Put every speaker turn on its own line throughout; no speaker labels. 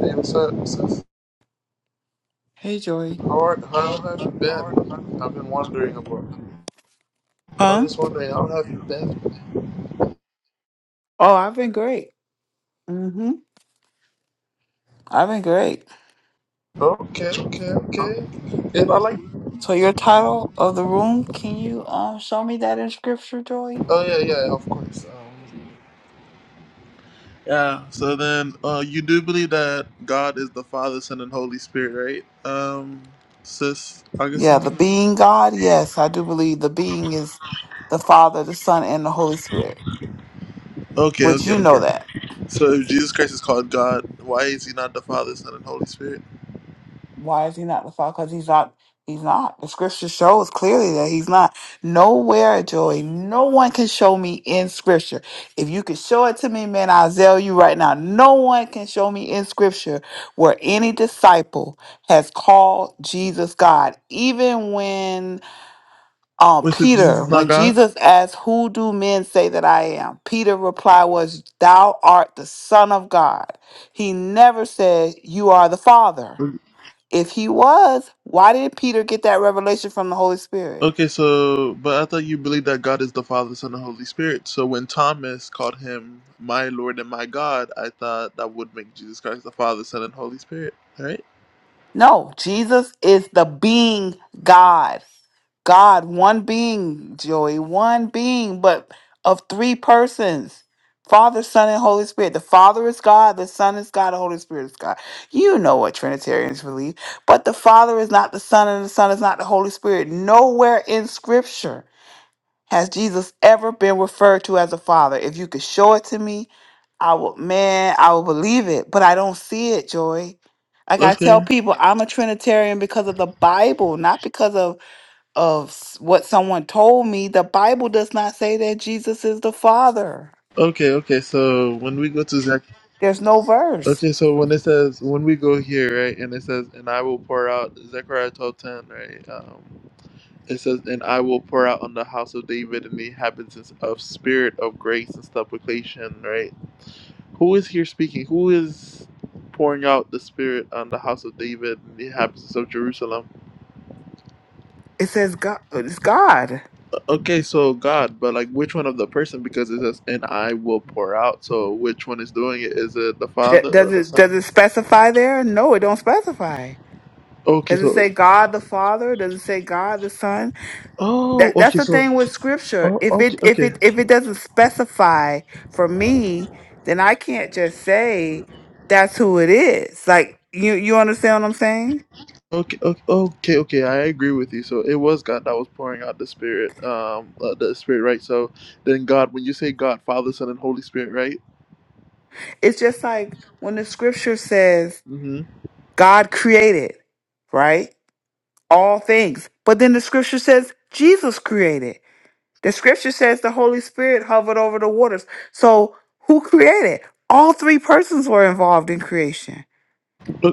Hey, what's up? What's
Hey, Joy.
How, are, how have you been? I've been wondering about you. I was
Huh?
just wondering, how have you been?
Oh, I've been great. Mm-hmm. I've been great.
Okay, okay, okay. And I like.
So your title of the room, can you um show me that in scripture, Joy?
Oh yeah, yeah, of course. Um, yeah. So then, uh, you do believe that God is the Father, Son, and Holy Spirit, right? Um, sis
Yeah,
Augustine.
the being God. Yes, I do believe the being is the Father, the Son, and the Holy Spirit.
Okay,
Which
okay,
you
okay.
know that.
So if Jesus Christ is called God, why is He not the Father, Son, and Holy Spirit?
Why is he not the Father? Because he's not. He's not. The scripture shows clearly that he's not. Nowhere, Joey. No one can show me in scripture. If you could show it to me, man, I'll tell you right now. No one can show me in scripture where any disciple has called Jesus God. Even when um,
Wait, so Jesus
Peter,
is not
when Jesus
God?
asked, Who do men say that I am? Peter reply was, Thou art the Son of God. He never said, You are the Father. If he was, why did Peter get that revelation from the Holy Spirit?
Okay, so but I thought you believed that God is the Father, Son, and Holy Spirit. So when Thomas called him my Lord and my God, I thought that would make Jesus Christ the Father, Son, and Holy Spirit, right?
No, Jesus is the being God. God, one being, Joey, one being, but of three persons Father, Son, and Holy Spirit. The Father is God, the Son is God, the Holy Spirit is God. You know what Trinitarians believe. But the Father is not the Son, and the Son is not the Holy Spirit. Nowhere in Scripture Has Jesus ever been referred to as a father? If you could show it to me, I would, man, I would believe it, but I don't see it, Joy. Like I tell
Okay.
people, I'm a Trinitarian because of the Bible, not because of of s- what someone told me. The Bible does not say that Jesus is the Father.
Okay, okay. So when we go to Zech
There's no verse.
okay, so when it says when we go here, right, and it says, And I will pour out Zechariah twelve ten, right? Um it says, And I will pour out on the house of David and the inhabitants of spirit of grace and supplication, right? Who is here speaking? Who is pouring out the Spirit on the house of David and the inhabitants of Jerusalem?
It says God. It's God.
Okay, so God, but like which one of the person? Because it says, and I will pour out. So which one is doing it? Is it the
D-
Father or
Does
the
it does
Son?
it specify there? No, it don't specify.
Okay,
Does it
so,
say God the Father? Does it say God the Son?
oh,
That that's
okay,
the
so,
thing with scripture.
oh,
If
okay,
it if
okay.
it if it doesn't specify for me, then I can't just say that's who it is. Like you you understand what I'm saying?
Okay, okay, okay, okay. I agree with you. So it was God that was pouring out the Spirit, um, uh, the Spirit, right? So then God, when you say God, Father, Son, and Holy Spirit, right?
It's just like when the scripture says
Mm-hmm.
God created, right? All things. But then the scripture says Jesus created. The scripture says the Holy Spirit hovered over the waters. So who created? All three persons were involved in creation.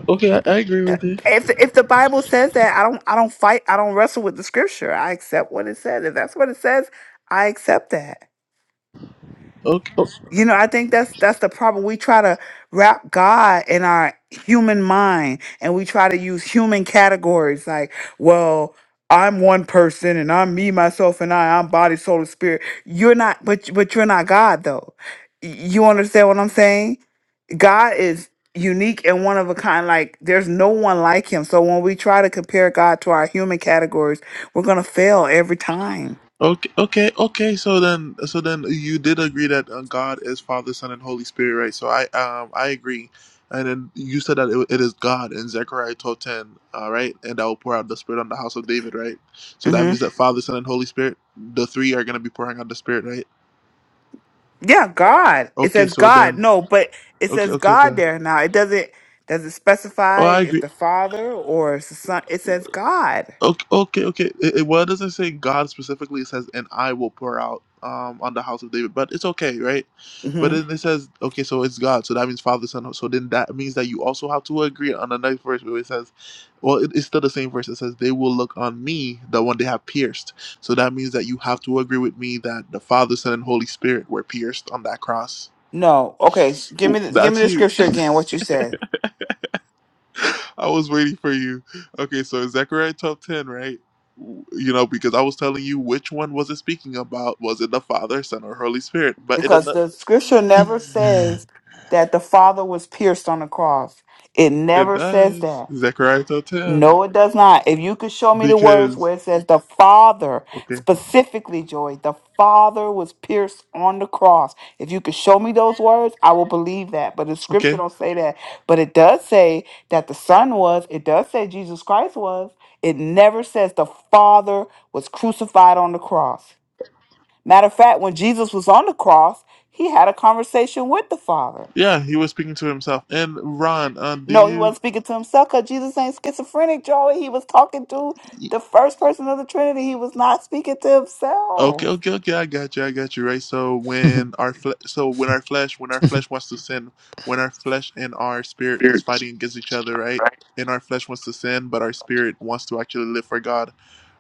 Okay, I, I agree with
That-
you.
If if the Bible says that, I don't I don't fight. I don't wrestle with the scripture. I accept what it says. If that's what it says, I accept that.
Okay,
You know, I think that's that's the problem. We try to wrap God in our human mind, and we try to use human categories like, well, I'm one person, and I'm me, myself, and I. I'm body, soul, and spirit. You're not, but but you're not God though. Y- You understand what I'm saying? God is unique and one of a kind. Like there's no one like him. So when we try to compare God to our human categories, we're gonna fail every time.
Okay, okay, okay. So then, so then you did agree that uh, God is Father, Son, and Holy Spirit, right? So I, um, I agree. And then you said that it, it is God in Zechariah 12:10, all right? And I will pour out the Spirit on the house of David, right? So that
hmm
means that Father, Son, and Holy Spirit, the three are gonna be pouring out the Spirit, right?
Yeah, God. It
Okay,
says
so
God.
then,
No, but it
okay,
says
okay,
God
God.
there now. It doesn't does it
Oh,
specify
I agree.
if the Father or it's the Son. It says God.
Okay, okay, okay. It, it, well, it doesn't say God specifically. It says, "And I will pour out um, on the house of David," but it's okay, right? But
hmm
then it says, "Okay, so it's God." So that means Father, Son. So then that means that you also have to agree on the next verse where it says, "Well, it, it's still the same verse." It says, "They will look on me, the one they have pierced." So that means that you have to agree with me that the Father, Son, and Holy Spirit were pierced on that cross.
No. Okay. s- Give
Ooh,
me the, give me
that's
the
you.
scripture again. What you said
I was waiting for you. Okay, so Zechariah top 10, right? You know, because I was telling you which one was it speaking about? Was it the Father, Son, or Holy Spirit? But it
because
ano-
the scripture never says that the Father was pierced on the cross. It
it
never says
does
that.
Zechariah top 10
No, it does not. If you could show me the words
because
where it says the Father,
okay,
specifically, Joy, the Father was pierced on the cross. If you could show me those words, I will believe that. But the scripture
okay,
don't say that. But it does say that the Son was. It does say Jesus Christ was. It never says the Father was crucified on the cross. Matter of fact, when Jesus was on the cross, he had a conversation with the Father.
yeah, he was speaking to himself. And Ron, um,
No, he
do
wasn't speaking to himself because Jesus ain't schizophrenic, Joey. He was talking to
you?
the first person of the Trinity. He was not speaking to
Okay,
himself.
okay, okay. I got you. I got you. Right. So when our fle- so when our flesh when our flesh wants to sin, when our flesh and our spirit is fighting against each other, right? And our flesh wants to sin, but our spirit wants to actually live for God.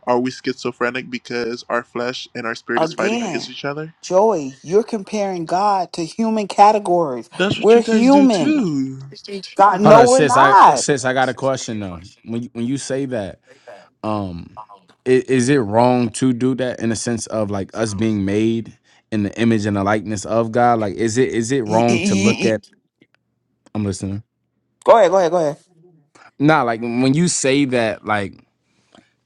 Are we schizophrenic because our flesh and our spirit is fighting against
Again,
each other?
Joey, you're comparing God to human categories.
That's what you
We're
guys do
human.
too.
God,
Hold
no,
on,
we're
sis. I
not.
sis, I got a question though. When you, when you say that, um, is, is it wrong to do that in the sense of like us being made in the image and the likeness of God? Like, is it is it
Y- y-
wrong to
y-
look
y-
at? I'm listening.
Go ahead, go ahead, go ahead.
Nah, like when you say that, like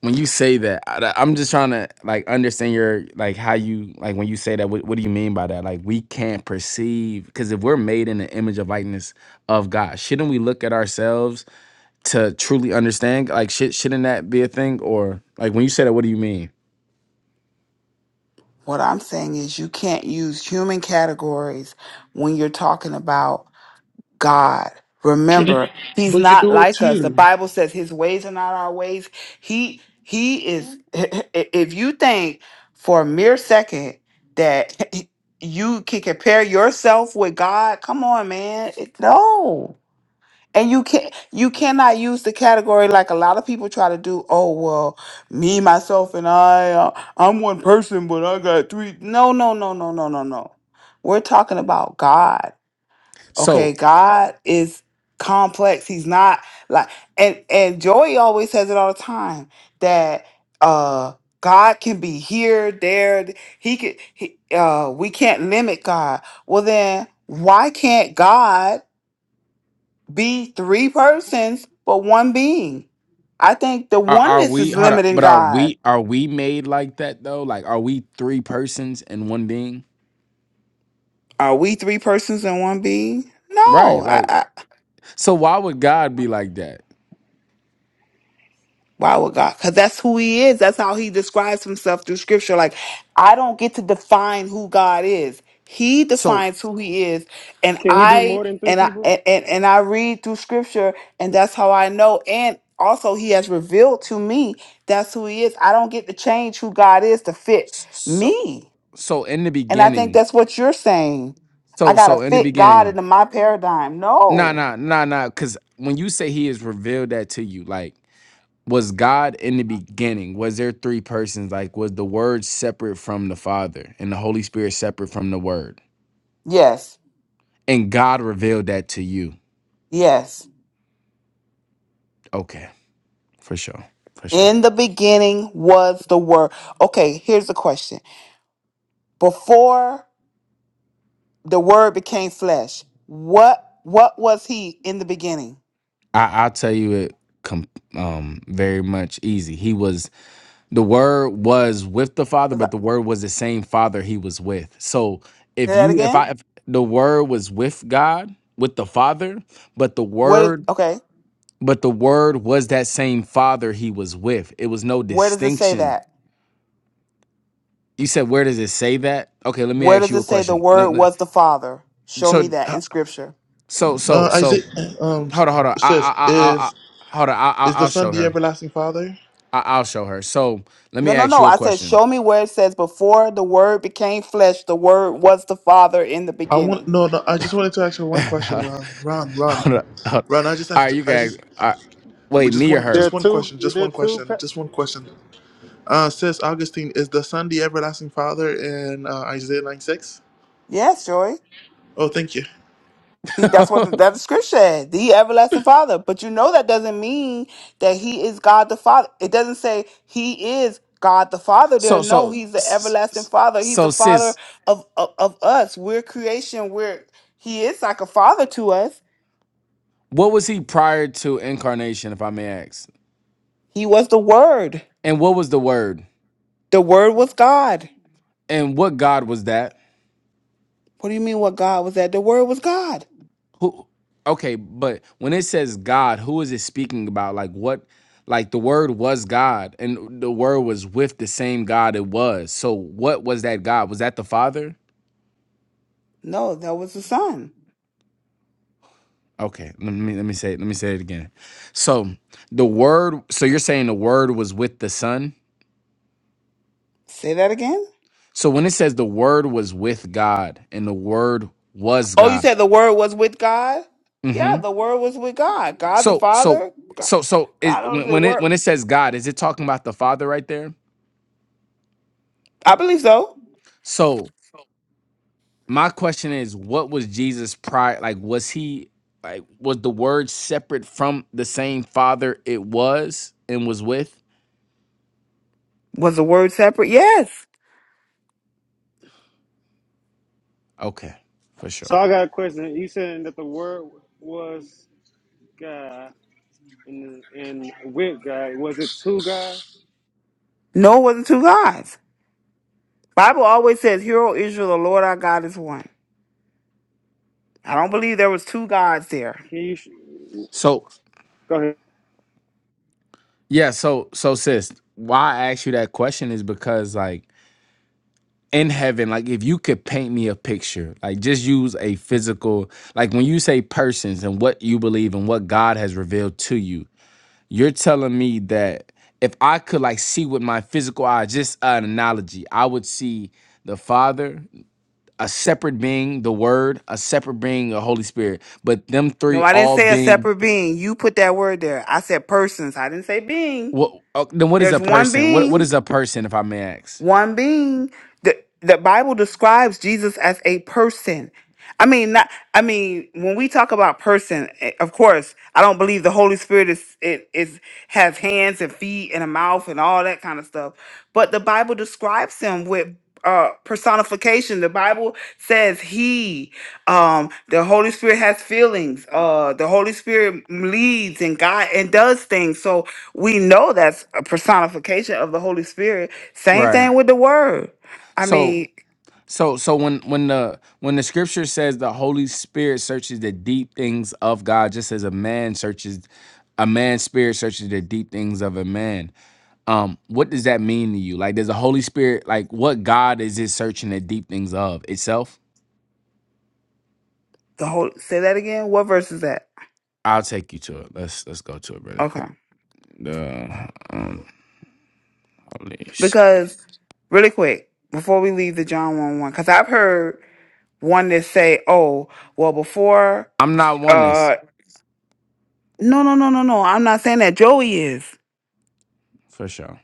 when you say that, I, I'm just trying to like understand your like how you like when you say that. What, what do you mean by that? Like we can't perceive because if we're made in the image of likeness of God, shouldn't we look at ourselves? to truly understand? Like, shit, shouldn't that be a thing? Or like, when you say that, what do you mean?
What I'm saying is you can't use human categories when you're talking about God.
Trinity.
Remember, he's
But you
not
do it
like us. The
too.
Bible says his ways are not our ways. He he is if you think for a mere second that you can compare yourself with God, come on, man. It- no. And you can not you cannot use the category like a lot of people try to do, oh well, me myself and I uh, I'm one person but I got three. No, no, no, no, no, no, no. We're talking about God okay
So,
god is complex he's not like and and Joy always says it all the time that uh god can be here there th- he could he, uh we can't limit god well then why can't god be three persons but one being i think the
are, are
oneness
we?
is
Hold on,
limiting
but are
god
we? Are we made like that though? Like, are we three persons and one being?
are we three persons and one being
Right.
no
Like, so why would God be like that?
Why would God? Because that's who He is. That's how He describes Himself through Scripture. Like, I don't get to define who God is. He
So,
defines who He is, and
Can he be more
I
than three
and I
people?
and and and I read through Scripture, and that's how I know. And also, He has revealed to me that's who He is. I don't get to change who God is to fit
s- so,
me.
so in the
And I think
beginning,
that's what you're saying. I
so,
gotta
so in the
fit God
beginning,
into my paradigm.
nah,
No.
nah, nah, nah. Because when you say He has revealed that to you, like. was God in the beginning? Was there three persons? Like, was the Word separate from the Father and the Holy Spirit separate from the Word?
Yes.
And God revealed that to you.
Yes.
Okay, for sure, for sure.
In the beginning was the Word. Okay, here's the question. Before the Word became flesh, what what was He in the beginning?
I, I'll tell you it com- um, very much easy. He was the Word was with the Father,
'Cause
but
I-
the Word was the same Father he was with. So
Say
if
that
you, if
again.
I, if the Word was with God, with the Father, but the
What? is-
Word
Okay.
But the word was that same father he was with. It was no
Where does it say
distinction.
that?
You said, where does it say that? Okay, let me
Where
ask
does
you
it
a
say the
question.
Word
Let- let-
was the Father? Show me
so,
that
uh,
in Scripture.
so, so,
Uh,
so,
Isaiah uh, um
hold on, hold on. I, I,
says,
I, I, I
"Is
hold on. I, I,
is the
I'll
Son
show
the
her.
everlasting Father?"
I, I'll show her. So, let me
No, no,
ask
no.
you a
I said,
question.
show me where it says before the Word became flesh, the Word was the Father in the
I want
beginning.
no, no. I just wanted to ask you one question,
hold on,
Ron. Ron, Ron.
hold on. All
Ron, I just asked.
right, you
I
guys.
just
All right,
we
wait,
just
me or
one,
There
her?
are
just one
two.
question, just
There are
one
two.
question,
pa-
just one question. Uh, says Augustine, is the Son the everlasting Father in uh, Isaiah nine six?
Yes, Joy.
Oh, thank you.
He, that's what that scripture said, the everlasting Father. But you know that doesn't mean that He is God the Father. It doesn't say He is God the Father. There,
so,
no,
so,
He's the
s-
everlasting
s-
Father. He's
so,
the Father
sis,
of of, of us. We're creation. We're He is like a Father to us.
what was he prior to incarnation, if I may ask?
He was the Word.
And what was the word?
The Word was God.
And what God was that?
What do you mean? What God was that? The Word was God.
Who? Okay, but when it says God, who is it speaking about? Like what? Like the word was God, and the word was with the same God it was. So what was that God? Was that the Father?
No, that was the Son.
Okay, let me let me say it, let me say it again. So the word. So you're saying the word was with the Son.
Say that again.
So when it says the word was with God and the word was
Oh, you
God.
said the Word was with God. Yeah,
hmm
the Word was with God. God the
So so
Father.
so so is,
God owns
when
the
when it
word.
when it says God, is it talking about the Father right there?
I believe so.
So my question is what was jesus prior like was he like was the word separate from the same father it was and was with
Was the word separate? Yes.
okay for
So
sure
I got a question. You saying that the word was God and and with God was it two guys?
No, it wasn't two gods. Bible always says, "Hear, O Israel, the Lord our God is one." I don't believe there was two gods there.
Can you sh-
so
go ahead?
yeah so so sis why i asked you that question is because like in heaven like if you could paint me a picture like just use a physical like when you say persons and what you believe and what god has revealed to you You're telling me that if I could like see with my physical eye, just an analogy, I would see the Father, a separate being, the Word, a separate being, the Holy Spirit. But them three
No, I didn't
all
say a
being
separate being. You put that word there. I said persons. I didn't say being.
what? oh, Then what is a
There's one
person? What what
being.
is a person, if I may ask?
One being the the Bible describes Jesus as a person. I mean, not. I mean, when we talk about person, eh, of course, I don't believe the Holy Spirit is it is has hands and feet and a mouth and all that kind of stuff. But the Bible describes him with uh personification. The Bible says he, um, the Holy Spirit has feelings. Uh, the Holy Spirit leads and God and does things. So we know that's a personification of the Holy Spirit same
Right.
thing with the word. I
So
mean,
so so when when the when the scripture says the Holy Spirit searches the deep things of God, just as a man searches a man's spirit searches the deep things of a man um what does that mean to you like does the holy spirit like what god is it searching the deep things of itself
the whole say that again. What verse is that?
i'll take you to it let's let's go to it really quick
Okay.
the um, holy S-
Because really quick, before we leave the John 1 1, because I've heard one that say, oh, well, before
i'm not oneness
uh no no no no no. I'm not saying that Joey is.
for sure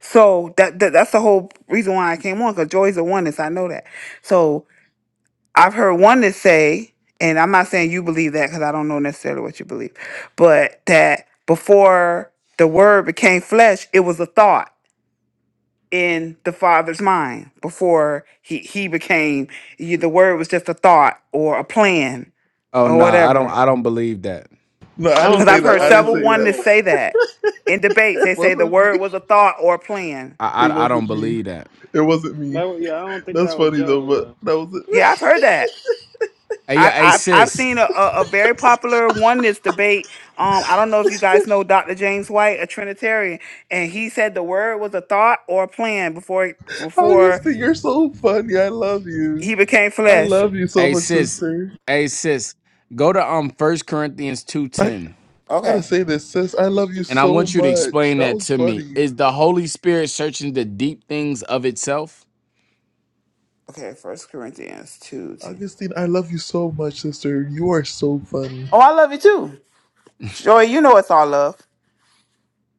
So that, that that's the whole reason why I came on, because Joey's a oneness. I know that. So I've heard one that say, and I'm not saying you believe that because I don't know necessarily what you believe, but that before the word became flesh, it was a thought in the father's mind. Before he he became you, the word was just a thought or a plan
oh
or
no i don't
whatever.
i don't believe that
No,
I
I didn't
don't
Because
say
I've
think
that.
heard
I
Joey
didn't
several
say
believed
one
that.
that
that.
say that in debates. They
it
say the
wasn't
word
me.
was a thought or a plan.
i
It
i, I don't
wasn't me.
believe that
It wasn't
That
me.
wa- yeah, I don't think
That's
that was
funny though,
Joey
but
though.
that wasn't me.
Yeah, I've heard that.
hey yeah
I,
hey
I've I've
sis
seen a, a, a very popular oneness debate. Um, I don't know if you guys know Dr. James White, a Trinitarian, and he said the word was a thought or a plan before he- before
Augustine, you're so funny. I love you.
he became
I
flesh.
love you so
hey
much,
sis
sister.
hey sis go to um first corinthians
I
2.10
gotta
Okay,
say this, sis. I love you
and i
so
want you to
much.
explain
That
that
was
to me
funny.
is the holy spirit searching the deep things of itself
okay. First Corinthians two ten.
Augustine, I love you so much, sister. You are so funny.
Oh, I love you too, Joy. You know it's all love.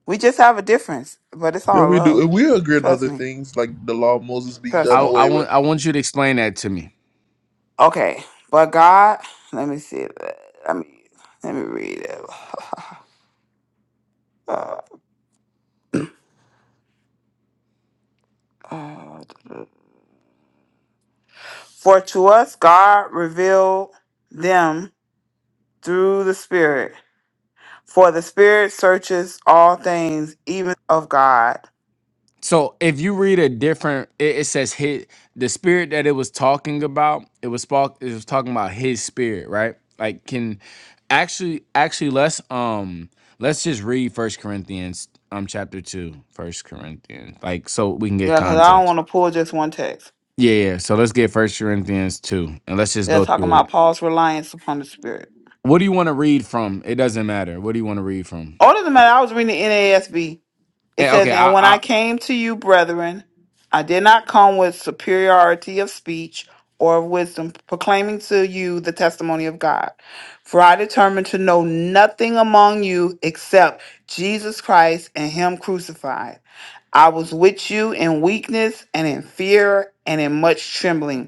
We just have a difference, but it's
Yeah,
all
we do.
love.
And we agree on
Trust
other
me.
things, like the law of Moses being
Trust
I
done
me.
I
away
want
with.
I want you to explain that to me.
Okay, but God, let me see. Let me let me read it. uh, For to us God revealed them through the Spirit. For the Spirit searches all things, even of God.
So if you read a different, it, it says his the spirit that it was talking about. It was spark. It was talking about his spirit, right? Like can actually actually let's um let's just read First Corinthians um chapter two. First Corinthians, like so we can get
Yeah, because I don't
context.
want to pull just one text.
Yeah, yeah. So let's get First Corinthians two, and let's just
They're
go
talking
through it.
about Paul's reliance upon the Spirit.
What do you want to read from? It doesn't matter. What do you want to read from?
Other than
Uh,
that, I was reading the NASB. It
Eh, Okay,
says,
I,
And when I
I
came to you, brethren, I did not come with superiority of speech or of wisdom, proclaiming to you the testimony of God. For I determined to know nothing among you except Jesus Christ and Him crucified. I was with you in weakness and in fear and in much trembling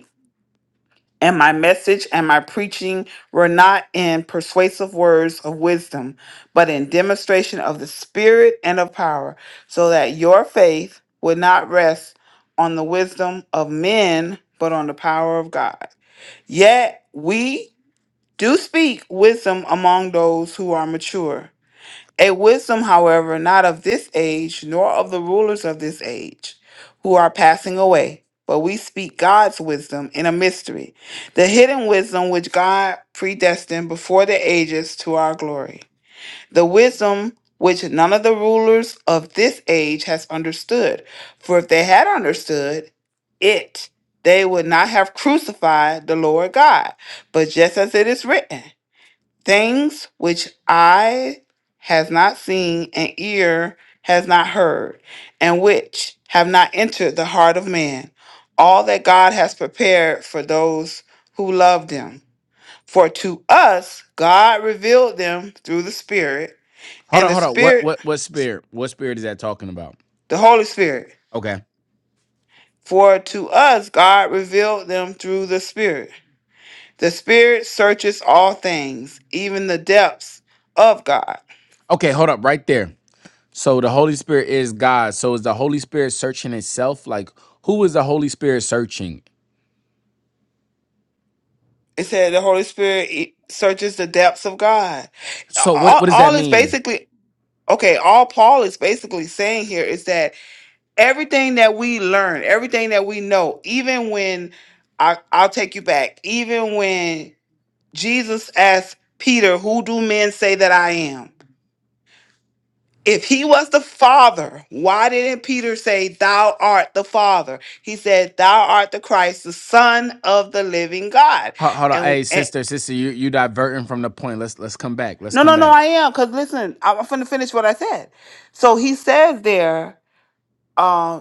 and my message and my preaching were not in persuasive words of wisdom, but in demonstration of the Spirit and of power, so that your faith would not rest on the wisdom of men, but on the power of God. Yet we do speak wisdom among those who are mature a wisdom, however, not of this age, nor of the rulers of this age, who are passing away. But we speak God's wisdom in a mystery, the hidden wisdom which God predestined before the ages to our glory. The wisdom which none of the rulers of this age has understood. For if they had understood it, they would not have crucified the Lord God. But just as it is written, things which eye has not seen and ear has not heard, and which have not entered the heart of man, all that God has prepared for those who love them. For to us God revealed them through the Spirit,
Hold
and
on,
the
hold on. What
Spirit,
what what spirit? What spirit is that talking about?
the Holy Spirit.
Okay.
For to us God revealed them through the Spirit. The Spirit searches all things, even the depths of God.
Okay, hold up right there. So the Holy Spirit is God. So is the Holy Spirit searching itself? Like who is the Holy Spirit searching?
It said the Holy Spirit it searches the depths of God.
So what
All,
what does that
all is
mean?
basically okay. All Paul is basically saying here is that everything that we learn, everything that we know, even when I, I'll take you back, even when Jesus asked Peter, "Who do men say that I am?" If he was the Father, why didn't Peter say, "Thou art the Father"? He said, "Thou art the Christ, the Son of the Living God."
Hold, hold on. Hey, sister, sister, you you diverting from the point. Let's let's come back. Let's
No,
come
no, no,
back.
I am. Because listen, I'm finna finish what I said. So he says there, uh,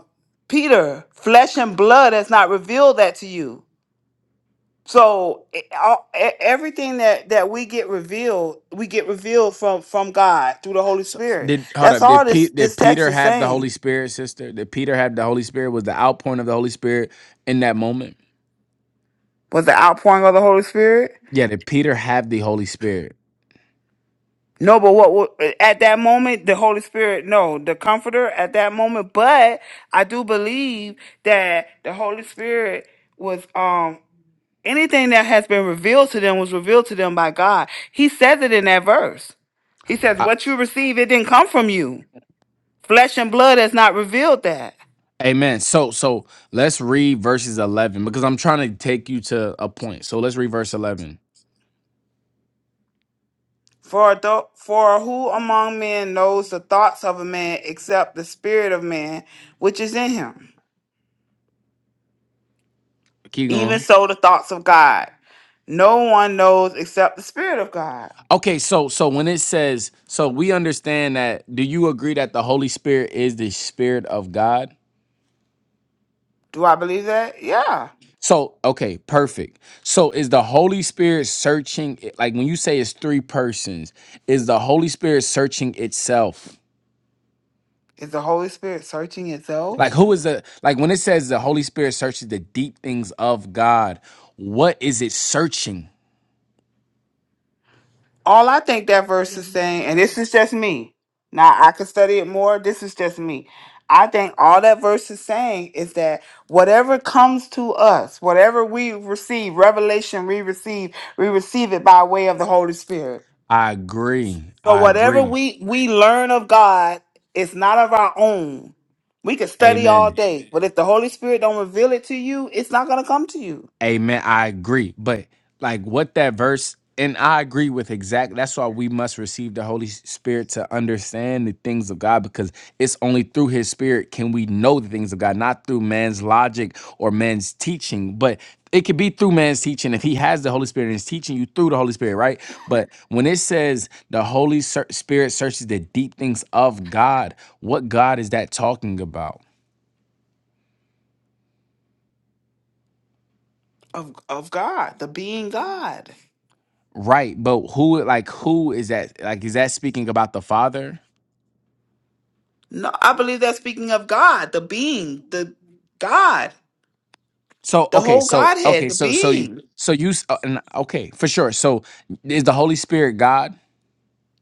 Peter, flesh and blood has not revealed that to you. So e- all- e- everything that that we get revealed, we get revealed from from God through the Holy
So
Spirit.
did hold
That's
up.
all
Did
this
Pete did
this text
Peter
is
have the
saying.
Holy Spirit, sister? Did Peter have the Holy Spirit? Was the outpouring of the Holy Spirit in that moment?
Was the outpouring of the Holy Spirit?
Yeah, did Peter have the Holy Spirit?
No, but what wa- at that moment the Holy Spirit, no, the Comforter at that moment. But I do believe that the Holy Spirit was. um. Anything that has been revealed to them was revealed to them by God. He says it in that verse. He says, What you receive, it didn't come from you. Flesh and blood has not revealed that.
Amen. So so let's read verses eleven because I'm trying to take you to a point. So let's read verse eleven.
For, tho- for who among men knows the thoughts of a man except the spirit of man which is in him?
Keep
Even
going.
so, the thoughts of God. No one knows except the spirit of God.
Okay, so so when it says, so we understand that. Do you agree that the Holy Spirit is the Spirit of God?
Do I believe that? Yeah.
So okay, perfect. So is the Holy Spirit searching? it- Like when you say it's three persons, is the Holy Spirit searching itself?
Is the Holy Spirit searching itself?
Like who is the like when it says the Holy Spirit searches the deep things of God? What is it searching?
all I think that verse is saying, and this is just me. Now I could study it more. This is just me. I think all that verse is saying is that whatever comes to us, whatever we receive, revelation we receive, we receive it by way of the Holy Spirit.
I agree.
So
I
whatever
agree.
we we learn of God, it's not of our own. We could study all
Amen.
day, but if the Holy Spirit don't reveal it to you, it's not going to come to you
Amen. I agree. But like what that verse, and I agree with exactly. That's why we must receive the Holy Spirit to understand the things of God, because it's only through His Spirit can we know the things of God, not through man's logic or man's teaching. But it could be through man's teaching if He has the Holy Spirit and is teaching you through the Holy Spirit, right? But when it says the Holy Ser- Spirit searches the deep things of God, what God is that talking about?
of of God, the being God.
Right, but who like who is that? Like is that speaking about the father?
No, I believe that's speaking of God, the being, the God,
So
the
okay,
whole
so
Godhead,
okay,
the
so so you
being.
so you s- uh, and, okay, for sure. So is the Holy Spirit God?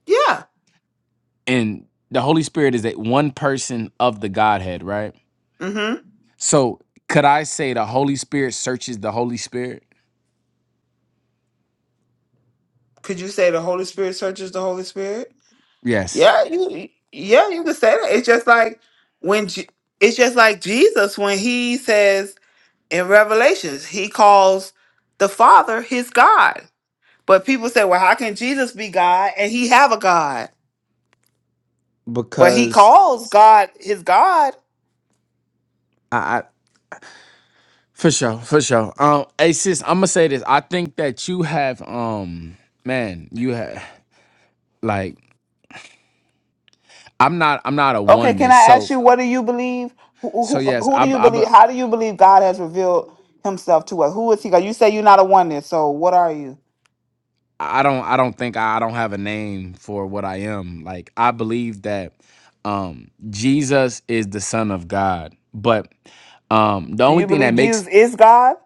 Yeah.
And the Holy Spirit is that one person of the Godhead, right?
Mm-hmm.
So could I say the Holy Spirit searches the Holy Spirit?
Could you say the Holy Spirit searches the Holy Spirit?
Yes,
Yeah, you. Yeah, you could say that. It's just like when Je- it's just like Jesus when he says in Revelations he calls the Father his God. But people say, well, how can Jesus be God and he have a God? But he
because
calls God his God.
I, I for sure, for sure. Um, hey sis, I'm gonna say this. I think that you have um, man, you have like I'm not I'm not a
Okay, can
oneness,
I
so.
ask you what do you believe? Who,
So
who
yes,
who
I
do
b-
you
I b-
believe? How do you believe God has revealed himself to us? Who is he? God? You say you're not a oneness, so what are you?
I don't I don't think I, I don't have a name for what I am. Like I believe that um Jesus is the son of God. But um the
Do
only
you
thing that
believe
makes
Jesus is God?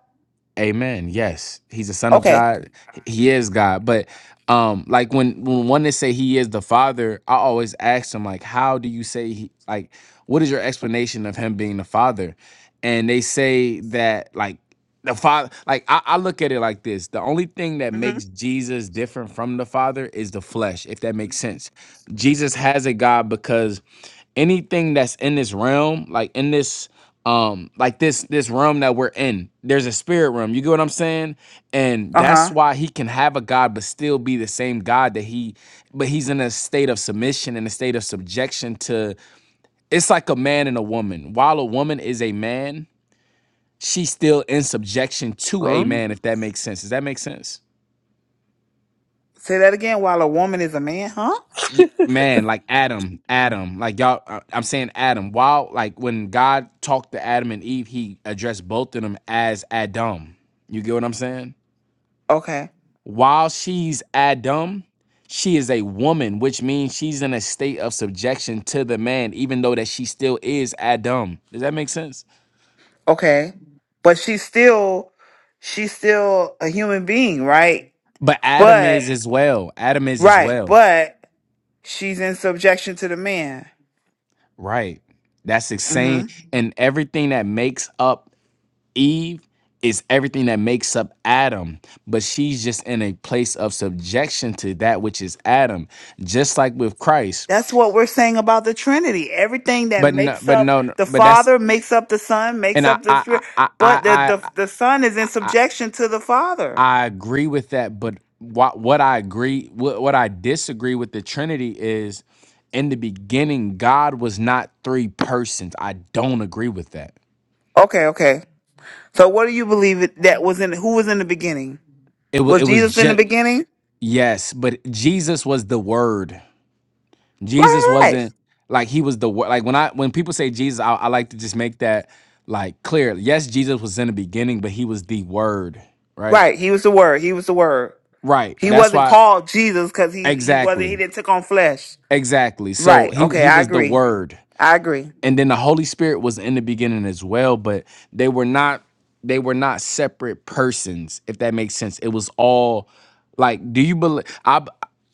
Amen. Yes, he's the son of
Okay.
God. He is God. But um, like when when one they say he is the Father, I always ask them like, how do you say he? Like, what is your explanation of him being the Father? And they say that like the Father. Like I, I look at it like this: the only thing that
hmm
makes Jesus different from the Father is the flesh, if that makes sense. Jesus has a God because anything that's in this realm, like in this um like this this realm that we're in there's a spirit realm you get what i'm saying and that's
Uh-huh.
why he can have a god but still be the same god that he but he's in a state of submission and a state of subjection to it's like a man and a woman while a woman is a man she's still in subjection to a
Huh?
man if that makes sense does that make sense
Say that again while a woman is a man, huh?
yeah, man, like Adam, Adam, like y'all, I- I'm saying Adam. While like when God talked to Adam and Eve, He addressed both of them as Adam. You get what I'm saying?
Okay.
While she's Adam, she is a woman, which means she's in a state of subjection to the man, even though that she still is Adam. Does that make sense?
Okay. But she's still she's still a human being, right?
But Adam
But
is as well. Adam is as
right,
well.
but she's in subjection to the man.
Right. That's the
Mm-hmm.
same. And everything that makes up Eve is everything that makes up Adam, but she's just in a place of subjection to that which is Adam, just like with Christ.
That's what we're saying about the Trinity. Everything that
But no,
makes
but
up
no, no,
the
but that's
Father, makes up the Son, makes
and I
up the
I I
Spirit,
I
but the,
I
the the Son is
I,
in
I
subjection to the Father.
I agree with that. But what what I agree what what I disagree with the Trinity is in the beginning God was not three persons. I don't agree with that.
Okay, okay. So what do you believe it- that was in who was in the beginning?
It was
Was
it was
Jesus in the
just
beginning?
yes, but Jesus was the Word. Jesus
Right, right, right.
wasn't like he was the word. Like when I when people say Jesus, I, I like to just make that like clear. Yes, Jesus was in the beginning, but he was the word, right?
Right, He was the Word. He was the Word.
Right.
He
That's
wasn't
why
called Jesus because he he wasn't. He
exactly.
didn't take on flesh.
Exactly. So
Right.
he
Okay,
he
I
was the
agree.
word.
I agree.
And then the Holy Spirit was in the beginning as well, but they were not they were not separate persons, if that makes sense. It was all like do you believe I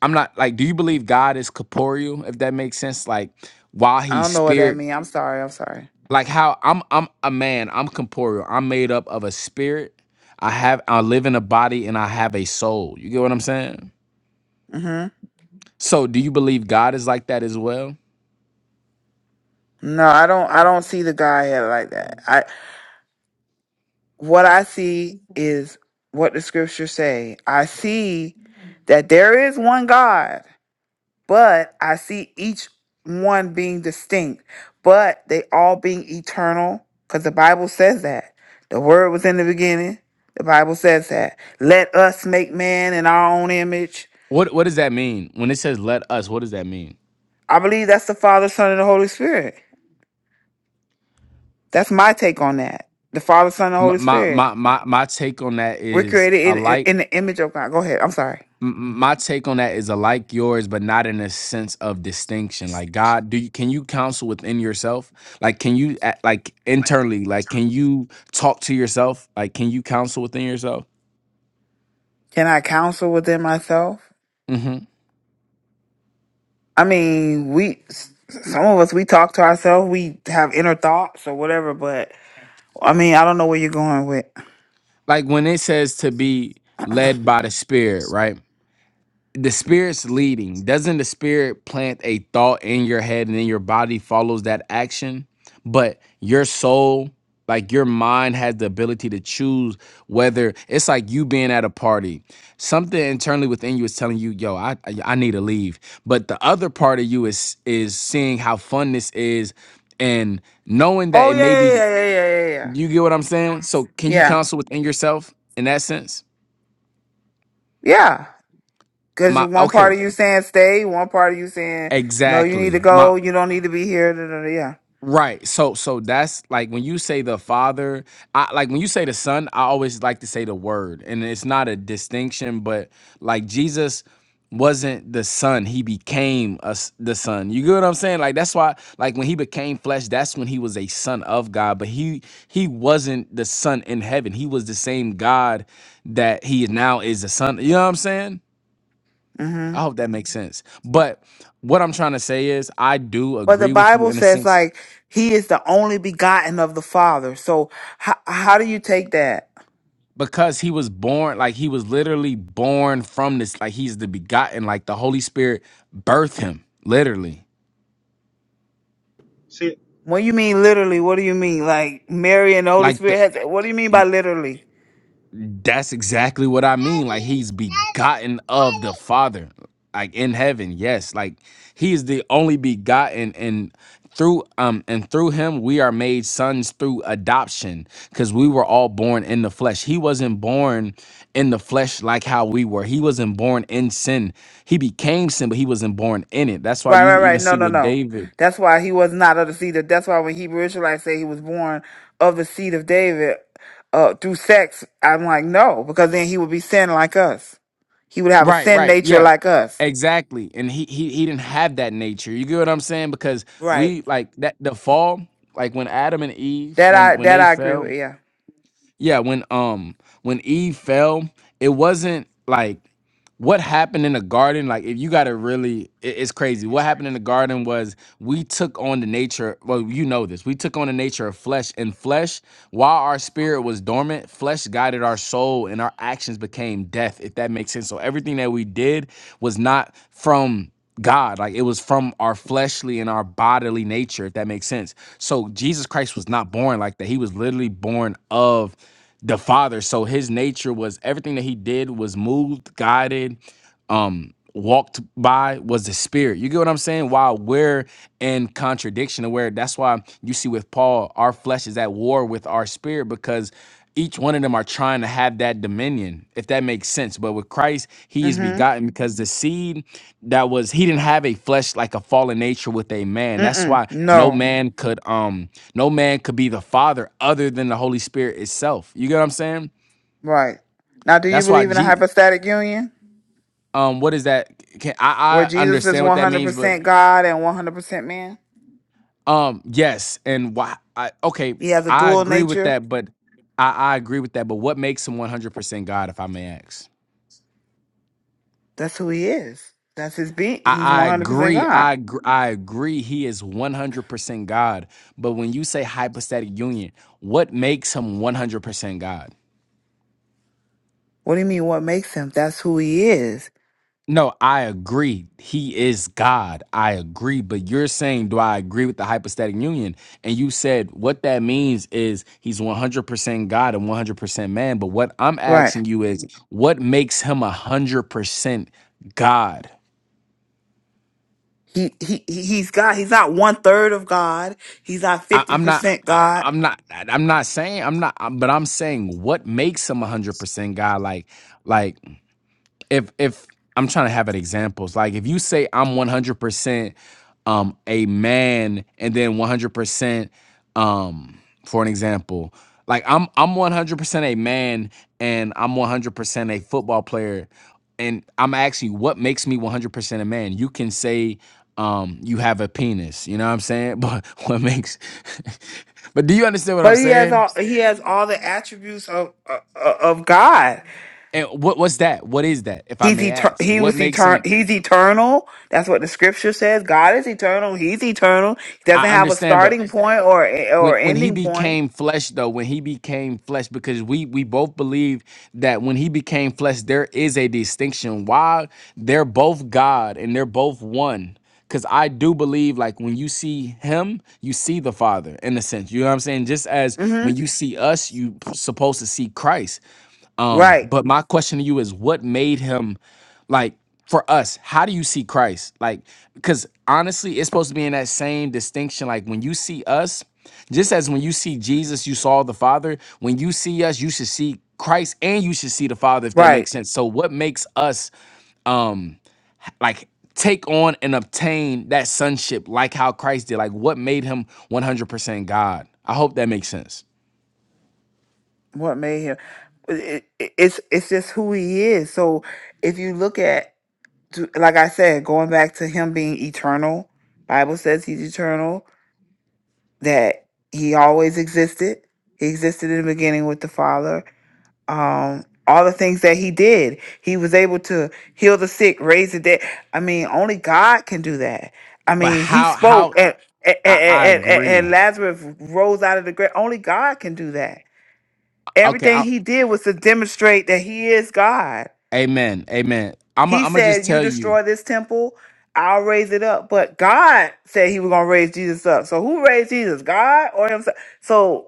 I'm not like do you believe God is corporeal, if that makes sense? Like while
I
he's
don't know what that
spirit
means. I'm sorry. I'm sorry.
like how I'm I'm a man, I'm corporeal. I'm made up of a spirit. I have I live in a body and I have a soul. You get what I'm saying?
hmm
So do you believe God is like that as well?
No, I don't. I don't see the Godhead like that. what I see is what the scriptures say. I see that there is one God, but I see each one being distinct, but they all being eternal because the Bible says that. The word was in the beginning. The Bible says that. Let us make man in our own image.
What what does that mean? When it says let us, what does that mean?
I believe that's the Father, Son, and the Holy Spirit. That's my take on that. The Father, Son, and the
M-
Holy
My
Spirit.
my my my take on that
We're
is a
created in,
like
in the image of God. Go ahead. I'm sorry.
m- my take on that is alike yours, but not in a sense of distinction. Like God, do you can you counsel within yourself? Like can you act- like internally? Like can you talk to yourself? Like can you counsel within yourself?
Can I counsel within myself?
Mm-hmm.
I mean, we s- some of us we talk to ourselves, we have inner thoughts or whatever. But I mean, I don't know where you're going with.
like when it says to be led by the spirit, right? The spirit's leading. Doesn't the spirit plant a thought in your head and then your body follows that action? But your soul, like your mind has the ability to choose whether it's like you being at a party. Something internally within you is telling you, "Yo, I I I need to leave." But the other part of you is is seeing how fun this is and knowing that
Oh
it may
yeah, yeah,
be
yeah, yeah, yeah, yeah, yeah,
you get what I'm saying? So can you
yeah,
counsel within yourself in that sense?
yeah. Because
My
one part of
okay,
you saying stay, one part of you saying no, you need to
exactly. My
go, you don't need to be here. Da, da, da, yeah.
right. So so that's like when you say the father, I like when you say the son, I always like to say the word. And it's not a distinction, but like Jesus wasn't the son, he became us the son. You get what I'm saying? Like that's why like when he became flesh, that's when he was a son of God, but he he wasn't the son in heaven. He was the same God that he now is the son. You know what I'm saying?
hmm
I hope that makes sense. But what I'm trying to say is, I do
But the
agree with you
Bible
in a
says
sense
like He is the only begotten of the Father. So how how do you take that?
because he was born, like he was literally born from this, like he's the begotten, like the Holy Spirit birthed him, literally.
See,
What do you mean literally? What do you mean like Mary and the Holy
Like the
Spirit? Has, what do you mean by literally?
That's exactly what I mean. Like he's begotten of the Father, like in heaven. Yes, like he is the only begotten, and through um and through him we are made sons through adoption, because we were all born in the flesh. He wasn't born in the flesh like how we were. He wasn't born in sin. He became sin, but he wasn't born in it. That's why
Right,
you
right,
even
right. No,
see
no,
with
no.
David.
That's why he was not of the seed of. That's why when Hebrew Israelites say he was born of the seed of David uh, through sex, I'm like, no, because then he would be sin like us. He would have a
Right,
sin
right.
nature
Yeah.
like us.
Exactly. And he he he didn't have that nature. You get what I'm saying? Because
Right.
we like that the fall, like when Adam and Eve,
That
when
I
when
that
they
I agree
fell,
with. Yeah.
yeah when um when eve fell it wasn't like what happened in the garden like if you gotta really it- it's crazy what happened in the garden was we took on the nature well you know this we took on the nature of flesh and flesh while our spirit was dormant flesh guided our soul and our actions became death if that makes sense so everything that we did was not from God. Like it was from our fleshly and our bodily nature, if that makes sense. So Jesus Christ was not born like that. He was literally born of the father so his nature was everything that he did was moved guided um walked by was the spirit you get what i'm saying while we're in contradiction where that's why you see with paul our flesh is at war with our spirit because each one of them are trying to have that dominion if that makes sense but with christ he is
Mm-hmm.
begotten because the seed that was he didn't have a flesh like a fallen nature with a man that's
Mm-mm.
why no
No.
man could um no man could be the father other than the holy spirit itself you get what i'm saying
Right. Now, do you
that's why
believe in a
g
hypostatic union
um what is that can
where
i i
Jesus is
understand what that means but
100% God and 100% man?
um yes and why i okay
He has a
i
dual
agree with
nature.
that but i i agree with that but what makes him 100% god if i may ask
That's who he is. That's his being.
I,
He's
I
100%
agree.
God.
I agr- I agree. He is one hundred percent God. But when you say hypostatic union, what makes him one hundred percent God?
What do you mean? What makes him? That's who he is,
No, I agree. He is God. I agree. But you're saying, do I agree with the hypostatic union? And you said what that means is he's one hundred percent God and one hundred percent man. But what I'm
right?
asking you is, what makes him one hundred percent God?
He he he- he's God. He's not one third of God. He's not
I,
fifty
I'm not.
percent
I,
God.
I'm not. I'm not saying. I'm not. But I'm saying what makes him a hundred percent guy. Like, like if if I'm trying to have an examples, like if you say I'm 100% um a man and then 100% um for an example, like I'm I'm 100% a man and I'm 100% a football player and I'm actually what makes me 100% a man. You can say um you have a penis, you know what I'm saying? But what makes But do you understand what I'm
But he has
saying?
all he has all the attributes of uh, of God.
And what what's that? What is that if I
He's
may
eter-
ask?
he
What
was
makes
eternal.
them
He's eternal. That's what the scripture says. God is eternal. He's eternal. He doesn't
I
have a
understand, but
starting point or
when
or
when he
ending point.
became flesh though when he became flesh because we we both believe that when he became flesh there is a distinction why they're both god and they're both one because i do believe like when you see him you see the father in a sense you know what i'm saying just as
hmm
when you see us you supposed to see christ um,
Right,
but my question to you is what made him like for us, how do you see Christ? Like, because honestly, it's supposed to be in that same distinction. Like when you see us, just as when you see Jesus, you saw the Father, when you see us, you should see Christ and you should see the Father, if that
right.
makes sense. So what makes us um like take on and obtain that sonship like how Christ did? Like what made him 100% God? I hope that makes sense.
What made him? It, it- it's it's just who he is. So if you look at, to- like I said, going back to him being eternal, Bible says he's eternal. That he always existed. He existed in the beginning with the Father. um all the things that he did he was able to heal the sick raise the dead i mean only god can do that i
But
mean he
how
spoke
how
and and,
I, I
and, and
agree.
and lazarus rose out of the grave only god can do that
Okay,
everything he did was to demonstrate that he is god
Amen. Amen. I'm
he
going to just
said you
tell you,
destroy this temple i'll raise it up but god said he was going to raise jesus up so who raised jesus god or himself so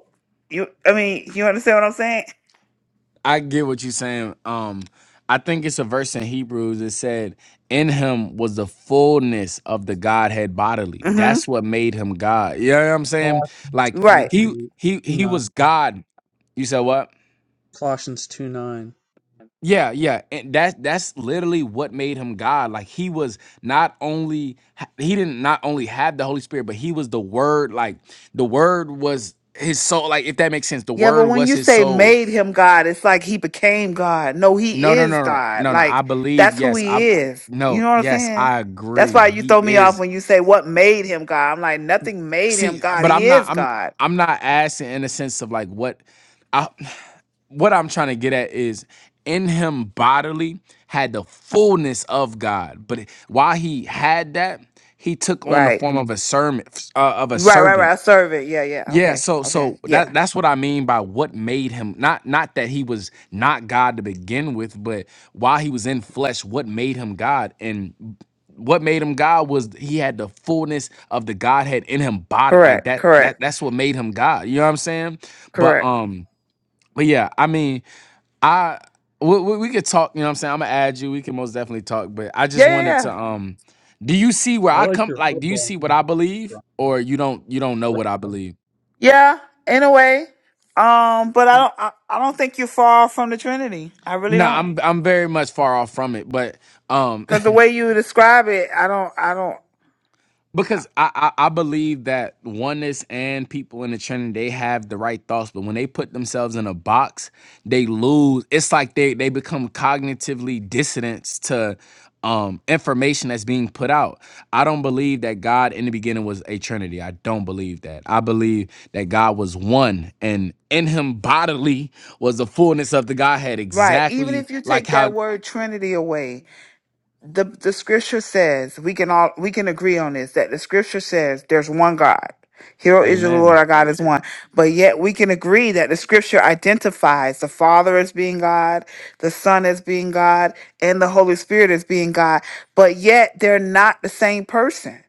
you i mean you understand what i'm saying
I get what you're saying. Um, I think it's a verse in Hebrews that said, In him was the fullness of the Godhead bodily.
hmm
That's what made him God. You know what I'm saying?
Colossians
Like,
right
he. He,
two
he
nine.
was God You said what?
Colossians two nine.
Yeah, yeah. And that that's literally what made him God. Like he was not only he didn't not only have the Holy Spirit, but he was the word. Like the word was his soul. Like if that makes sense, the
Yeah, but
word
when
was
you
his
say
soul.
made him God, it's like he became God. No, he
No, no,
is
no, no,
God.
no, no. I
Like
believe
that's who
yes. I
he is. You
no,
know what I'm
yes,
saying?
I
That's
agree.
why you
He
throw me off
is
when you say what made him God. I'm like, nothing made him
see,
God.
but I'm
He
not.
is
I'm
God.
I'm not asking in the sense of like what I what I'm trying to get at is in him bodily had the fullness of God, but while he had that, he took on the
Right.
form of a servant uh, of a
Right, right,
servant.
right. A servant. Yeah, yeah.
Yeah,
Okay.
so
Okay.
so
Yeah.
that that's what I mean by what made him not not that he was not God to begin with, but while he was in flesh, what made him God and what made him God was he had the fullness of the Godhead in him body like
Correct.
that
Correct.
that that's what made him God. You know what I'm saying? But
Correct.
um but yeah, I mean, I we, we, we could talk, you know what I'm saying? I'm going to add you. We can most definitely talk, but I
Yeah,
just wanted to
yeah,
um do you see where
I
I
like
come
your
like do you
football.
see what I believe
Right.
or you don't you don't know
right.
what I believe?
yeah. Yeah. In a way. Um, but I don't I, I don't think you're far from the Trinity. I really
No,
don't.
I'm I'm very much far off from it, but um
Because the way you describe it, I don't I don't
because I, I I believe that oneness and people in the Trinity they have the right thoughts, but when they put themselves in a box, they lose. It's like they they become cognitively dissonant to um information that's being put out. I don't believe that God in the beginning was a Trinity. I don't believe that. I believe that God was one and in him bodily was the fullness of the Godhead
Right. Even
exactly
if you
like
take that
how
word Trinity away, the the scripture says we can all we can agree on this that the scripture says there's one God. Hero Israel, the Lord
Amen.
our God is one. But yet we can agree that the scripture identifies the Father as being God, the Son as being God, and the Holy Spirit as being God. But yet they're not the same person.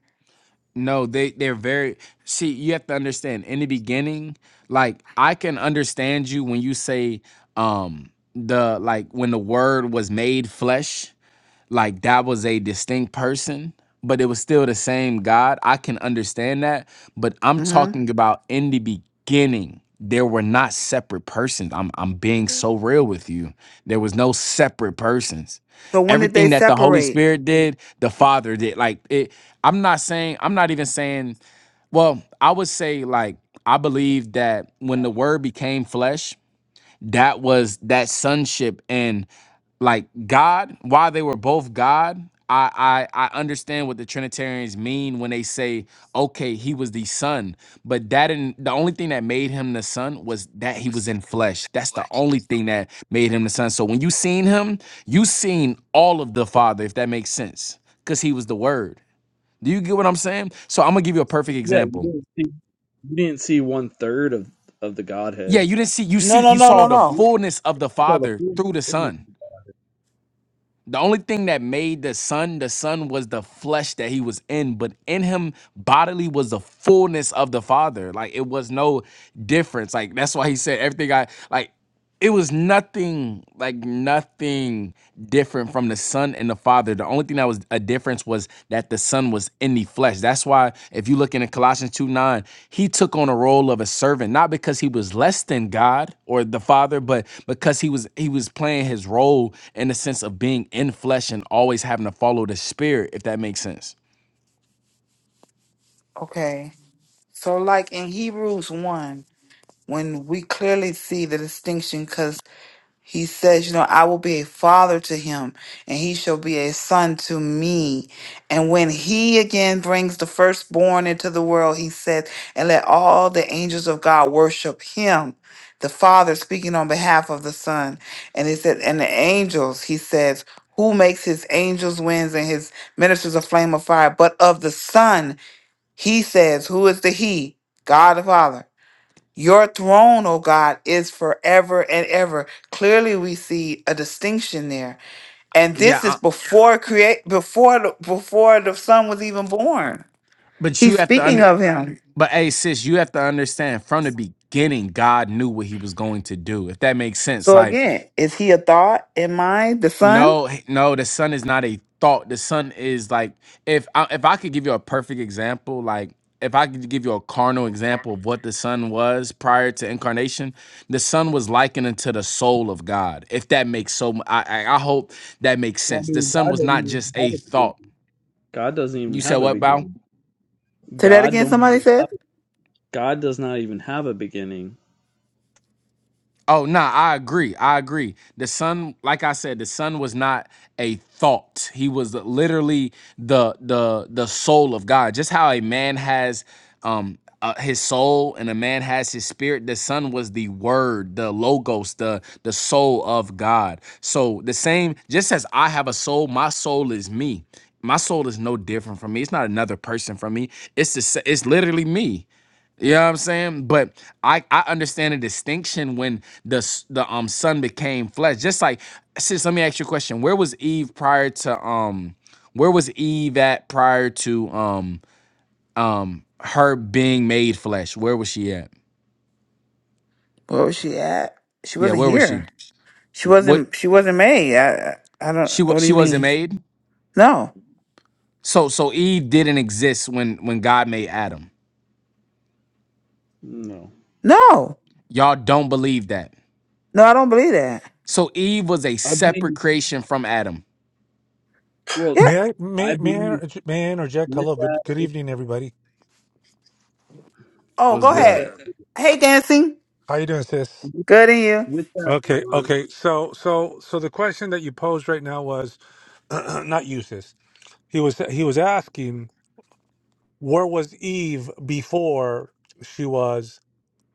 No, they they're very see, you have to understand in the beginning, like I can understand you when you say um the like when the word was made flesh like that was a distinct person, but it was still the same God. I can understand that, but I'm
hmm
talking about in the beginning, there were not separate persons. I'm I'm being so real with you. There was no separate persons.
So when did they
Everything that the Holy
separate?
Spirit did, the Father did. Like it I'm not saying I'm not even saying, well, I would say like I believe that when the word became flesh, that was that sonship and like God, while they were both God, I, I I understand what the Trinitarians mean when they say, okay, he was the son. But that didn't. the only thing that made him the son was that he was in flesh. That's the only thing that made him the son. So when you seen him, you seen all of the Father, if that makes sense. Because he was the word. Do you get what I'm saying? So I'm gonna give you a perfect
Yeah, you
example.
didn't see you didn't see one third of of the
Yeah,
Godhead.
you didn't see you see
No, no,
you
You
no,
saw
saw
no,
the
the
full-
no.
you
fullness of the
saw the
Father
full.
through the Son. The only thing that made the Son the Son was the flesh that he was in, but in him bodily was the fullness of the Father. Like it was no difference. Like that's why he said everything I like it was nothing like nothing different from the son and the father the only thing that was a difference was that the son was in the flesh that's why if you look in colossians 2 9 he took on a role of a servant not because he was less than god or the father but because he was he was playing his role in the sense of being in flesh and always having to follow the spirit if that makes sense
Okay. So like in Hebrews 1. when we clearly see the distinction because he says, you know, I will be a father to him and he shall be a son to me. And when he again brings the firstborn into the world, he said, and let all the angels of God worship him. The father speaking on behalf of the son. And he said, and the angels, he says, who makes his angels winds and his ministers a flame of fire, but of the son, he says, who is the he? God the Father. Your throne, O God, is forever and ever. Clearly we see a distinction there. And
yeah,
this is
I,
before create before the before the son was even born.
but you
He's
have to
speaking
under.
of him.
But hey, sis, you have to understand from the beginning, God knew what He was going to do. If that makes sense,
So
like
again, is he a thought in mind, the son?
No, h- no, the sun is not a thought. The sun is like if I, if I could give you a perfect example, like if I could give you a carnal example of what the sun was prior to incarnation, the sun was likened unto the soul of God. If that makes so, mu- I I, I hope that makes
Well, I
sense. The
mean,
sun
God
was
doesn't
not
even
just a
have a
thought.
beginning. God doesn't even
You said
have a
what, Bao?
beginning.
Say that
God
again,
don't.
somebody
Even
said?
have a, God does not even have a beginning.
Oh nah, I agree. I agree. The son, like I said, the son was not a thought. He was literally the the the soul of God. Just how a man has um uh, his soul and a man has his spirit. The son was the word, the logos, the the soul of God. So the same, just as I have a soul, my soul is me. My soul is no different from me. It's not another person from me. It's the, sa- it's literally me. You know what I'm saying? But I, I understand the distinction when the s- the um son became flesh. Just like sis, let me ask you a question. Where was Eve prior to um where was Eve at prior to um um her being made flesh? Where was she at?
Where was she at? She
Yeah,
wasn't
where was she?
here. She
What
wasn't she wasn't made. I I I don't
she
what
was
do
she
you
wasn't
mean?
made?
No.
So so Eve didn't exist when when God made Adam.
No.
No.
Y'all don't believe that.
No, I don't believe that.
So Eve was a
I
separate
believe.
creation from Adam.
Well,
Yeah.
May I
I
may may I,
believe
interj- may I interject?
with
Hello, good
that.
good
With,
evening, everybody.
Oh,
Was
go
with
ahead.
good?
that.
Hey dancing.
How you doing, sis?
With,
Good in
with that,
Okay,
Ron.
okay. So so so the question that you posed right now was not you, sis. He was he was asking where was Eve before she was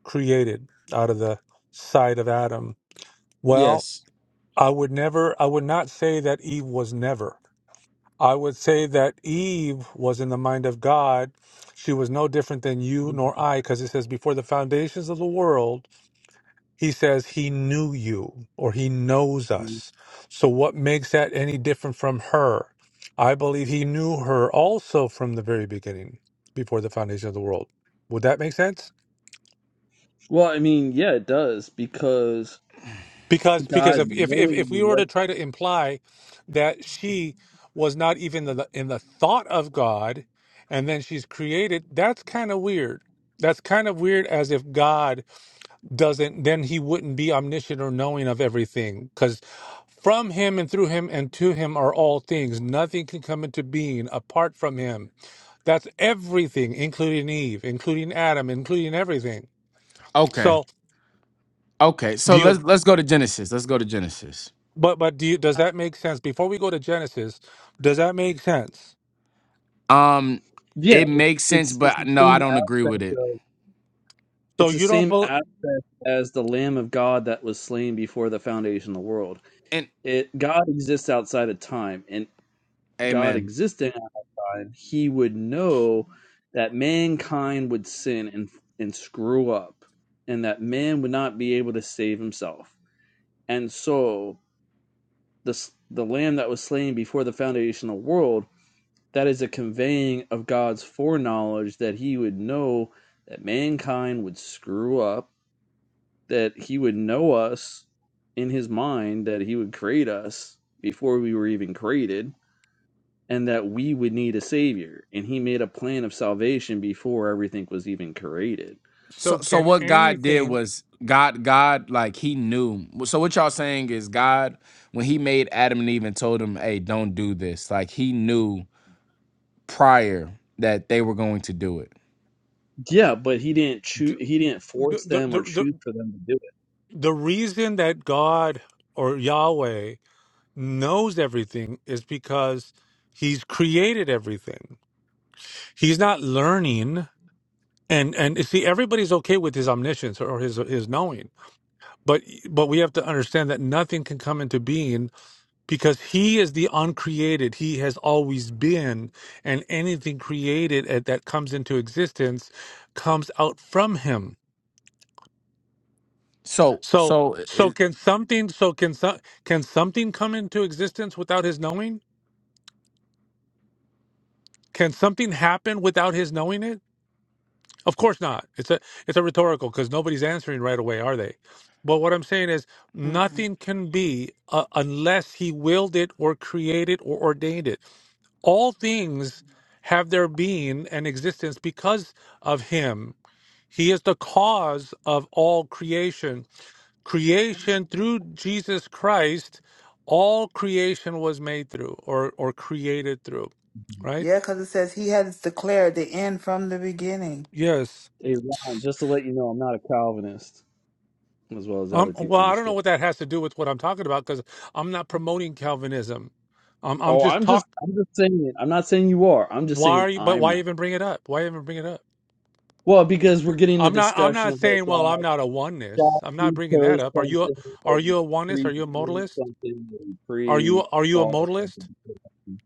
created out of the side of Adam. Well,
Yes.
I would never I would not say that Eve was never. I would say that Eve was in the mind of God. She was no different than you nor I, because it says before the foundations of the world He says he knew you or he knows us. So, what makes that any different from her? I believe he knew her also from the very beginning, before the foundation of the world. Would that make sense?
Well, I mean, yeah, it does because
Because because
God
if if if,
knowing
if we were
what.
to try to imply that she was not even in the, in the thought of God, and then she's created, that's kind of weird. That's kind of weird, as if God doesn't then he wouldn't be omniscient or knowing of everything because from him and through him and to him are all things nothing can come into being apart from him that's everything including eve including adam including everything
Okay.
so
Okay,
do
so
you
let's let's go to Genesis. Let's go to Genesis.
but but do you does that make sense before we go to genesis does that make sense
Um,
Yeah,
it makes sense,
it's it's the
but no, I
same
don't agree with
aspect
it.
of
so
it's the
you don't
same
bel
aspect as the Lamb of God that was slain before the foundation of the world.
And
It God exists outside of time, and God
Amen.
existing outside of time, He would know that mankind would sin and and screw up, and that man would not be able to save himself. And so the s- the Lamb that was slain before the foundation of the world That is a conveying of God's foreknowledge that he would know that mankind would screw up, that he would know us in his mind, that he would create us before we were even created, and that we would need a savior. And he made a plan of salvation before everything was even created.
So
so
so
can
what God did
anything
was God God like He knew. So what y'all saying is God when He made Adam and Eve and told them, "Hey, don't do this." Like He knew prior that they were going to do it.
Yeah, but he didn't
the,
choose he didn't
the,
force them
the,
or
the
choose for them to do
the reason that god or yahweh knows everything is because he's created everything. He's not learning. And and see, everybody's okay with his omniscience or his his knowing, but but we have to understand that nothing can come into being because he is the uncreated. He has always been, and anything created at- that comes into existence comes out from him.
So
So
so eh, eh,
so
uh,
can something so can some can something come into existence without his knowing? Can something happen without his knowing it? Of course not. It's a it's a rhetorical because nobody's answering right away, are they? But what I'm saying is
you.
nothing can be uh, unless he willed it or created or ordained it. All things have their being and existence because of him. He is the cause of all creation. Creation through Jesus Christ, all creation was made through or or created through,
it.
right?
Yeah, because it says he has declared the end from the beginning.
Yes.
Hey Ron, just to let you know, I'm not a Calvinist as well as
Um,
other
well,
people in the
I don't
state.
know what that has to do with what I'm talking about because I'm not promoting Calvinism. Um, I'm
Oh,
just
I'm just
talk.
I'm just saying it. I'm not saying you are. I'm just
Why
saying
are you? But
I'm
why
not.
even bring it up? Why even bring it up?
Well, because we're getting the
I'm not. I'm
discussion
not
of like
saying. Well, I'm
God,
not a oneness.
God
I'm not bringing that
pre-chose
up. Are you? A,
something or
are you a oneness?
pre
Are you a modalist?
something or
Are you?
pre
Are you a
thought of
modalist?
something.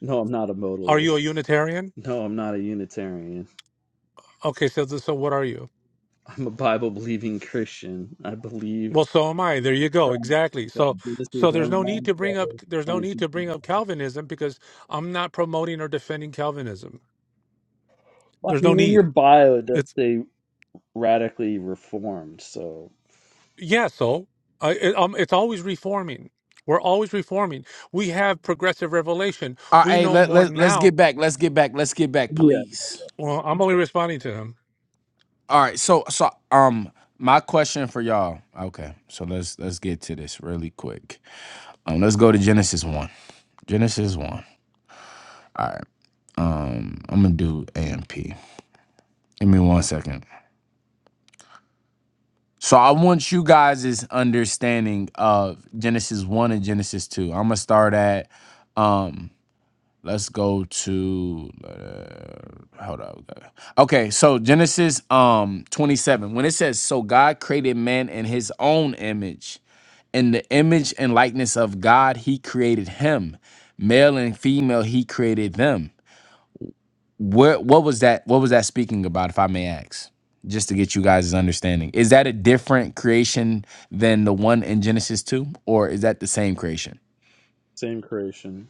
No, I'm not a
Are you a
modalist.
Unitarian?
No, I'm not a Unitarian.
Okay. So th- so what are you?
I'm a Bible believing Christian. I believe
Well, so am I. There you go.
Christ.
Exactly.
So
So
This is
so there's
one
no need
one
to bring up.
seven,
There's no need
22.
to bring up Calvinism because I'm not promoting or defending Calvinism.
Well,
There's
I
no
mean, in your
need.
bio it does say radically reformed, so
Yeah, so I, it, um, it's always reforming. We're always reforming. We have progressive revelation.
all right,
We
hey,
know
let
more
let let's
now.
get back. Let's get back. Let's get back,
yeah,
please.
Well, I'm only responding to him.
All right, so so um my question for y'all. Okay, so let's let's get to this really quick. Um let's go to Genesis 1. Genesis 1. All right. Um I'm going to do AMP. Give me one second. So I want you guys' understanding of Genesis 1 and Genesis 2. I'm going to start at um let's go to uh, hold up. Okay, so Genesis um 27 when it says so God created man in his own image In the image and likeness of God, he created him. Male and female, he created them. Where, what was that? What was that speaking about, if I may ask? Just to get you guys' understanding. Is that a different creation than the one in Genesis 2? Or is that the same creation?
same creation.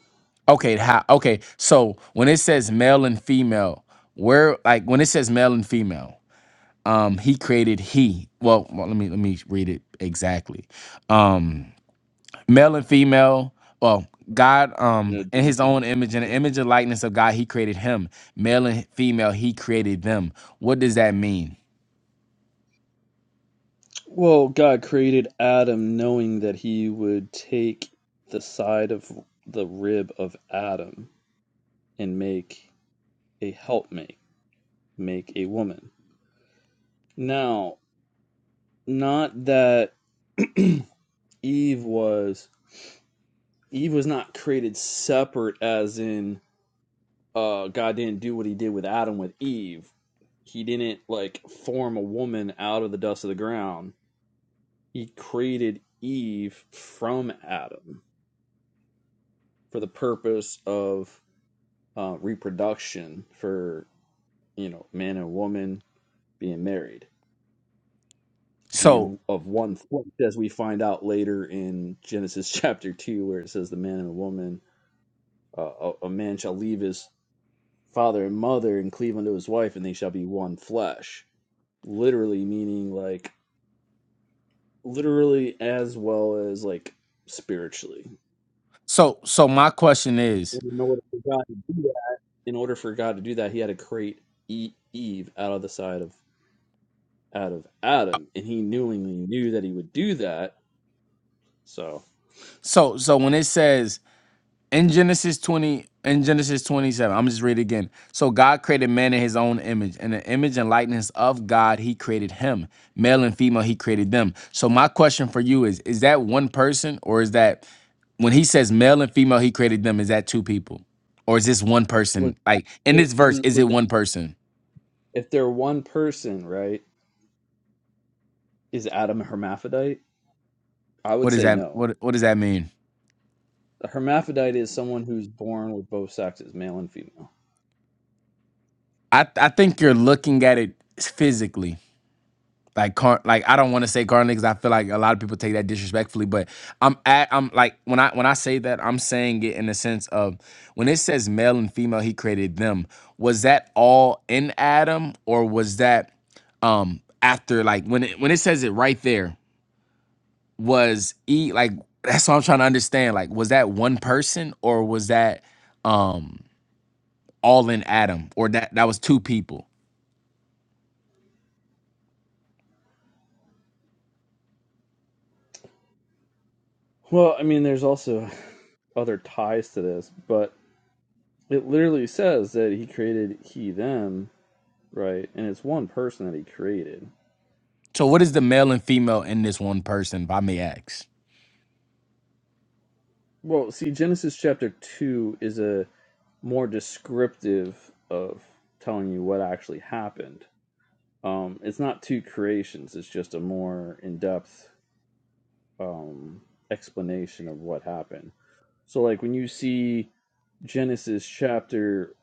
Okay, how okay, so when it says male and female, where like when it says male and female, um, he created he. Well, well, let me let me read it exactly. Um, male and female. Well, God, um,
No,
in
didn't
His
he-
own image, in the image and likeness of God, He created him. Male and female, He created them. What does that mean?
Well, God created Adam knowing that he would take the side of the rib of Adam and make a helpmate, make a woman. Now, not that Eve was Eve was not created separate as in uh God didn't do what he did with Adam with Eve. He didn't like form a woman out of the dust of the ground. He created Eve from Adam for the purpose of uh, reproduction for you know man and woman being married
So,
being of one flesh as we find out later in genesis chapter 2 where it says the man and the woman uh, a, a man shall leave his father and mother and cleave unto his wife and they shall be one flesh literally meaning like literally as well as like spiritually
so, so my question is,
in order for god to do that in order for god to do that he had to create E- eve out of the side of out of Adam, and he knowingly knew that he would do that. So
so, so when it says in Genesis 20, in Genesis 27, I'm just read it again. So God created man in his own image. In the image and likeness of God, he created him. Male and female, he created them. So my question for you is, is that one person or is that when he says male and female, he created them, is that two people? Or is this one
was
person? Like in this verse,
was,
is
was
it one person?
if they're one person, right? Is Adam a hermaphrodite? I would
What does
say
that
no.
what what does that mean?
A hermaphrodite is someone who's born with both sexes, male and female.
I, I think you're looking at it physically. like car like I don't want to say currently because I feel like a lot of people take that disrespectfully, but I'm at I'm like when I when I say that I'm saying it in the sense of when it says male and female he created them was that all in Adam or was that um after like when it when it says it right there was e like that's what I'm trying to understand like was that one person or was that um all in Adam or that that was two people
Well, I mean, there's also other ties to this, but it literally says that he created he them, right? And it's one person that he created.
so what is the male and female in this one person if I may ask
Well, see, Genesis chapter 2 is a more descriptive of telling you what actually happened. Um, it's not two creations, it's just a more in depth um, explanation of what happened. So, like when you see Genesis chapter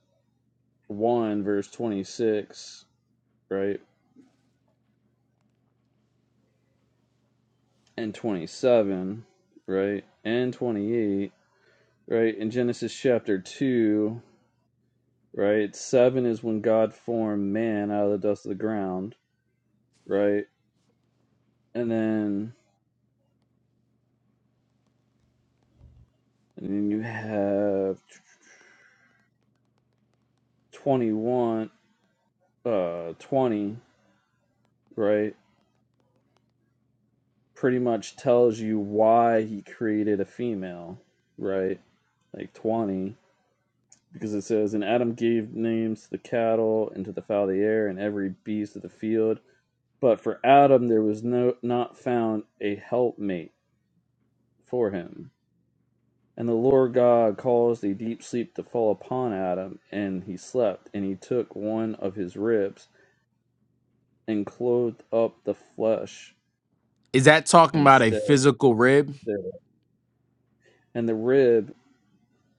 1, verse 26, right, and 27, right, and 28, right, in Genesis chapter 2. right? Seven is when God formed man out of the dust of the ground, right? And then and then you have twenty one uh twenty, right? Pretty much tells you why he created a female, right? Like twenty. Because it says, And Adam gave names to the cattle and to the fowl of the air and every beast of the field. But for Adam there was no not found a helpmate for him And the Lord God caused a deep sleep to fall upon Adam, and he slept. And he took one of his ribs and clothed up the flesh
Is that talking about a
instead
physical rib?
thereof. And the rib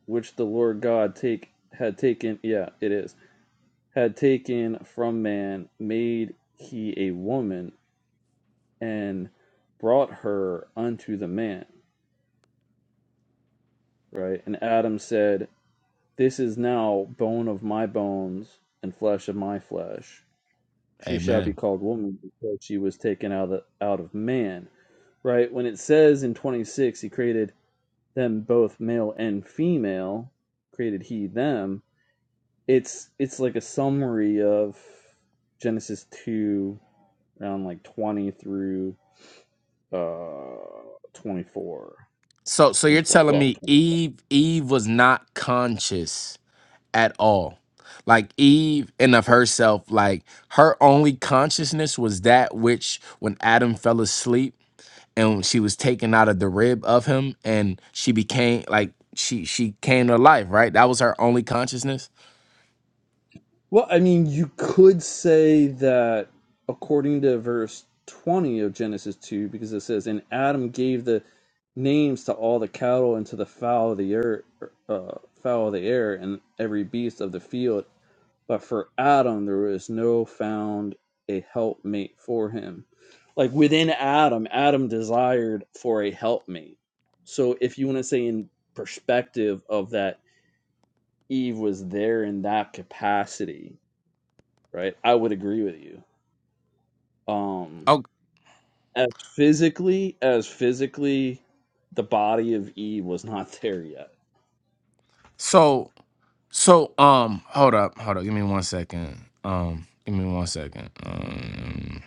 which the Lord God take had taken, yeah, it is, had taken from man, made he a woman and brought her unto the man. Right? And Adam said, This is now bone of my bones and flesh of my flesh she shall be
Amen.
called woman because she was taken out of, out of man right when it says in 26 he created them both male and female created he them it's it's like a summary of genesis 2 around like 20 through uh 24
So so you're
and 20
telling
well
me Eve Eve was not conscious at all. Like Eve and of herself, like her only consciousness was that which when Adam fell asleep and she was taken out of the rib of him and she became like she she came to life, right? That was her only consciousness.
Well, I mean, you could say that according to verse 20 of Genesis 2, because it says, And Adam gave the names to all the cattle and to the fowl of the air, uh, fowl of the air, and every beast of the field. But for Adam, there was no found a helpmate for him. Like within Adam, Adam desired for a helpmate. So if you want to say in perspective of that, Eve was there in that capacity right? I would agree with you. Um,
Oh
as physically as physically, the body of Eve was not there yet.
so so um hold up, hold up, give me one second. Um give me one second. Um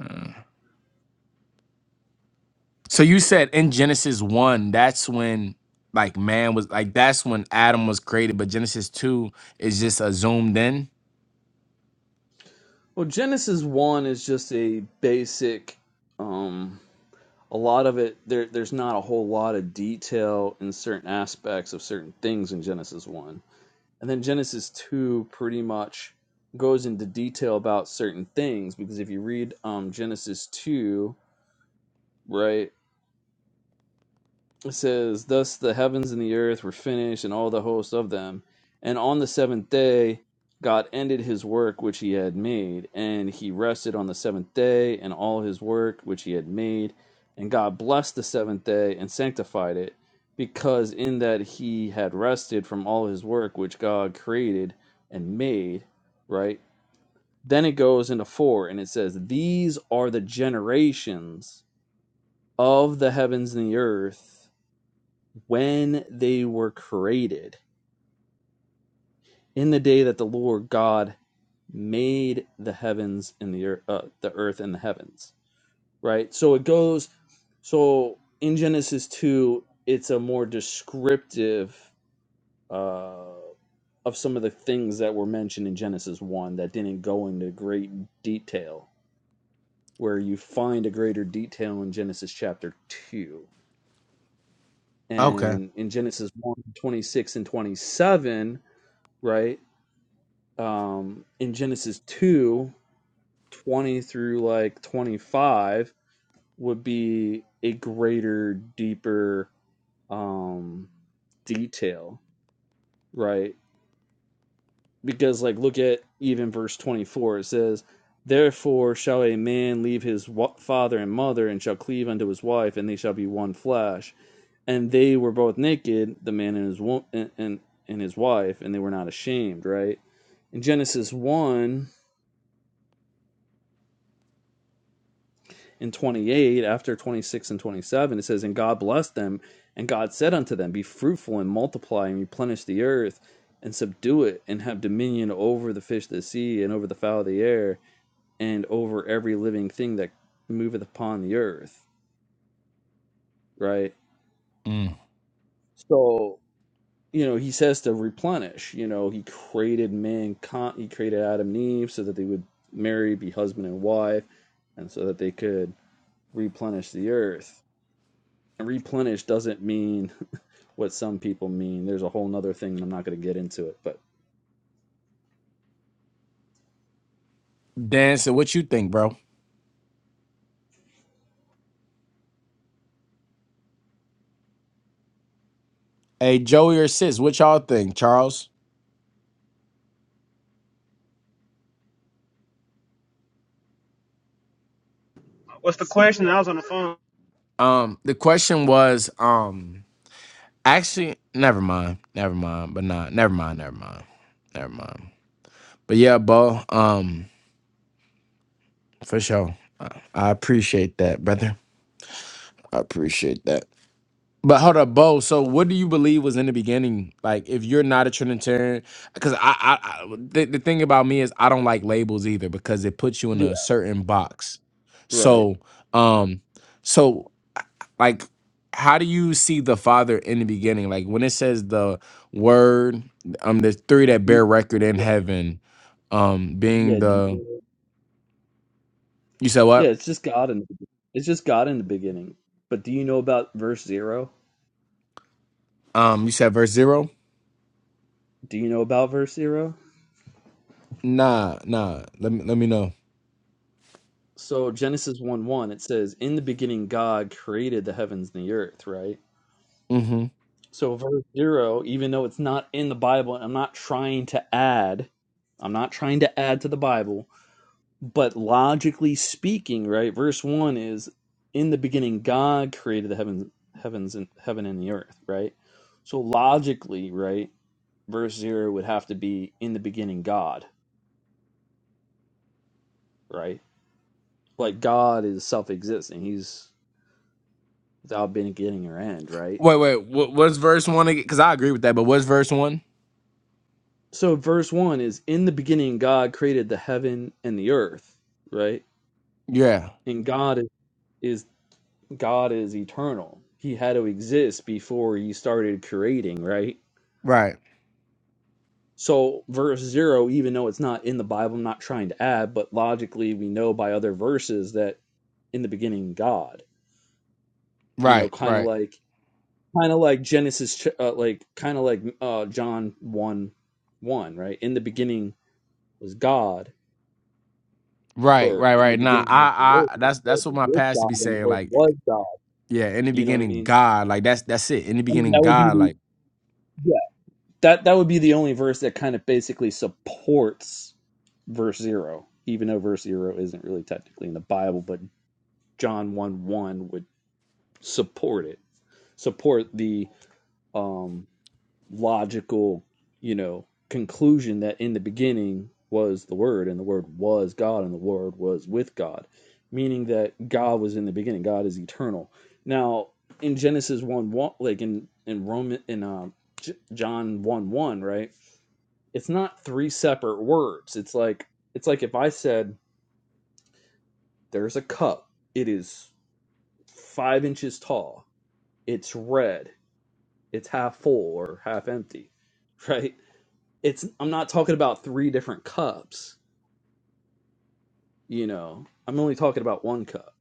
hmm. So you said in Genesis one, that's when like man was like that's when Adam was created, but Genesis two is just a zoomed in.
Well, Genesis one is just a basic. Um, a lot of it there. There's not a whole lot of detail in certain aspects of certain things in Genesis one, and then Genesis two pretty much goes into detail about certain things because if you read um, Genesis two, right, It says, Thus the heavens and the earth were finished, and all the hosts of them. And on the seventh day, God ended his work which he had made, and he rested on the seventh day, and all his work which he had made. And God blessed the seventh day and sanctified it, because in that he had rested from all his work which God created and made, right? Then it goes into four, and it says, These are the generations of the heavens and the earth when they were created, in the day that the Lord God made the heavens and the earth, uh, the earth and the heavens. Right. So it goes. So in Genesis two, it's a more descriptive uh, of some of the things that were mentioned in Genesis one that didn't go into great detail. Where you find a greater detail in Genesis chapter two
Okay.
and in Genesis one 26 and twenty seven. Right um, in Genesis 2 20 through like 25 would be a greater, deeper um, detail, right? Because, like, look at even verse 24. It says, Therefore shall a man leave his father and mother and shall cleave unto his wife, and they shall be one flesh. And they were both naked, the man and his wo- and, and, and his wife, and they were not ashamed, right? In Genesis 1, in 28 after 26 and 27 it says and god blessed them and god said unto them be fruitful and multiply and replenish the earth and subdue it and have dominion over the fish of the sea and over the fowl of the air and over every living thing that moveth upon the earth right
Mm.
so you know he says to replenish you know he created mankind he created adam and eve so that they would marry be husband and wife and so that they could replenish the earth and replenish doesn't mean what some people mean. There's a whole nother thing, and I'm not going to get into it. But
Dan, so what you think, bro? Hey, Joey or sis, what y'all think, Charles?
what's the question? I was on the phone.
Um, the question was, um, actually, never mind, never mind, but not, never mind, never mind, never mind. But yeah, Bo, um, for sure, I, I appreciate that, brother. I appreciate that. But hold up, Bo. So, what do you believe was in the beginning? Like, if you're not a Trinitarian, because I, I, I the, the thing about me is I don't like labels either because it puts you in
Yeah.
a certain box.
right,
So, um, so like, how do you see the Father in the beginning? Like when it says the Word, um, the three that
Do
bear
you-
record in heaven, um, being
yeah, do
the
you-
you said
yeah.
what?
It's just God in it's just God in the beginning. But do you know about verse zero?
Um, you said verse zero?
Do you know about verse zero?
Nah, nah. Let me let me know.
So Genesis one one it says, "In the beginning, God created the heavens and the earth." Right.
Mm-hmm.
So verse zero, even though it's not in the Bible, and I'm not trying to add. I'm not trying to add to the Bible But logically speaking, right, verse one is in the beginning God created the heavens heavens and heaven and the earth, right? So logically, right, verse zero would have to be in the beginning God, right? Like God is self existent, he's without beginning or end, right?
Wait, wait. What, what's verse one again? Because I agree with that, but what's verse one?
So verse one is in the beginning God created the heaven and the earth, right?
Yeah.
And God is, is God is eternal. He had to exist before he started creating, right?
Right.
So verse zero, even though it's not in the Bible, I'm not trying to add, but logically we know by other verses that in the beginning God, you know,
Right.
kind of
Right.
like kind of like Genesis, ch- uh, like kind of like uh, John one one, right? In the beginning was God,
Right.
or
Right.
in the
Right. Nah.
beginning was the
I.
Word,
I.
the
That's
Word
that's what
was
my
with
pastor be
God, and the
saying.
Word was
Like,
God.
yeah. In the
You know what I
beginning,
mean?
God. Like that's that's it. In the
I mean
beginning,
that would be
God.
the
Like
yeah that that would be the only verse that kind of basically supports verse zero, even though verse zero isn't really technically in the Bible, but John 1 1 would support it, support the um, logical, you know, conclusion that in the beginning was the Word, and the Word was God, and the Word was with God, meaning that God was in the beginning. God is eternal. Now, in Genesis 1 1, like in, in Roman, in um, John 1 1, right? It's not three separate words. It's like, it's like if I said, there's a cup, it is five inches tall it's red, it's half full or half empty, right? It's I'm not talking about three different cups, you know. I'm only talking about one cup,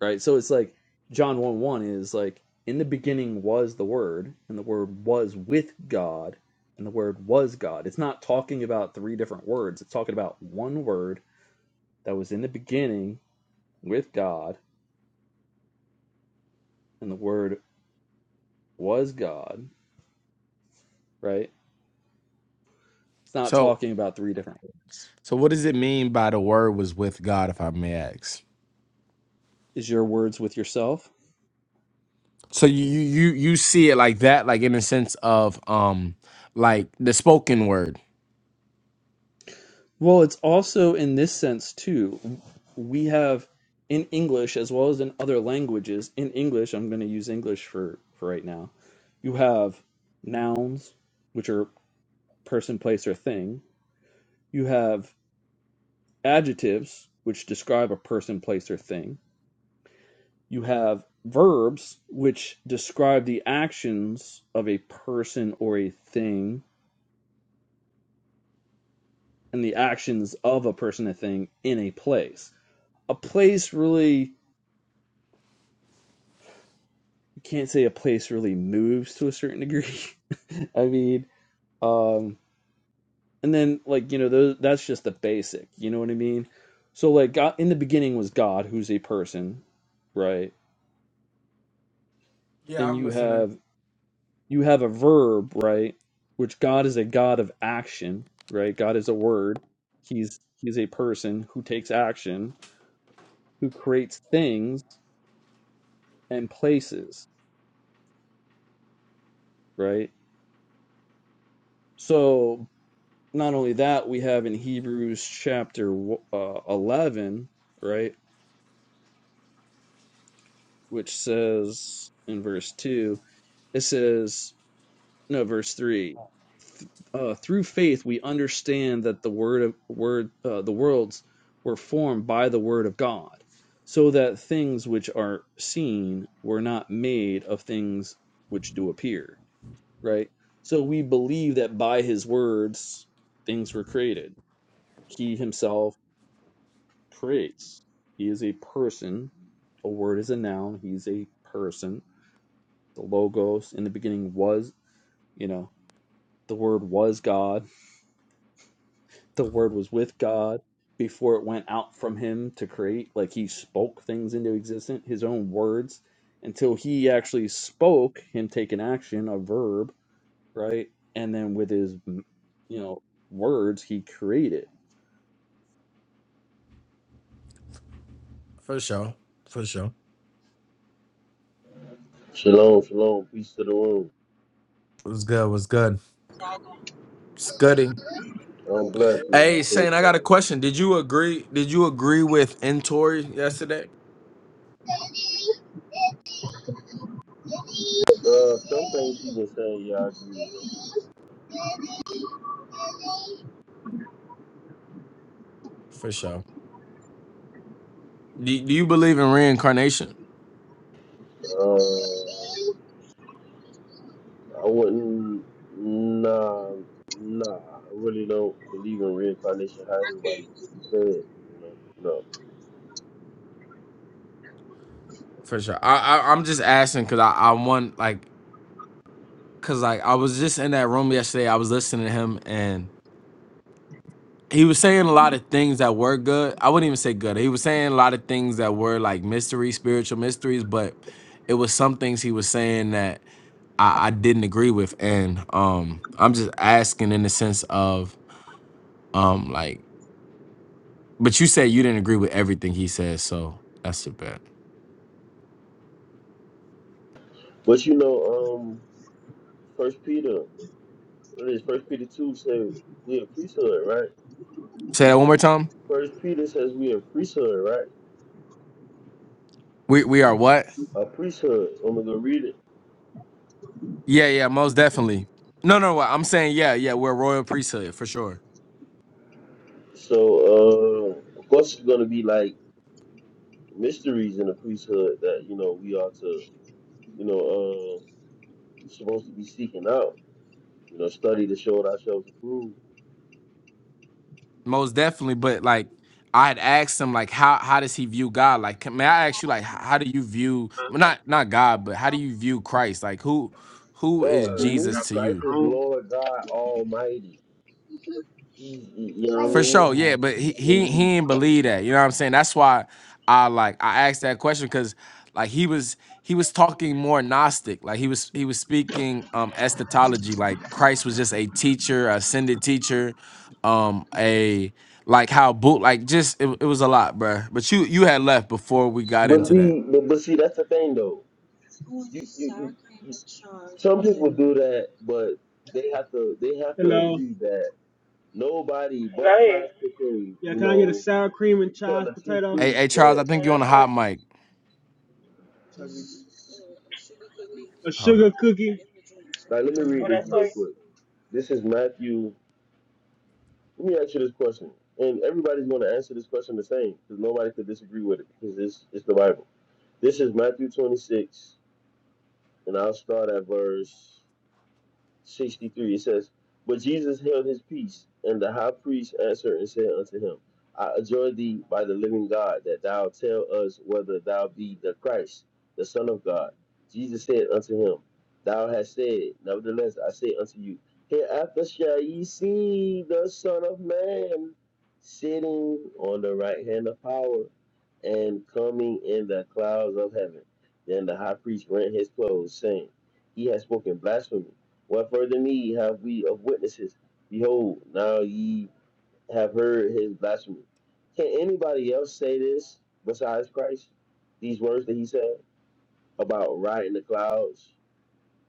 right? So it's like John 1 1 is like, in the beginning was the Word, and the Word was with God, and the Word was God. It's not talking about three different words, it's talking about one word that was in the beginning with God, and the Word was God, right? It's not
so.
talking about three different words.
So what does it mean by the word was with God, if I may ask?
Is your words with yourself?
So you you you you see it like that, like in the sense of um, like the spoken word.
Well, it's also in this sense too. We have in English as well as in other languages. In English, I'm going to use English for for right now. You have nouns, which are person, place, or thing. You have adjectives, which describe a person, place, or thing. You have verbs, which describe the actions of a person or a thing, and the actions of a person, a thing in a place. A place really can't say a place really moves to a certain degree. I mean, um, and then like you know those, that's just the basic. You know what I mean? So like God, in the beginning was God, who's a person, right?
Yeah,
And
I'm
you
listening.
have you have a verb, right? Which God is a God of action, right? God is a word. He's he's a person who takes action, who creates things and places, right? So not only that, we have in Hebrews chapter uh, 11, right, which says in verse 2, it says, no, verse 3, uh, through faith we understand that the word of word uh, the worlds were formed by the word of God, so that things which are seen were not made of things which do appear, right? So we believe that by his words things were created. He himself creates. He is a person. A word is a noun. He's a person. The logos in the beginning was, you know, the word was God. The word was with God before it went out from him to create. Like he spoke things into existence, his own words, until he actually spoke, him taking action, a verb, right? And then with his, you know, words, he created.
For sure. For sure.
Shalom, shalom, peace to the room.
What's good? What's good? Scuddy.
I'm blessed, man. I
Hey,
thank
Saint, I got a
y'all.
question. Did you agree? Did you agree with Entori yesterday?
Uh, some things he been saying, yeah, I agree with.
For sure. Do, do you believe in reincarnation?
Uh, I wouldn't. Nah, nah. I really don't believe in reincarnation. How everybody said, you know, no.
For sure. I, I I'm just asking because I I want like because like I was just in that room yesterday. I was listening to him and he was saying a lot of things that were good. I wouldn't even say good. He was saying a lot of things that were like mystery, spiritual mysteries, but it was some things he was saying that I, I didn't agree with. And um I'm just asking in the sense of um like But you said you didn't agree with everything he said, so that's a bet.
But you know, um, First Peter, what is First Peter two Say we a priesthood, right?
Say that one more time.
First Peter says we a priesthood, right?
We we are what?
A priesthood. I'm gonna go read it.
Yeah, yeah, most definitely. No, no, what I'm saying, yeah, yeah, we're a royal priesthood for sure,
So, uh, of course, it's gonna be like mysteries in the priesthood that you know we are to you know uh supposed to be seeking out you know study to show ourselves approved
most definitely. But like, I had asked him like, how how does he view God? Like, can- may I ask you like, h- how do you view well, not not God, but how do you view Christ? Like, who who is
oh to
Jesus
me
to you?
christ is
Um,
lord god almighty he's you know what i
For sure,
mean
yeah,
in
but he he
And he-
he didn't believe that. You know what I'm saying? That's why I like I asked that question because like he was he was talking more Gnostic. Like he was he was speaking um eschatology. Like Christ was just a teacher, ascended teacher, um a like how boot like just it, it was a lot, bruh. But you you had left before we got
but
into that.
see but, but see that's the thing though you, you, you you- some people do that but they have to they have to
Hello.
agree that nobody
Go
but
ahead.
christ could say
Yeah,
you
can I get a
know
sour cream and
tell
chives
a chief
potato,
Hey
priest
hey Charles,
that
I
Well,
think you are on the
that's
hot mic.
what- a
Hold on.
sugar cookie,
Now let me read this real quick. This is Matthew. Let me ask you this question, and everybody's going to answer this question the same because nobody could disagree with it because it's it's the Bible. This is Matthew 26, and I'll start at verse. 63 it says but jesus held his peace and the high priest answered and said unto him i adjure thee by the living god that thou tell us whether thou be the christ the son of god jesus said unto him thou hast said nevertheless i say unto you hereafter shall ye see the son of man sitting on the right hand of power and coming in the clouds of heaven then the high priest rent his clothes saying he has spoken blasphemy what further need have we of witnesses? Behold, now ye have heard his blasphemy. Can anybody else say this besides Christ? These words that he said about riding the clouds,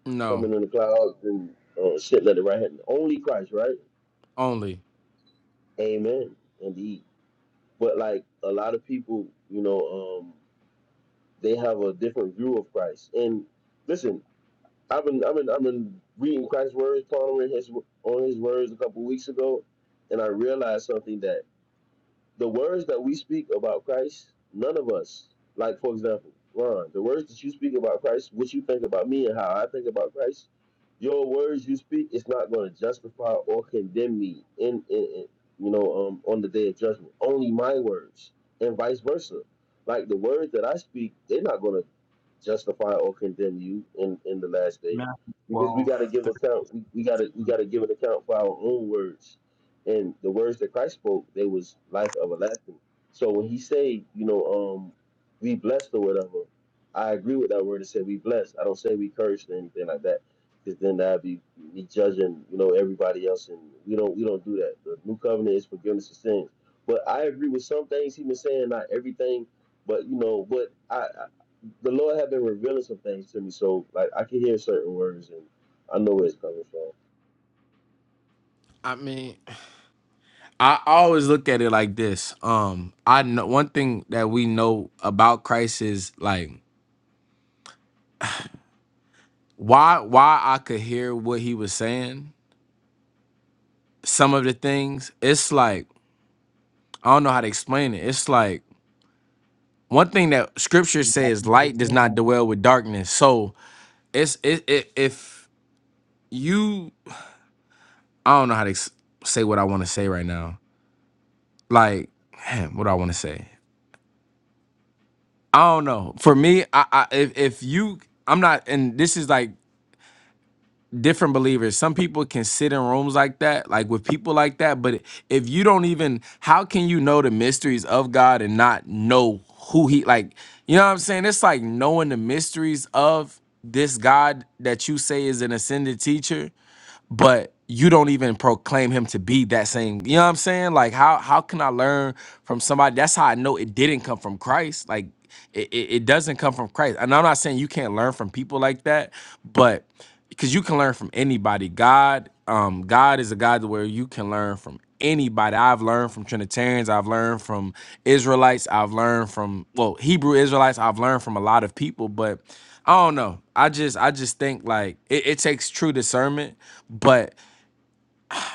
No,
coming in the clouds, and uh, sitting at the right hand. Only Christ, right?
only.
Amen. Indeed. But like a lot of people, you know, um, they have a different view of Christ. And listen, I've been I've been I've been reading Christ's words, pondering his on his words a couple weeks ago, and I realized something that the words that we speak about Christ, none of us, like for example, Ron, the words that you speak about Christ, what you think about me and how I think about Christ, your words you speak it's not going to justify or condemn me in, in, in you know um, on the day of judgment. Only my words and vice versa. Like the words that I speak, they're not going to justify or condemn you in in the last day
Matthew
because we
12,
got to give account. We, we got to we
13.
got to give an account for our own words and the words that Christ spoke, they was life everlasting. So when he say, you know, um, we blessed or whatever, I agree with that word and say we blessed. I don't say we cursed or anything like that, because then that'd be me judging, you know, everybody else, and we don't we don't do that. The new covenant is forgiveness of sins. But I agree with some things he been saying, not everything, but you know, but I, I the Lord have been revealing some things to me, so like I can hear certain words and I know where it's coming from.
I mean. I always look at it like this. Um, I know one thing that we know about Christ is like why why I could hear what he was saying. Some of the things it's like I don't know how to explain it. It's like one thing that Scripture says:
Matthew
light does
thirteen,
not dwell with darkness. So it's it, it if you I don't know how to ex- say what I want to say right now. Like man, what do I want to say? I don't know. For me, I, I if if you I'm not and this is like different believers. Some people can sit in rooms like that, like with people like that. But if you don't even, how can you know the mysteries of God and not know who He like? You know what I'm saying? It's like knowing the mysteries of this God that you say is an ascended teacher but you don't even proclaim him to be that same. You know what I'm saying? Like how how can I learn from somebody? That's how I know it didn't come from Christ. Like it, it, it doesn't come from Christ. And I'm not saying you can't learn from people like that, but because you can learn from anybody. God, um, God is a God where you can learn from anybody. I've learned from Trinitarians, I've learned from Israelites, I've learned from well, Hebrew Israelites, I've learned from a lot of people, but I don't know. I just I just think like it, it takes true discernment but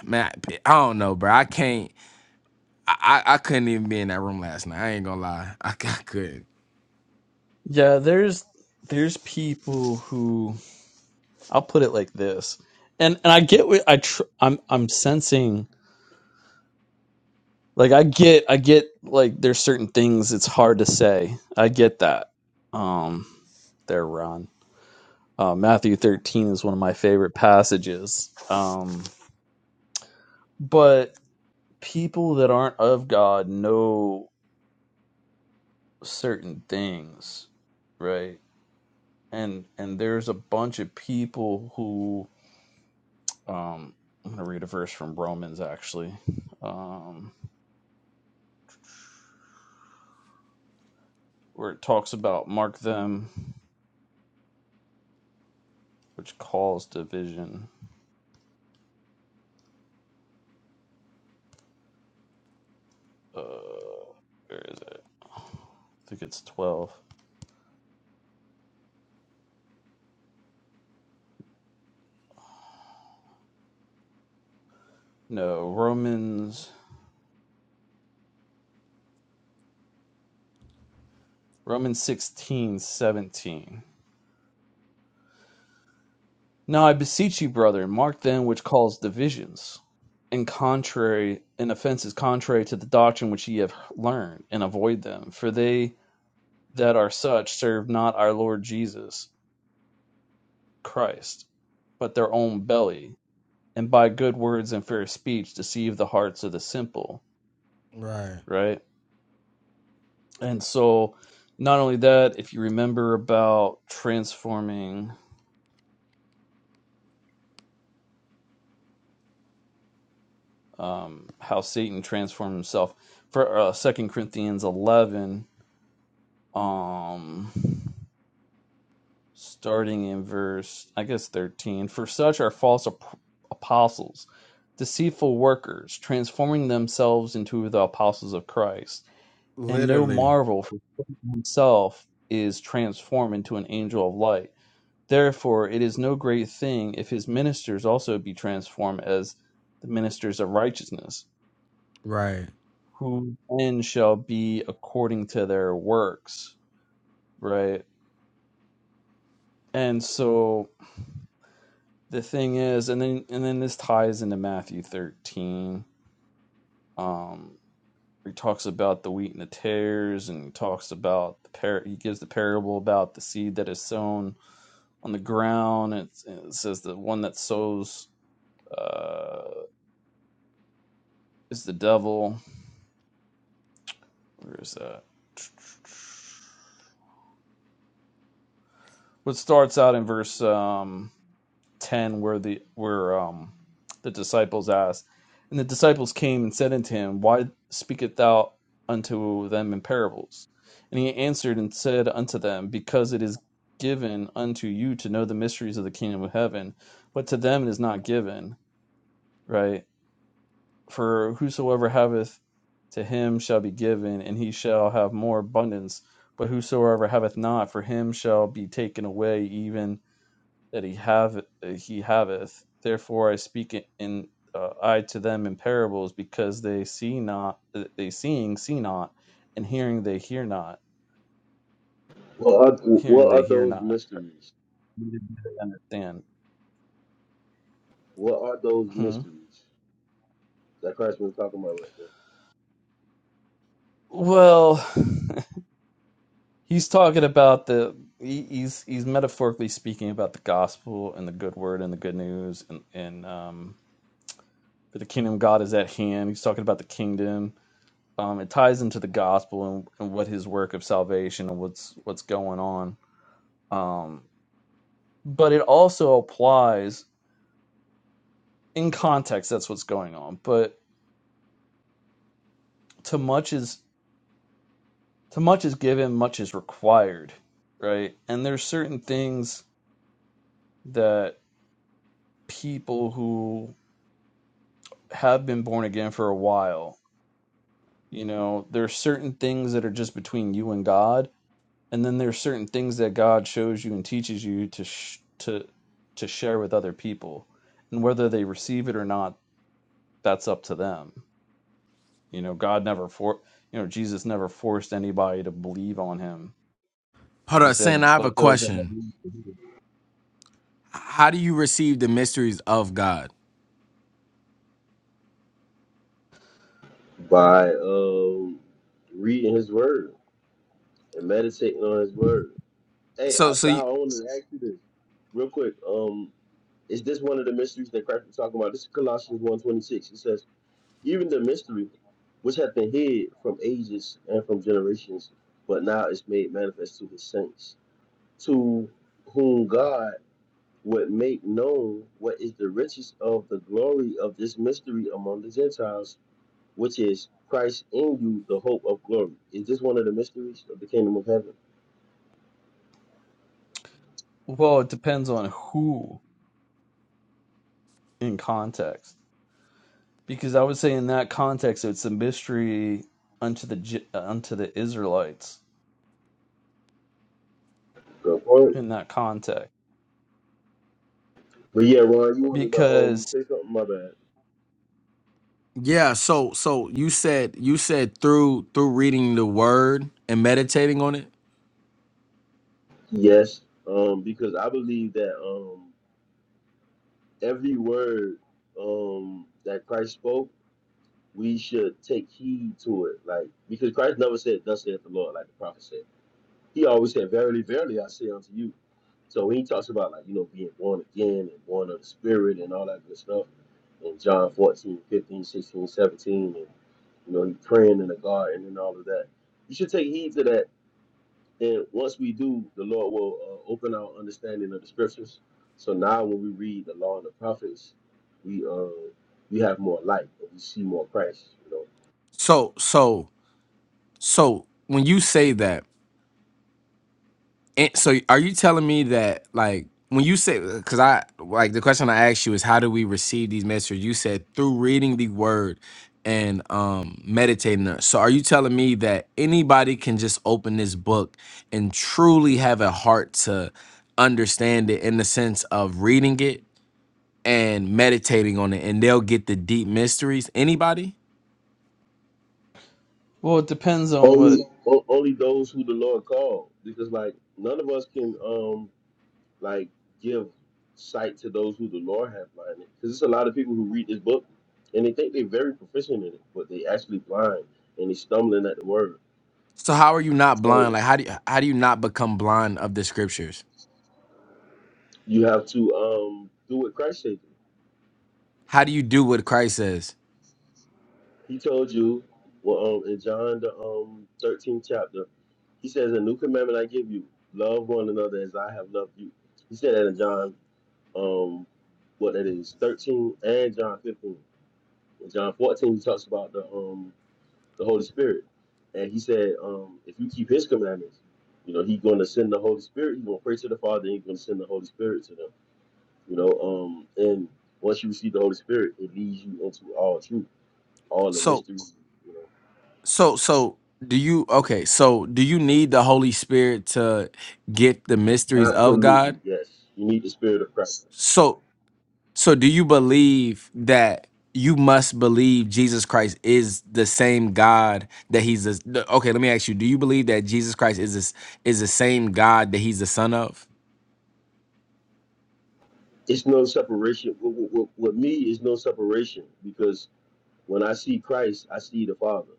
man, I I don't know, bro. I can't. I I I couldn't even be in that room last night. I ain't gonna lie. I, c- I couldn't.
Yeah, there's there's people who I'll put it like this, and and I get what I tr- I'm I'm sensing like I get I get like there's certain things it's hard to say. I get that. Um, there, Ron. Uh, Matthew 13 is one of my favorite passages. Um, but people that aren't of God know certain things, right? And and there's a bunch of people who Um, I'm going to read a verse from Romans, actually, um, where it talks about mark them, which cause division. Uh, where is it? I think it's 12. No, Romans, Romans sixteen seventeen. Now I beseech you, brethren, mark them which cause divisions and contrary and offenses contrary to the doctrine which ye have learned, and avoid them. For they that are such serve not our Lord Jesus, Christ, but their own belly, and by good words and fair speech deceive the hearts of the simple,
Right.
right? And so, not only that, if you remember about transforming, um, how Satan transformed himself for uh, 2 Corinthians 11, um, starting in verse, I guess, 13. For such are false ap- apostles, deceitful workers, transforming themselves into the apostles of Christ And no
Literally.
marvel, for Satan himself is transformed into an angel of light. Therefore, it is no great thing if his ministers also be transformed as the ministers of righteousness,
Right.
who then shall be according to their works. Right? And so the thing is, and then and then this ties into Matthew thirteen. Um he talks about the wheat and the tares, and he talks about the par. He gives the parable about the seed that is sown on the ground. It's, it says the one that sows uh, is the devil. Where is that? What starts out in verse um, ten, where the where um, the disciples asked, and the disciples came and said unto him, Why speakest thou unto them in parables? And he answered and said unto them, Because it is given unto you to know the mysteries of the kingdom of heaven, but to them it is not given. Right? For whosoever haveth to him shall be given, and he shall have more abundance. But whosoever haveth not, for him shall be taken away even that he have uh, he haveth. Therefore I speak in uh, I to them in parables, because they see not, uh, they seeing see not, and hearing they hear not,
What are,
hearing
what
they
are
hear
those
not,
mysteries?
neither do they understand.
What are those
Hmm.
mysteries that Christ was talking about right there?
Well. He's talking about the he, he's he's metaphorically speaking about the gospel and the good word and the good news and and um for the kingdom of God is at hand. He's talking about the kingdom. Um, it ties into the gospel and, and what his work of salvation and what's what's going on. Um, but it also applies in context. That's what's going on. But to much is to much is given, much is required, right? And there's certain things that people who have been born again for a while, you know, there are certain things that are just between you and God, and then there are certain things that God shows you and teaches you to sh- to to share with other people, and whether they receive it or not, that's up to them. You know, God never for you know Jesus never forced anybody to believe on Him.
Hold
He
up, Sam. I
said,
have a
"Let those that have
question.
ears to hear."
How do you receive the mysteries of God?
By um, reading His Word and meditating on His Word. Hey,
So
I,
so
Val,
you,
I want to ask you this real quick. Um, is this one of the mysteries that Christ was talking about? This is Colossians one twenty six. It says, "Even the mystery which hath been hid from ages and from generations, but now is made manifest to His saints, to whom God." would make known what is the riches of the glory of this mystery among the Gentiles, which is Christ in you, the hope of glory. Is this one of the mysteries of the kingdom of heaven?
Well, it depends on who in context Because I would say in that context, it's a mystery unto the unto the Israelites
Go for it.
in that context.
But yeah, Ron, you wanted to um
Because
say something? My bad.
yeah. So so you said you said through through reading the Word and meditating on it.
Yes, um, because I believe that um every word um that Christ spoke, we should take heed to it. Like because Christ never said, "Thus saith the Lord," like the prophet said. He always said, Verily, verily, I say unto you. So when he talks about like, you know, being born again and born of the spirit and all that good stuff in John 14, 15, 16, 17, and you know, he praying in the garden and all of that. You should take heed to that. And once we do, the Lord will uh, open our understanding of the scriptures. So now when we read the law and the prophets, we uh we have more light and we see more Christ, you know.
So so so when you say that. And so are you telling me that like when you say because I like the question I asked you is how do we receive these messages? You said through reading the word and um meditating on it. So are you telling me that anybody can just open this book and truly have a heart to understand it in the sense of reading it and meditating on it and they'll get the deep mysteries? Anybody?
well, it depends on what
Only o- only those who the Lord called, because like none of us can um like give sight to those who the Lord have blinded. Because there's a lot of people who read this book and they think they're very proficient in it, but they actually blind and they stumbling at the word.
So how are you not blind?
So
Like how do you, how do you not become blind of the scriptures?
you have to um do what Christ said.
How do you do what Christ says?
He told you well um in John the um 13th chapter, he says, A new commandment I give you, love one another as I have loved you. He said that in John um what that is, 13 and John 15. In John 14 he talks about the um the Holy Spirit. And he said, um, if you keep his commandments, you know, he's going to send the Holy Spirit. He's going to pray to the Father and he's going to send the Holy Spirit to them, you know. Um, and once you receive the Holy Spirit, it leads you into all truth, all the
So
mysteries, you
so so do you okay, so do you need the Holy Spirit to get the
know.
mysteries of
Absolutely,
God?
yes. You need the Spirit of Christ.
So so do you believe that you must believe Jesus Christ is the same God that he's the the- okay, let me ask you, do you believe that Jesus Christ is this is the same God that he's the son of?
It's no separation. With, with, with me, it's no separation because when I see Christ, I see the Father.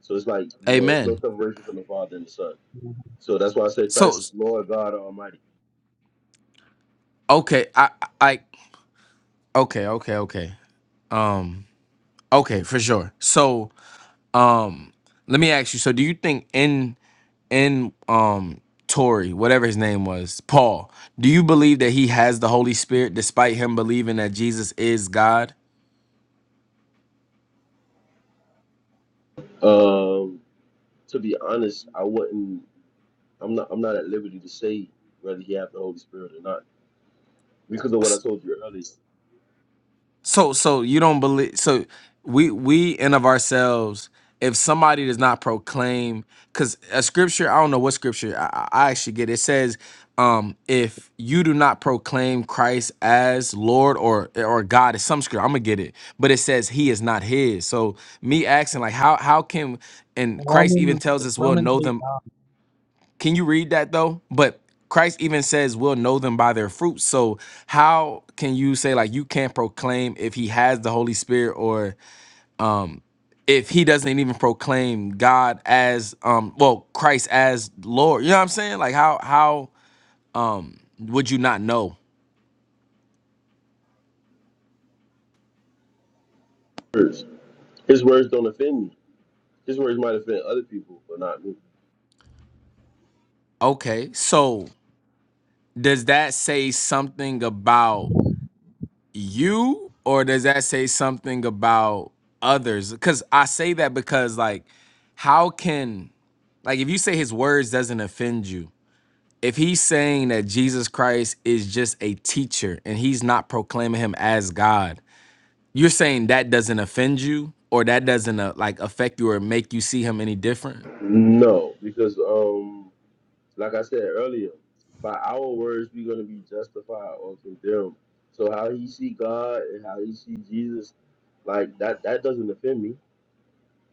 So it's like, you know, it's no
Amen.
separation from the Father and the Son. So that's why I say
So
Christ is Lord God Almighty.
okay, I I I- okay, okay, okay. Um, okay, for sure. So, um, let me ask you. So, do you think in in um Tory, whatever his name was, Paul, do you believe that he has the Holy Spirit despite him believing that Jesus is God?
Um, To be honest, I wouldn't. I'm not. I'm not at liberty to say whether he have the Holy Spirit or not because of what I told you earlier.
So so you don't believe so we we in of ourselves if somebody does not proclaim because a scripture I don't know what scripture I, I I actually get it says um if you do not proclaim Christ as Lord or or God it's some scripture I'm gonna get it but it says he is not his so me asking like how how can and Christ even
Romans
tells us we'll
Romans
know
eight
them
nine.
can you read that though? But Christ even says we'll know them by their fruits. So how can you say like you can't proclaim if he has the Holy Spirit or um if he doesn't even proclaim God as um well Christ as Lord. You know what I'm saying? Like how how um would you not know?
Words. His words don't offend me. His words might offend other people, but not me.
Okay. So does that say something about you or does that say something about others because i say that because like how can like if you say his words doesn't offend you if he's saying that jesus christ is just a teacher and he's not proclaiming him as god you're saying that doesn't offend you or that doesn't uh, like affect you or make you see him any different
No, because um, like I said earlier, by our words we're gonna be justified or condemned. So how he see God and how he see Jesus, like that, that doesn't offend me.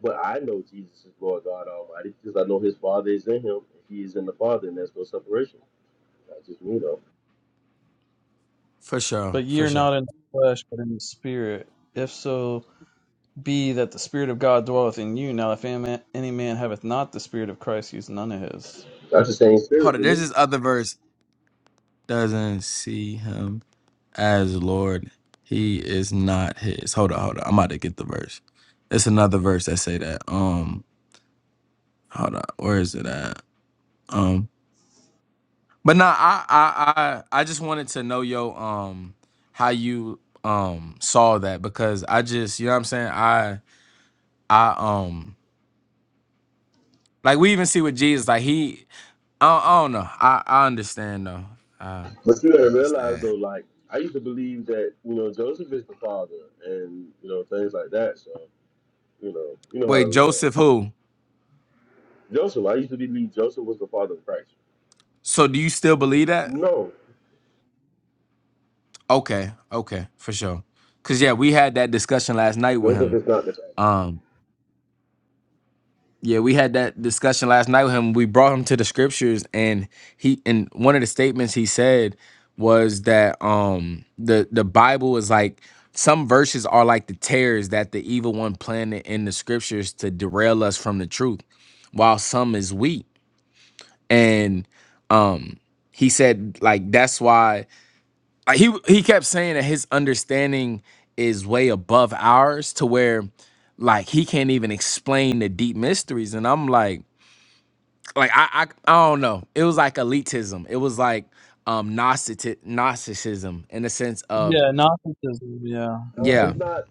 But I know Jesus is Lord God Almighty because I know His Father is in Him. and He is in the Father, and there's no separation. That's just me, though.
for sure
But ye
for
are
sure
not in the flesh, but in the spirit. If so be that the spirit of God dwelleth in you. Now, if any man, any man haveth not the spirit of Christ, he is none of his.
That's the same
hold
spirit
on
to
there's
me.
this other verse doesn't see him as Lord. He is not his. Hold on, hold on. I'm about to get the verse. It's another verse that say that. Um, hold on. Where is it at? Um, but nah, I, I, I, I just wanted to know yo, um, how you um saw that because I just, you know what I'm saying. I, I, um, like we even see with Jesus, like he, I, don't- I don't know. I, I understand though. I
But you gotta realize
understand.
though, like I used to believe that you know Joseph is the father and you know things like that. So you know you know how the
Wait,
law.
Joseph, who?
Joseph, I used to believe Joseph was the father of Christ.
So do you still believe that?
No,
Okay, okay, for sure. Cause yeah, we had that discussion last night with
Joseph
him.
is not the father.
Um, yeah, we had that discussion last night with him. We brought him to the scriptures, and he and one of the statements he said was that um the the Bible is like some verses are like the tears that the evil one planted in the scriptures to derail us from the truth, while some is wheat. And um, he said like that's why uh, he he kept saying that his understanding is way above ours to where like he can't even explain the deep mysteries and i'm like like i i, I don't know it was like elitism it was like um Gnostic, gnosticism in the sense of
Yeah, Gnosticism. Yeah, I,
No,
yeah
it's not.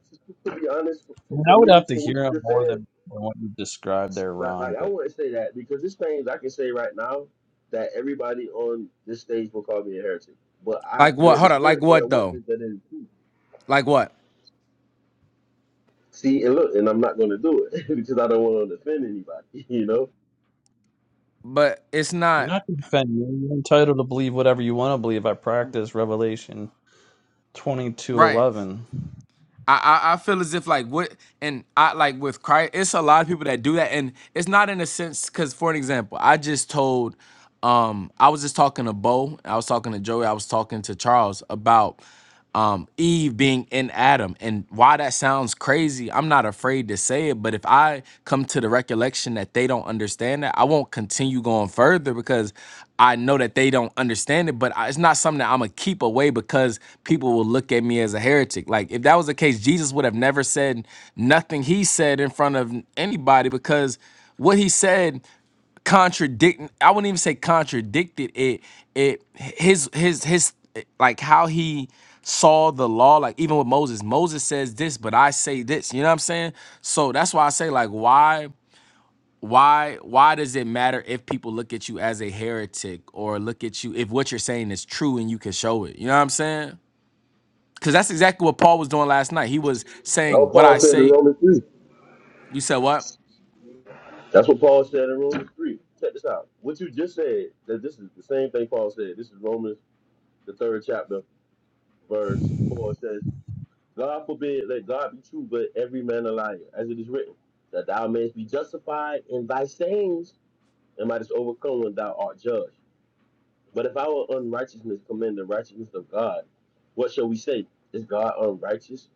To be honest, for,
mean,
for
I would
me,
have to
from what
hear
you
him
just
more
said,
than what you described there,
like,
Ron.
like I
But
wouldn't say that because there's things I can say right now that everybody on this stage will call me a heretic. But I,
like what
but the
hold on like
spirit bear
what though
witness that it is true.
like what
See, and look, and I'm not going to do it because I don't want to offend anybody, you know?
but it's
You're
not
not going to defend me. You're entitled to believe whatever you want to believe. I practice Revelation twenty two
right
eleven.
I, I I feel as if like what and I like with Christ, it's a lot of people that do that, and it's not in a sense because for an example, I just told, um, I was just talking to Bo, I was talking to Joey, I was talking to Charles about, um, Eve being in Adam, and why that sounds crazy. I'm not afraid to say it, but saying? But if I come to the recollection that they don't understand that, I won't continue going further because I know that they don't understand it. But I- it's not something that I'm gonna keep away because people will look at me as a heretic. Like if that was the case, Jesus would have never said nothing he said in front of anybody because what he said contradicting i wouldn't even say contradicted it it his his his like how he saw the law like even with moses moses says this but i say this you know what i'm saying so that's why i say like why why why does it matter if people look at you as a heretic or look at you if what you're saying is true and you can show it you know what i'm saying because that's exactly what paul was doing last night he was
That's
saying
what
what i
Paul said in
say
Romans 3.
you said what
That's what Paul said in Romans 3. Check this out. What you just said, that this is the same thing Paul said. This is Romans, the third chapter, verse 4 It says, God forbid, let God be true, but every man a liar, as it is written, that thou mayest be justified in thy sayings and mightest overcome when thou art judged. But if our unrighteousness commend the righteousness of God, what shall we say? Is God unrighteous?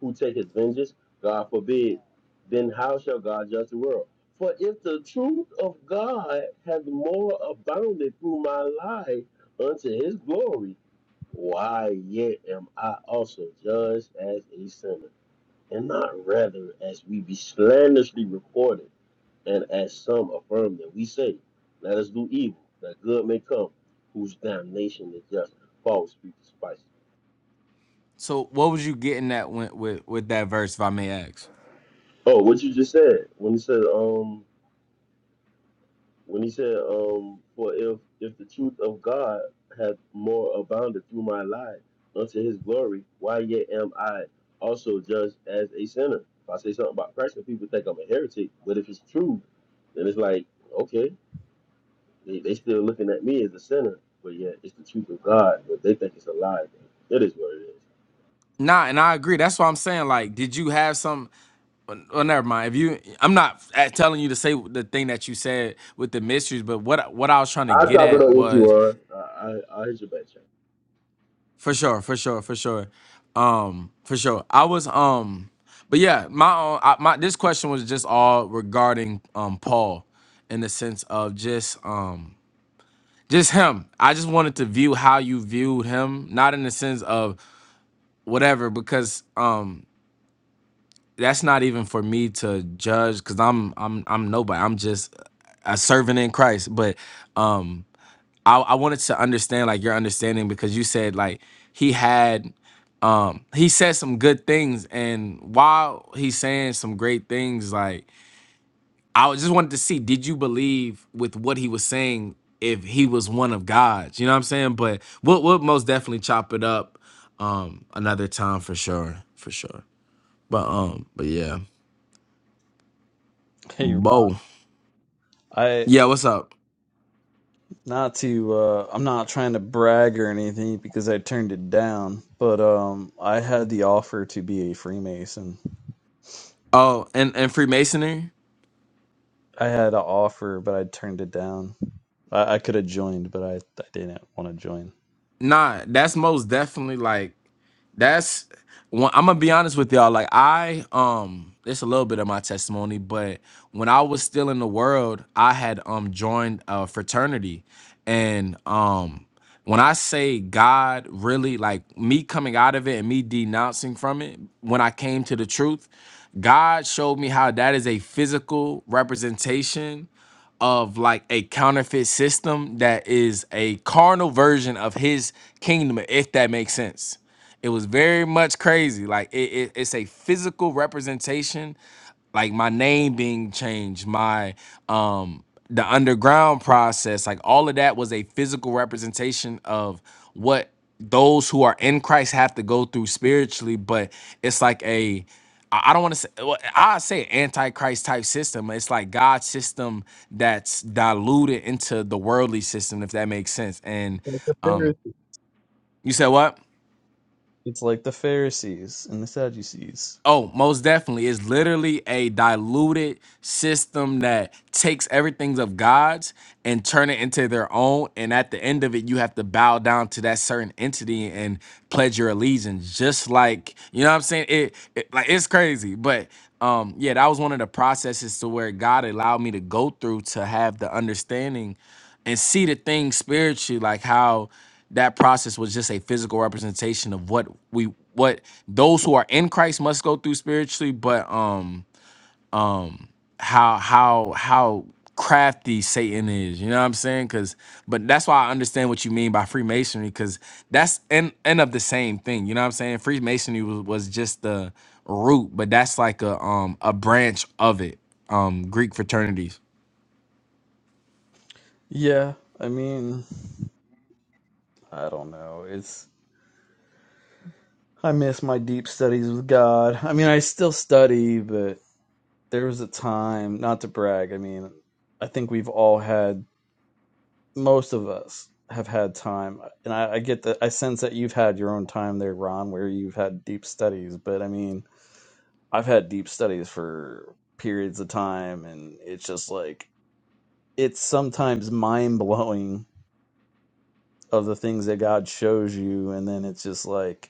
Who taketh vengeance? God forbid. Then how shall God judge the world? For if the truth of God hath more abounded through my life unto his glory, why yet am I also judged as a sinner, and not rather as we be slanderously reported? and as some affirm that we say, let us do evil, that good may come, whose damnation is just. Paul speaks spice.
so what was you getting at when, with with that verse if i may ask
Oh, what you just said when he said, um, when he said, um, for if if the truth of God hath more abounded through my life unto His glory, why yet am I also judged as a sinner? If I say something about Christ, and people think I'm a heretic, but if it's true, then it's like, okay, They, they still looking at me as a sinner, but yet it's the truth of God, but they think it's a lie. Bro. It is what it is.
Nah, and I agree. That's what I'm saying. Like, did you have some? Well, well, never mind. If you, I'm not at- telling you to say the thing that you said with the mysteries, but what what I was trying to
I'll
get
chop it
at
up with you,
was
all right? I, I, I'll hit you back, check.
for sure, for sure, for sure, um, for sure. I was um, but yeah, my own, I, my this question was just all regarding um Paul, in the sense of just um just him. I just wanted to view how you viewed him, not in the sense of whatever, because um that's not even for me to judge because I'm I'm I'm nobody. I'm just a servant in Christ. But um I, I wanted to understand like your understanding because you said like he had um he said some good things and while he's saying some great things like I was- just wanted to see did you believe with what he was saying if he was one of God's you know what I'm saying but we'll, we'll most definitely chop it up um another time for sure for sure but um but yeah
Hey, Rob.
Bo
I
Yeah, what's up?
not to uh I'm not trying to brag or anything because I turned it down, but um I had the offer to be a Freemason.
Oh, and and Freemasonry?
I had an offer, but I turned it down. I, I could have joined, but I, I didn't want to join.
Nah, that's most definitely like that's one i'm gonna be honest with y'all like i um it's a little bit of my testimony but when i was still in the world i had um joined a fraternity and um when i say god really like me coming out of it and me denouncing from it when i came to the truth god showed me how that is a physical representation of like a counterfeit system that is a carnal version of his kingdom if that makes sense it was very much crazy. Like it, it, it's a physical representation, like my name being changed, my um the underground process, like all of that was a physical representation of what those who are in Christ have to go through spiritually, but it's like a I I don't want to say well, I say antichrist type system. It's like God's system that's diluted into the worldly system, if that makes sense. And
Like the
um,
Pharisees.
you said what?
It's like the Pharisees and the Sadducees.
Oh, most definitely. It's literally a diluted system that takes everything of God's and turn it into their own. And at the end of it, you have to bow down to that certain entity and pledge your allegiance. Just like, you know what I'm saying? It, it like it's crazy. But um, yeah, that was one of the processes to where God allowed me to go through to have the understanding and see the thing spiritually, like how that process was just a physical representation of what we what those who are in Christ must go through spiritually, but um um how how how crafty Satan is, you know what I'm saying? Cause but that's why I understand what you mean by Freemasonry, because that's end end of the same thing, you know what I'm saying? Freemasonry was, was just the root, but that's like a um a branch of it, um Greek fraternities.
Yeah, I mean, I don't know. It's I miss my deep studies with God. I mean, I still study, but there was a time, not to brag. I mean, I think we've all had, most of us have had time. And I, I get that, I sense that you've had your own time there, Ron, where you've had deep studies. But I mean, I've had deep studies for periods of time. And it's just like, it's sometimes mind blowing of the things that God shows you. And then it's just like,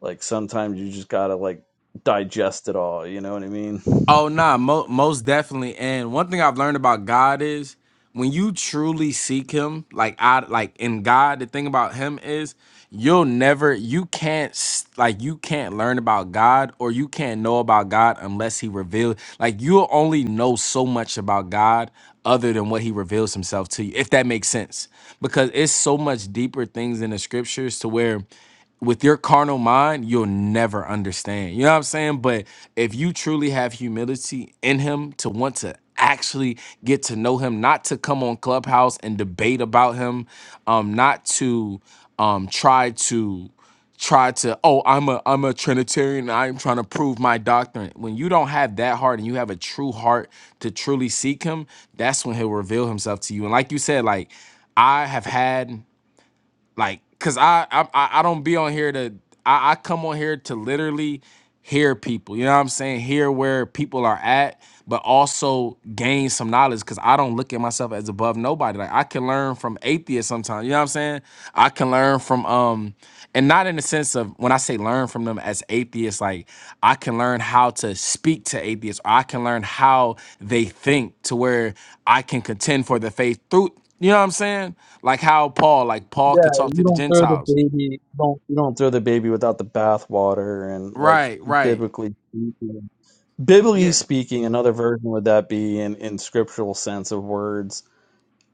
Like sometimes you just gotta like digest it all. You know what I mean?
Oh nah, mo- most definitely. And one thing I've learned about God is when you truly seek Him, like I like in God, the thing about Him is you'll never, you can't s- like you can't learn about God or you can't know about God unless He reveals. Like you'll only know so much about God other than what He reveals Himself to you, if that makes sense. Because it's so much deeper things in the Scriptures to where with your carnal mind, you'll never understand. You know what I'm saying? But if you truly have humility in him to want to actually get to know him, not to come on Clubhouse and debate about him, um, not to um try to try to oh i'm a i'm a trinitarian and i'm trying to prove my doctrine when you don't have that heart and you have a true heart to truly seek him that's when he'll reveal himself to you and like you said like i have had like because I, I i I don't be on here to I, I come on here to literally hear people you know what i'm saying hear where people are at but also gain some knowledge because i don't look at myself as above nobody like i can learn from atheists sometimes you know what i'm saying i can learn from um and not in the sense of when i say learn from them as atheists like i can learn how to speak to atheists or i can learn how they think to where i can contend for the faith through you know what I'm saying? Like how Paul, like Paul
Yeah,
could talk to
you
the
don't throw the
Gentiles.
baby. You don't you don't throw the baby without the bathwater, and like
Right, right.
biblically speaking, biblically
Yeah.
speaking, another version would that be in in scriptural sense of words.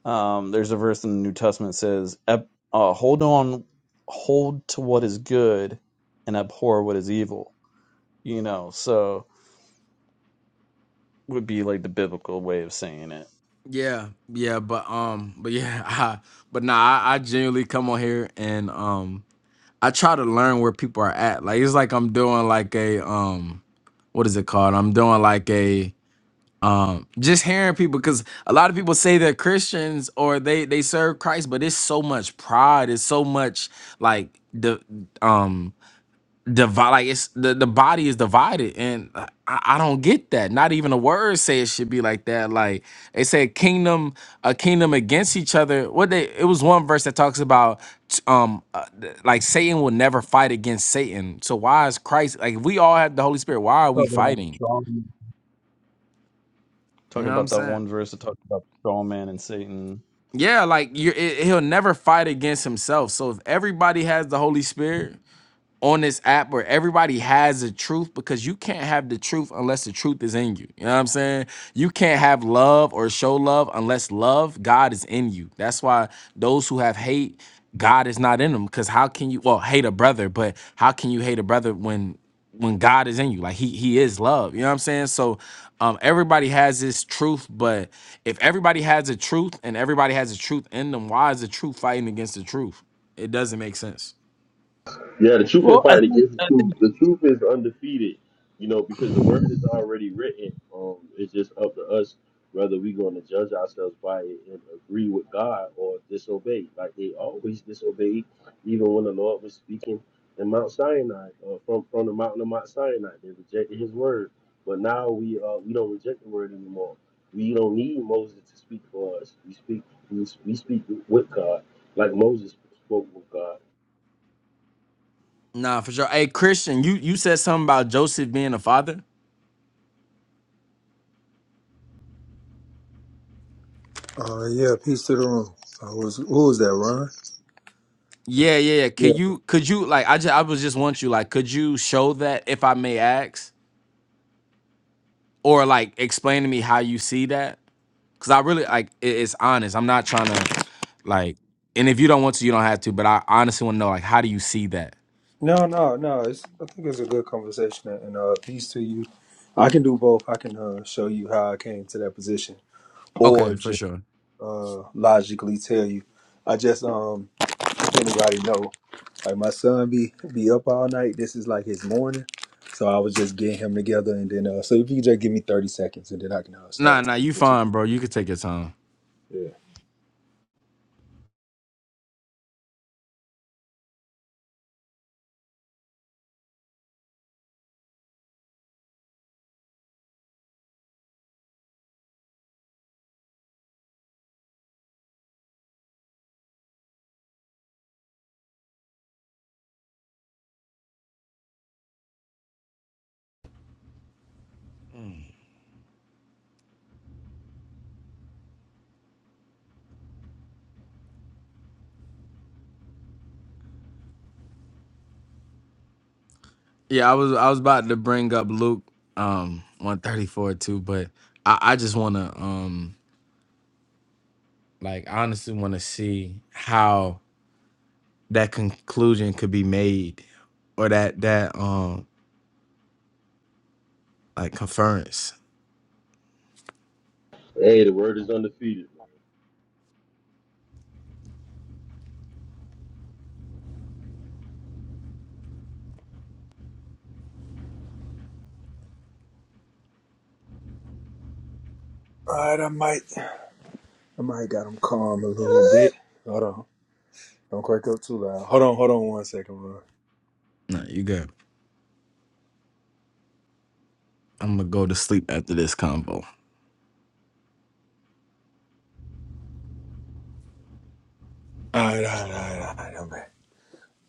Um, there's a verse in the New Testament that says, "Ab- uh, "Hold on, hold to what is good, and abhor what is evil." You know, so would be like the biblical way of saying it.
Yeah. Yeah. But um, but yeah, I, but nah, I, I genuinely come on here and um I try to learn where people are at. Like it's like I'm doing like a um what is it called? I'm doing like a um just hearing people because a lot of people say they're Christians or they they serve Christ, but it's so much pride, it's so much like the um Divi- like it's the, the body is divided and I, I don't get that not even a word say it should be like that like they said kingdom a kingdom against each other what they it was one verse that talks about t- um uh, th- like satan will never fight against satan so why is christ like if we all have the holy spirit why are we
Talking about
fighting
strong man.
you
Talking
know what i'm
about that
saying
one verse that talks about strong man and Satan.
yeah like you it, he'll never fight against himself so if everybody has the holy spirit on this app where everybody has the truth because you can't have the truth unless the truth is in you. You know what I'm saying? You can't have love or show love unless love, God is in you. That's why those who have hate, God is not in them. Because how can you well hate a brother, but how can you hate a brother when when God is in you? Like he he is love. You know what I'm saying? So um everybody has this truth, but if everybody has a truth and everybody has a truth in them, why is the truth fighting against the truth? It doesn't make sense.
Yeah, the truth ain't
Well, I
fighting
think
against the
I
truth. The truth is undefeated, you know, because the
think
word is already written. Um, it's just up to us whether we're going to judge ourselves by it and agree with God or disobey. Like they always disobeyed, even when the Lord was speaking in Mount Sinai, uh, from from the mountain of Mount Sinai, they rejected His word. But now we uh, we don't reject the word anymore. We don't need Moses to speak for us. We speak we, we speak with God, like Moses spoke with God.
Nah, for sure. Hey, Christian, you you said something about Joseph being a father.
Uh, yeah, peace to the room. I was, who was that, Ron?
Yeah, yeah, yeah.
Yeah.
Could you could you like I just I was just want you like could you show that if I may ask or like explain to me how you see that? Cuz I really like it, it's honest. I'm not trying to like and if you don't want to, you don't have to, but I honestly want to know like how do you see that?
No, no, no. It's, I think it's a good conversation, and uh, peace to you. I can do both. I can uh, show you how I came to that position, or
Okay, for
just
sure.
uh, logically tell you. I just, um, if anybody know, like my son be be up all night. This is like his morning, so I was just getting him together, and then uh, so if you could just give me thirty seconds, and then I can uh,
Nah,
start
nah, you
with you.
fine, bro. You could take your time.
Yeah.
Yeah, I was I was about to bring up Luke um 134 too, but I I just want to um Like, I honestly want to see how that conclusion could be made or that, that, um, like conference.
Hey, the word is undefeated, man.
All right, I might, I might got him calm a little bit. Hold on. Don't crack up too loud. Hold on, hold on one second, bro.
No, you good. I'm gonna go to sleep after this combo.
Alright, alright, alright, alright, I'm back.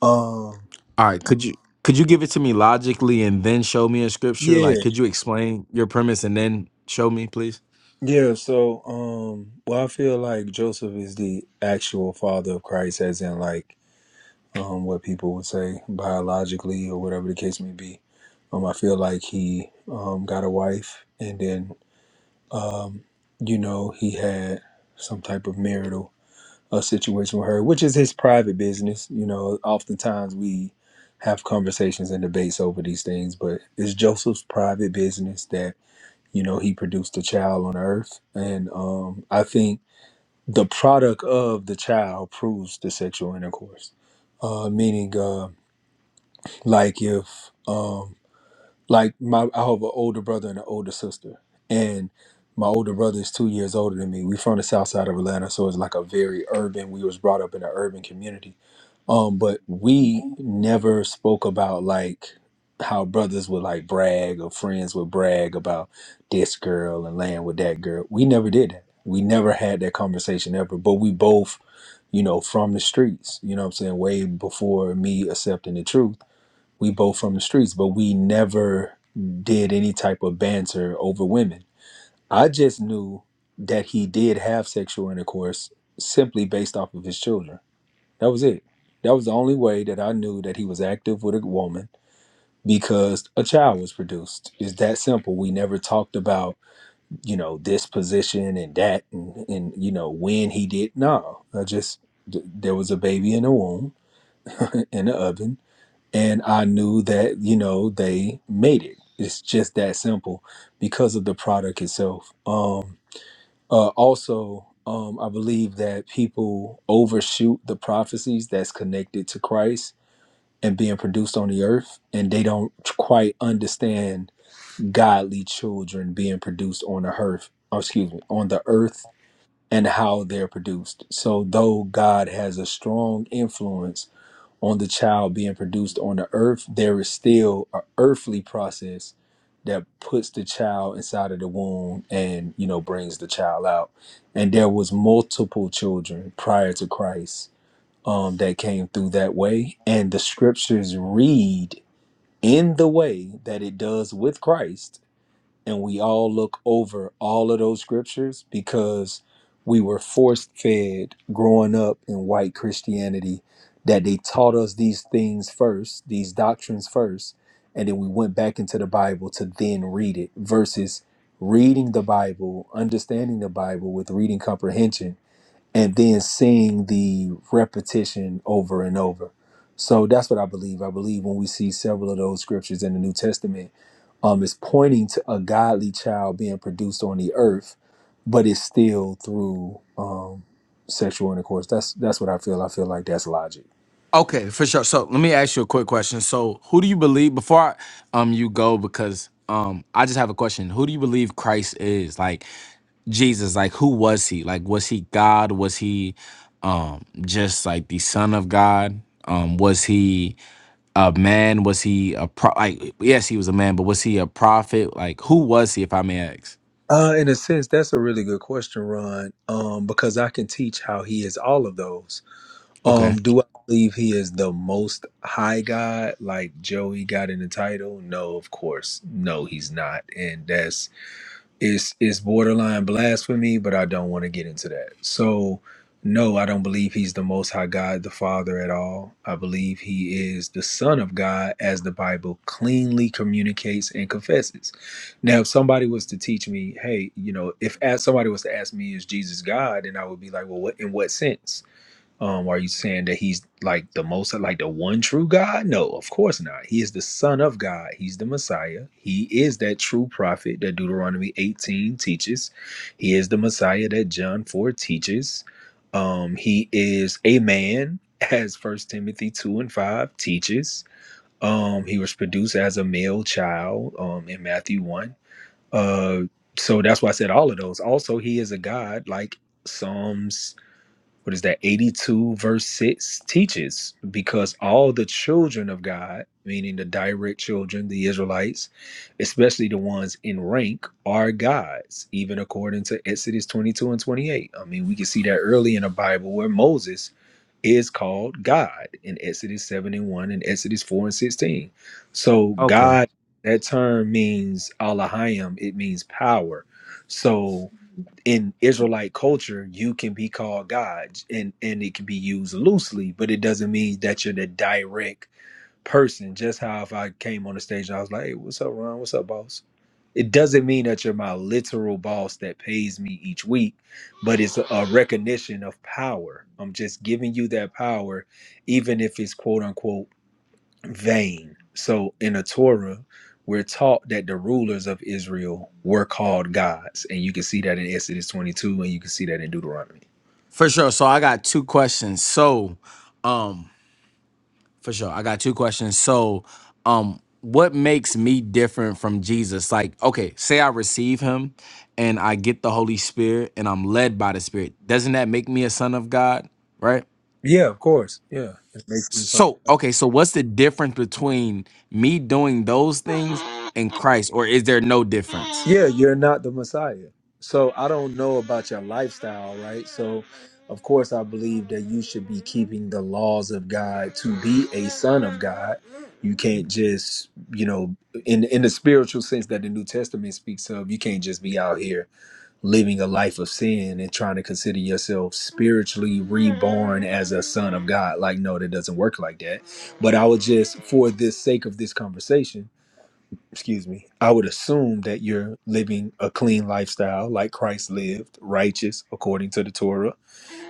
Um
All right. Could you, could you give it to me logically and then show me in scripture?
yeah,
Like, could you explain your premise and then show me, please?
yeah, so um well I feel like Joseph is the actual father of Christ as in like um what people would say biologically or whatever the case may be. Um I feel like he um got a wife and then um you know he had some type of marital a situation with her, which is his private business. You know, oftentimes we have conversations and debates over these things, but it's Joseph's private business that, you know, he produced a child on earth. And um, I think the product of the child proves the sexual intercourse. Uh, meaning, uh, like if um, like my, I have an older brother and an older sister, and my older brother is two years older than me. We from the south side of Atlanta, so it's like a very urban. We was brought up in an urban community, um, but we never spoke about like how brothers would like brag or friends would brag about this girl and laying with that girl. We never did that. We never had that conversation ever. But we both, you know, from the streets. You know what I'm saying? Way before me accepting the truth we both from the streets, but we never did any type of banter over women. I just knew that he did have sexual intercourse simply based off of his children. That was it. That was the only way that I knew that he was active with a woman because a child was produced. It's that simple. We never talked about, you know, this position and that and, and you know, when he did. No, I just, th- there was a baby in the womb, in the oven and I knew that you know they made it. It's just that simple because of the product itself. Um, uh, also, um, I believe that people overshoot the prophecies that's connected to Christ and being produced on the earth, and they don't quite understand godly children being produced on the earth. oh, excuse me, on the earth and how they're produced. So, though God has a strong influence on the child being produced on the earth, there is still an earthly process that puts the child inside of the womb and you know brings the child out. And there was multiple children prior to Christ um, that came through that way, and the scriptures read in the way that it does with Christ and we all look over all of those scriptures because we were force fed growing up in white Christianity that they taught us these things first, these doctrines first, and then we went back into the Bible to then read it versus reading the Bible, understanding the Bible with reading comprehension and then seeing the repetition over and over. So that's what I believe. I believe when we see several of those scriptures in the New Testament, um, it's pointing to a godly child being produced on the earth, but it's still through um, sexual intercourse. That's that's what I feel. I feel like that's logic.
Okay, for sure. So let me ask you a quick question. So who do you believe before I, um you go because um I just have a question. Who do you believe Christ is? Like Jesus, like who was he? Like was he God? Was he um just like the son of God? Um was he a man? Was he a pro like yes, he was a man, but was he a prophet? Like who was he if I may ask?
Uh, in a sense, that's a really good question, Ron, um, because I can teach how he is all of those.
Okay.
Um, do I believe he is the most high God like Joey got in the title? No, of course. No, he's not. And that's it's it's borderline blasphemy, but I don't want to get into that. So no, I don't believe he's the most high God, the Father at all. I believe he is the Son of God as the Bible cleanly communicates and confesses. Now, if somebody was to teach me, hey, you know, if as somebody was to ask me, is Jesus God, then I would be like, well, what in what sense? Um, are you saying that he's like the most like the one true God? No, of course not. He is the Son of God. He's the Messiah. He is that true prophet that Deuteronomy 18 teaches. He is the Messiah that John 4 teaches. Um, he is a man, as First Timothy 2 and 5 teaches. Um, he was produced as a male child um in Matthew 1. Uh so that's why I said all of those. Also, he is a God, like Psalms what is that 82 verse 6 teaches because all the children of god meaning the direct children the israelites especially the ones in rank are gods even according to exodus 22 and 28 i mean we can see that early in the bible where moses is called god in exodus 7 and 1 and exodus 4 and 16 so
Okay.
god that term means alahayim it means power so in Israelite culture, you can be called God, and and it can be used loosely, but it doesn't mean that you're the direct person. Just how if I came on the stage and I was like, "Hey, what's up, Ron? What's up, boss?" It doesn't mean that you're my literal boss that pays me each week, but it's a recognition of power. I'm just giving you that power, even if it's quote unquote vain. So in the Torah, we're taught that the rulers of Israel were called gods. And you can see that in Exodus 22 and you can see that in Deuteronomy.
For sure. So I got two questions. So um For sure. I got two questions. So, um, what makes me different from Jesus? Like, okay, say I receive him and I get the Holy Spirit and I'm led by the Spirit. Doesn't that make me a son of God? Right?
Yeah, of course. Yeah. It makes them some-
So, okay, so what's the difference between me doing those things and Christ, or is there no difference?
Yeah, you're not the Messiah. So I don't know about your lifestyle, right? So of course I believe that you should be keeping the laws of God to be a son of God. You can't just, you know, in in the spiritual sense that the New Testament speaks of, you can't just be out here living a life of sin and trying to consider yourself spiritually reborn as a son of God. Like, no, that doesn't work like that. But I would just, for the sake of this conversation, excuse me, I would assume that you're living a clean lifestyle like Christ lived, righteous according to the Torah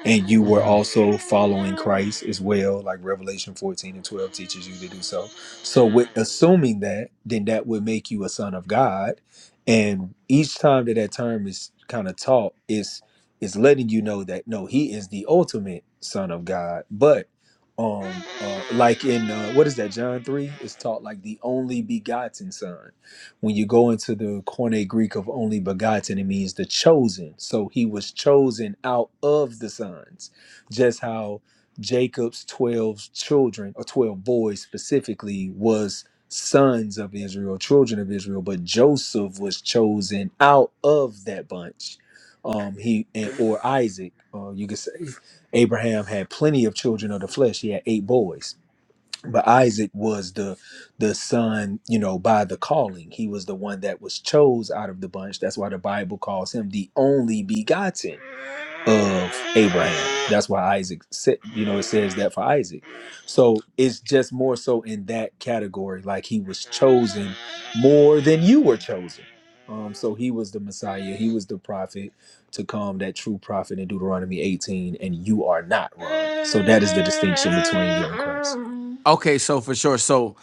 and you were also following Christ as well, like Revelation 14 and 12 teaches you to do so. So, with assuming that, then that would make you a son of God. And each time that that term is kind of taught, it's it's letting you know that no, he is the ultimate son of God. But um, uh, like in uh, what is that John three is taught like the only begotten son when you go into the Koine Greek of only begotten, it means the chosen. So he was chosen out of the sons, just how Jacob's 12 children, or 12 boys specifically, was sons of Israel, children of Israel, but Joseph was chosen out of that bunch. Um, he and, or Isaac, uh, you could say Abraham had plenty of children of the flesh. He had eight boys but Isaac was the the son, you know, by the calling. He was the one that was chose out of the bunch. That's why the Bible calls him the only begotten of Abraham. That's why Isaac said, you know, it says that for Isaac. So it's just more so in that category, like he was chosen more than you were chosen. Um, so he was the Messiah, he was the prophet to come, that true prophet in Deuteronomy 18, and you are not wrong. So that is the distinction between you and Christ.
Okay, so for sure. So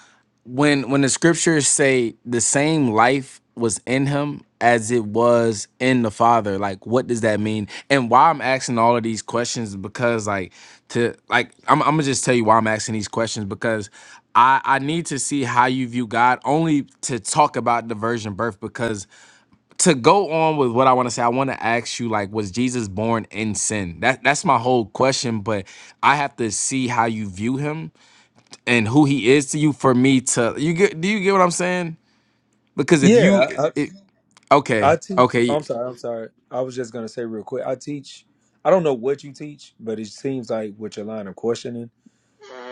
when when the scriptures say the same life was in him as it was in the father, like what does that mean? And why I'm asking all of these questions is because like to like I'm I'm gonna just tell you why I'm asking these questions because I I need to see how you view God only to talk about the virgin birth because to go on with what I want to say, I want to ask you like was Jesus born in sin? That that's my whole question, but I have to see how you view him and who he is to you for me to you get do you get what I'm saying? Because if
Yeah,
you
I,
it,
I
okay,
teach. oh,
okay,
I'm sorry. I'm sorry. I was just gonna say real quick. I teach. I don't know what you teach, but it seems like with your line of questioning,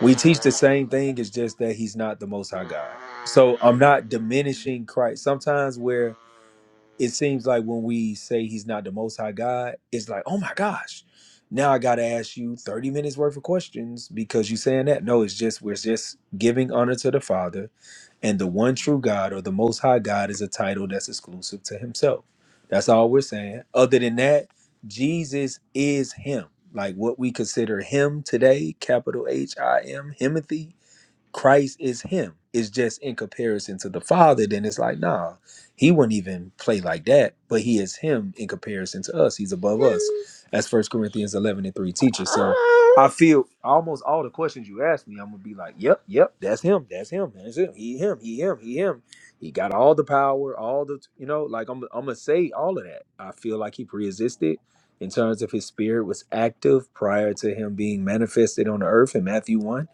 we teach the same thing. It's just that he's not the Most High God. So I'm not diminishing Christ. Sometimes where it seems like when we say he's not the most high God, it's like, oh my gosh, now I gotta ask you 30 minutes worth of questions because you saying that. No, it's just we're just giving honor to the Father, and the one true God or the most high God is a title that's exclusive to himself. That's all we're saying. Other than that, Jesus is him. Like what we consider him today, capital H I M, Himothy Christ is him. It's just in comparison to the Father, then it's like, nah, he wouldn't even play like that, but he is him in comparison to us. He's above us, as First Corinthians 11 and 3 teaches. So I feel almost all the questions you asked me, I'm going to be like, yep, yep, that's him, that's him, that's him, he, him, he, him, he, him. He got all the power, all the, you know, like I'm, I'm going to say all of that. I feel like he pre existed in terms of his spirit was active prior to him being manifested on the earth in Matthew 1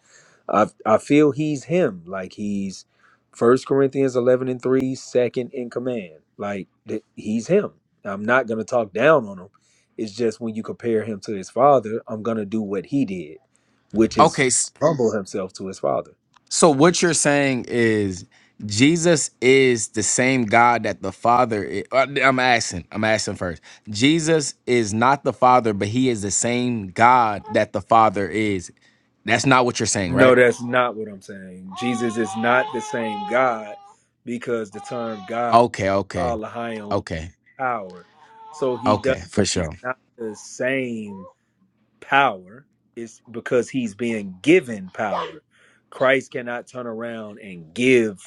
I I feel he's him. Like he's First Corinthians eleven and three, second in command. Like th- he's him. I'm not gonna talk down on him. It's just when you compare him to his father, I'm gonna do what he did, which is
okay. s-
humble himself to his father.
So what you're saying is Jesus is the same God that the Father i- uh, I'm asking, I'm asking first. Jesus is not the Father, but he is the same God that the Father is. That's not what you're saying,
No,
right?
that's not what I'm saying. Jesus is not the same God because the term God
Okay, okay,
Allah high and
okay,
power. So he does
okay, for
he's
sure.
not the same power. It's because he's being given power. Christ cannot turn around and give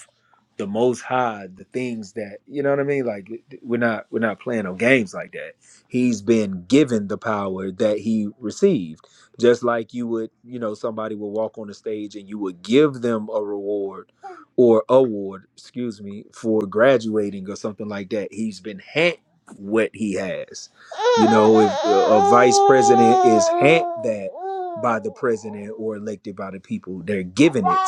the most high the things that you know what I mean? Like we're not we're not playing no games like that. He's been given the power that he received. Just like you would, you know, somebody will walk on the stage and you would give them a reward or award, excuse me, for graduating or something like that. He's been handed what he has. You know, if a, vice president is hand that by the president or elected by the people, they're given it.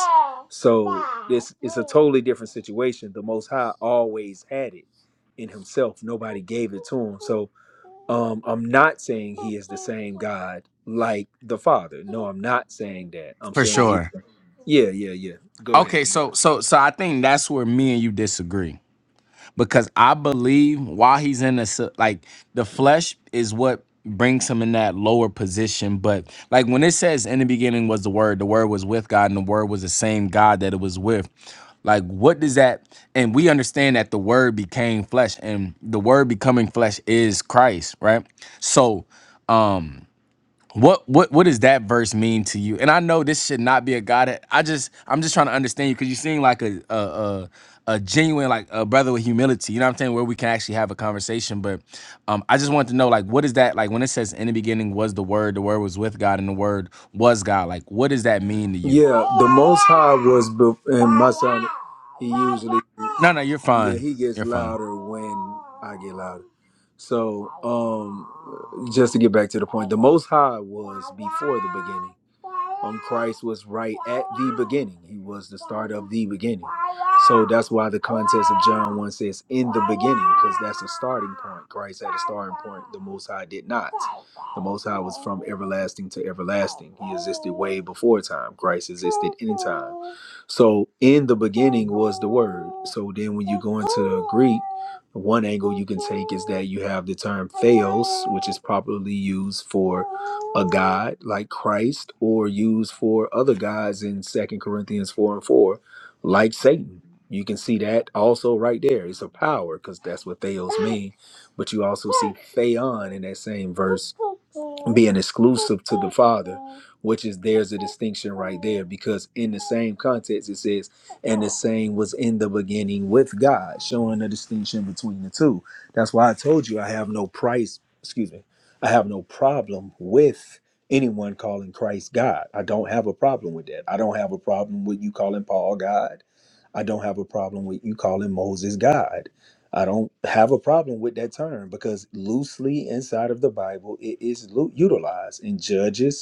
So this it's a totally different situation. The Most High always had it in Himself. Nobody gave it to Him. So um, I'm not saying He is the same God like the Father. No, I'm not saying that. I'm
For
saying He.
sure.
Yeah, yeah, yeah. Go ahead.
Okay,
You got it.
so so so I think that's where me and you disagree because I believe while he's in this, like the flesh is what brings him in that lower position. But like when it says in the beginning was the word, the word was with God, and the word was the same God that it was with. Like, what does that? And we understand that the word became flesh, and the word becoming flesh is Christ, right? So, um, what what what does that verse mean to you? And I know this should not be a God. that- I just I'm just trying to understand you because you seem like a a, a a genuine like a brother with humility. You know what I'm saying? Where we can actually have a conversation. But um, I just wanted to know like what is that like when it says in the beginning was the Word, the Word was with God, and the Word was God. Like what does that mean to you?
Yeah, the Most High was, bef- and my son, he usually,
No, no, you're
yeah,
fine.
he gets
You're fine.
louder when I get louder. So, um, just to get back to the point, the Most High was before the beginning um Christ was right at the beginning. He was the start of the beginning. So that's why the context of John 1 says in the beginning, because that's a starting point. Christ had a starting point. The Most High did not. The Most High was from everlasting to everlasting. He existed way before time. Christ existed in time. So in the beginning was the word. So then when you go into the Greek, one angle you can take is that you have the term theos, which is properly used for a god like Christ, or used for other gods in Second Corinthians 4 and 4, like Satan. You can see that also right there. It's a power because that's what theos mean. But you also see theon in that same verse being exclusive to the Father, which is there's a distinction right there because in the same context it says and the same was in the beginning with God, showing the distinction between the two. That's why I told you I have no price, excuse me, I have no problem with anyone calling Christ God. I don't have a problem with that. I don't have a problem with you calling Paul God. I don't have a problem with you calling Moses God. I don't have a problem with that term because loosely inside of the Bible it is lu- utilized in Judges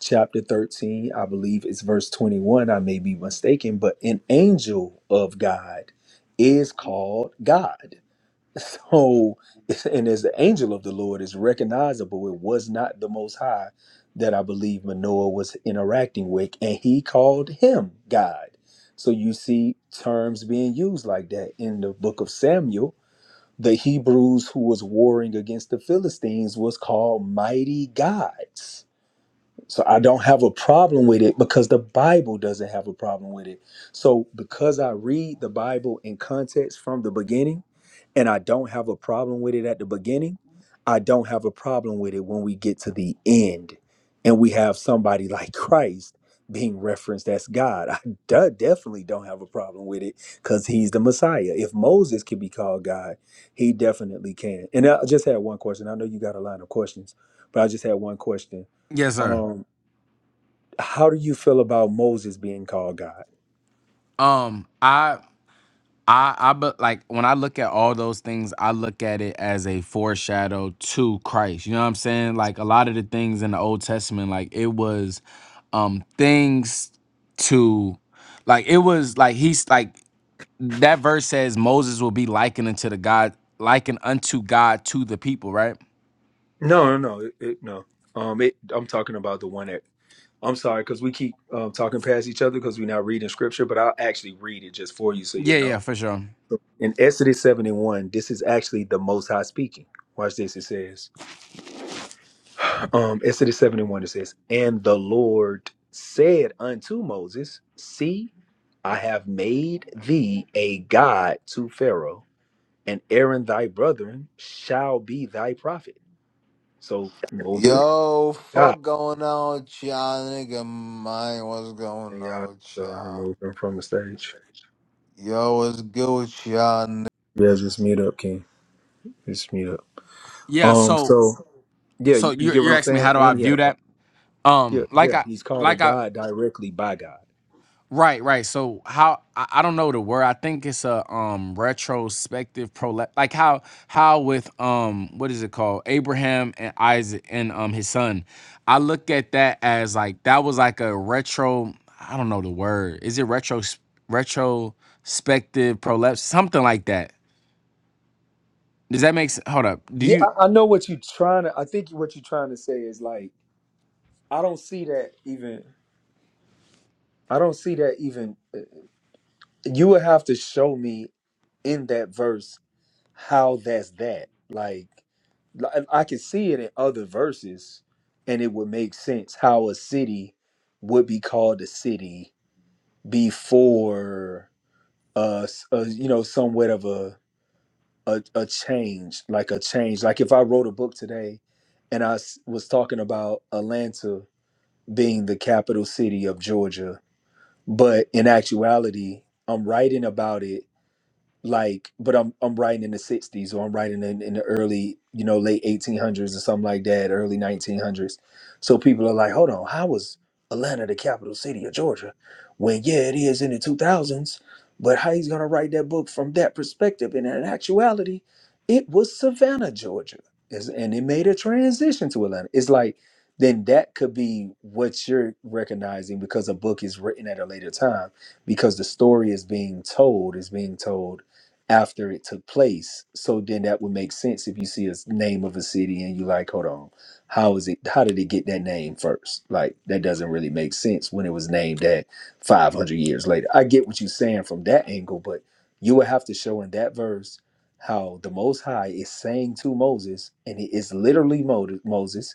chapter 13, I believe it's verse 21. I may be mistaken, but an angel of God is called God. So, and as the angel of the Lord is recognizable, it was not the Most High that I believe Manoah was interacting with, and he called him God. So, you see terms being used like that in the book of Samuel. The Hebrews who was warring against the Philistines was called mighty gods so I don't have a problem with it because the Bible doesn't have a problem with it. So because I read the Bible in context from the beginning and I don't have a problem with it at the beginning, I don't have a problem with it when we get to the end and we have somebody like Christ being referenced as God. I de- definitely don't have a problem with it because he's the Messiah. If Moses can be called God, he definitely can. And I just had one question. I know you got a line of questions, but I just had one question.
Yes, sir.
Um, how do you feel about Moses being called God?
Um, I, I, I, but like when I look at all those things, I look at it as a foreshadow to Christ. You know what I'm saying? Like a lot of the things in the Old Testament, like it was, um, things to, like it was like he's like that verse says Moses will be likened unto the God, likened unto God to the people, right?
No, no, no, it, it, no. Um, it, I'm talking about the one that I'm sorry because we keep um, talking past each other because we're not reading scripture, but I'll actually read it just for you so you'll
Yeah, yeah,
know.
for sure.
In Exodus 71, this is actually the Most High speaking. Watch this. It says, um, Exodus 71, it says, and the Lord said unto Moses, See, I have made thee a God to Pharaoh, and Aaron thy brethren shall be thy prophet. So Moses,
Yo,
God,
fuck going on with y'all, nigga? Mine, what's going
and y'all
on with
uh,
y'all?
removed him from the stage.
Yo, what's good with y'all,
Yeah, it's just meet up, King. Just meet up.
Yeah,
Um,
so
so yeah,
so
you, you
you're
get what
you're
I'm
asking me
saying?
how do I
And he had
view
a problem.
that?
Yeah,
Um, like
yeah.
I
He's called a
like I
God directly by God.
Right, right. So how I, I don't know the word. I think it's a um retrospective prole. like like how how with um what is it called? Abraham and Isaac and um his son. I look at that as like that was like a retro I don't know the word. Is it retro retrospective prolapse something like that. Does that make sense? Hold up. Do
Yeah,
you
I, I know what you're trying to. I think what you're trying to say is like, I don't see that even. I don't see that even. You would have to show me in that verse how that's that. Like, li- I can see it in other verses, and it would make sense how a city would be called a city before uh, s- uh you know, somewhat of a, a a change, like a change. Like if I wrote a book today, and I s- was talking about Atlanta being the capital city of Georgia, but in actuality, I'm writing about it like but i'm i'm writing in the 60s or i'm writing in, in the early you know late 1800s or something like that early 1900s so people are like hold on how was atlanta the capital city of georgia when yeah it is in the 2000s but how he's going to write that book from that perspective and in actuality it was savannah georgia Is- and it made a transition to atlanta it's like then that could be what you're recognizing because a book is written at a later time because the story is being told is being told after it took place. So then that would make sense if you see a s- name of a city and you like, hold on, how is it? How did it get that name first? Like that doesn't really make sense when it was named that 500 years later. I get what you're saying from that angle, but you would have to show in that verse how the Most High is saying to Moses, and it is literally Mo- Moses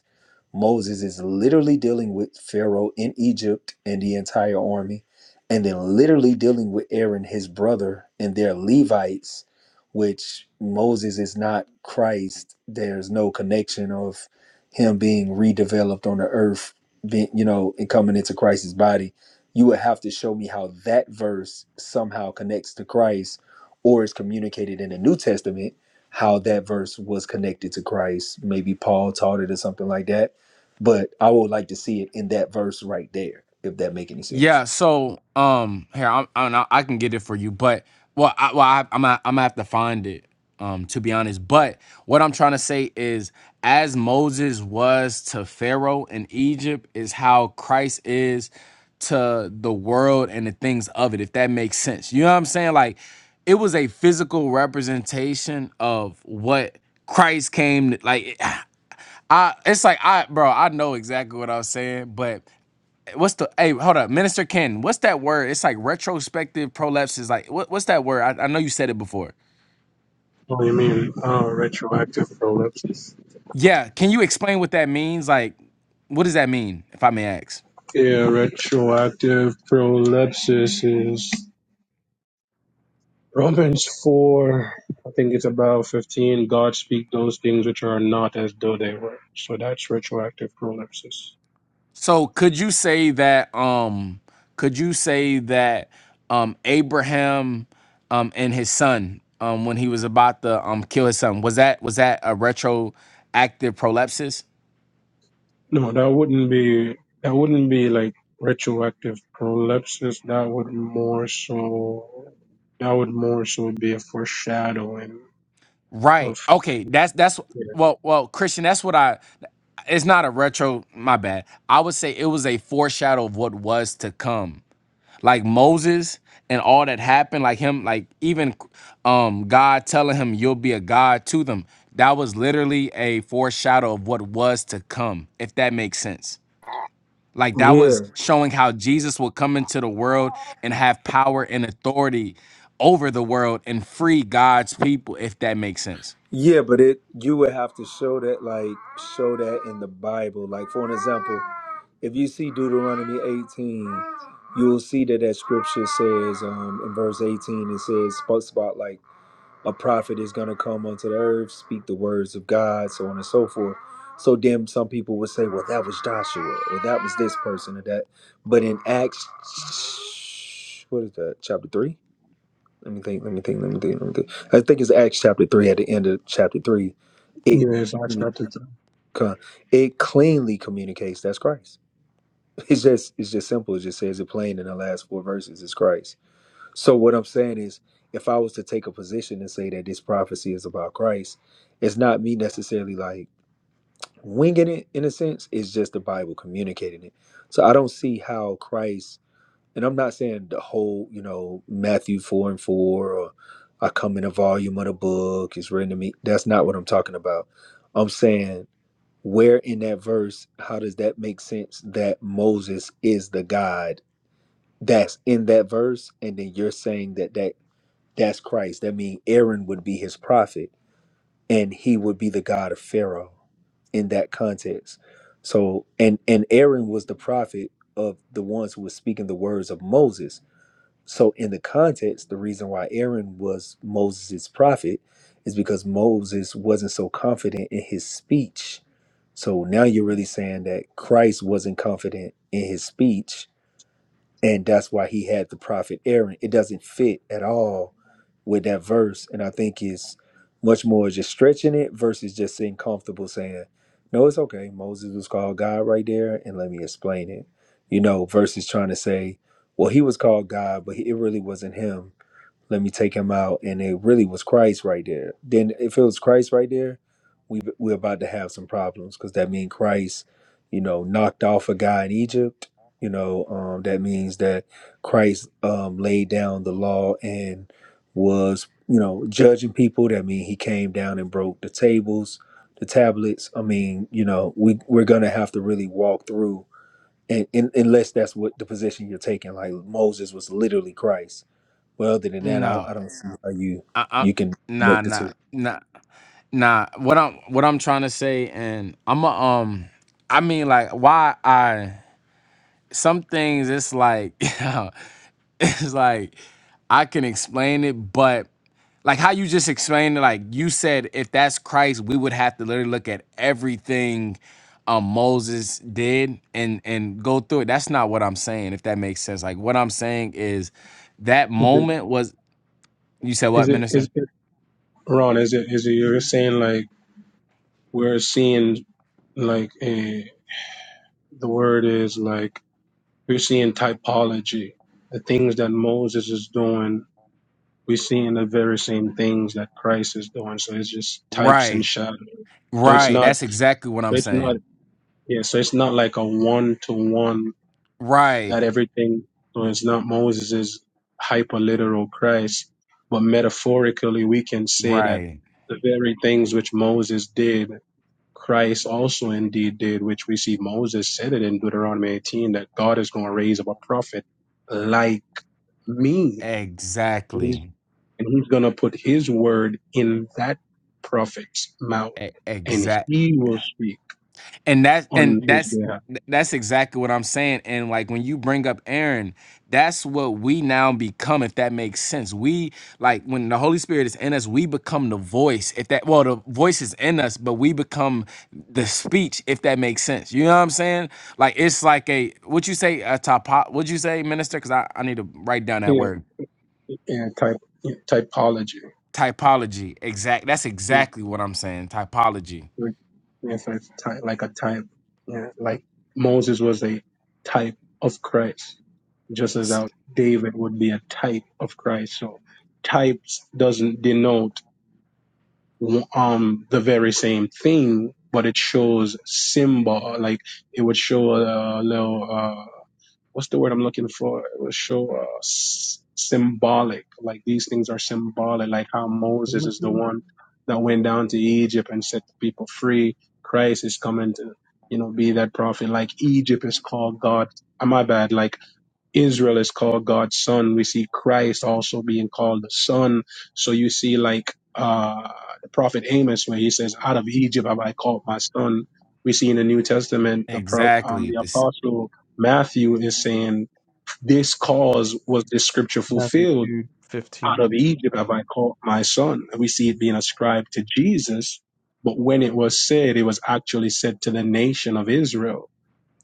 Moses is literally dealing with Pharaoh in Egypt and the entire army, and then literally dealing with Aaron, his brother, and their Levites, which Moses is not Christ. There's no connection of him being redeveloped on the earth, being, you know, and coming into Christ's body. You would have to show me how that verse somehow connects to Christ or is communicated in the New Testament, how that verse was connected to Christ. Maybe Paul taught it or something like that but I would like to see it in that verse right there, if that make any
Yeah.
sense.
So, um, here I'm, i I can get it for you, but well, I, well, I, I'm gonna, I'm gonna have to find it. Um, to be honest, but what I'm trying to say is, as Moses was to Pharaoh in Egypt, is how Christ is to the world and the things of it. If that makes sense, you know what I'm saying? Like, it was a physical representation of what Christ came. Like, I, it's like I, bro, I know exactly what I was saying, but what's the hey hold up minister ken what's that word it's like retrospective prolapse is like what, what's that word I, I know you said it before
Oh, you mean oh, retroactive prolepsis?
yeah can you explain what that means like what does that mean if i may ask
Yeah, retroactive prolepsis is Romans 4, I think it's about 15. God speak those things which are not as though they were. So that's retroactive prolepsis.
so could you say that um could you say that um abraham um and his son um when he was about to um kill his son was that was that a retroactive prolapse
No, that wouldn't be, that wouldn't be like retroactive prolepsis. That would more so, that would more so be a foreshadowing
Right.
of,
Okay. That's that's
yeah,
well well Christian. That's what I. It's not a retro. My bad. I would say it was a foreshadow of what was to come. Like Moses and all that happened. Like him. Like even um God telling him you'll be a God to them. That was literally a foreshadow of what was to come. If that makes sense. Like that
Yeah.
was showing how Jesus would come into the world and have power and authority over the world and free God's people. If that makes sense.
Yeah, but it you would have to show that like show that in the Bible. Like for an example, if you see Deuteronomy 18, you'll see that that scripture says um in verse 18 it says spoke about like a prophet is going to come unto the earth, speak the words of God, so on and so forth. So then some people would say, well, that was Joshua, or that was this person, or that. But in Acts, what is that, chapter 3? Let me think, let me think, let me think, let me think. I think it's Acts chapter 3, at the end of chapter 3. It,
yeah it's not, not
con- it cleanly communicates that's Christ. It's just, it's just simple. It just says it plain in the last four verses. It's Christ. So what I'm saying is, if I was to take a position and say that this prophecy is about Christ, it's not me necessarily like winging it in a sense. It's just the Bible communicating it. So I don't see how Christ, and I'm not saying the whole, you know, Matthew four and four, or I come in a volume of the book. It's written to me. That's not what I'm talking about. I'm saying where in that verse, how does that make sense that Moses is the God that's in that verse, and then you're saying that that that's Christ. That means Aaron would be his prophet and he would be the God of Pharaoh in that context. So and and Aaron was the prophet of the ones who were speaking the words of Moses. So in the context, the reason why Aaron was Moses' prophet is because Moses wasn't so confident in his speech. So now you're really saying that Christ wasn't confident in his speech and that's why he had the prophet Aaron. It doesn't fit at all with that verse, and I think it's much more just stretching it versus just sitting comfortable saying, "No, it's okay. Moses was called God right there, and let me explain it." You know, versus trying to say, "Well, he was called God, but it really wasn't him." let me take him out and it really was christ right there then if it was christ right there we we're about to have some problems because that means christ you know knocked off a guy in egypt you know um that means that christ um laid down the law and was you know judging people that means he came down and broke the tables the tablets i mean you know we we're gonna have to really walk through and, and unless that's what the position you're taking like moses was literally christ well, other than that, I,
No,
I don't see how you
I, I,
you can
nah,
connect the
nah,
two.
nah, nah. What I'm, what I'm trying to say, and I'm, a, um, I mean, like, why I some things, it's like, it's like, I can explain it, but like how you just explained it, like you said, if that's Christ, we would have to literally look at everything um Moses did and and go through it. That's not what I'm saying, if that makes sense. Like what I'm saying is that
is it,
moment was you said what,
is it,
minister?
is, Ron, is it is it you're saying like we're seeing like a the word is like we're seeing typology, the things that Moses is doing, we're seeing the very same things that Christ is doing. So it's just types and
Right.
shadows. So it's
Right.
not
That's exactly what I'm
it's not
saying.
yeah, so it's not like a one to one
Right.
that everything so it's not Moses is hyper literal Christ, but metaphorically we can say that
Right.
the very things which Moses did Christ also indeed did, which we see Moses said it in Deuteronomy 18 that God is going to raise up a prophet like me. And he's,
Exactly.
and he's going to put his word in that prophet's mouth
E-
and
exact.
he will speak
And that's
on
and
his
that's
behalf.
th- that's exactly what I'm saying. And like when you bring up Aaron, that's what we now become. If that makes sense, we like when the Holy Spirit is in us, we become the voice. If that well, the voice is in us, but we become the speech. If that makes sense, you know what I'm saying? Like it's like a what you say a top. What you say, minister? Because I I need to write down that
Yeah,
word.
yeah type, yeah, typology.
Typology. Exact. That's
Yeah,
exactly what I'm saying. Typology.
like- yeah, so it's ty- like a type. Yeah, like Moses was a type of Christ. just as
S-
how David would be a type of Christ. So types doesn't denote um the very same thing, but it shows symbol. Like it would show a little uh what's the word I'm looking for? It would show uh, s- symbolic. Like these things are symbolic. Like how Moses is the
Timothy,
one that went down to Egypt and set the people free. Christ is coming to you know be that prophet. Like Egypt is called God. uh, My bad. Like Israel is called God's son. We see Christ also being called the son. So you see, like uh, the prophet Amos, where he says, "Out of Egypt have I called my son." We see in the New Testament, the pro, um,
Exactly.
the
This.
apostle Matthew is saying, "This cause was this scripture
Matthew
fulfilled."
two
Out
fifteen.
of Egypt have I called my son. And we see it being ascribed to Jesus, but when it was said, it was actually said to the nation of Israel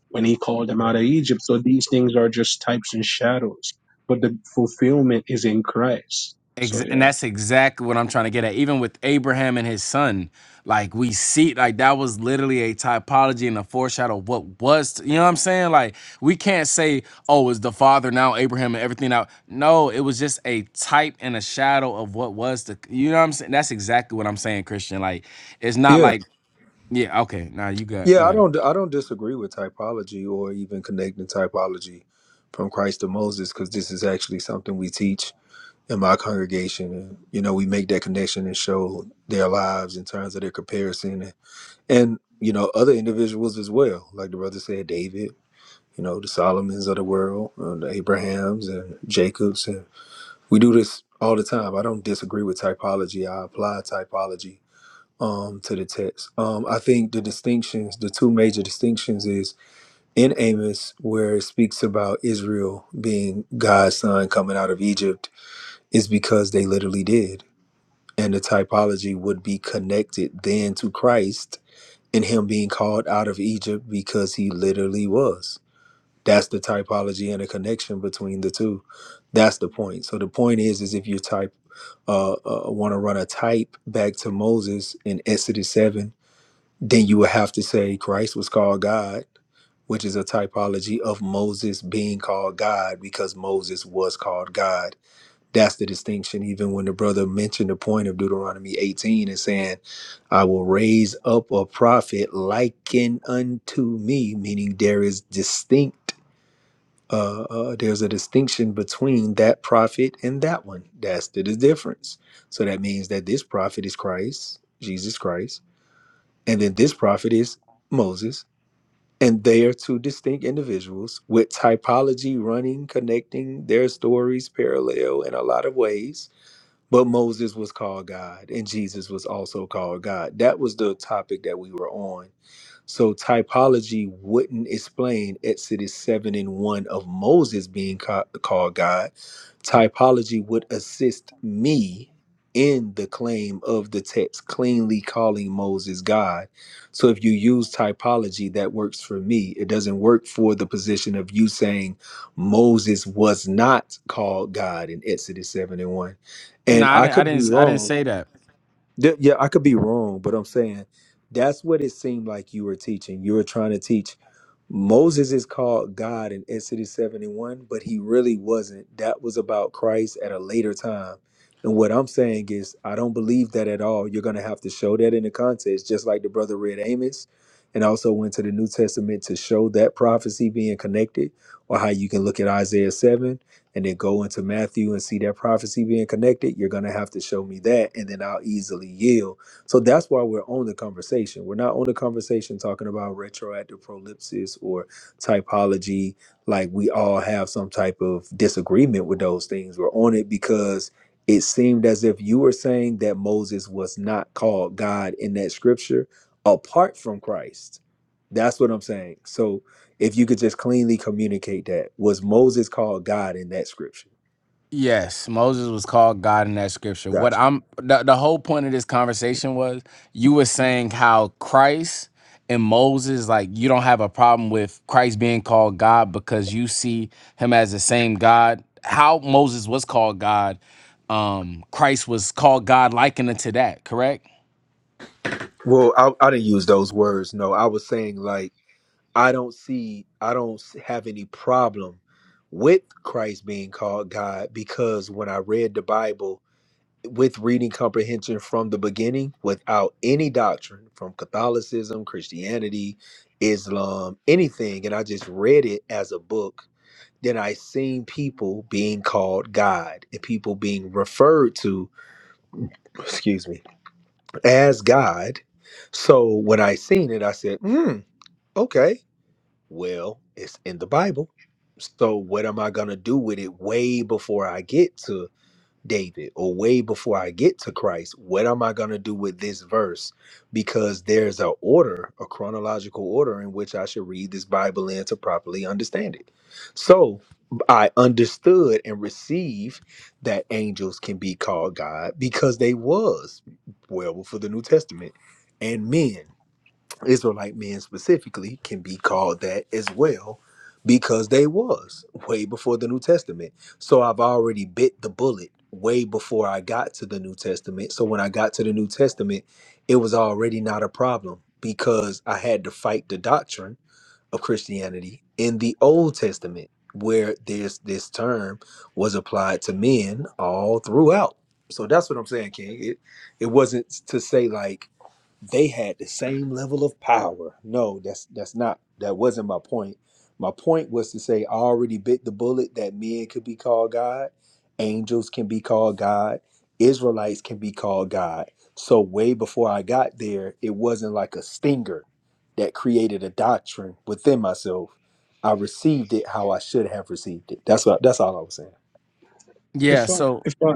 when he called them out of Egypt. So these things are just types and shadows, but the fulfillment is in Christ.
Ex-
So
and
yeah,
that's exactly what I'm trying to get at. Even with Abraham and his son, like we see, like that was literally a typology and a foreshadow of what was. to- you know what I'm saying? Like we can't say, "Oh, is the father now Abraham and everything out?" No, it was just a type and a shadow of what was the. You know what I'm saying? That's exactly what I'm saying, Christian. Like it's not
Yeah,
like, yeah, okay, now you got you
yeah, I
got it.
don't, I don't disagree with typology or even connecting typology from Christ to Moses because this is actually something we teach in my congregation, and you know, we make that connection and show their lives in terms of their comparison, and, and you know, other individuals as well, like the brother said, David, you know, the Solomons of the world, uh, the Abrahams and Jacobs, and we do this all the time. I don't disagree with typology. I apply typology um, to the text. Um, I think the distinctions, the two major distinctions, is in Amos, where it speaks about Israel being God's son coming out of Egypt, is because they literally did. And the typology would be connected then to Christ and him being called out of Egypt because he literally was. That's the typology and the connection between the two. That's the point. So the point is, is if you type, uh, uh want to run a type back to Moses in Exodus seven then you would have to say Christ was called God, which is a typology of Moses being called God because Moses was called God. That's the distinction. Even when the brother mentioned the point of Deuteronomy 18 and saying, I will raise up a prophet likened unto me, meaning there is distinct, uh, uh, there's a distinction between that prophet and that one. That's the the difference. So that means that this prophet is Christ, Jesus Christ, and then this prophet is Moses, and they are two distinct individuals with typology running, connecting their stories parallel in a lot of ways. But Moses was called God and Jesus was also called God. That was the topic that we were on. So typology wouldn't explain Exodus 7 and 1 of Moses being ca- called God typology would assist me in the claim of the text cleanly calling Moses God. So if you use typology, that works for me. It doesn't work for the position of you saying Moses was not called God in Exodus 7 and 1.
No,
And
I
I
didn't. I
could be
didn't. I didn't
wrong.
say that.
Th- Yeah, I could be wrong, but I'm saying that's what it seemed like you were teaching. You were trying to teach Moses is called God in Exodus 71, but he really wasn't. That was about Christ at a later time. And what I'm saying is, I don't believe that at all. You're going to have to show that in the context, just like the brother read Amos and also went to the New Testament to show that prophecy being connected, or how you can look at Isaiah 7 and then go into Matthew and see that prophecy being connected, you're going to have to show me that, and then I'll easily yield. So that's why we're on the conversation. We're not on the conversation talking about retroactive prolipsis or typology. Like we all have some type of disagreement with those things. We're on it because it seemed as if you were saying that Moses was not called God in that scripture apart from Christ. That's what I'm saying. So if you could just cleanly communicate that, was Moses called God in that scripture?
Yes, Moses was called God in that scripture. What
Gotcha.
I'm the, the whole point of this conversation was you were saying how Christ and Moses, like you don't have a problem with Christ being called God because you see him as the same God. How Moses was called God, um, Christ was called God likened unto that, correct?
Well, I, I didn't use those words. No, I was saying like I don't see, I don't s- have any problem with Christ being called God because when I read the Bible with reading comprehension from the beginning, without any doctrine from Catholicism, Christianity, Islam, anything, and I just read it as a book then I seen people being called God and people being referred to, excuse me, as God. So when I seen it, I said, hmm, okay, well, it's in the Bible. So what am I gonna do with it way before I get to David or way before I get to Christ, what am I going to do with this verse? Because there's a order, a chronological order in which I should read this Bible in to properly understand it. So I understood and received that angels can be called God because they was well before the New Testament and men. Israelite men specifically can be called that as well because they was way before the New Testament. So I've already bit the bullet way before I got to the New Testament. So when I got to the New Testament, it was already not a problem because I had to fight the doctrine of Christianity in the Old Testament where this this term was applied to men all throughout. So that's what I'm saying, King. It it wasn't to say like they had the same level of power. No, that's that's not that wasn't my point. My point was to say I already bit the bullet that men could be called God, angels can be called God, Israelites can be called God. So way before I got there, it wasn't like a stinger that created a doctrine within myself. I received it how I should have received it. That's what that's all I was saying.
Yeah,
if I
so
if I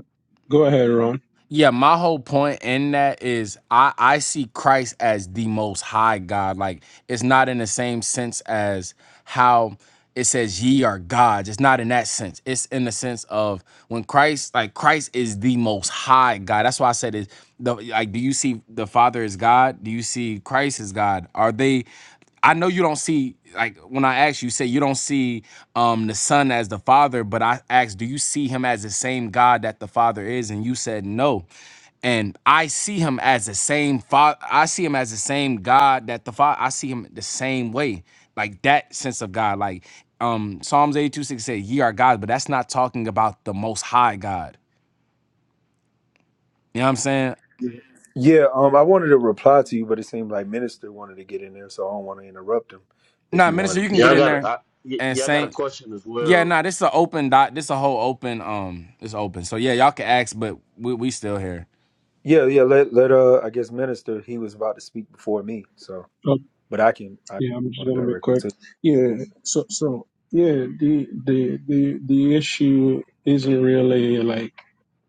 go ahead, Ron.
Yeah, my whole point in that is I I see Christ as the most high God. Like it's not in the same sense as how it says ye are gods. It's not in that sense. It's in the sense of when Christ like Christ is the most high God. That's why I said is the like do you see the Father as God? Do you see Christ as God? Are they I know you don't see like when I asked you, you say you don't see um the son as the father, but I asked, do you see him as the same God that the father is? And you said no and I see him as the same father. I see him as the same God that the father. I see him the same way, like that sense of God. Like um Psalms eighty two six say, "Ye are God," but that's not talking about the Most High God. You know what I'm saying?
Yeah. Yeah, um, I wanted to reply to you, but it seemed like Minister wanted to get in there, so I don't want to interrupt him. If
Nah,
you want
minister, you can
Yeah,
get
I
in
got.
there
I, y-
and
yeah, I got a
saint.
question as
Yeah,
well.
nah, this is an open dot. This a whole open. Um, it's open. So yeah, y'all can ask, but we we still here.
Yeah, yeah. Let let uh, I guess minister. He was about to speak before me, so
Oh,
but I can I can
yeah, I'm just
respond
gonna be
directly
quick.
to
Yeah, so so yeah, the the the the issue isn't really like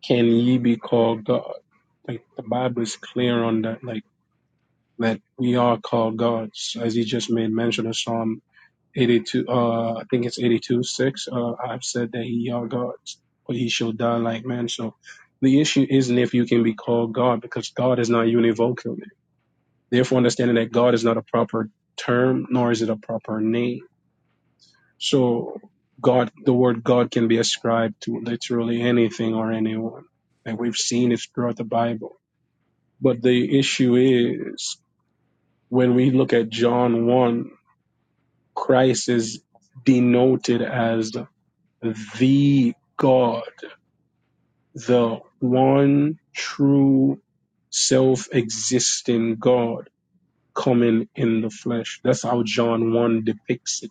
can ye be called God? Like the Bible is clear on that. Like that we are called gods, as he just made mention of Psalm 82, uh, I think it's 82, 6. Uh, I've said that he are gods, but he shall die like man. So the issue isn't if you can be called God, because God is not univocal. Therefore, understanding that God is not a proper term, nor is it a proper name. So God, the word God can be ascribed to literally anything or anyone. And we've seen it throughout the Bible. But the issue is when we look at John 1, Christ is denoted as the God, the one true self-existing God coming in the flesh. That's how John 1 depicts it.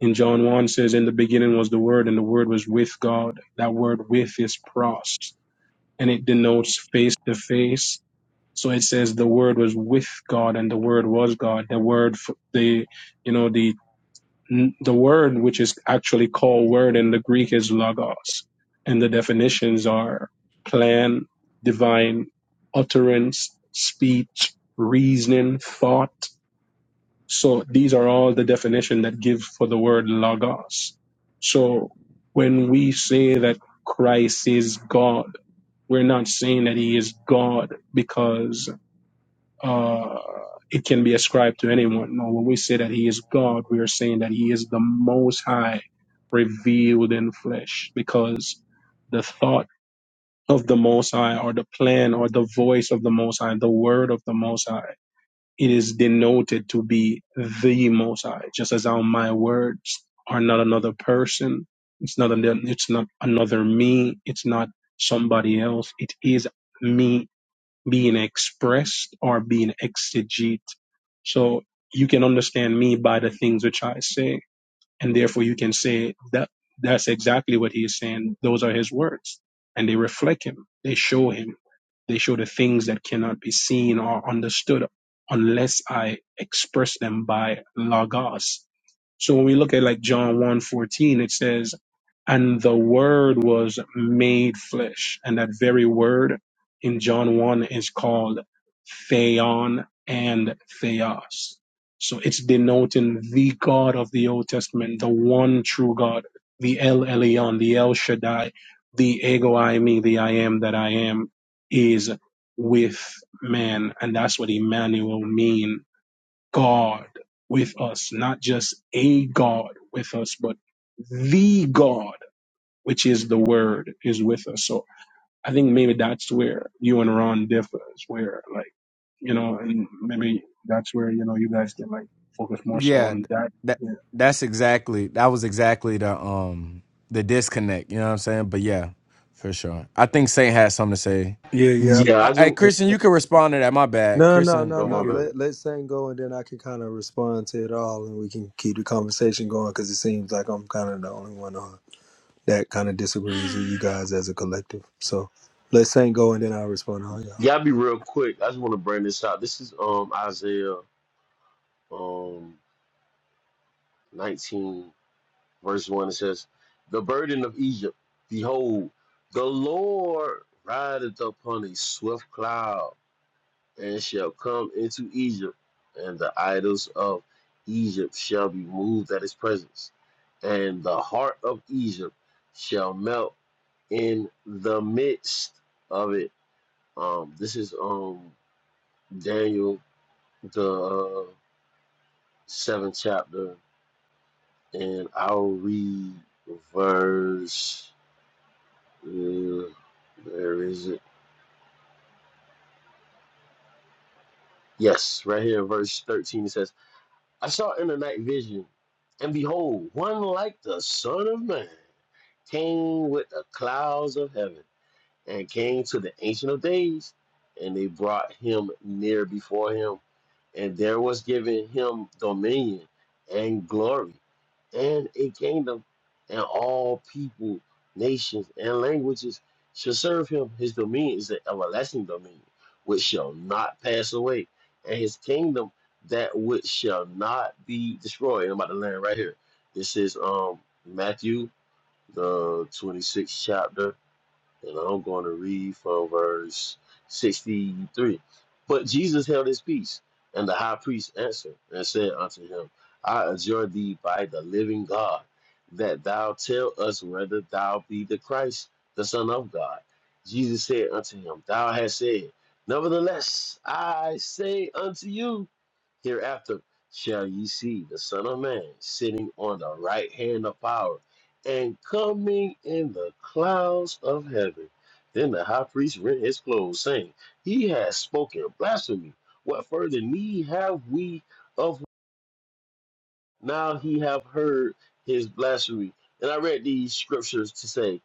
In John 1 says, in the beginning was the word and the word was with God. That word with is pros and it denotes face to face. So it says the word was with God and the word was God. The word, the, you know, the The word, which is actually called word in the Greek, is logos. And the definitions are plan, divine, utterance, speech, reasoning, thought. So these are all the definition that give for the word logos. So when we say that Christ is God, we're not saying that he is God because uh, it can be ascribed to anyone. No, when we say that He is God, we are saying that He is the Most High revealed in flesh, because the thought of the Most High, or the plan, or the voice of the Most High, the word of the Most High, it is denoted to be the Most High, just as how my words are not another person. It's not. Another, it's not another me. It's not somebody else. It is me being expressed or being exegete. So you can understand me by the things which I say. And therefore you can say that that's exactly what he is saying. Those are his words. And they reflect him. They show him. They show the things that cannot be seen or understood unless I express them by logos. So when we look at like John one fourteen, it says, and the word was made flesh. And that very word in John 1 is called theon and theos. So it's denoting the God of the Old Testament, the one true God, the El Elyon, the El Shaddai, the Ego I Me, the I Am that I Am, is with man. And that's what Emmanuel mean, God with us, not just a God with us, but the God, which is the Word, is with us. So I think maybe that's where you and Ron differs, where like, you know, and maybe that's where you know you guys can like focus more so
Yeah,
on
th-
that.
that
Yeah.
that's exactly that was exactly the um the disconnect. You know what I'm saying? But yeah, for sure. I think Saint had something to say.
you. Yeah,
Yeah, I
But
just
hey,
don't
yeah.
Christian, you can respond to that. My bad,
No, no,
Christian.
no,
You
worry.
no.
about it.
could.
Let let Saint go, and then I can kind of respond to it all, and we can keep the conversation going because it seems like I'm kind of the only one on that kind of disagrees with you guys as a collective. So let Saint go, and then I'll respond to all y'all.
Yeah, I'll be real quick. I just want to bring this out. This is um Isaiah um nineteen verse one. It says, "The burden of Egypt, behold, the Lord rideth upon a swift cloud, and shall come into Egypt, and the idols of Egypt shall be moved at his presence, and the heart of Egypt." shall melt in the midst of it. Um, this is um Daniel the uh, seventh chapter, and I'll read verse. Uh, there is it. Yes, right here, verse thirteen. It says, "I saw in the night vision, and behold, one like the Son of Man came with the clouds of heaven." and came to the Ancient of Days, and they brought him near before him, and there was given him dominion and glory and a kingdom, and all people, nations, and languages shall serve him. His dominion is an everlasting dominion which shall not pass away, and his kingdom that which shall not be destroyed. And I'm about to land right here. This is um Matthew the 26th chapter and I'm going to read from verse 63. But Jesus held his peace, and the high priest answered and said unto him, I adjure thee by the living God, that thou tell us whether thou be the Christ, the Son of God. Jesus said unto him, Thou hast said, Nevertheless, I say unto you, Hereafter shall ye see the Son of Man sitting on the right hand of power and coming in the clouds of heaven. Then the high priest rent his clothes, saying, He has spoken blasphemy. What further need have we of now he have heard his blasphemy. And I read these scriptures to say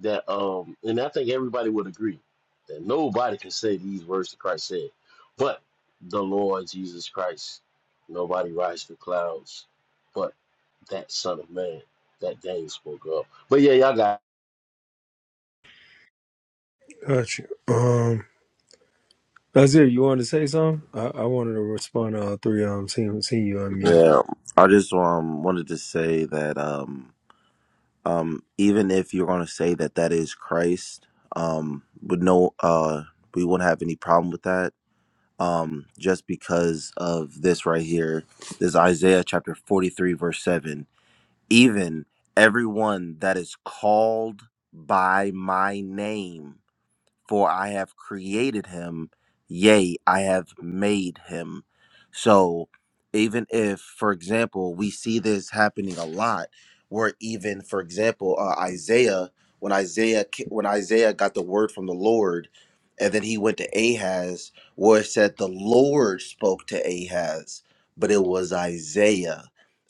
that, um, and I think everybody would agree that nobody can say these words that Christ said, but the Lord Jesus Christ. Nobody rides the clouds, but that Son of Man that Daniel spoke of. But yeah, y'all got.
Gotcha. Um, Nazir, you wanted to say something? I, I wanted to respond to all three of them. Seeing seeing you unmuted.
Yeah, I just um wanted to say that um um even if you're gonna say that that is Christ, um would no uh we wouldn't have any problem with that. Um, just because of this right here, this Isaiah chapter 43 verse 7. Even everyone that is called by my name for I have created him, yea, I have made him. So, even if, for example, we see this happening a lot, where even, for example, uh, Isaiah, when Isaiah ca- when Isaiah got the word from the Lord, and then he went to Ahaz, where it said the Lord spoke to Ahaz, but it was Isaiah.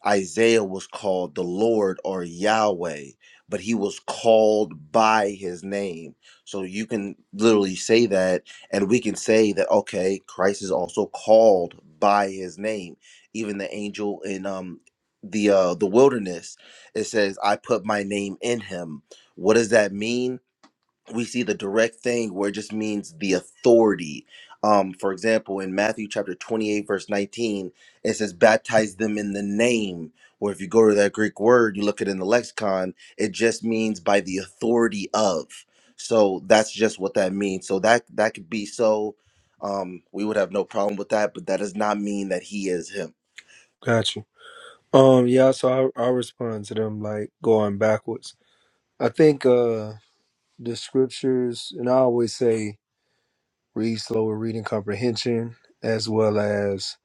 Isaiah was called the Lord or Yahweh, but he was called by his name so you can literally say that, and we can say that okay, Christ is also called by His name. Even the angel in um the uh the wilderness, it says, "I put my name in Him." What does that mean? we see the direct thing where it just means the authority. Um, for example, in Matthew chapter 28, verse 19, it says, baptize them in the name. Or if you go to that Greek word, you look at it in the lexicon, it just means by the authority of. So that's just what that means. So that that could be so um we would have no problem with that, but that does not mean that he is him.
Gotcha. Um, yeah, so I I respond to them like going backwards. I think uh the scriptures and I always say read slower reading comprehension as well as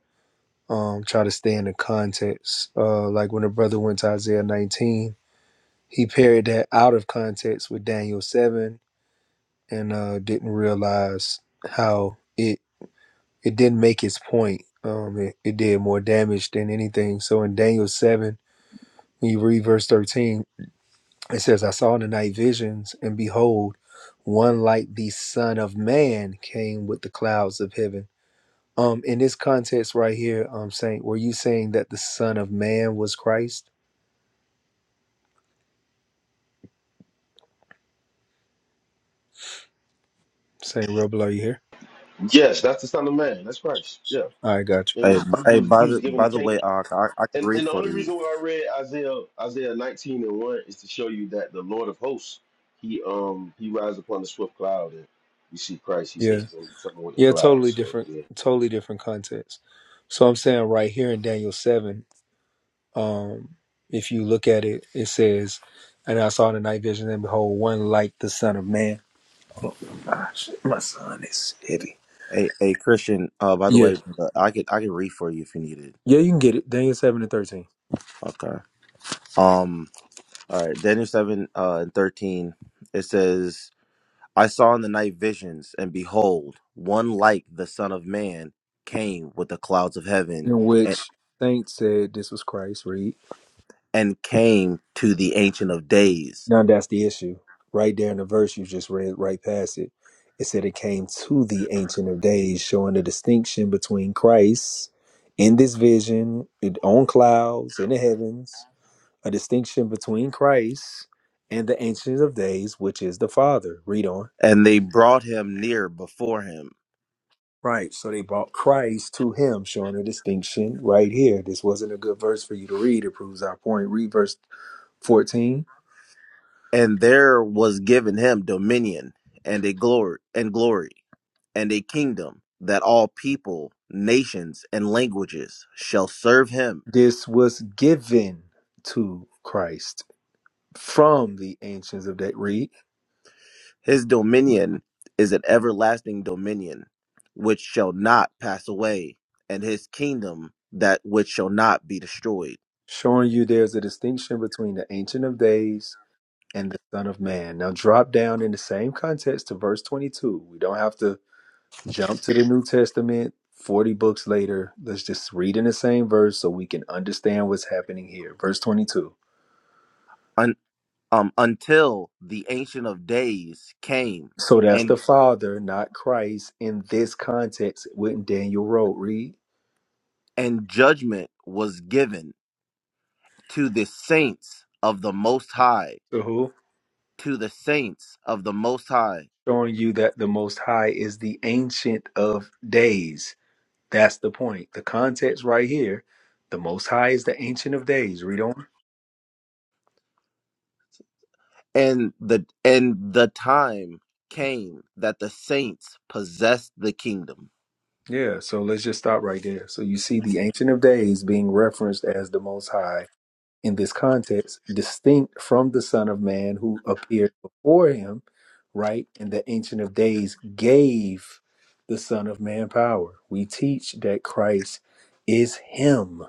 um try to stay in the context. Uh like when a brother went to Isaiah nineteen, he paired that out of context with Daniel seven and uh didn't realize how it it didn't make its point. Um it, it did more damage than anything. So in Daniel seven when you read verse 13 It says, I saw in the night visions, and behold, one like the Son of Man came with the clouds of heaven. Um, in this context right here, um, Saint, were you saying that the Son of Man was Christ? Saint Rebel, are you here?
Yes, that's the Son of Man. That's Christ. Yeah,
I got
it
Hey, b-
was he
hey
was
by
he was
the
given
by
the
the way,
kingdom.
Ak, I, I could
And
read
and the
for
only
you.
reason why I read Isaiah Isaiah 19 and 1 is to show you that the Lord of hosts, he um he rides upon the swift cloud and you see Christ, he
you.
says
Yeah.
he's gonna be coming with the
Yeah,
cloud.
totally
So
different,
yeah.
totally different context. So I'm saying right here in Daniel seven, um, if you look at it, it says, And I saw in the night vision, and behold, one like the Son of Man. Oh gosh, my son is heavy.
Hey, hey Christian, uh by the
Yeah,
way, I could I could read for you if you needed.
Yeah, you can get it. Daniel 7 and 13.
Okay. Um. All right. Daniel seven uh, and thirteen. It says, "I saw in the night visions, and behold, one like the Son of Man came with the clouds of heaven,
In
and
which saints said this was Christ, read.
and came to the Ancient of Days,
Now that's the issue. Right there in the verse you just read, right past it, it said it came to the Ancient of Days, showing the distinction between Christ in this vision, it- on clouds, in the heavens, a distinction between Christ and the Ancient of Days, which is the Father. Read on.
and they brought him near before him,
Right. So they brought Christ to him, showing a distinction right here. This wasn't a good verse for you to read. It proves our point. Read verse 14
and there was given him dominion and a glory and glory and a kingdom that all people, nations, and languages shall serve him."
this was given to christ from the ancients of that read
His dominion is an everlasting dominion which shall not pass away, and his kingdom that which shall not be destroyed.
showing you there's a distinction between the ancient of days and the son of man now drop down in the same context to verse 22 we don't have to jump to the new testament 40 books later let's just read in the same verse so we can understand what's happening here verse 22
Un- um, until the ancient of days came
so that's
and
the father not christ in this context wouldn't daniel wrote read
and judgment was given to the saints of the most high
To who?
to the saints of the most high
showing you that the Most High is the Ancient of Days. That's the point. The context right here, the Most High is the Ancient of Days. Read on.
and the and the time came that the saints possessed the kingdom
Yeah, so let's just stop right there. So you see the Ancient of Days being referenced as the Most High in this context, distinct from the Son of Man who appeared before him, right? And the Ancient of Days gave the Son of Man power. We teach that Christ is Him,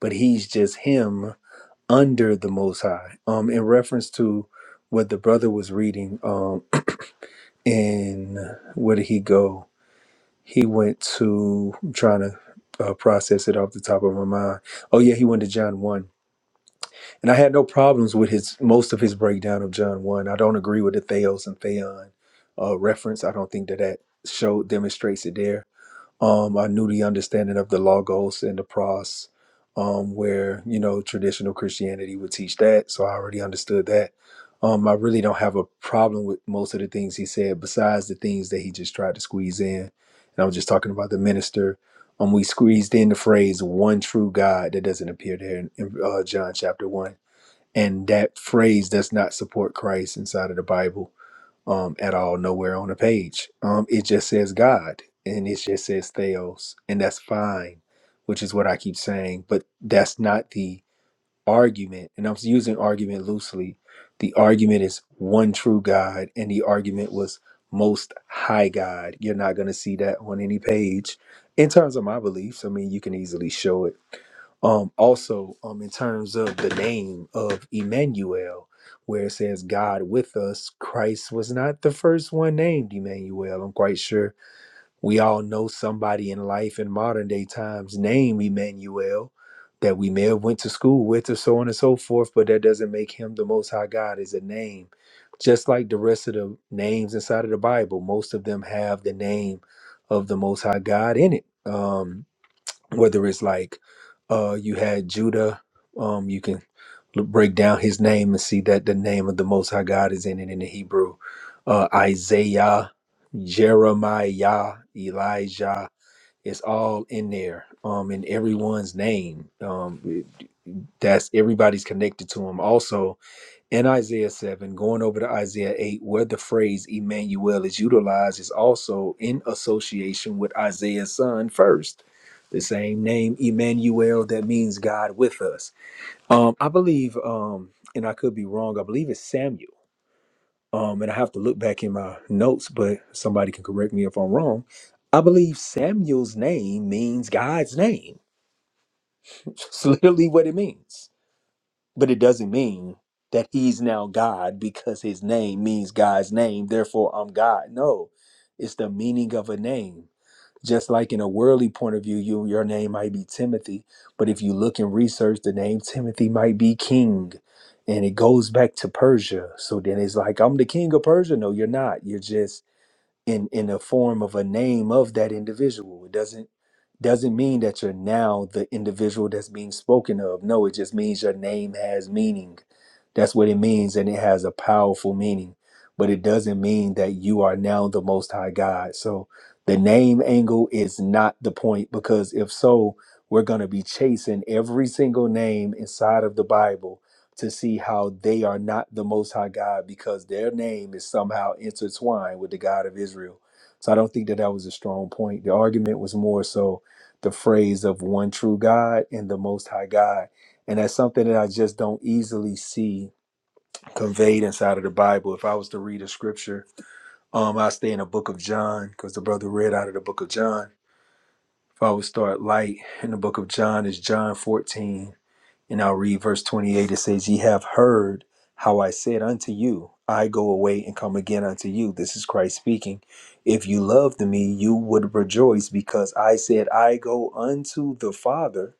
but He's just Him under the Most High. Um, in reference to what the brother was reading, um, in where did he go? He went to I'm trying to uh, process it off the top of my mind. Oh yeah, he went to John one, and I had no problems with his most of his breakdown of John one. I don't agree with the Theos and Theon uh, reference. I don't think that that show demonstrates it there um, I knew the understanding of the Logos and the Pros, um, where you know traditional Christianity would teach that, so I already understood that. Um, I really don't have a problem with most of the things he said, besides the things that he just tried to squeeze in. And I was just talking about the minister. Um, we squeezed in the phrase "one true God" that doesn't appear there in, in uh, John chapter one, and that phrase does not support Christ inside of the Bible um, at all nowhere on the page. Um, it just says God and it just says Theos, and that's fine, which is what I keep saying. But that's not the argument, and I'm using argument loosely. The argument is one true God, and the argument was most high God. You're not going to see that on any page. In terms of my beliefs, I mean, you can easily show it. Um, also, um, in terms of the name of Emmanuel, where it says God with us, Christ was not the first one named Emmanuel. I'm quite sure we all know somebody in life in modern day times named Emmanuel that we may have went to school with or so on and so forth, but that doesn't make him the most high God is a name. Just like the rest of the names inside of the Bible, most of them have the name of the most high God in it. Um, whether it's like uh, you had Judah, um, you can l- break down his name and see that the name of the Most High God is in it in the Hebrew. Uh, Isaiah, Jeremiah, Elijah, it's all in there um, in everyone's name. Um, it- that's everybody's connected to him. Also, in Isaiah 7, going over to Isaiah 8, where the phrase Emmanuel is utilized, is also in association with Isaiah's son first. The same name, Emmanuel, that means God with us. Um, I believe, um, and I could be wrong, I believe it's Samuel. Um, and I have to look back in my notes, but somebody can correct me if I'm wrong. I believe Samuel's name means God's name. It's literally what it means. But it doesn't mean that he's now God because his name means God's name. Therefore, I'm God. No, it's the meaning of a name. Just like in a worldly point of view, you your name might be Timothy, but if you look and research, the name Timothy might be king, and it goes back to Persia. So then it's like I'm the king of Persia. No, you're not. You're just in in the form of a name of that individual. It doesn't doesn't mean that you're now the individual that's being spoken of. No, it just means your name has meaning. That's what it means, and it has a powerful meaning. But it doesn't mean that you are now the Most High God. So the name angle is not the point because if so, we're going to be chasing every single name inside of the Bible to see how they are not the Most High God because their name is somehow intertwined with the God of Israel. So I don't think that that was a strong point. The argument was more so the phrase of one true God and the Most High God. And that's something that I just don't easily see conveyed inside of the Bible. If I was to read a scripture, um, I stay in the book of John because the brother read out of the book of John. If I would start light in the book of John, is John 14 and I'll read verse 28. It says, Ye have heard how I said unto you, I go away and come again unto you. This is Christ speaking. If you loved me, you would rejoice because I said, I go unto the Father,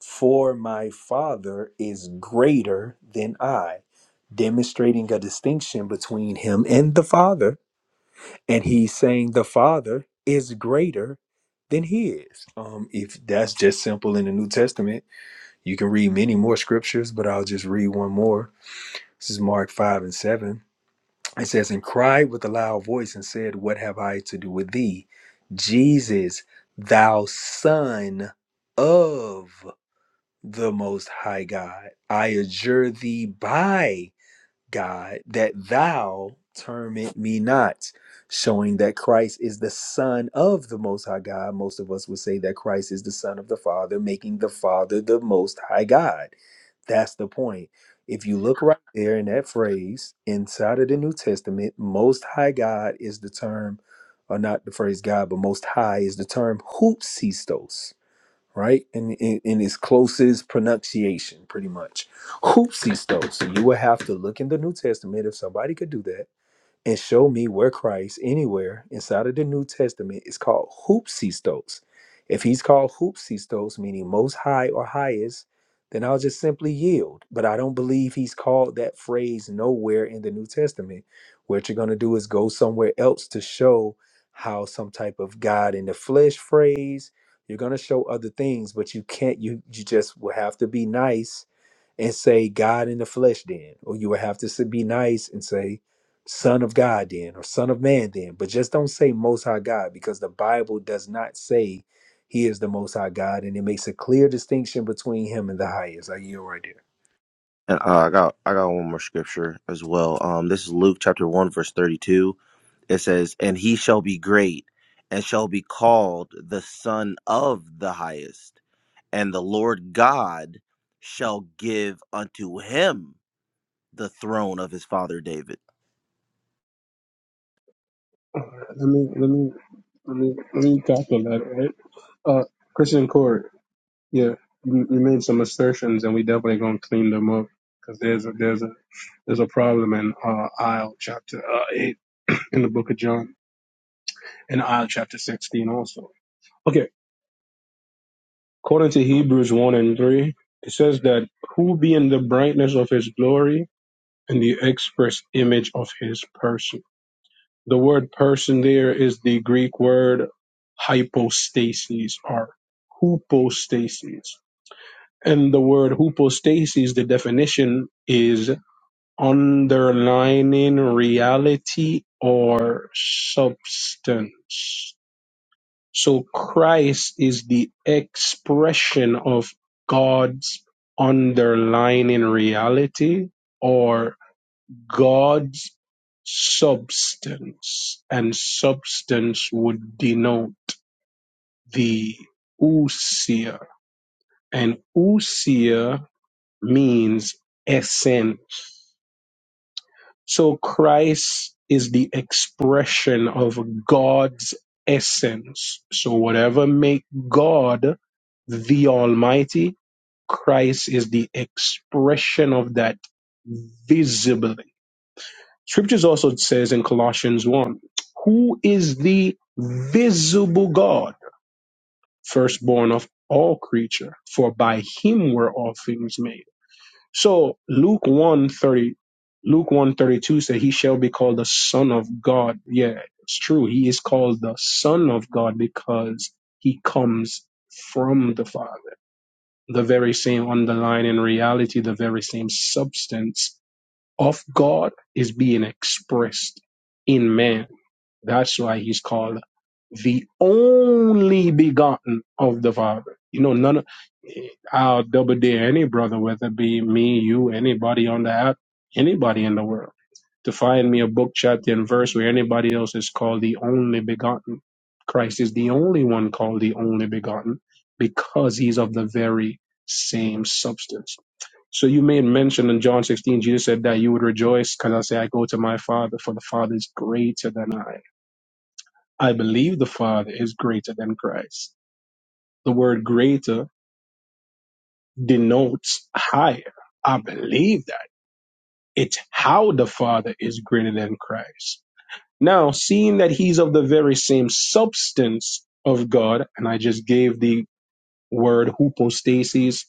for my Father is greater than I. Demonstrating a distinction between him and the Father. And he's saying the Father is greater than he is. Um, if that's just simple in the New Testament you can read many more scriptures, but I'll just read one more. This is Mark 5 and 7. It says, And cried with a loud voice and said, What have I to do with thee, Jesus, thou Son of the Most High God? I adjure thee by God, that thou torment me not, showing that Christ is the Son of the Most High God. Most of us would say that Christ is the Son of the Father, making the Father the Most High God. That's the point. If you look right there in that phrase inside of the New Testament, Most High God is the term, or not the phrase God, but Most High is the term hoopsistos right? In, in in its closest pronunciation, pretty much. Hoopsies, though. So you would have to look in the New Testament if somebody could do that and show me where Christ anywhere inside of the New Testament is called hoopsistos. If he's called hoopsistos, meaning most high or highest, then I'll just simply yield. But I don't believe he's called that phrase nowhere in the New Testament. What you're going to do is go somewhere else to show how some type of God in the flesh phrase. You're going to show other things, but you can't. You you just will have to be nice and say God in the flesh then, or you would have to s- be nice and say Son of God then, or Son of Man then, but just don't say Most High God because the Bible does not say He is the Most High God, and it makes a clear distinction between Him and the highest. Like you right there.
And uh, I got I got one more scripture as well. Um, this is Luke chapter one verse thirty two. It says, "And he shall be great, and shall be called the Son of the Highest, and the Lord God shall give unto him the throne of his father David."
Uh, Let me let me let me let me tackle that. Right? Uh, Christian Corey, yeah, you, you made some assertions, and we definitely gonna clean them up because there's a there's a there's a problem in uh, aisle chapter uh, eight in the book of John, and aisle chapter sixteen also. Okay, According to Hebrews 1 and 3, it says that who being the brightness of his glory and the express image of his person. The word person there is the Greek word hypostasis or hypostasis. And the word hypostasis, the definition is underlining reality or substance. So Christ is the expression of God's underlying reality or God's substance. And substance would denote the ousia. And ousia means essence So Christ is the expression of God's essence. So whatever make God the Almighty, Christ is the expression of that visibly. Scriptures also says in Colossians 1, who is the visible God, firstborn of all creature, for by him were all things made. So Luke one thirty, Luke one thirty two said, He shall be called the Son of God. Yeah, it's true. He is called the Son of God because he comes from the Father. The very same underlying reality, the very same substance of God is being expressed in man. That's why he's called the only begotten of the Father. You know, none of, I'll double dare any brother, whether it be me, you, anybody on the app, anybody in the world, to find me a book, chapter, and verse where anybody else is called the only begotten. Christ is the only one called the only begotten because he's of the very same substance. So you made mention in John 16, Jesus said that you would rejoice because I say, I go to my Father, for the Father is greater than I. I believe the Father is greater than Christ. The word greater denotes higher. I believe that. It's how the Father is greater than Christ. Now, seeing that he's of the very same substance of God, and I just gave the word hypostasis,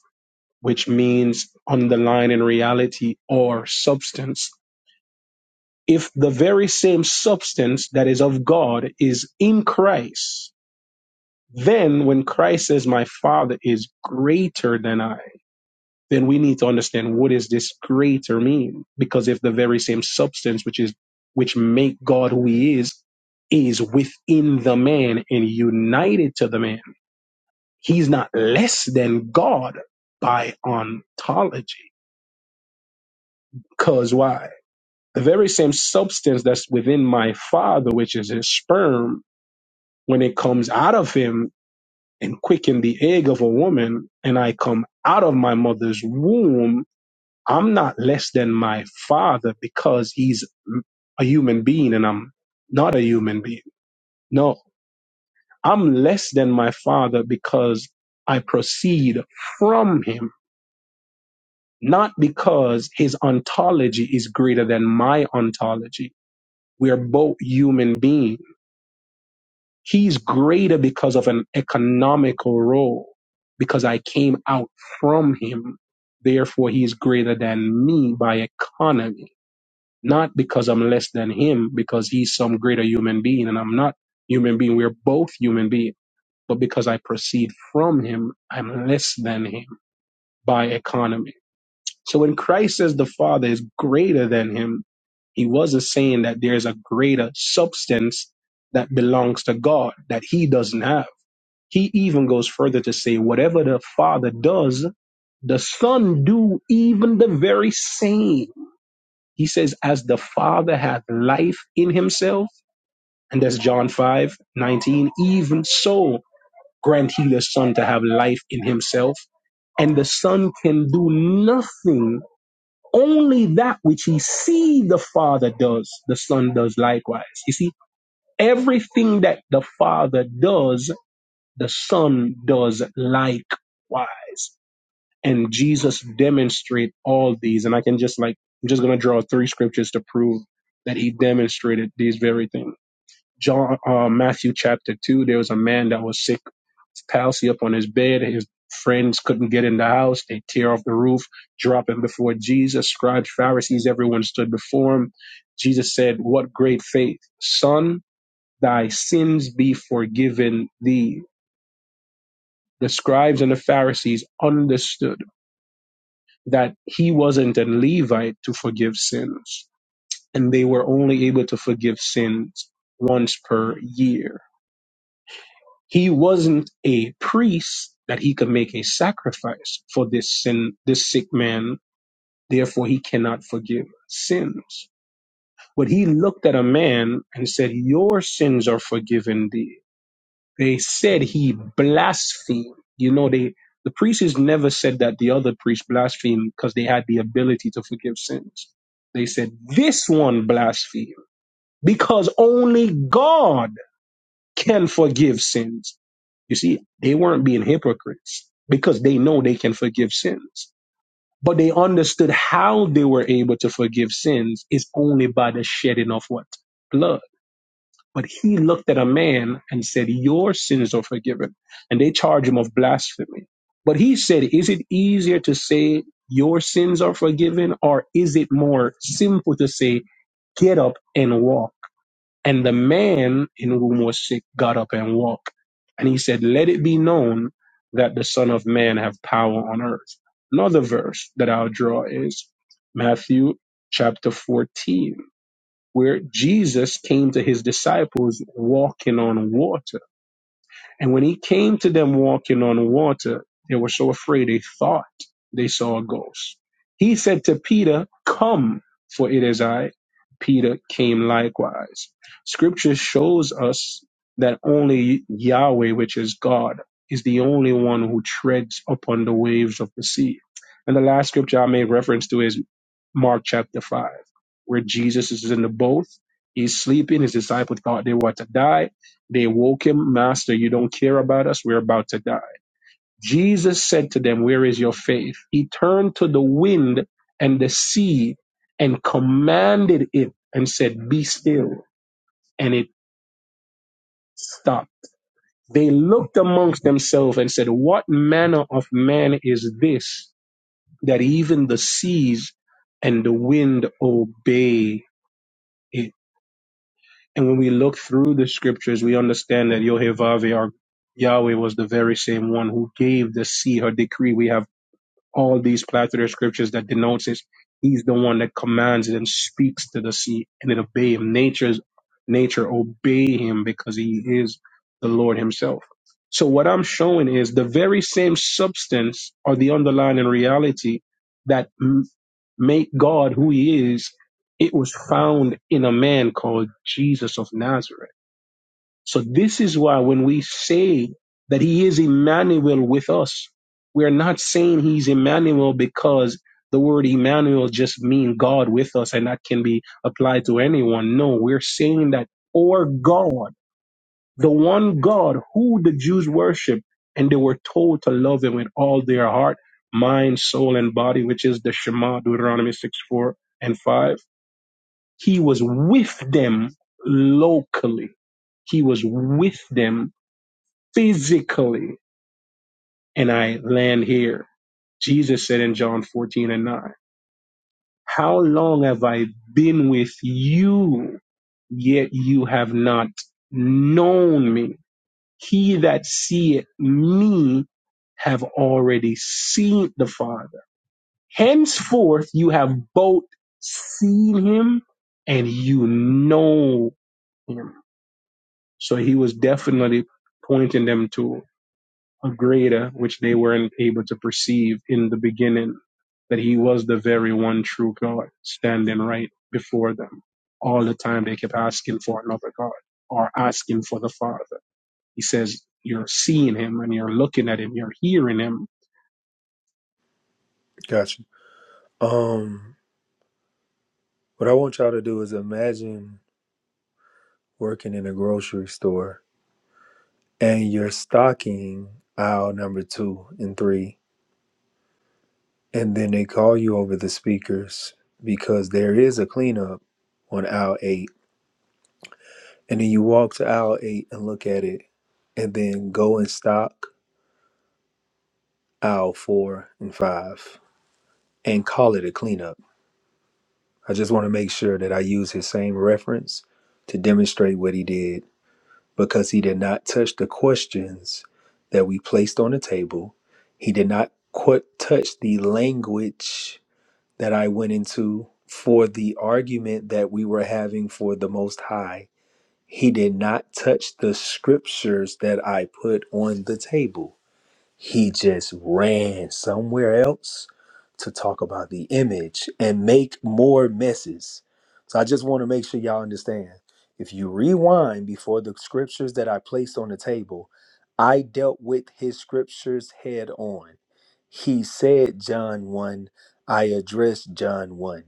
which means underlying reality or substance. If the very same substance that is of God is in Christ, Then when Christ says, my father is greater than I, then we need to understand what does this greater mean? Because if the very same substance, which is, which make God who he is, is within the man and united to the man, he's not less than God by ontology. Cause why? The very same substance that's within my father, which is his sperm, when it comes out of him, and quicken the egg of a woman, and I come out of my mother's womb, I'm not less than my father because he's a human being and I'm not a human being. No, I'm less than my father because I proceed from him, not because his ontology is greater than my ontology. We are both human beings He's greater because of an economical role, because I came out from him. Therefore, he's greater than me by economy, not because I'm less than him, because he's some greater human being and I'm not human being. We're both human beings. But because I proceed from him, I'm less than him by economy. So when Christ says the Father is greater than him, he wasn't saying that there's a greater substance that belongs to God that he doesn't have he even goes further to say, whatever the Father does, the Son do even the very same. He says, as the Father hath life in himself, and that's John 5 19, even so grant he the Son to have life in himself. And the Son can do nothing, only that which he see the Father does, the Son does likewise. You see, everything that the Father does the Son does likewise. And Jesus demonstrated all these. And I can just like I'm just gonna draw three scriptures to prove that he demonstrated these very things. John uh, Matthew chapter two, there was a man that was sick, palsy up on his bed. His friends couldn't get in the house. They tear off the roof, drop him before Jesus. Scribes, Pharisees, everyone stood before him. Jesus said, "What great faith, son! Thy sins be forgiven thee." the scribes and the Pharisees understood that he wasn't a Levite to forgive sins, and they were only able to forgive sins once per year. He wasn't a priest that he could make a sacrifice for this sin, this sick man, therefore he cannot forgive sins. But he looked at a man and said, Your sins are forgiven thee They said he blasphemed. You know, they the priests never said that the other priest blasphemed because they had the ability to forgive sins. They said this one blasphemed because only God can forgive sins. You see, they weren't being hypocrites because they know they can forgive sins. But they understood how they were able to forgive sins is only by the shedding of what? Blood but he looked at a man and said, Your sins are forgiven. And they charge him of blasphemy. But he said, Is it easier to say, Your sins are forgiven? Or is it more simple to say, Get up and walk? And the man in whom was sick got up and walked. And he said, Let it be known that the Son of Man have power on earth. Another verse that I'll draw is Matthew chapter 14 where Jesus came to his disciples walking on water. And when he came to them walking on water, they were so afraid they thought they saw a ghost. He said to Peter, Come, for it is I. Peter came likewise. Scripture shows us that only Yahweh, which is God, is the only one who treads upon the waves of the sea. And the last scripture I made reference to is Mark chapter 5, where Jesus is in the boat. He's sleeping. His disciples thought they were to die. They woke him, Master, you don't care about us. We're about to die. Jesus said to them, Where is your faith? He turned to the wind and the sea and commanded it and said, Be still. And it stopped. They looked amongst themselves and said, What manner of man is this that even the seas and the wind obey it? And when we look through the scriptures, we understand that Yohevave, our Yahweh, was the very same one who gave the sea her decree. We have all these plethora of scriptures that denotes it. He's the one that commands it and speaks to the sea, and it obey him. Nature's nature obey him because he is the Lord Himself. So what I'm showing is the very same substance or the underlying reality that make God who he is, it was found in a man called Jesus of Nazareth. So this is why when we say that he is Emmanuel with us, we're not saying he's Emmanuel because the word Emmanuel just means God with us and that can be applied to anyone. No, we're saying that or God the one God who the Jews worshiped, and they were told to love him with all their heart, mind, soul, and body, which is the Shema, Deuteronomy 6, 4 and 5. He was with them locally. He was with them physically. And I land here. Jesus said in John 14 and 9, How long have I been with you, yet you have not known me? He that seeth me have already seen the Father. Henceforth, you have both seen him and you know him. So he was definitely pointing them to a greater, which they weren't able to perceive in the beginning, that he was the very one true God standing right before them. All the time they kept asking for another God or asking for the Father. He says you're seeing him and you're looking at him, you're hearing him.
Gotcha. Um, what I want y'all to do is imagine working in a grocery store and you're stocking aisle number two and three and then they call you over the speakers because there is a cleanup on aisle eight, and then you walk to aisle eight and look at it, and then go and stock aisle four and five and call it a cleanup. I just want to make sure that I use his same reference to demonstrate what he did because he did not touch the questions that we placed on the table. He did not qu- touch the language that I went into for the argument that we were having for the Most High. He did not touch the scriptures that I put on the table. He just ran somewhere else to talk about the image and make more messes. So I just want to make sure y'all understand. If you rewind before the scriptures that I placed on the table, I dealt with his scriptures head on. He said John 1, I addressed John 1.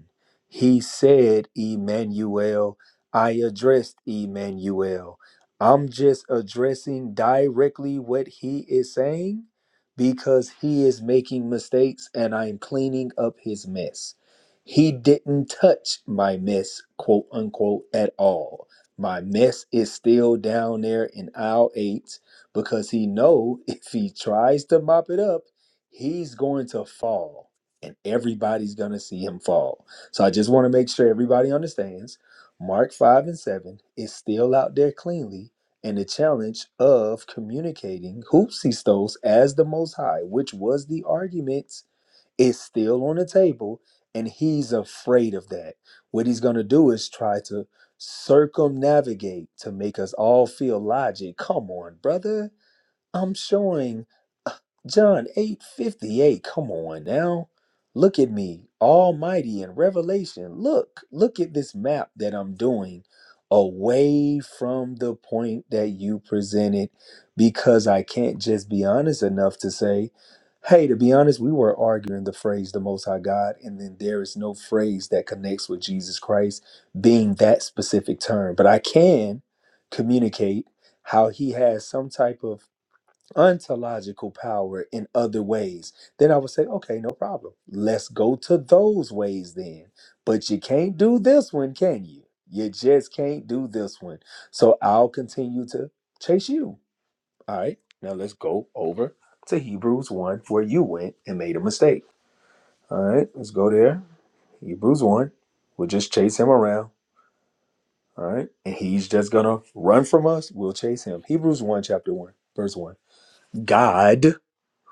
He said Emmanuel, I addressed Emmanuel. I'm just addressing directly what he is saying because he is making mistakes and I'm cleaning up his mess. He didn't touch my mess, quote unquote, at all. My mess is still down there in aisle eight because he know if he tries to mop it up, he's going to fall and everybody's going to see him fall. So I just want to make sure everybody understands Mark 5 and 7 is still out there cleanly and the challenge of communicating hoopsistos as the most high, which was the argument, is still on the table, and he's afraid of that. What he's gonna do is try to circumnavigate to make us all feel logic. Come on, brother I'm showing uh, John 8:58. Come on now. Look at me, almighty in Revelation. Look, look at this map that I'm doing away from the point that you presented because I can't just be honest enough to say, hey, to be honest, we were arguing the phrase the most high God, and then there is no phrase that connects with Jesus Christ being that specific term. But I can communicate how he has some type of ontological power in other ways, then I would say, okay, no problem. Let's go to those ways then. But you can't do this one, can you? You just can't do this one. So I'll continue to chase you. All right. Now let's go over to Hebrews 1, where you went and made a mistake. All right. Let's go there. Hebrews 1. We'll just chase him around. All right. And he's just going to run from us. We'll chase him. Hebrews 1, chapter 1, verse 1. God,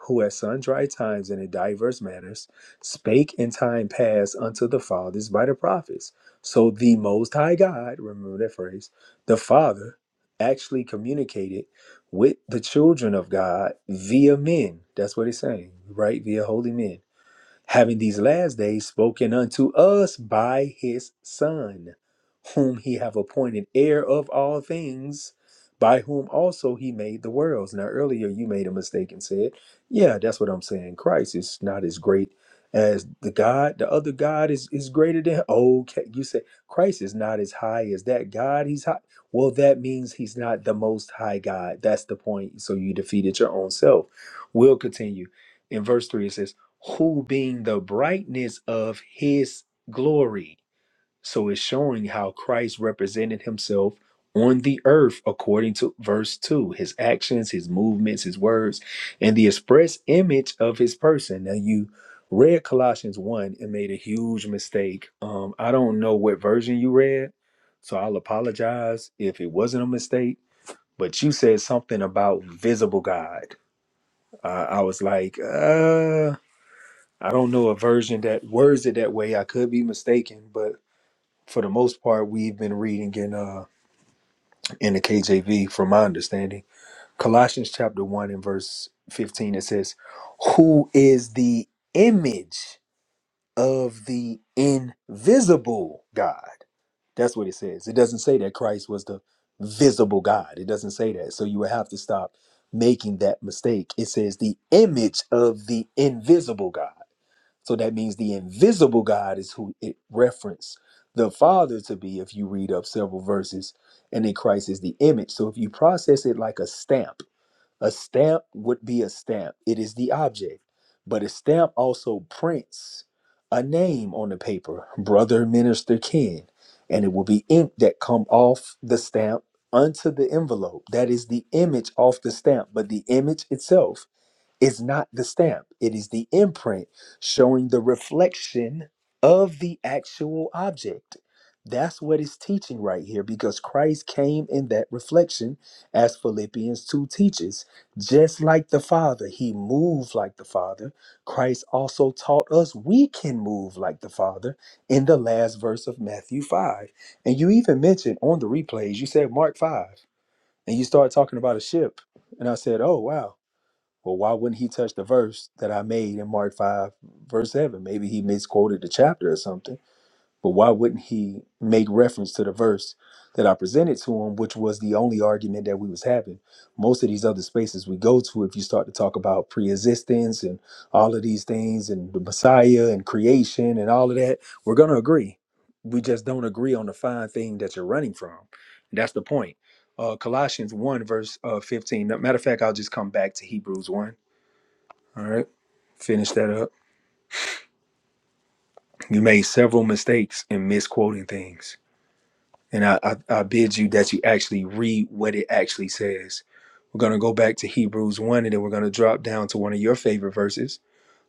who at sundry times and in diverse manners spake in time past unto the fathers by the prophets. So the Most High God, remember that phrase, the Father actually communicated with the children of God via men. That's what it's saying, right? Via holy men having these last days spoken unto us by his son whom he have appointed heir of all things by whom also he made the worlds now earlier you made a mistake and said yeah that's what i'm saying christ is not as great as the god the other god is is greater than okay you say christ is not as high as that god he's high well that means he's not the most high god that's the point so you defeated your own self we'll continue in verse 3 it says who being the brightness of his glory. So it's showing how Christ represented himself on the earth according to verse 2 his actions, his movements, his words, and the express image of his person. Now, you read Colossians 1 and made a huge mistake. Um, I don't know what version you read, so I'll apologize if it wasn't a mistake, but you said something about visible God. Uh, I was like, uh. I don't know a version that words it that way. I could be mistaken, but for the most part, we've been reading in uh in the KJV, from my understanding. Colossians chapter one and verse fifteen, it says, "Who is the image of the invisible God?" That's what it says. It doesn't say that Christ was the visible God. It doesn't say that. So you would have to stop making that mistake. It says the image of the invisible God. So that means the invisible God is who it referenced the Father to be if you read up several verses, and then Christ is the image. So if you process it like a stamp, a stamp would be a stamp, it is the object. But a stamp also prints a name on the paper, brother, minister, kin, and it will be ink that come off the stamp unto the envelope. That is the image off the stamp, but the image itself is not the stamp, it is the imprint showing the reflection of the actual object. That's what it's teaching right here because Christ came in that reflection, as Philippians 2 teaches. Just like the Father, he moved like the Father. Christ also taught us we can move like the Father in the last verse of Matthew 5. And you even mentioned on the replays, you said Mark 5, and you started talking about a ship. And I said, oh, wow well, why wouldn't he touch the verse that I made in Mark 5, verse 7? Maybe he misquoted the chapter or something, but why wouldn't he make reference to the verse that I presented to him, which was the only argument that we was having? Most of these other spaces we go to, if you start to talk about pre-existence and all of these things and the Messiah and creation and all of that, we're going to agree. We just don't agree on the fine thing that you're running from. That's the point. Uh, Colossians 1, verse uh, 15. Matter of fact, I'll just come back to Hebrews 1 all right. Finish that up. You made several mistakes in misquoting things. And I, I, I bid you that you actually read what it actually says. We're going to go back to Hebrews 1 and then we're going to drop down to one of your favorite verses.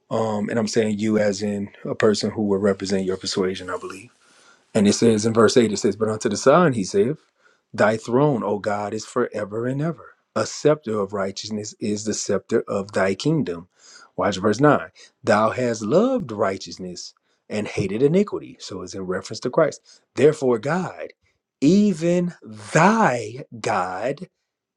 Um, and I'm saying you as in a person who will represent your persuasion, I believe. And it says in verse 8, it says, But unto the Son he saith, Thy throne, O God, is forever and ever. A scepter of righteousness is the scepter of thy kingdom. Watch verse 9. Thou hast loved righteousness and hated iniquity. So it's in reference to Christ. Therefore, God, even thy God,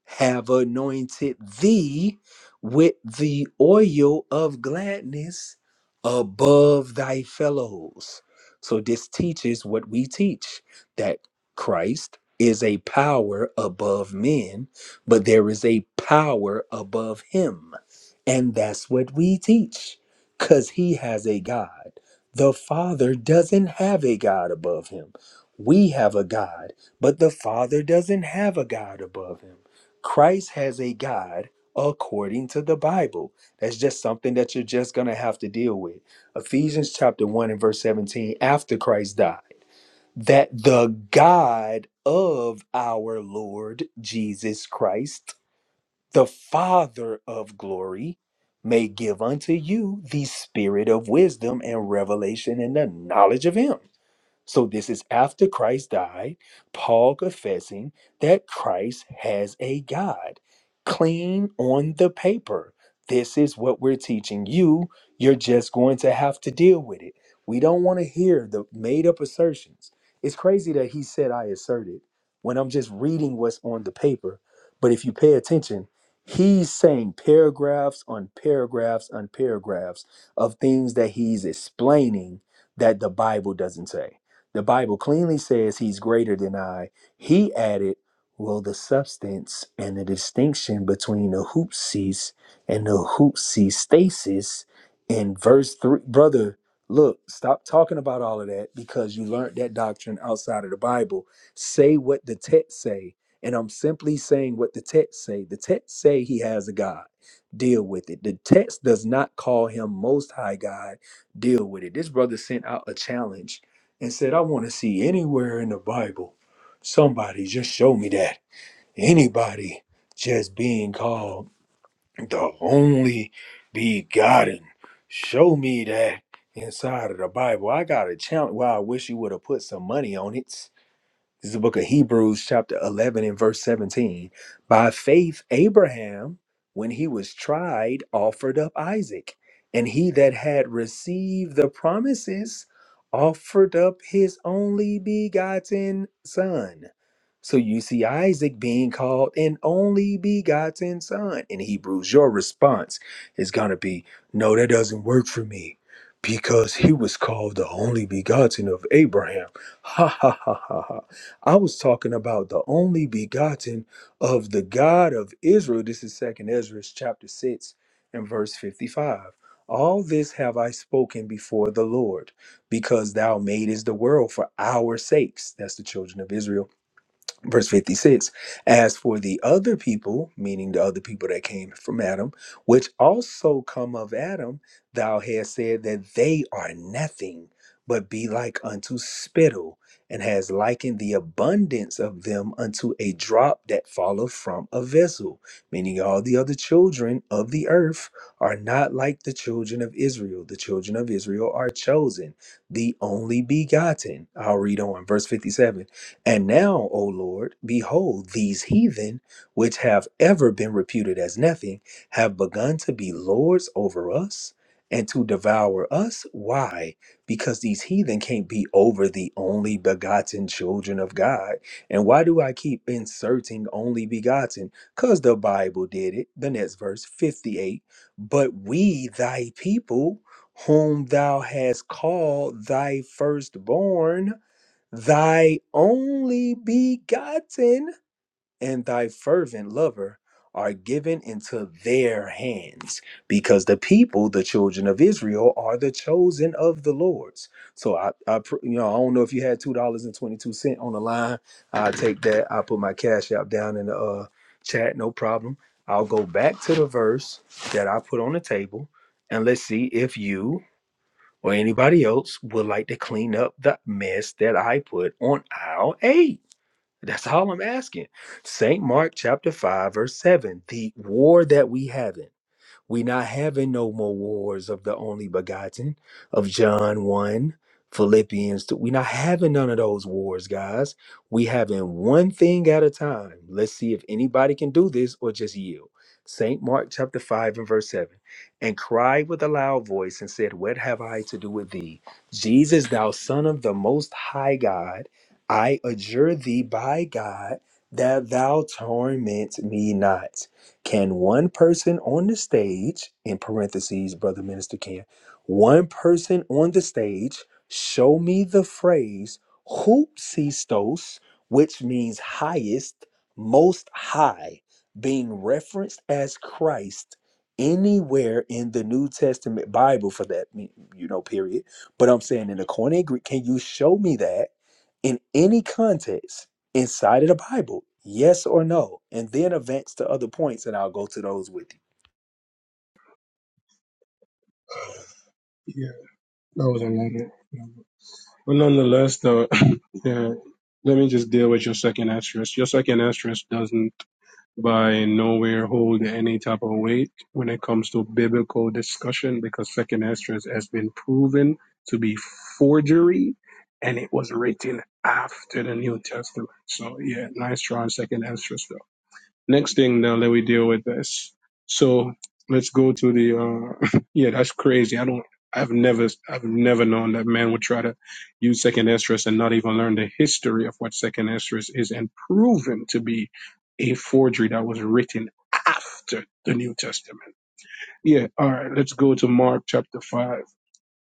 have anointed thee with the oil of gladness above thy fellows. So, this teaches what we teach that Christ is a power above men, but there is a power above him. And that's what we teach because he has a God. The Father doesn't have a God above him. We have a God, but the Father doesn't have a God above him. Christ has a God according to the Bible. That's just something that you're just going to have to deal with. Ephesians chapter 1 and verse 17 after Christ died, that the God of our Lord Jesus Christ, the Father of glory, may give unto you the spirit of wisdom and revelation and the knowledge of Him. So this is after Christ died, Paul confessing that Christ has a God. Clean on the paper. This is what we're teaching you. You're just going to have to deal with it. We don't want to hear the made up assertions. It's crazy that he said I asserted when I'm just reading what's on the paper. But if you pay attention, he's saying paragraphs on paragraphs on paragraphs of things that he's explaining that the Bible doesn't say. The Bible cleanly says he's greater than I. He added, Will the substance and the distinction between the hoopsies and the hoopsie stasis in verse three? Brother, look, stop talking about all of that because you learned that doctrine outside of the Bible. Say what the text say. And I'm simply saying what the text say. The text say he has a God. Deal with it. The text does not call him most high God. Deal with it. This brother sent out a challenge and said, I want to see anywhere in the Bible somebody just show me that. Anybody just being called the only begotten. Show me that inside of the Bible. I got a challenge. Well, I wish you would have put some money on it. This is the book of Hebrews, chapter 11, and verse 17. By faith, Abraham, when he was tried, offered up Isaac. And he that had received the promises offered up his only begotten son. So you see Isaac being called an only begotten son in Hebrews. Your response is going to be, No, that doesn't work for me because he was called the only begotten of Abraham. Ha ha ha ha ha. I was talking about the only begotten of the God of Israel. This is 2nd Ezra chapter 6 and verse 55. All this have I spoken before the Lord, because thou madest the world for our sakes. That's the children of Israel verse 56 as for the other people meaning the other people that came from adam which also come of adam thou hast said that they are nothing but be like unto spittle and has likened the abundance of them unto a drop that falleth from a vessel meaning all the other children of the earth are not like the children of israel the children of israel are chosen the only begotten i'll read on verse 57 and now, O Lord, behold, these heathen, which have ever been reputed as nothing, have begun to be lords over us and to devour us. Why? Because these heathen can't be over the only begotten children of God. And why do I keep inserting only begotten? Because the Bible did it. The next verse, 58. But we, thy people, whom thou hast called thy firstborn, Thy only begotten and thy fervent lover are given into their hands because the people, the children of Israel, are the chosen of the Lord's. So I, I pr- you know, I don't know if you had two dollars and twenty two cent on the line. I take that. I put my cash app down in the uh, chat. No problem. I'll go back to the verse that I put on the table, and let's see if you or anybody else would like to clean up the mess that I put on aisle 8. That's all I'm asking. St. Mark chapter 5 verse 7, the war that we have. in. We not having no more wars of the only begotten of John 1, Philippians 2. We not having none of those wars, guys. We having one thing at a time. Let's see if anybody can do this or just yield. St. Mark chapter 5 and verse 7. And cried with a loud voice and said, What have I to do with thee? Jesus, thou son of the most high God, I adjure thee by God that thou torment me not. Can one person on the stage, in parentheses, Brother Minister Ken, one person on the stage show me the phrase hoopsistos, which means highest, most high, being referenced as Christ anywhere in the New Testament Bible for that, me- you know, period. But I'm saying in the Koine Greek, can you show me that in any context? inside of the Bible? Yes or no? And then advance to other points, and I'll go to those with you.
Yeah, that was another. But nonetheless, though, yeah, let me just deal with your second asterisk. Your second asterisk doesn't by nowhere hold any type of weight when it comes to biblical discussion because second asterisk has been proven to be forgery and it was written after the New Testament. So, yeah, nice try on second asterisk. next thing now that we deal with this. So let's go to the uh yeah, that's crazy. I don't I've never I've never known that man would try to use second estrus and not even learn the history of what second estrus is and proven to be a forgery that was written after the New Testament. Yeah, all right, let's go to Mark chapter five.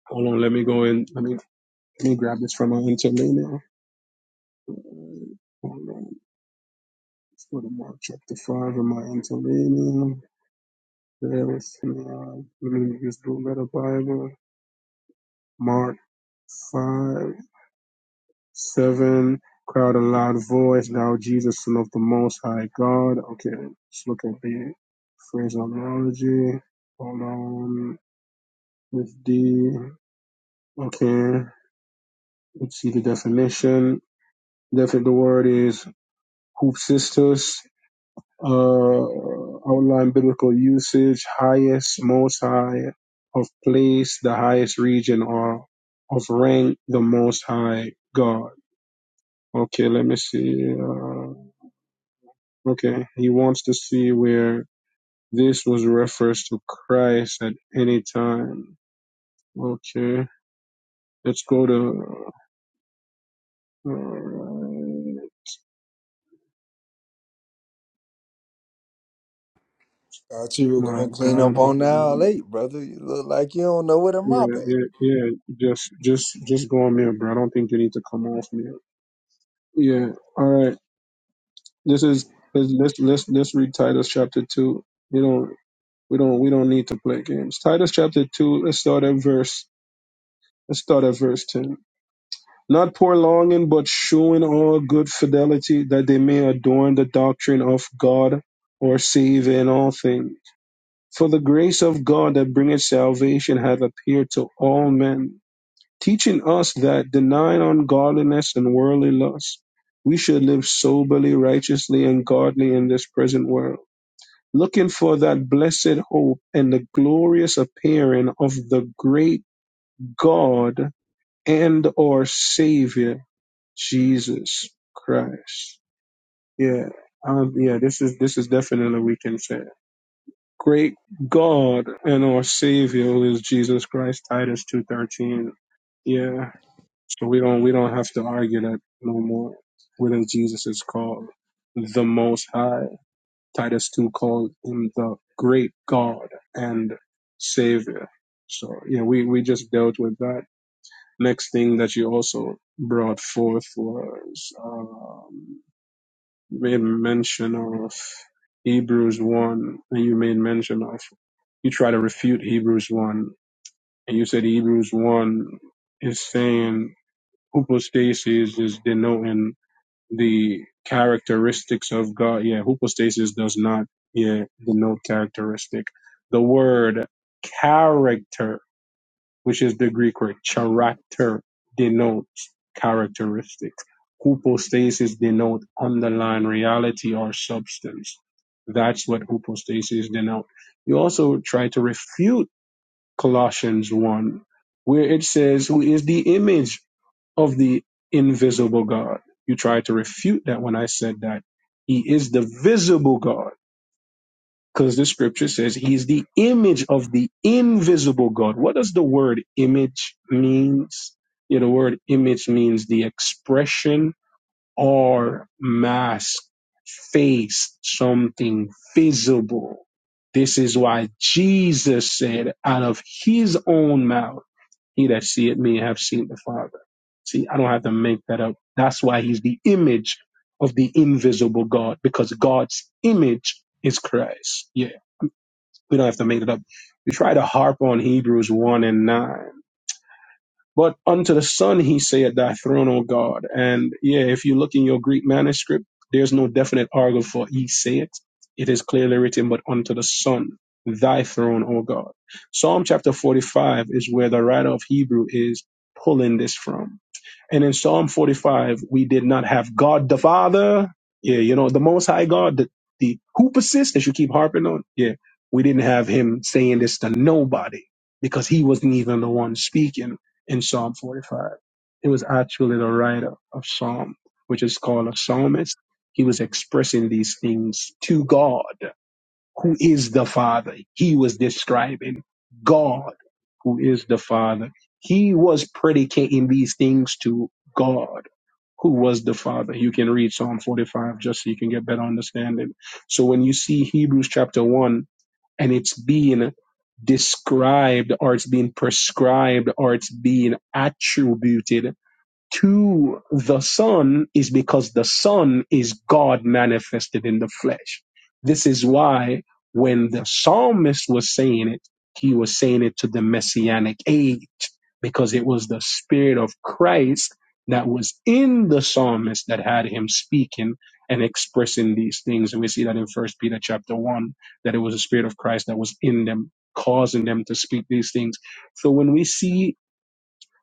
Hold on, let me go in let me let me grab this from my interlinear. Hold on. Let's go to Mark chapter five in my interlinear. There is now in just Blue Letter Bible, Mark 5, 7, crowd a loud voice, thou Jesus, son of the Most High God. Okay, let's look at the phraseology. Hold on, with D. Okay, let's see the definition. Definitely, the word is hoop sisters. uh, outline biblical usage, highest, most high, of place, the highest region, or of rank, the most high God. Okay, let me see. Uh, okay, he wants to see where this was reference to Christ at any time. Okay, let's go to. alright,
Thought you were
my
gonna clean
God,
up
hold
on now
on.
late, brother. You look like you don't know where the
Yeah,
mop at.
yeah, yeah. Just, just, just go on mute, bro. I don't think you need to come off mute. Yeah. All right. This is let's let's let's, let's read Titus chapter two. You don't we don't we don't need to play games. Titus chapter two. Let's start at verse. Let's start at verse ten. Not prolonging, but shewing all good fidelity, that they may adorn the doctrine of God, or save in all things. For the grace of God that bringeth salvation hath appeared to all men, teaching us that denying ungodliness and worldly lust, we should live soberly, righteously, and godly in this present world, looking for that blessed hope and the glorious appearing of the great God and our Savior Jesus Christ. Yeah. Um, yeah, this is this is definitely we can say. Great God and our Savior who is Jesus Christ, Titus two thirteen. Yeah. So we don't we don't have to argue that no more. Whether Jesus is called the Most High, Titus two called him the Great God and Savior. So yeah, we we just dealt with that. Next thing that you also brought forth was um, you made mention of Hebrews one, and you made mention of you try to refute Hebrews one, and you said Hebrews one is saying Hypostasis is denoting the characteristics of God. Yeah, hypostasis does not yeah denote characteristic. The word character, which is the Greek word character, denotes characteristics. Hypostasis denote underlying reality or substance. That's what hypostasis denote. You also try to refute Colossians 1, where it says, Who is the image of the invisible God. You tried to refute that when I said that he is the visible God, because the scripture says he is the image of the invisible God. What does the word image means? Yeah, the word image means the expression or mask, face, something visible. This is why Jesus said out of his own mouth he that seeth me have seen the Father. See, I don't have to make that up. That's why he's the image of the invisible God, because God's image is Christ. Yeah, we don't have to make it up. We try to harp on Hebrews 1 and 9. But unto the Son he saith, Thy throne, O God. And yeah, if you look in your Greek manuscript, there's no definite article for he saith. It is clearly written, but unto the Son, thy throne, O God. Psalm chapter 45 is where the writer of Hebrew is pulling this from. And in Psalm 45, we did not have God the Father. Yeah, you know, the Most High God, the, the who persists that you keep harping on. Yeah, we didn't have him saying this to nobody because he wasn't even the one speaking in Psalm 45. It was actually the writer of Psalm, which is called a psalmist. He was expressing these things to God who is the Father. He was describing God, who is the Father. He was predicating these things to God, who was the Father. You can read Psalm 45 just so you can get better understanding. So when you see Hebrews chapter 1 and it's being described or it's being prescribed or it's being attributed to the Son is because the Son is God manifested in the flesh. This is why when the psalmist was saying it, he was saying it to the messianic age because it was the Spirit of Christ that was in the psalmist that had him speaking and expressing these things. And we see that in First Peter chapter one, that it was the Spirit of Christ that was in them, causing them to speak these things. So when we see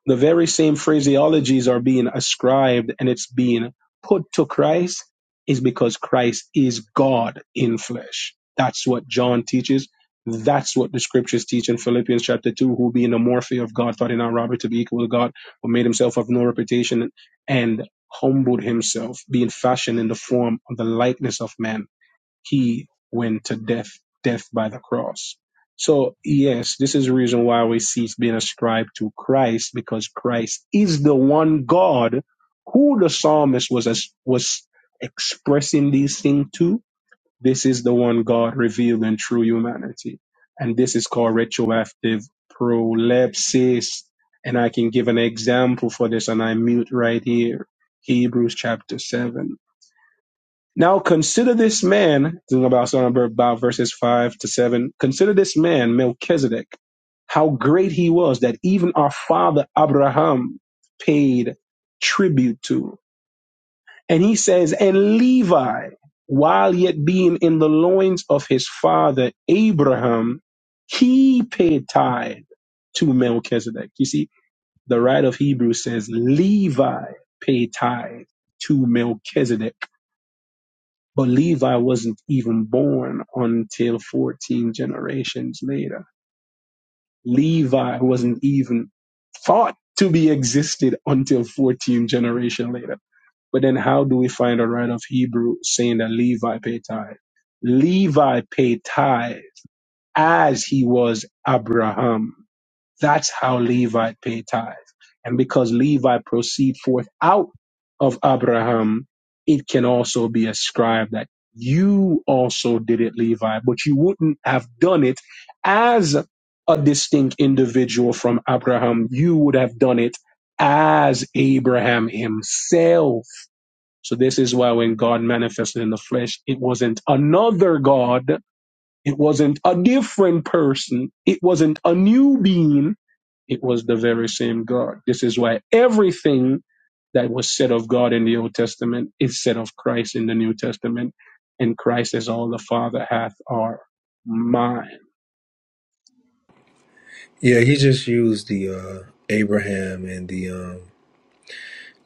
the very same phraseologies are being ascribed and it's being put to Christ is because Christ is God in flesh. That's what John teaches. That's what the scriptures teach in Philippians chapter 2, who being the morphe of God, thought in our robbery to be equal to God, but made himself of no reputation and humbled himself, being fashioned in the form of the likeness of man he went to death, death by the cross. So yes, this is the reason why we see it's being ascribed to Christ because Christ is the one God who the psalmist was as, was expressing these things to. This is the one God revealed in true humanity, and this is called retroactive prolepsis. And I can give an example for this, and I mute right here. Hebrews chapter 7 now consider this man, this is about, about verses 5 to 7. Consider this man, Melchizedek, how great he was that even our father Abraham paid tribute to. And he says, and Levi, while yet being in the loins of his father Abraham, he paid tithe to Melchizedek. You see, the writer of Hebrews says, Levi paid tithe to Melchizedek but Levi wasn't even born until 14 generations later. Levi wasn't even thought to be existed until 14 generation later. But then how do we find a write of Hebrew saying that Levi paid tithe? Levi paid tithe as he was Abraham. That's how Levi paid tithe. And because Levi proceed forth out of Abraham, it can also be ascribed that you also did it, Levi, but you wouldn't have done it as a distinct individual from Abraham. You would have done it as Abraham himself. So this is why when God manifested in the flesh, it wasn't another God. It wasn't a different person. It wasn't a new being it was the very same God. This is why everything that was said of God in the Old Testament is said of Christ in the New Testament. And Christ is all the Father hath are mine.
Yeah, he just used the uh, Abraham and the um,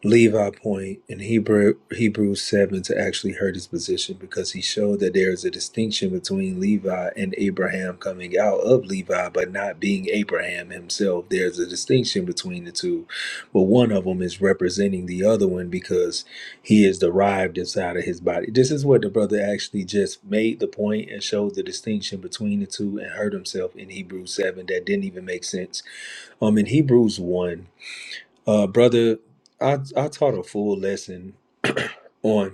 Levi point in Hebrew Hebrews seven to actually hurt his position because he showed that there is a distinction between Levi and Abraham coming out of Levi but not being Abraham himself. There's a distinction between the two, but one of them is representing the other one because he is derived inside of his body. This is what the brother actually just made the point and showed the distinction between the two and hurt himself in Hebrews seven. That didn't even make sense. Um, in Hebrews one. Uh, brother, I, I taught a full lesson on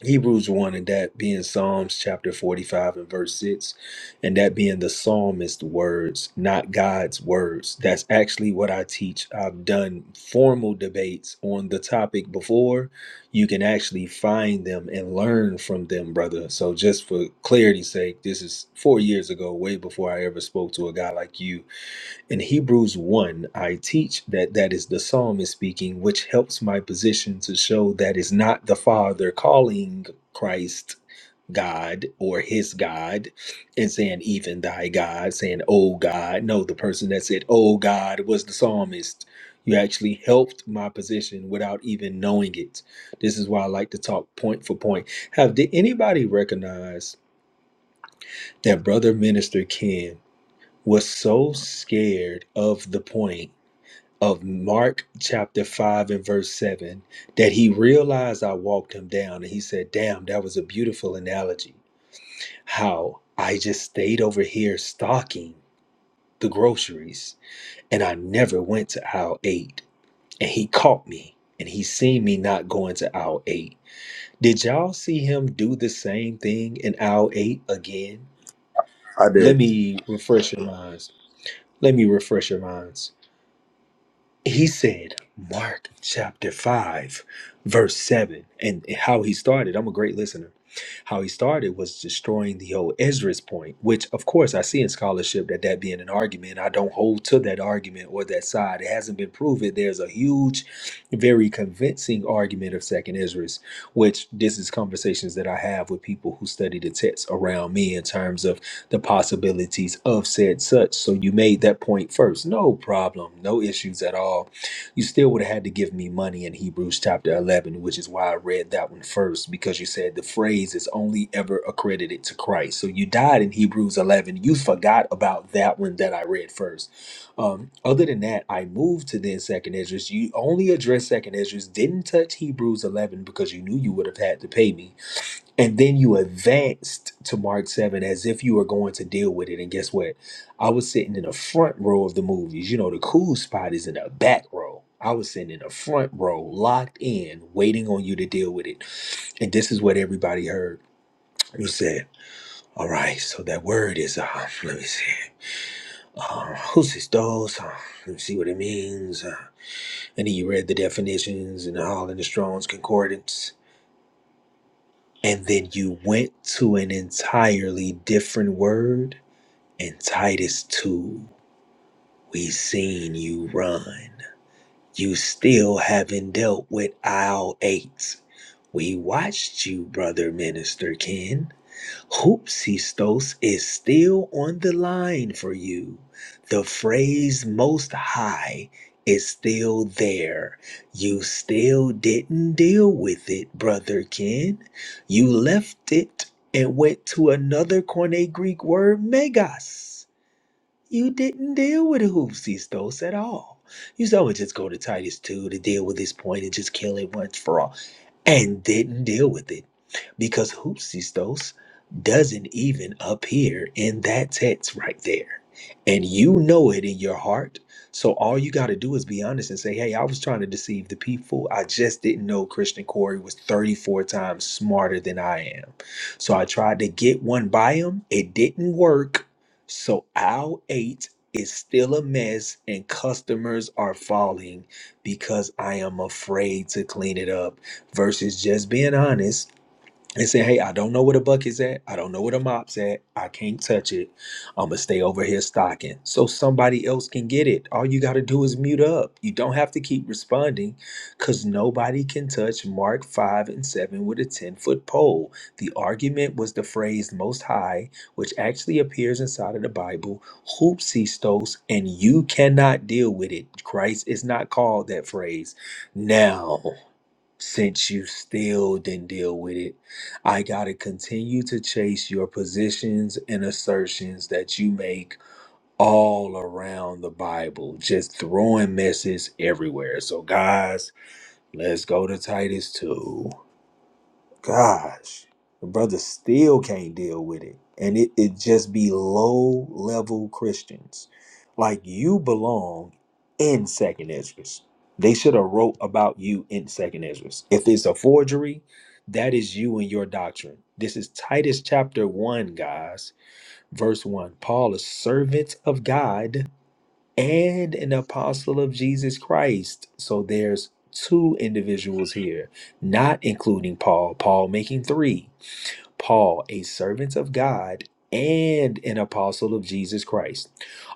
Hebrews 1, and that being Psalms chapter 45 and verse 6, and that being the psalmist's words, not God's words. That's actually what I teach. I've done formal debates on the topic before. You can actually find them and learn from them, brother. So, just for clarity's sake, this is four years ago, way before I ever spoke to a guy like you in Hebrews 1, I teach that that is the psalmist speaking, which helps my position to show that is not the Father calling Christ God or his God and saying, even thy God, saying, oh God. No, the person that said, oh God, was the psalmist. You actually helped my position without even knowing it. This is why I like to talk point for point. Have did anybody recognize that Brother Minister Ken was so scared of the point? of Mark chapter 5 and verse 7 that he realized I walked him down and he said, Damn, that was a beautiful analogy. How I just stayed over here stocking the groceries and I never went to aisle 8. And he caught me and he seen me not going to aisle 8. Did y'all see him do the same thing in aisle 8 again?
I
Let
did.
me refresh your minds. Let me refresh your minds he said mark chapter 5 verse 7 and how he started i'm a great listener how he started was destroying the old ezra's point which of course i see in scholarship that that being an argument i don't hold to that argument or that side it hasn't been proven there's a huge very convincing argument of second ezra's which this is conversations that i have with people who study the text around me in terms of the possibilities of said such. So you made that point first. No problem. No issues at all. You still would have had to give me money in Hebrews chapter 11, which is why I read that one first, because you said the phrase is only ever accredited to Christ. So you died in Hebrews 11. You forgot about that one that I read first. Um, other than that, I moved to then second Esdras. You only addressed second Esdras, didn't touch Hebrews 11 because you knew you would have had to pay me and then you advanced to Mark 7 as if you were going to deal with it. And guess what? I was sitting in the front row of the movies. You know, the cool spot is in the back row. I was sitting in the front row, locked in, waiting on you to deal with it. And this is what everybody heard. You said, All right, so that word is, uh, let me see. Uh, who's this those? Uh, let me see what it means. Uh, and then you read the definitions and all in the Strong's Concordance And then you went to an entirely different word. In Titus 2, we seen you run. You still haven't dealt with aisle 8. We watched you, brother minister Ken. Hoopsistos is still on the line for you. The phrase most high is still there. You still didn't deal with it, brother Ken. You left it and went to another Koine Greek word, megas. You didn't deal with hoopsistos at all. You said, I'm just go to Titus 2 to deal with this point and just kill it once for all and didn't deal with it because hoopsistos doesn't even appear in that text right there. And you know it in your heart. So all you got to do is be honest and say, hey, I was trying to deceive the people. I just didn't know Christian Corey was 34 times smarter than I am. So I tried to get one by him. It didn't work. So aisle eight is still a mess and customers are falling because I am afraid to clean it up versus just being honest and saying, hey, I don't know where the bucket's at. I don't know where the mop's at. I can't touch it. I'm going to stay over here stocking so somebody else can get it. All you got to do is mute up. You don't have to keep responding because nobody can touch Mark 5 and 7 with a 10 foot pole. The argument was the phrase most high, which actually appears inside of the Bible, hoopsistos, and you cannot deal with it. Christ is not called that phrase now since you still didn't deal with it. I got to continue to chase your positions and assertions that you make all around the Bible, just throwing messes everywhere. So, guys, let's go to Titus 2 gosh, the brother still can't deal with it. And it, it just be low level Christians. Like you belong in Second Esdras. They should have wrote about you in Second Esdras. If it's a forgery, that is you and your doctrine. This is Titus chapter 1, guys, verse 1. Paul, a servant of God and an apostle of Jesus Christ. So there's two individuals here, not including Paul, Paul making three. Paul, a servant of God and an apostle of Jesus Christ,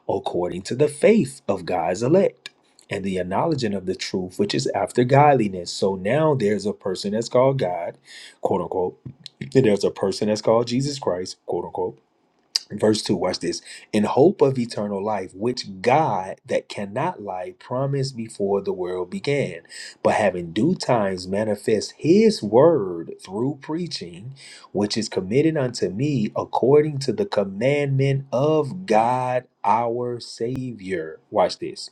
according to the faith of God's elect and the acknowledging of the truth which is after godliness. So now there's a person that's called God, quote unquote. There's a person that's called Jesus Christ, quote unquote Verse 2, watch this. In hope of eternal life, which God that cannot lie promised before the world began, but having due times manifest his word through preaching, which is committed unto me according to the commandment of God our Savior. Watch this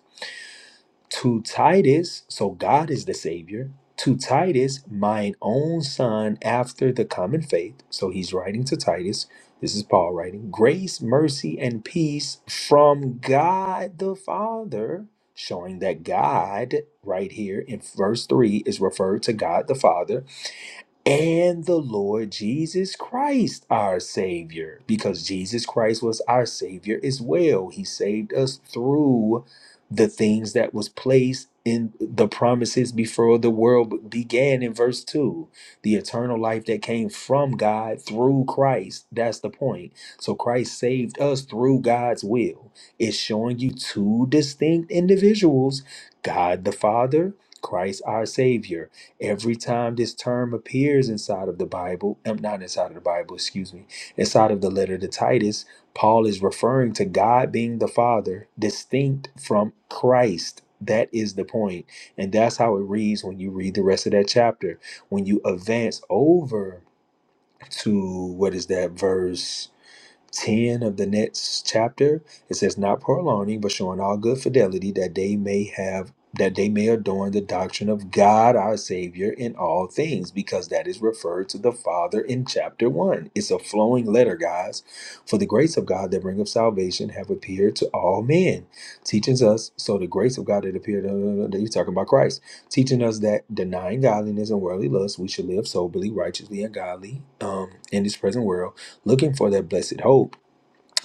to Titus, so God is the Savior, to Titus, mine own son, after the common faith. So he's writing to Titus. This is Paul writing grace, mercy, and peace from God the Father, showing that God, right here in verse 3, is referred to God the Father and the Lord Jesus Christ, our Savior, because Jesus Christ was our Savior as well. He saved us through the things that was placed in the promises before the world began in verse 2 the eternal life that came from god through christ that's the point so christ saved us through god's will it's showing you two distinct individuals god the father christ our savior Every time this term appears inside of the Bible, um, not inside of the Bible, excuse me, inside of the letter to Titus, Paul is referring to God being the Father, distinct from Christ. That is the point. And that's how it reads when you read the rest of that chapter. When you advance over to what is that verse? 10 of the next chapter it says not prolonging but showing all good fidelity that they may have that they may adorn the doctrine of god our savior in all things because that is referred to the father in chapter 1 it's a flowing letter guys for the grace of god that bringeth salvation have appeared to all men teaching us so the grace of god that appeared uh, uh, uh, he's talking about christ teaching us that denying godliness and worldly lust we should live soberly righteously and godly um, in this present world looking for that blessed hope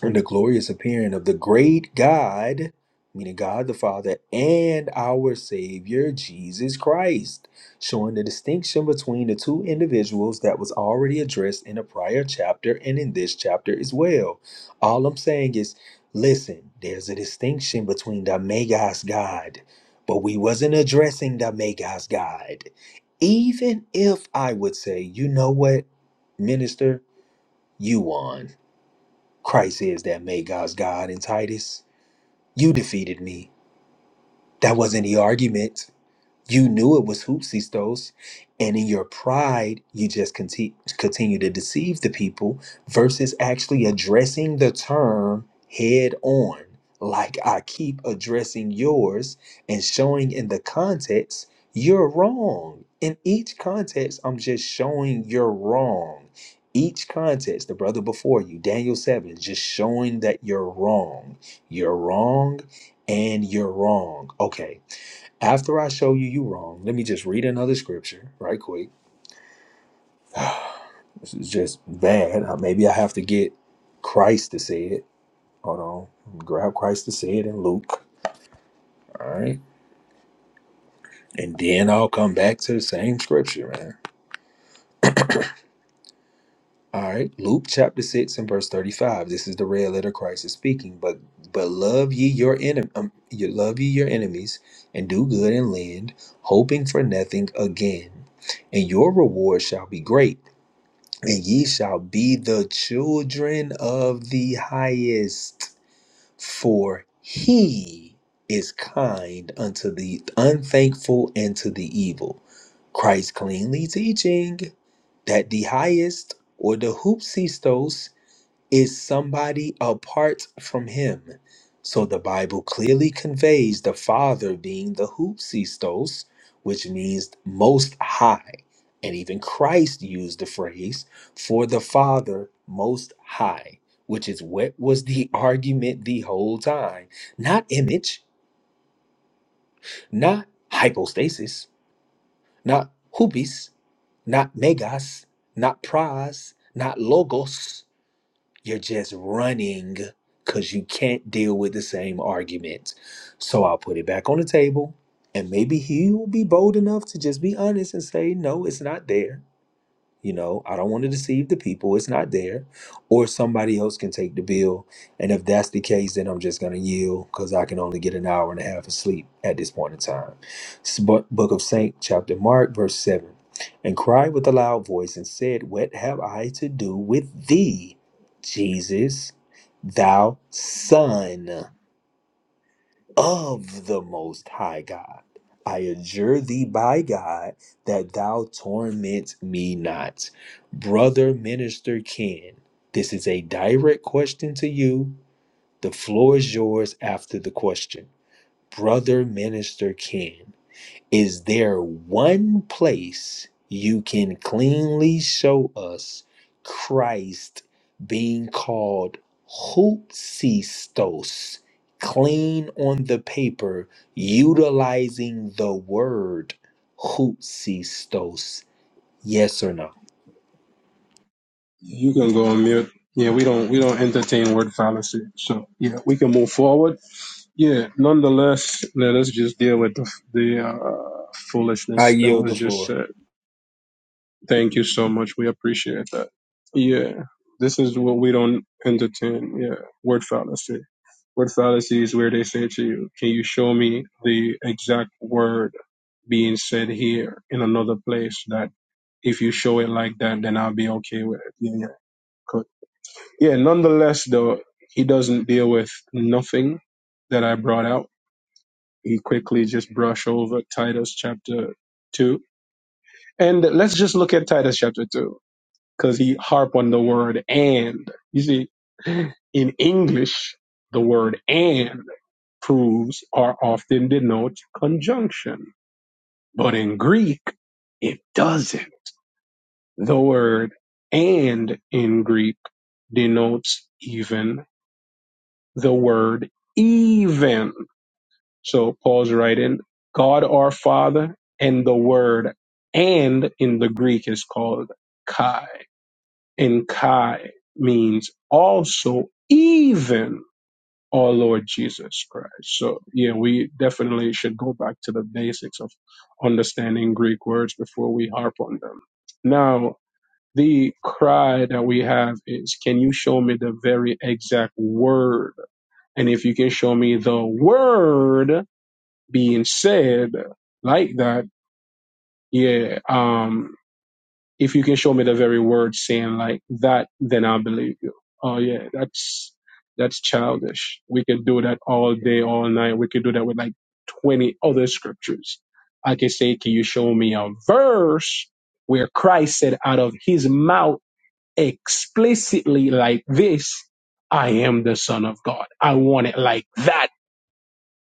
and the glorious appearing of the great God, meaning God the Father, and our Savior Jesus Christ, showing the distinction between the two individuals that was already addressed in a prior chapter and in this chapter as well. All I'm saying is, listen, there's a distinction between the Magos God, but we wasn't addressing the Magos God. Even if I would say, you know what, minister, you won. Christ is that made God's God in Titus. You defeated me. That wasn't the argument. You knew it was hoopsy-stos, and in your pride, you just conti- continue to deceive the people versus actually addressing the term head on, like I keep addressing yours and showing in the context you're wrong. In each context, I'm just showing you're wrong. Each context, the brother before you, Daniel 7, just showing that you're wrong. You're wrong and you're wrong. Okay after I show you you wrong, let me just read another scripture right quick. This is just bad. Uh, Maybe I have to get Christ to say it. Hold on. Grab Christ to say it in Luke. All right. And then I'll come back to the same scripture, man. All right. Luke chapter 6 and verse 35. This is the red letter Christ is speaking. But but love ye your enemy um, you love ye your enemies and do good and lend, hoping for nothing again. And your reward shall be great and ye shall be the children of the highest, for he is kind unto the unthankful and to the evil. Christ cleanly teaching that the highest or the hoopsistos is somebody apart from him. So the Bible clearly conveys the Father being the Hoopsistos, which means most high. And even Christ used the phrase for the Father most high, which is what was the argument the whole time. Not image, not hypostasis, not hubis, not megas, not pras, not logos. You're just running because you can't deal with the same arguments. So I'll put it back on the table and maybe he will be bold enough to just be honest and say, no, it's not there. You know, I don't want to deceive the people. It's not there. Or somebody else can take the bill. And if that's the case, then I'm just going to yield because I can only get an hour and a half of sleep at this point in time. S- Bo- Book of Saint, chapter Mark, verse 7. And cried with a loud voice and said, What have I to do with thee, Jesus, thou son? of the Most High God. I adjure thee by God that thou torment me not. Brother Minister Ken, this is a direct question to you. The floor is yours after the question. Brother Minister Ken, is there one place you can cleanly show us Christ being called hoopsistos, clean on the paper, utilizing the word hoopsistos? Yes or no?
You can go on mute. Yeah, we don't we don't entertain word fallacy. So yeah, we can move forward. Yeah. Nonetheless, let us just deal with the, the uh,
I
foolishness that
yield
was
the
just
floor.
said. Thank you so much. We appreciate that. Yeah. This is what we don't entertain. Yeah. Word fallacy. What fallacy is where they say to you, Can you show me the exact word being said here in another place that if you show it like that, then I'll be okay with it? Yeah, yeah, cool. Yeah, nonetheless, though, he doesn't deal with nothing that I brought out. He quickly just brush over Titus chapter 2. And let's just look at Titus chapter 2 because he harp on the word and. You see, in English, the word and proofs are often denote conjunction, but in Greek, it doesn't. The word and in Greek denotes even the word even. So Paul's writing, God our Father, and the word and in the Greek is called kai. And kai means also even. our Lord Jesus Christ. So, yeah, we definitely should go back to the basics of understanding Greek words before we harp on them. Now, the cry that we have is, can you show me the very exact word? And if you can show me the word being said like that, yeah, um, if you can show me the very word saying like that, then I believe you. Oh yeah, that's that's childish. We could do that all day, all night. We could do that with like twenty other scriptures. I can say, can you show me a verse where Christ said out of his mouth explicitly like this, I am the Son of God. I want it like that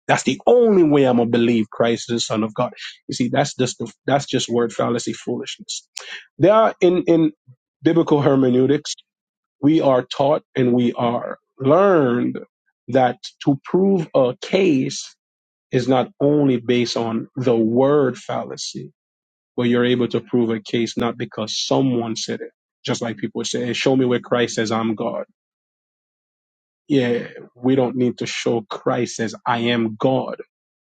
that's the only way I'm gonna believe Christ is the Son of God. You see, that's just the, that's just word fallacy foolishness. There are in in biblical hermeneutics, we are taught and we are learned that to prove a case is not only based on the word fallacy, but you're able to prove a case not because someone said it. Just like people say, "Hey, show me where Christ says I'm God. Yeah, we don't need to show Christ says I am God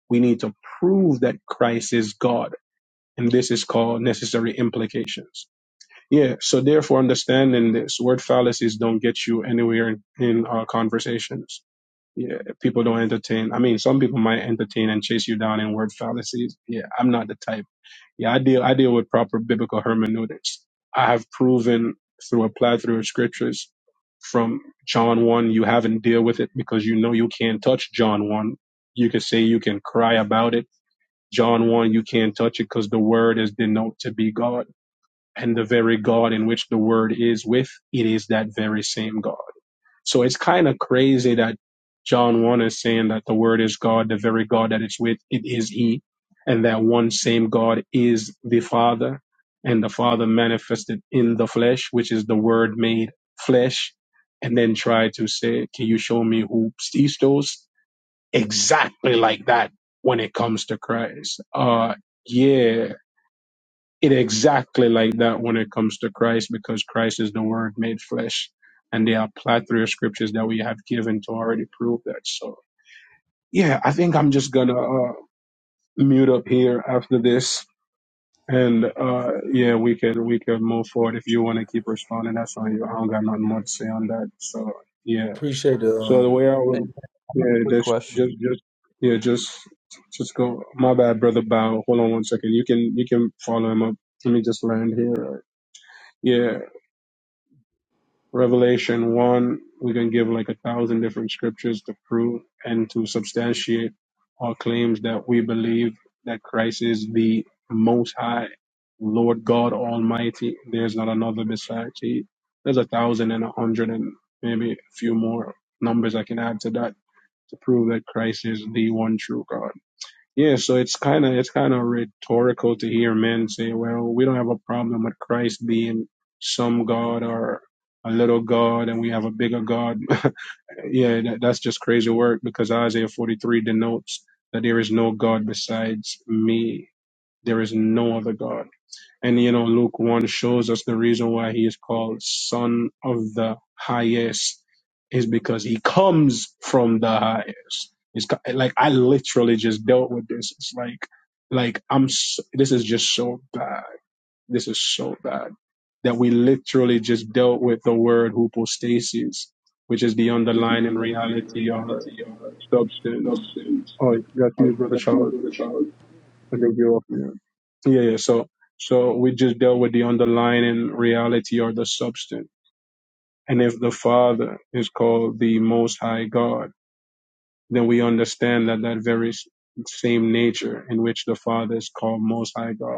we need to prove that Christ is God. And this is called necessary implications. Yeah. So therefore, understanding this word fallacies don't get you anywhere in, in uh, conversations. Yeah. People don't entertain. I mean, some people might entertain and chase you down in word fallacies. Yeah. I'm not the type. Yeah. I deal, I deal with proper biblical hermeneutics. I have proven through a plethora of scriptures from John 1, you haven't deal with it because you know you can't touch John 1. You can say you can cry about it John 1, you can't touch it because the word is denoted to be God. And the very God in which the word is with, it is that very same God. So it's kind of crazy that John 1 is saying that the word is God, the very God that it's with, it is He. And that one same God is the Father. And the Father manifested in the flesh, which is the word made flesh. And then try to say, can you show me who sees those? exactly like that when it comes to Christ. Uh, yeah, it exactly like that when it comes to Christ because Christ is the Word made flesh, and there are plethora of scriptures that we have given to already prove that. So yeah, I think I'm just gonna uh, mute up here after this. And uh, yeah, we can we can move forward if you want to keep responding. That's on you. I don't got nothing more to say on that. So yeah.
Appreciate the
So the
um,
way I
Hey,
would,
man, I have a
yeah,
quick
that's
question.
just, just, yeah, just, just go. My bad, brother. Bow. Hold on one second. You can, you can follow him up. Let me just land here. Yeah, Revelation one. We can give like a thousand different scriptures to prove and to substantiate our claims that we believe that Christ is the Most High, Lord God Almighty. There's not another besides He. There's a thousand and a hundred and maybe a few more numbers I can add to that to prove that Christ is the one true God. Yeah, so it's kind of it's kind of rhetorical to hear men say, "Well, we don't have a problem with Christ being some God or a little God, and we have a bigger God." yeah, that, that's just crazy work because Isaiah 43 denotes that there is no God besides me. There is no other God. And you know, Luke 1 shows us the reason why he is called Son of the Highest is because he comes from the highest. It's ki- like I literally just dealt with this. It's like, like I'm. s this is just so bad. This is so bad that we literally just dealt with the word hypostasis, which is the
Is the
underlying
underlying
reality or
reality of
substance.
adoption,
Oh, that's
like
you, brother Charles.
refusal to child.
I think you Yeah. Yeah, yeah. So, so we just dealt with the underlying reality or the substance. And if the Father is called the Most High God, then we understand that that very s- same nature in which the Father is called Most High God.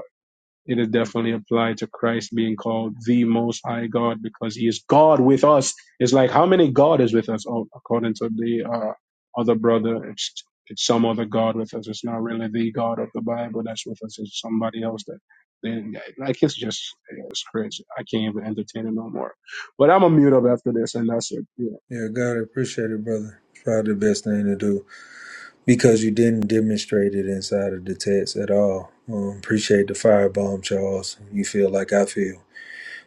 It is definitely applied to Christ being called the Most High God because He is God with us. It's like how many God is with us? Oh, according to the uh, other brother, it's it's some other God with us. It's not really the God of the Bible that's with us. It's somebody else that. Then, like it's just it's crazy. I can't even entertain it no more. But I'm gonna mute up after this, and that's it. Yeah,
yeah, God, I appreciate it, brother. Try the best thing to do. because you didn't demonstrate it inside of the text at all. Um, appreciate the firebomb, Charles. You feel like I feel.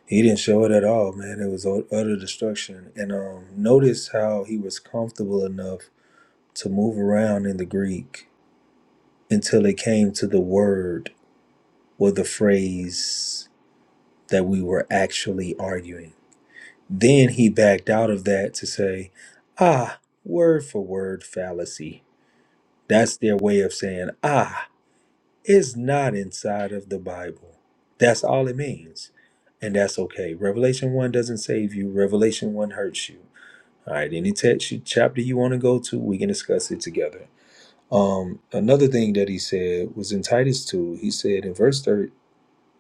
He didn't show it at all, man. It was ut- utter destruction. And um, notice how he was comfortable enough to move around in the Greek until it came to the word or the phrase that we were actually arguing. Then he backed out of that to say, ah, word for word fallacy. That's their way of saying, ah, is not inside of the Bible. That's all it means. And that's okay. Revelation 1 doesn't save you, Revelation 1 hurts you. All right, any text you, chapter you want to go to, we can discuss it together. Um, another thing that he said was in Titus 2, he said in verse thir-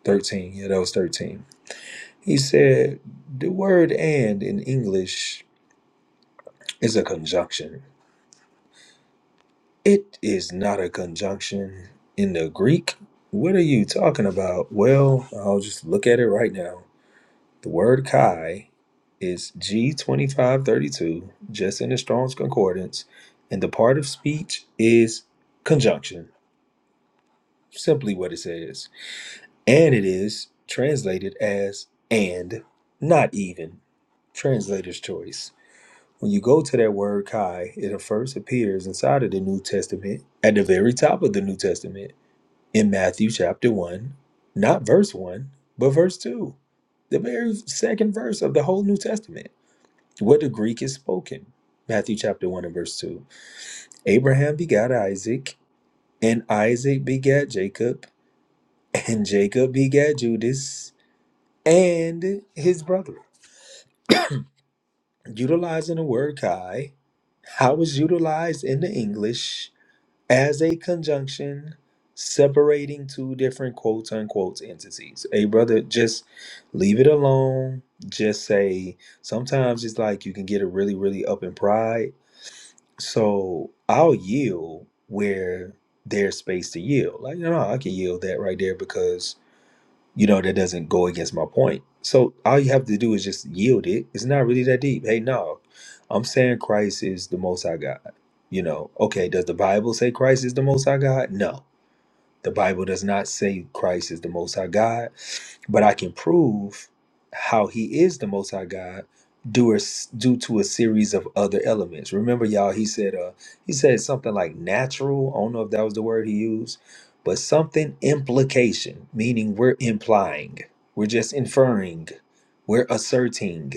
13, yeah, that was 13. He said, The word and in English is a conjunction. It is not a conjunction in the Greek. What are you talking about? Well, I'll just look at it right now. The word chi is G2532, just in the Strong's Concordance, and the part of speech is conjunction, simply what it says. And it is translated as and, not even. Translator's choice. When you go to that word chi, it first appears inside of the New Testament, at the very top of the New Testament, in Matthew chapter 1, not verse 1, but verse 2, the very second verse of the whole New Testament. What the Greek is spoken. Matthew chapter 1 and verse 2. Abraham begat Isaac, and Isaac begat Jacob, and Jacob begat Judas and his brother. Utilizing the word Kai, how is utilized in the English as a conjunction separating two different quote unquote entities. Hey, brother, just leave it alone. Just say sometimes it's like you can get a really, really up in pride So I'll yield where there's space to yield. Like, no, no, I can yield that right there because, you know, that doesn't go against my point. So all you have to do is just yield it. It's not really that deep. Hey, no, I'm saying Christ is the most high God. You know, okay, does the Bible say Christ is the most high God? No. The Bible does not say Christ is the Most High God, but I can prove how He is the Most High God due, due to a series of other elements. Remember, y'all, He said, uh, He said something like natural. I don't know if that was the word He used, but something implication, meaning we're implying, we're just inferring, we're asserting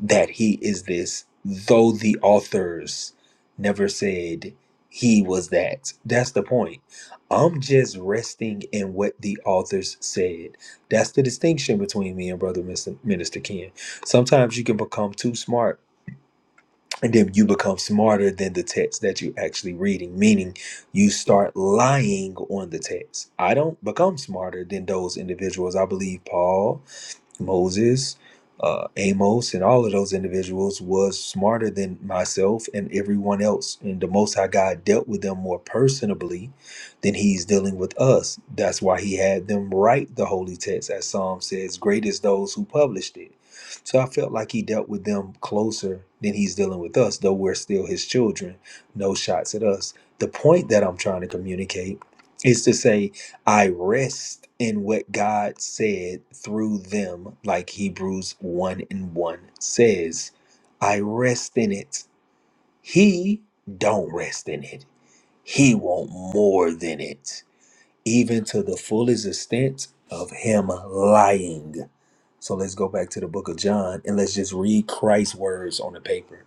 that he is this, though the authors never said he was that. That's the point. I'm just resting in what the authors said. That's the distinction between me and Brother Mr. Minister Ken. Sometimes you can become too smart. And then you become smarter than the text that you're actually reading, meaning you start lying on the text. I don't become smarter than those individuals. I believe Paul, Moses, uh, Amos, and all of those individuals was smarter than myself and everyone else. And the Most High God dealt with them more personably than He's dealing with us. That's why He had them write the holy text, as Psalm says, "Great is those who published it." So I felt like He dealt with them closer than He's dealing with us, though we're still His children. No shots at us. The point that I'm trying to communicate is to say I rest in what God said through them, like Hebrews 1 and 1 says. I rest in it. He don't rest in it. He want more than it, even to the fullest extent of him lying. So let's go back to the book of John and let's just read Christ's words on the paper.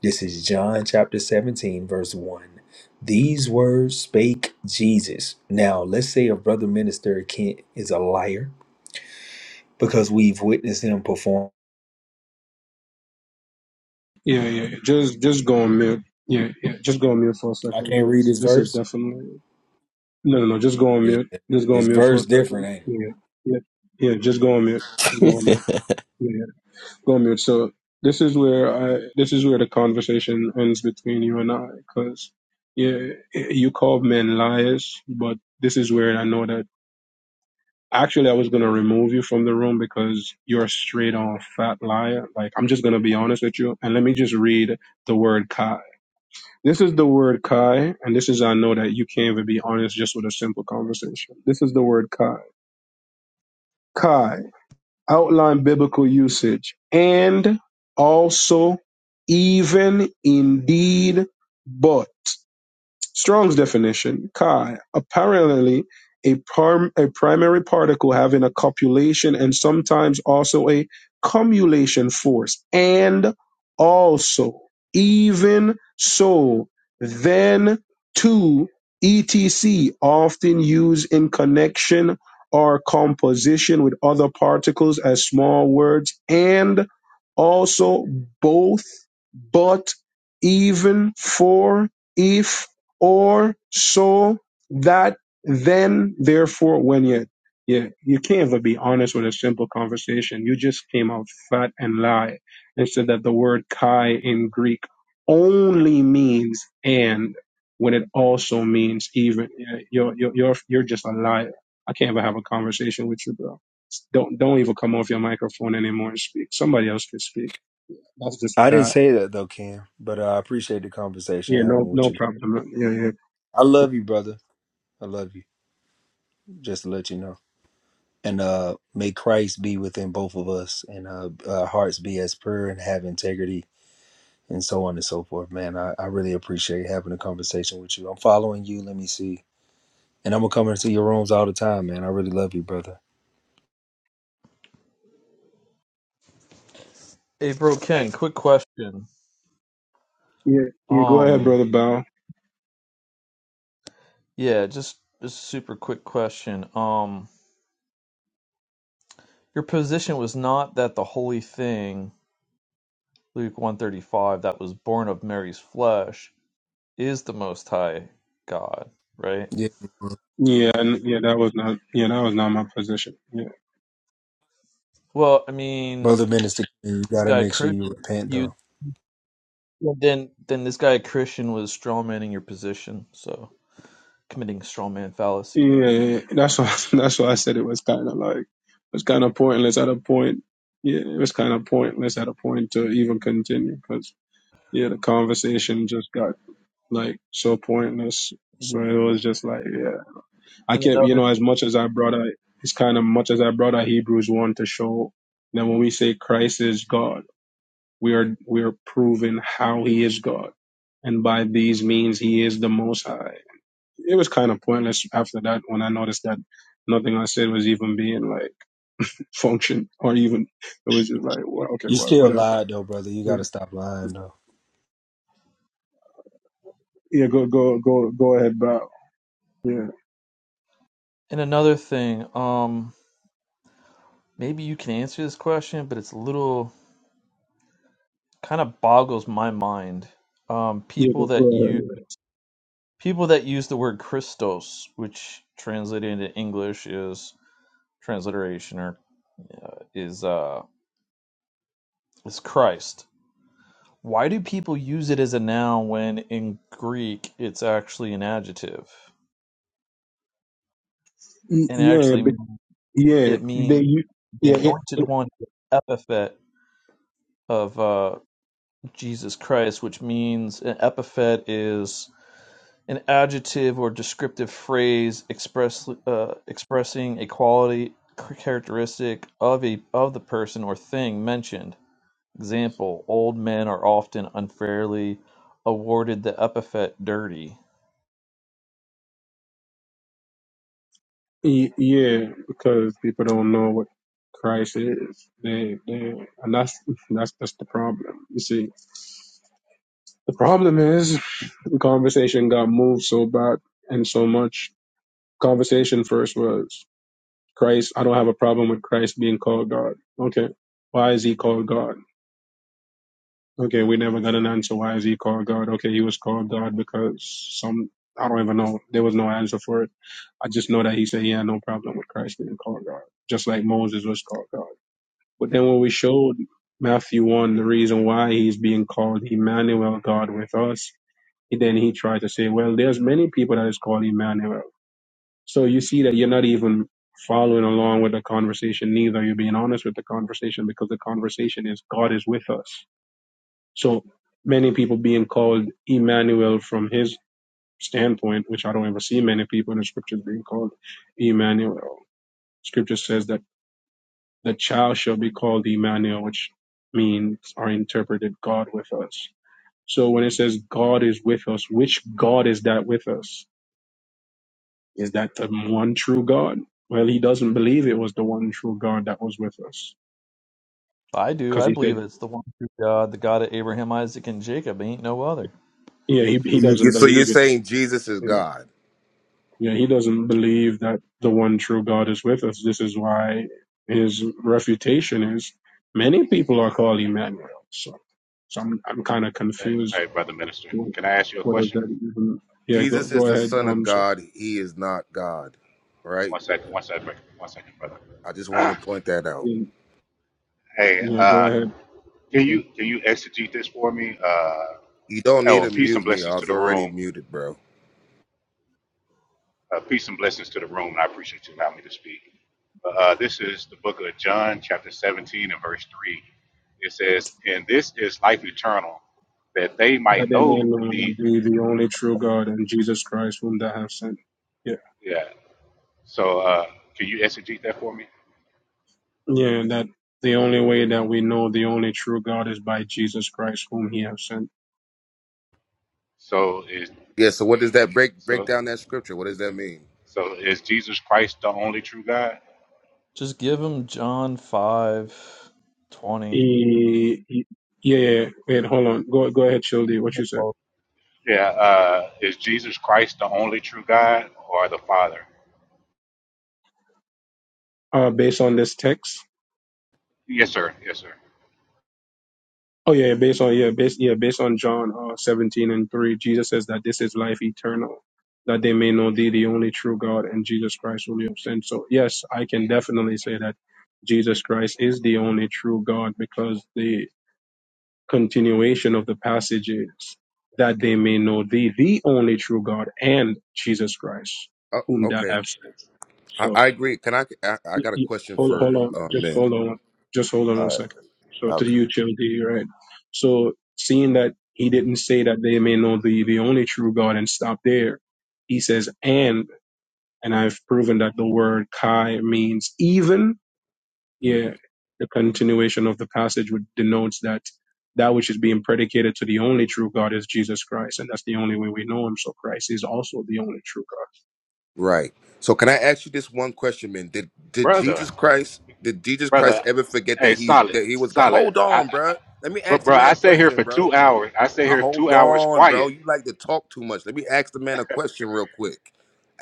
This is John chapter 17, verse 1. These words spake Jesus. Now, let's say a brother minister Kent is a liar because we've witnessed him perform.
yeah, yeah. Just just go on mute. Yeah, yeah. Just go on mute for a
I
second
can't read
because
this
this is
verse.
definitely No, no, no, just go on
Yeah,
mute. Just go on
this
mute for a
verse different,
second.
ain't it?
Yeah, yeah, yeah. Just go on mute. Just go on mute. Yeah, yeah. go on mute. So this is where I. This is where the conversation ends between you and I, because yeah, you called men liars, but this is where I know that. Actually, I was gonna remove you from the room because you're a straight on fat liar. Like I'm just gonna be honest with you, and let me just read the word "cod." This is the word Kai, and this is how I know that you can't even be honest just with a simple conversation. This is the word Kai. Kai, outline biblical usage, and also, even, indeed, but. Strong's definition, Chi, apparently a, prim- a primary particle having a copulation and sometimes also a cumulation force, and also, even so, then to etc often used in connection or composition with other particles as small words and also both but even for if or so that then therefore when you you, you can't even be honest with a simple conversation. You just came out fat and lie and said that the word kai in Greek only means and when it also means even. Yeah, You're you're you're, you're just a liar. I can't even have a conversation with you, bro. Don't don't even come off your microphone anymore and speak. Somebody else can speak. That's just
I didn't
bad.
say that though, Cam, but uh, I appreciate the conversation
Yeah,
I'm
no
having with
no
you.
problem. Yeah, yeah,
I
cool.
love you, brother. I love you. Just to let you know. And uh, may Christ be within both of us and uh, our hearts be as pure and have integrity and so on and so forth. Man, I, I really appreciate having a conversation with you. I'm following you. Let me see. And I'm gonna come into your rooms all the time, man. I really love you, brother.
Hey, bro,
Hey,
Ken, quick question.
Yeah, you go ahead,
Um,
brother Bow.
yeah, just just a super quick question. Um, your position was not that the holy thing, Luke one thirty five, that was born of Mary's flesh. is the Most High God, right?
Yeah,
Yeah, n- yeah, that was not, yeah, that was not my position. Yeah,
Well, I mean,
brother minister, you
this
gotta
guy
make sure you
Christian,
repent
you
though.
then then this guy Christian was strawmanning your position, so committing strawman
yeah,
fallacy.
yeah,
Then,
yeah. that's why, that's why I said it was kind of like, it was kind of pointless at a point. Yeah, it was kind of pointless at a point to even continue because yeah, the conversation just got like so pointless.
and
So it was just like, yeah, I kept, you
another
know, as much as I brought out, it's kind of much as I brought out Hebrews one to show that when we say Christ is God, we are we are proving how He is God, and by these means He is the Most High it was kind of pointless after that when I noticed that nothing I said was even being like function or even it was just like well, okay
You
wha-
still
whatever
lied though, brother. You gotta
yeah
stop lying though.
yeah go go go go ahead bow yeah
and another thing, um, maybe you can answer this question, but it's a little kind of boggles my mind. Um,
yeah go
people
go
that use
ahead.
people that use the word Christos, which translated into English is transliteration or uh, is uh is Christ Why do people use it as a noun when in Greek it's actually an adjective?
Y-
And it
yeah
actually
but-
mean-
yeah
it
they
means
you
the
yeah it,
anointed
it,
one, the epithet of uh, Jesus Christ, which means an epithet is an adjective or descriptive phrase express, uh, expressing a quality characteristic of a of the person or thing mentioned. Example: Old men are often unfairly awarded the epithet "dirty."
y- yeah because people don't know what Christ is they they and that's that's that's the problem you see the problem is the conversation got moved so bad and so much conversation first was. Christ, I don't have a problem with Christ being called God. Okay. Why is he called God? Okay, we never got an answer. Why is he called God? Okay, he was called God because some, I don't even know. There was no answer for it. I just know that he said, yeah, no problem with Christ being called God, just like Moses was called God. But then when we showed Matthew 1, the reason why he's being called Emmanuel, God with us, then he tried to say, well, there's many people that is called Emmanuel. So you see that you're not even following along with the conversation, neither you're being honest with the conversation because the conversation is God is with us. So many people being called Emmanuel from his standpoint, which I don't ever see many people in the scriptures being called Emmanuel. Scripture says that the child shall be called Emmanuel, which means or interpreted God with us. So when it says God is with us, which God is that with us? Is that the one true God? Well, he doesn't believe it was the one true God that was with us.
I do.
Because
I
he said,
believe it's the one true God, the God of Abraham, Isaac, and Jacob. Ain't no other.
yeah, he, he
You- you-
doesn't
So you're
believe it.
saying Jesus is
you know.
God.
Yeah, he doesn't believe that the one true God is with us. This is why his refutation is many people are called Emmanuel. So, so I'm, I'm kind of
hey,
confused.
hey, brother minister.
What,
Can I ask you a
what does
question?
that even? Yeah, go,
Jesus is
go
the
ahead.
Son of
Um, so,
God. He is not God, right?
One second, one second, one second, brother.
I just want to point that out.
yeah,
Hey,
yeah, go
uh,
ahead.
can
Yeah.
you can you exegete this for me? Uh,
You don't need
oh,
to
and peace
mute
and
me. I
blessings to
was
the
already
room.
muted, bro.
Uh, peace and blessings to the room, and I appreciate you allowing me to speak. Uh, this is the book of John, chapter 17 and verse 3. It says, "And this is life eternal, that they
That
might
they may
know
know
the."
thee, the only true God, and Jesus Christ, whom thou hast sent. Yeah,
Yeah. So, uh, can you exegete that for me?
Yeah, that the only way that we know the only true God is by Jesus Christ, whom He has sent.
So is
Yeah. So what does that break break
so
down that scripture? What does that mean?
so is Jesus Christ the only true God?
Just give him John five twenty.
He, he- yeah, yeah, yeah. wait, hold on. Go, go ahead, Childi. What you said?
Oh,
Yeah. Uh, is Jesus Christ the only true God or the Father?
Uh, based on this text.
Yes, sir. Yes, sir.
Oh yeah, based on yeah, based yeah, based on John uh, seventeen and three, Jesus says that this is life eternal, that they may know Thee, the only true God, and Jesus Christ, whom You have sent. So yes, I can definitely say that Jesus Christ is the only true God because the continuation of the passage is that they may know thee, the only true God, and Jesus Christ,
Oh,
whom thou
okay.
hast sent.
I,
So
I agree. Can I, I? I
y-
got a
y-
question
hold, hold
for
on,
uh,
just
men.
hold on, just hold on
All
one
right.
second. So to
Okay.
you, thee, right? So seeing that he didn't say that they may know thee, the only true God, and stop there, he says, and, and I've proven that the word Kai means even
Mm.
yeah, the continuation of the passage would denotes that that which is being predicated to the only true God is Jesus Christ, and that's the only way we know Him. So Christ is also the only true God.
Right. So can I ask you this one question, man? Did did
Brother,
Jesus Christ did Jesus Christ
brother.
ever forget
Hey,
that he
solid,
that he was God?
solid.
Hold
I, I,
on, bro. Let me
bro,
ask the
bro,
man
I
a
stay here
question,
for
bro.
two hours. I stay
Uh,
here two
hold
hours
on, bro.
quiet,
You like to talk too much. Let me ask the man a question real quick.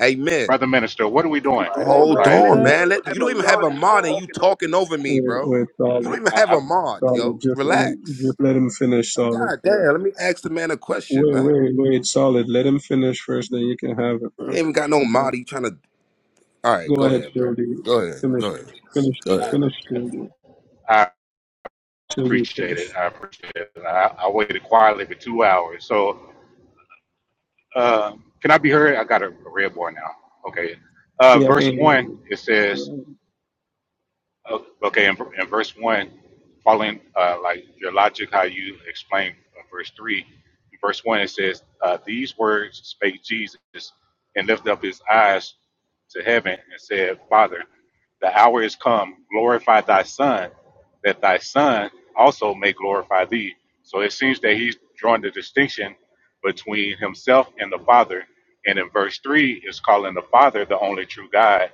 Amen.
brother minister. What are we doing?
Come Hey, on,
Hold
man.
Like,
Let, us
on,
Wait,
do it.
man.
even have
Let, you don't even have a mod and you
walking over.
talking over me,
wait,
bro.
wait,
You
solid,
don't even have
I,
a mod,
solid.
yo.
Just let him, just
Relax.
let him finish
Like,
solid
god
first.
damn, let me ask the man a question,
Wait,
man.
wait, wait, solid. Let him finish first, then you can have it,
You ain't
bro.
even got no mod.
Okay.
You trying to all right,
Go
go
ahead,
ahead, bro.
Tildy.
Go ahead.
Finish,
Go ahead.
finish,
Go ahead.
finish, Tildy.
I, I
Tildy,
appreciate
finish.
it. I appreciate it. I, I waited quietly for two hours. So, uh, can I be heard? I got a a red bar now. Okay. Uh,
Yeah, I
verse
can hear
one. It says,
you.
Oh, Okay, in, in verse one, following uh, like your logic, how you explain uh, verse three, in verse one it says, uh, "These words spake Jesus, and lifted up his eyes to heaven, and said, Father, the hour is come; glorify thy Son, that thy Son also may glorify thee." So it seems that he's drawing the distinction between himself and the Father, and in verse three is calling the Father the only true God,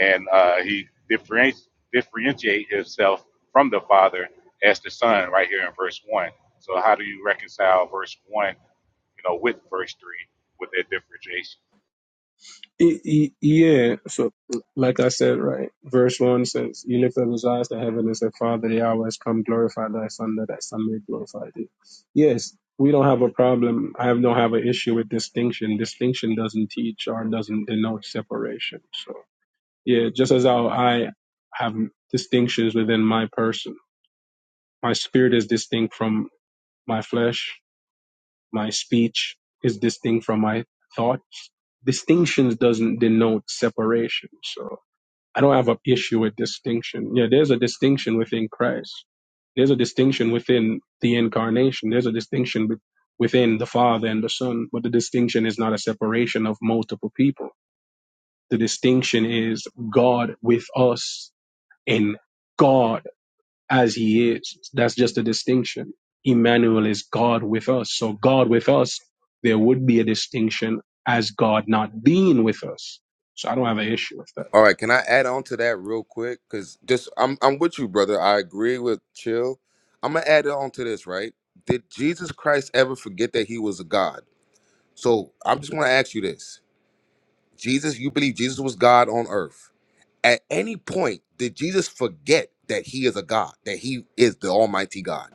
and uh, he differentiates differentiate himself from the Father as the Son right here in verse one. So how do you reconcile verse one, you know, with verse three with that differentiation?
Y- y- Yeah, so like I said, right, verse 1 says, You lift up his eyes to heaven and say, Father, the hour has come, glorify thy son, that thy son may glorify thee. Yes, we don't have a problem. I have- don't have an issue with distinction. Distinction doesn't teach or doesn't denote separation. So, yeah, just as how I have distinctions within my person, my spirit is distinct from my flesh, my speech is distinct from my thoughts. Distinctions doesn't denote separation. So, I don't have an issue with distinction. Yeah, there's a distinction within Christ. There's a distinction within the incarnation. There's a distinction be- within the Father and the Son. But the distinction is not a separation of multiple people. The distinction is God with us in God as He is. That's just a distinction. Emmanuel is God with us. So God with us, there would be a distinction as God not being with us. So I don't have an issue with that.
All right, can I add on to that real quick? Cause just I'm I'm with you, brother. I agree with chill. I'm gonna add on to this, right? Did Jesus Christ ever forget that he was a God? So I'm just going to ask you this: Jesus, you believe Jesus was God on earth? At any point, did Jesus forget that He is a God, that He is the Almighty God?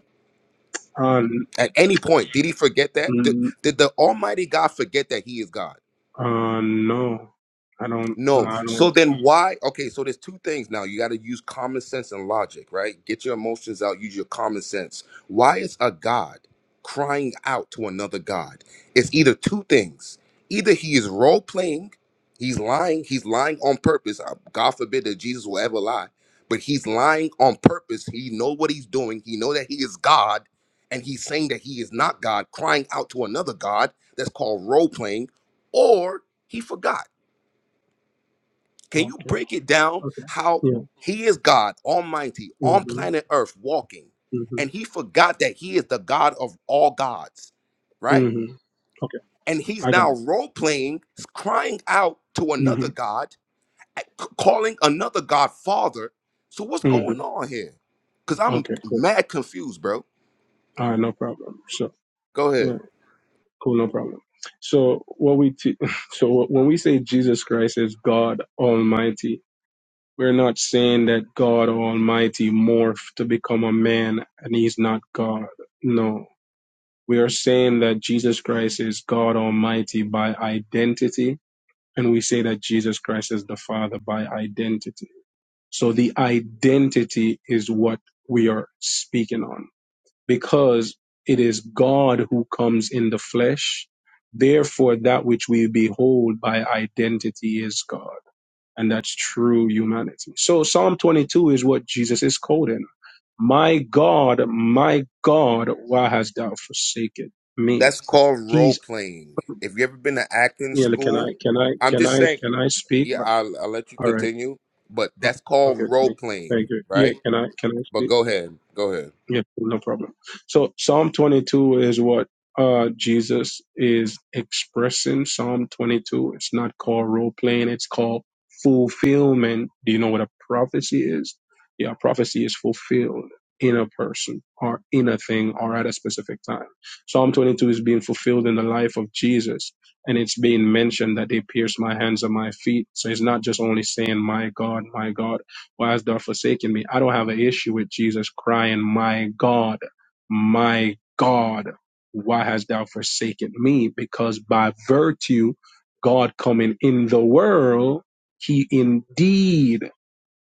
Um,
At any point, did He forget that? Did,
mm,
did the Almighty God forget that He is God?
Uh, no, I don't. No,
No.
I don't.
So then why? Okay, so there's two things now. You got to use common sense and logic, right? Get your emotions out, use your common sense. Why is a God crying out to another God? It's either two things. Either he is role playing, he's lying, he's lying on purpose. Uh, God forbid that Jesus will ever lie, but he's lying on purpose. He know what he's doing. He know that he is God and he's saying that he is not God, crying out to another God. That's called role playing or he forgot can you
Okay.
break it down
Okay.
how
Yeah.
he is God, almighty, on
Mhm.
planet earth, walking,
Mhm.
and he forgot that he is the God of all gods, right?
Mhm. Okay.
And he's
I got
now
it.
role playing, crying out to another
Mhm.
God, c- calling another God Father. So what's going
Mhm.
on here? Because I'm
Okay. Cool.
mad confused, bro.
All right. No problem. So
Go
yeah.
ahead.
Cool. No problem. So what we te- so when we say Jesus Christ is God Almighty, we're not saying that God Almighty morphed to become a man and He's not God. No. We are saying that Jesus Christ is God Almighty by identity and we say that Jesus Christ is the Father by identity. So the identity is what we are speaking on because it is God who comes in the flesh. Therefore, that which we behold by identity is God, and that's true humanity. So Psalm 22 is what Jesus is quoting. My God, my God, why hast thou forsaken me?
That's called role
He's
playing. If you ever been to acting
yeah. Can
school,
I can I
I'm
can
just
I
saying
can I speak?
yeah,
All
I'll, I'll let you
right
continue, but
Oh,
that's called
Okay,
role
thank,
playing,
thank you. Yeah,
right?
can I can I
But
speak?
go ahead, go ahead.
Yeah, no problem. So Psalm 22 is what uh Jesus is expressing. Psalm 22. It's not called role playing. It's called fulfillment. Do you know what a prophecy is? Yeah, prophecy is fulfilled in a person or in a thing or at a specific time. Psalm 22 is being fulfilled in the life of Jesus. And it's being mentioned that they pierced my hands and my feet. So it's not just only saying, my God, my God why hast thou forsaken me? I don't have an issue with Jesus crying, My God, my God, why hast thou forsaken me? Because by virtue, God coming in the world, he indeed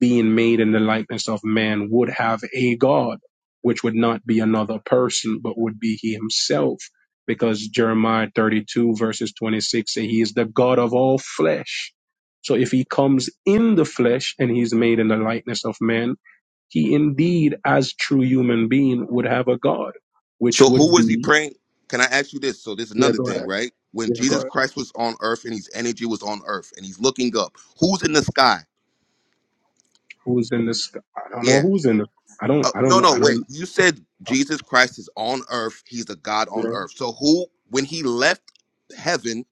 being made in the likeness of man would have a God, which would not be another person, but would be he himself. Because Jeremiah 32 verses 26 say he is the God of all flesh. So if he comes in the flesh and he's made in the likeness of man, he indeed, as true human being, would have a God, which
So who
would
was he
be,
praying? Can I ask you this? So this is
yeah,
another
go
thing,
ahead,
right? When
yeah, go
Jesus
ahead.
Christ was on earth and his energy was on earth and he's looking up, who's in the sky?
Who's in the sky? I don't know
Yeah.
who's in the, I don't,
Uh,
I don't
no,
know,
no,
I
wait.
don't.
You said Jesus Christ is on earth. He's the God
yeah.
on earth. So who, when he left heaven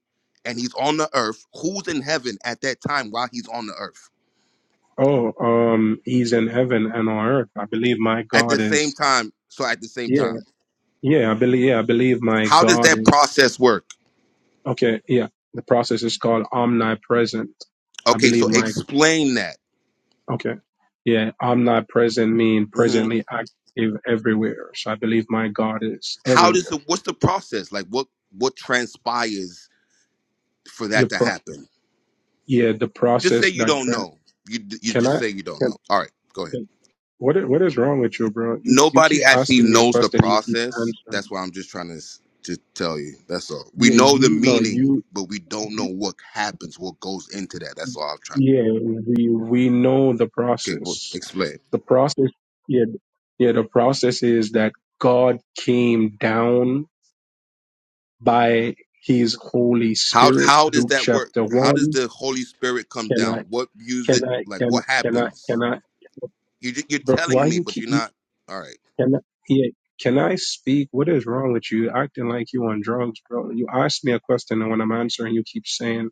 and he's on the earth, who's in heaven at that time while he's on the earth?
Oh, um, he's in heaven and on earth. I believe my
At the
God
same
is.
time. So at the same
Yeah,
time.
yeah, I believe. Yeah, I believe my
How does
God
that
is.
process work?
Okay, yeah. The process is called omnipresent. I
Okay,
believe
so
my.
explain that.
Okay, yeah. Omnipresent mean
hmm
presently active everywhere. So I believe my God is
How does
everywhere.
it? What's the process? Like what what transpires for that
Your
to
pro.
happen?
Yeah, the
Just say
process
you
that
don't
tra-
know. You you
can
just
I
say you don't
can.
know. All right, go ahead.
can- What is, what is wrong with you, bro? You you
Nobody
keep
actually
asking me a
knows the
question and you keep
process.
answering.
That's why I'm just trying to s- to tell you. That's all. We
Yeah,
know the
you no
meaning,
you.
but we don't know what happens, what goes into that. That's all I'm trying.
Yeah, we we know the
to. Okay, well,
process.
explain.
The process, yeah, yeah. The process is that God came down by His Holy
How
Spirit.
how does
Luke
that work?
chapter
How does
one.
the Holy Spirit come
Can I?
down? What music?
Can I?
Like
Can
what
can I?
happens?
Can I?
You ju- you're
Bro, why
telling me,
you
but
keep?
you're not. All right.
Can I? Yeah. Can I speak? What is wrong with you? Acting like you on drugs, bro. You ask me a question, and when I'm answering, you keep saying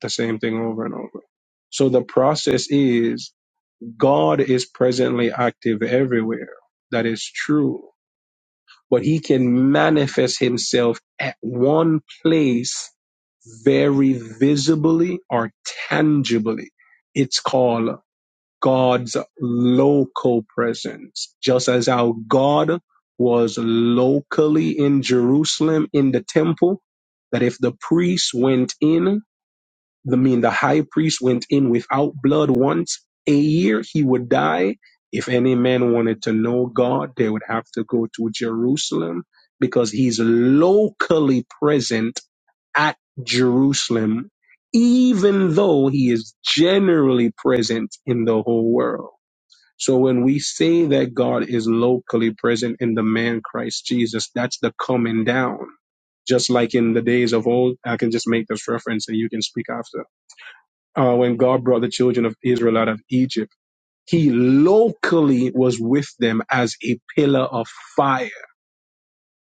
the same thing over and over. So the process is God is presently active everywhere. That is true. But he can manifest himself at one place very visibly or tangibly. It's called God's local presence. Just as how God was locally in Jerusalem in the temple, that if the priests went in the mean the high priest went in without blood once a year, he would die. If any man wanted to know God, they would have to go to Jerusalem because he's locally present at Jerusalem, even though he is generally present in the whole world. So when we say that God is locally present in the man Christ Jesus, that's the coming down. Just like in the days of old, I can just make this reference and you can speak after uh, when God brought the children of Israel out of Egypt, he locally was with them as a pillar of fire.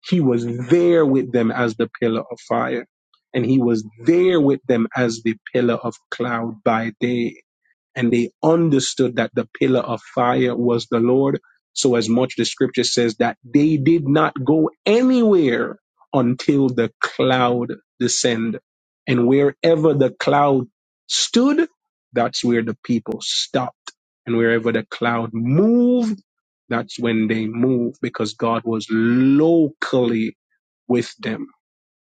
He was there with them as the pillar of fire. And he was there with them as the pillar of cloud by day and they understood that the pillar of fire was the Lord. So, as much the scripture says that they did not go anywhere until the cloud descended. And wherever the cloud stood, that's where the people stopped. And wherever the cloud moved, that's when they moved because God was locally with them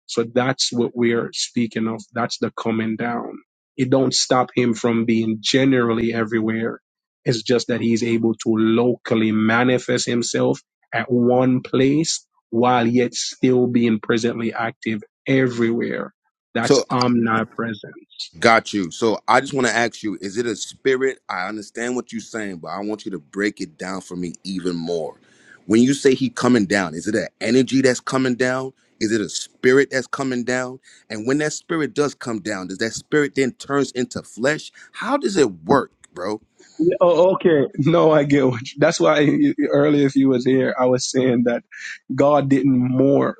so that's what we're speaking of. That's the coming down. It don't stop him from being generally everywhere. It's just that he's able to locally manifest himself at one place while yet still being presently active everywhere. That's
So
omnipresent.
got you. So I just want to ask you: Is it a spirit? I understand what you're saying, but I want you to break it down for me even more. When you say he coming down, is it an energy that's coming down? Is it a spirit that's coming down? And when that spirit does come down, does that spirit then turns into flesh? How does it work, bro?
Yeah, Oh, okay. No, I get what you, that's why you- earlier if you was here, I was saying that God didn't morph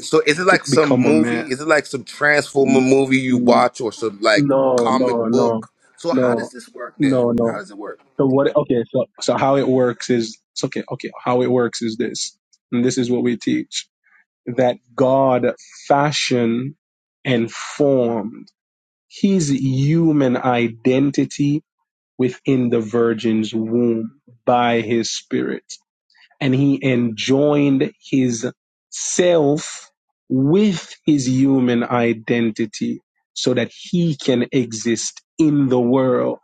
So is it
to
like some
become a
movie?
man.
Is it like some Transformer movie you watch or some like
No,
comic
no, no,
book? So how does
no,
this work then?
no,
How
no.
does it work?
So what? Okay, so so how it works is it's okay. Okay, how it works is this, and this is what we teach: that God fashioned and formed His human identity within the Virgin's womb by His Spirit and he enjoined his self with his human identity so that he can exist in the world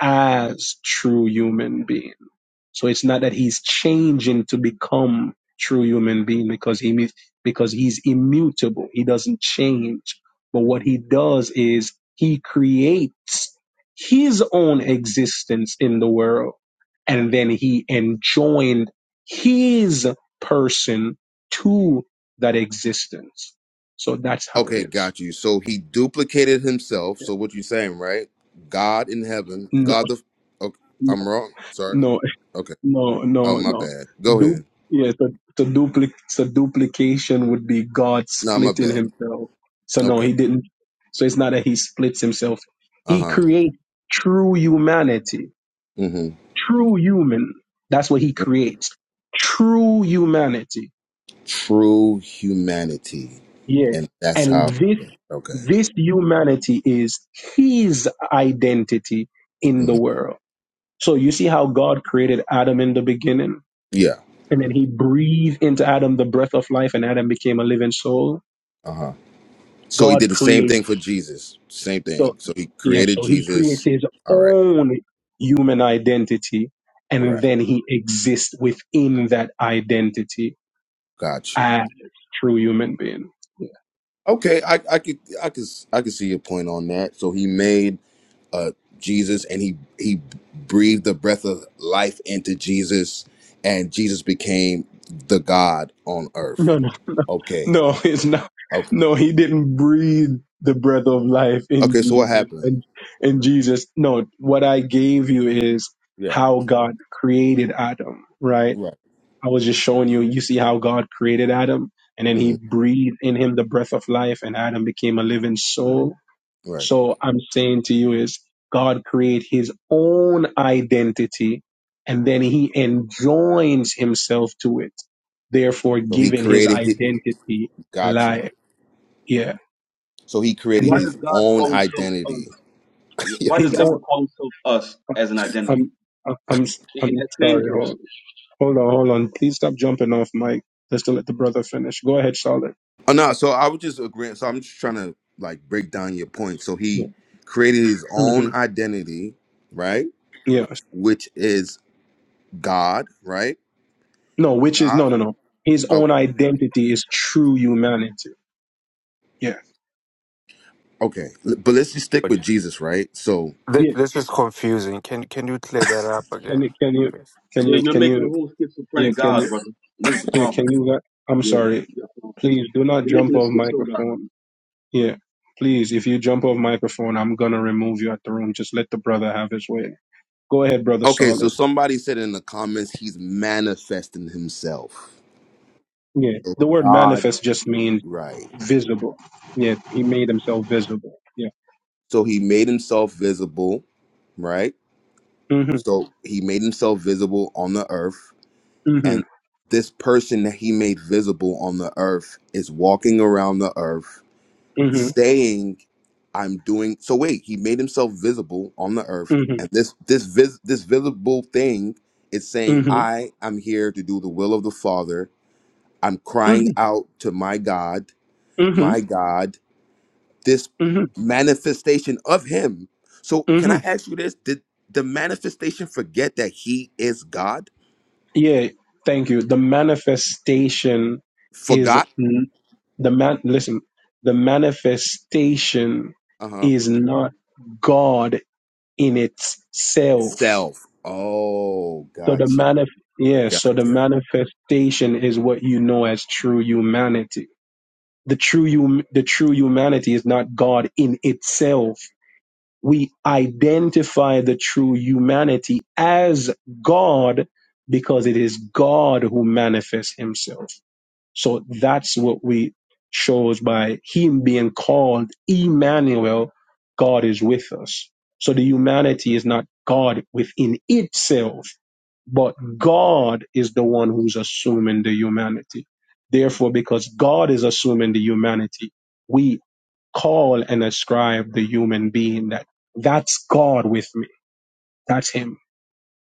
as true human being. So it's not that he's changing to become true human being because he because he's immutable. He doesn't change. But what he does is he creates his own existence in the world and then he enjoined his person to that existence. So that's how it
Okay,
is.
got you. So he duplicated himself. So what you saying, right? God in heaven,
No,
God the. Okay, I'm
no,
wrong. Sorry.
no
Okay.
No,
Oh,
no,
my
no.
bad. Go ahead.
Du- yeah, the, the, duplic- the duplication would be God
Nah, my
splitting
bad.
himself. So, no,
Okay.
he didn't. So, it's not that he splits himself.
Uh
He
huh.
creates true humanity,
hmm
true human. That's what he creates. True humanity.
True humanity,
Yeah.
and that's
And
how.
this,
Okay.
this humanity is his identity in the
hmm
world. So, you see how God created Adam in the beginning?
Yeah.
and then he breathed into Adam the breath of life, and Adam became a living soul.
Uh huh. So he
God
did the same
creates,
thing for Jesus. Same
so
thing. So he
yeah,
created
so he creates
Jesus.
his
All right.
own human identity,
All
and
right.
then he exists within that identity
Got you.
as true human being. Yeah.
Okay. I I could I could I could see your point on that. So he made. uh, Jesus, and he he breathed the breath of life into Jesus, and Jesus became the God on earth.
No, no,
Okay,
no, it's not.
okay,
No, he didn't breathe the breath of life in
okay. So what
Jesus.
happened?
And in Jesus, no, what I gave you is
Yeah,
how God created Adam, right?
right,
I was just showing you, you see how God created Adam, and then he
hmm
breathed in him the breath of life, and Adam became a living soul.
right.
So I'm saying to you is God create his own identity, and then he enjoins himself to it, therefore
So he
giving his
created his.
identity
Got you.
life. Yeah.
So he
And
created
Why
this,
does
his
God
own
call himself us?
identity. yeah.
Why
his
does God
own,
call himself us as an identity?
I'm, I'm,
In
I'm
in that same
sorry.
verse.
Hold, hold on, hold on. Please stop jumping off, Mike. Just to let the brother finish. Go ahead, Charlotte.
Oh no. So I would just agree. So I'm just trying to like break down your point. So
Yeah.
he created his
hmm
own identity, right?
Yeah.
Which is God, right?
No, which is
God.
no, no, no. His
okay.
own identity is true humanity. Yeah,
Okay, l- but let's just stick with
Th-
Jesus, right? So,
yeah.
this is confusing. Can can you clear that up
Can you,
again,
can you,
please?
can
Yeah,
you,
you're
can
making a
you,
whole
yeah,
schizophrenic
can
God,
you,
brother. And this is the
yeah,
problem.
can you? let- I'm
Yeah,
sorry.
you got a problem.
Please do not
You're
jump
making a
off
schizo God.
microphone. Yeah, please. If you jump off microphone, I'm gonna remove you at the room. Just let the brother have his way. Go ahead, brother.
okay, so
Solid.
somebody said in the comments he's manifesting himself.
Yeah.
So
The word
God,
manifest just means
right?
visible. Yeah, he made himself visible. Yeah.
So he made himself visible, right?
Mhm.
So he made himself visible on the earth,
Mhm.
and this person that he made visible on the earth is walking around the earth
Mhm.
saying i'm doing so wait he made himself visible on the earth
Mhm.
and this this vis, this visible thing is saying
Mhm.
i am here to do the will of the father i'm crying
Mhm.
out to my god my
Mhm.
god this manifestation of him so
Mhm.
can i ask you this did the manifestation forget that he is god
Yeah, thank you. The manifestation is
forgot
n- the man. Listen, the manifestation
uh-huh
is not God in itself.
self oh
So the
gotcha
manif- yeah, so the
gotcha
manifestation is what you know as true humanity. The true hum- the true humanity is not God in itself. We identify the true humanity as God because it is God who manifests himself. So that's what we shows by him being called Emmanuel, God is with us. So the humanity is not God within itself, but God is the one who's assuming the humanity. Therefore, because God is assuming the humanity, we call and ascribe the human being that that's God with me. That's him.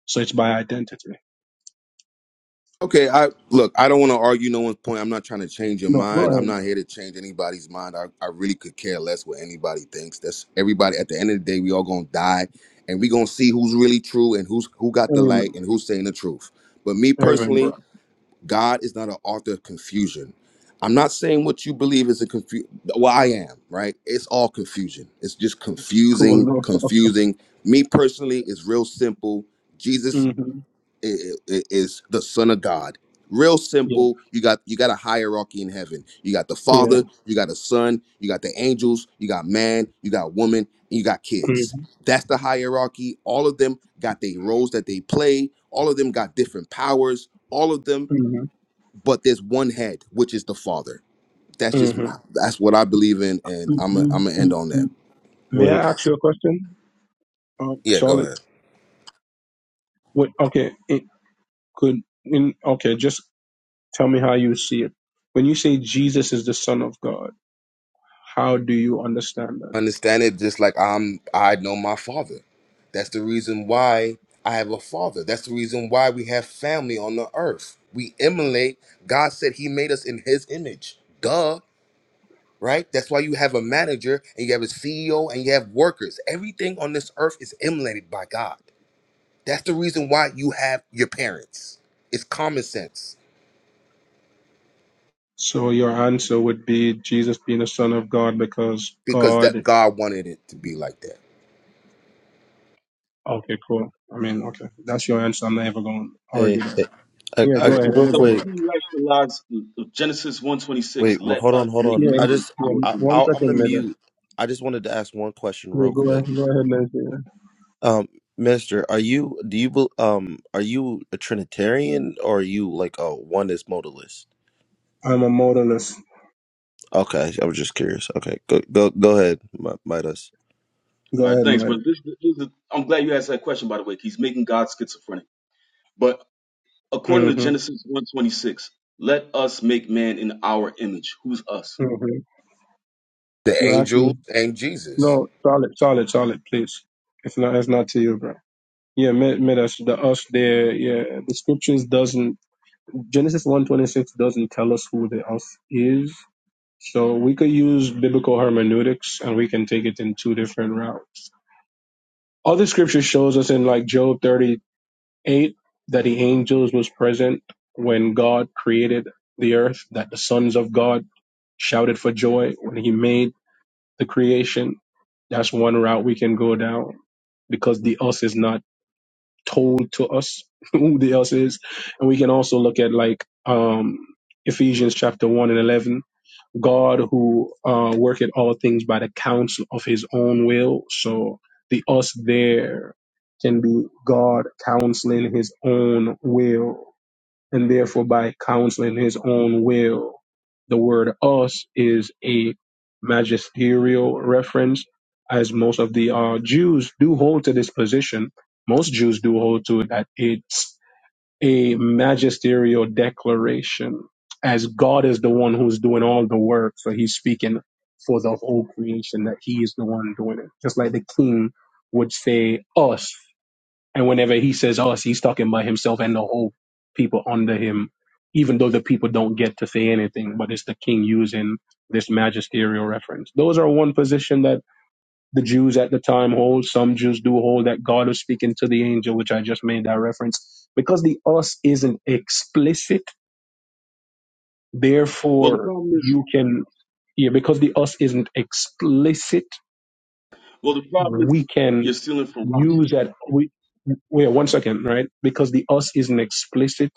So it's by identity.
Okay, I look, I don't want to argue no one's point. I'm not trying to change your
No, go
mind. I'm
ahead.
not here to change anybody's mind. I, I really could care less what anybody thinks. That's everybody at the end of the day, we all gonna die and we gonna see who's really true and who's who got the light
Amen.
and who's saying the truth. But me
Amen, bro.
personally, God is not an author of confusion. I'm not saying what you believe is a confusion. Well, I am, right? It's all confusion. It's just
Cool.
confusing,
No problem.
confusing. Me personally, it's real simple. Jesus
hmm
i- i- is the son of god real
Yeah.
simple you got you got a hierarchy in heaven you got the
Yeah.
father you got a son you got the angels you got man you got woman and you got kids
Mhm,
that's the hierarchy all of them got their roles that they play all of them got different powers all of them
mhm,
but there's one head which is the father that's just
mhm.
that's what i believe in and
Mm,
i'm i
mm,
i'm gonna end
mm,
on that
mm. May
wait,
I ask you a question, uh,
yeah go
Charlotte?
ahead
What? Okay, it could. In, okay, just tell me how you see it. When you say Jesus is the Son of God, how do you understand that?
understand it just like I'm I know my father. That's the reason why I have a father. That's the reason why we have family on the earth. We emulate. God said he made us in his image. Duh, right? That's why you have a manager and you have a CEO and you have workers. Everything on this earth is emulated by God. That's the reason why you have your parents. It's common sense
So your answer would be Jesus being the Son of God because
because that
God.
God wanted it to be like that.
Okay, cool. I mean, okay, that's your answer. I'm never going to
hey,
argue that.
hey I,
Yeah, go
I,
ahead.
real
So
Anybody?
how
quick.
do
else?
you rationalize the- the Genesis 126?
Wait, well,
Let
hold on,
us
hold
make
on. I
Yeah,
man in
just,
our
yeah.
I,
One
image.
I, I'm gonna
second, middle.
mute. I just wanted to ask one question real
Yeah, go
quick.
ahead. Go ahead, Nancy.
Um, Minister, are you do you bel- um are you a Trinitarian or are you like a oneness modalist?
I'm a modalist.
Okay, I was just curious. Okay, go go go ahead, Mi- Midas.
All
Go
right,
ahead,
thanks,
Maya.
brother. This, this is the, I'm glad you asked that question, by the way. 'cause He's making God schizophrenic. But according
hmm
to
hmm
Genesis 126, let us make man in our image. Who's us?
The
You asked me.
angels and Jesus.
No, solid, solid, solid. Please, if not, that's not to you, bro. Yeah, mid, mid us, the us there. Yeah, the scriptures doesn't Genesis one twenty six doesn't tell us who the us is. So we could use biblical hermeneutics, and we can take it in two different routes. Other scripture shows us in like Job thirty eight that the angels was present when God created the earth, that the sons of God shouted for joy when He made the creation. That's one route we can go down because the us is not told to us who the us is. And we can also look at like um, Ephesians chapter 1 and 11. God who uh, worketh all things by the counsel of his own will. So the us there can be God counseling his own will and therefore by counseling his own will. The word us is a magisterial reference, as most of the uh, Jews do hold to this position. Most Jews do hold to it that it's a magisterial declaration, as God is the one who's doing all the work. So he's speaking for the whole creation, that he is the one doing it. Just like the king would say, us. And whenever he says us, he's talking about himself and the whole people under him, even though the people don't get to say anything, but it's the king using this magisterial reference. Those are one position that the Jews at the time hold. Some Jews do hold that God is speaking to the angel, which I just made that reference. Because the us isn't explicit,
Well, the
therefore
problem is.
you can yeah, because the us isn't explicit
Well, the problem is
we can
you're stealing from Rashi.
use that we wait one second right because the us isn't explicit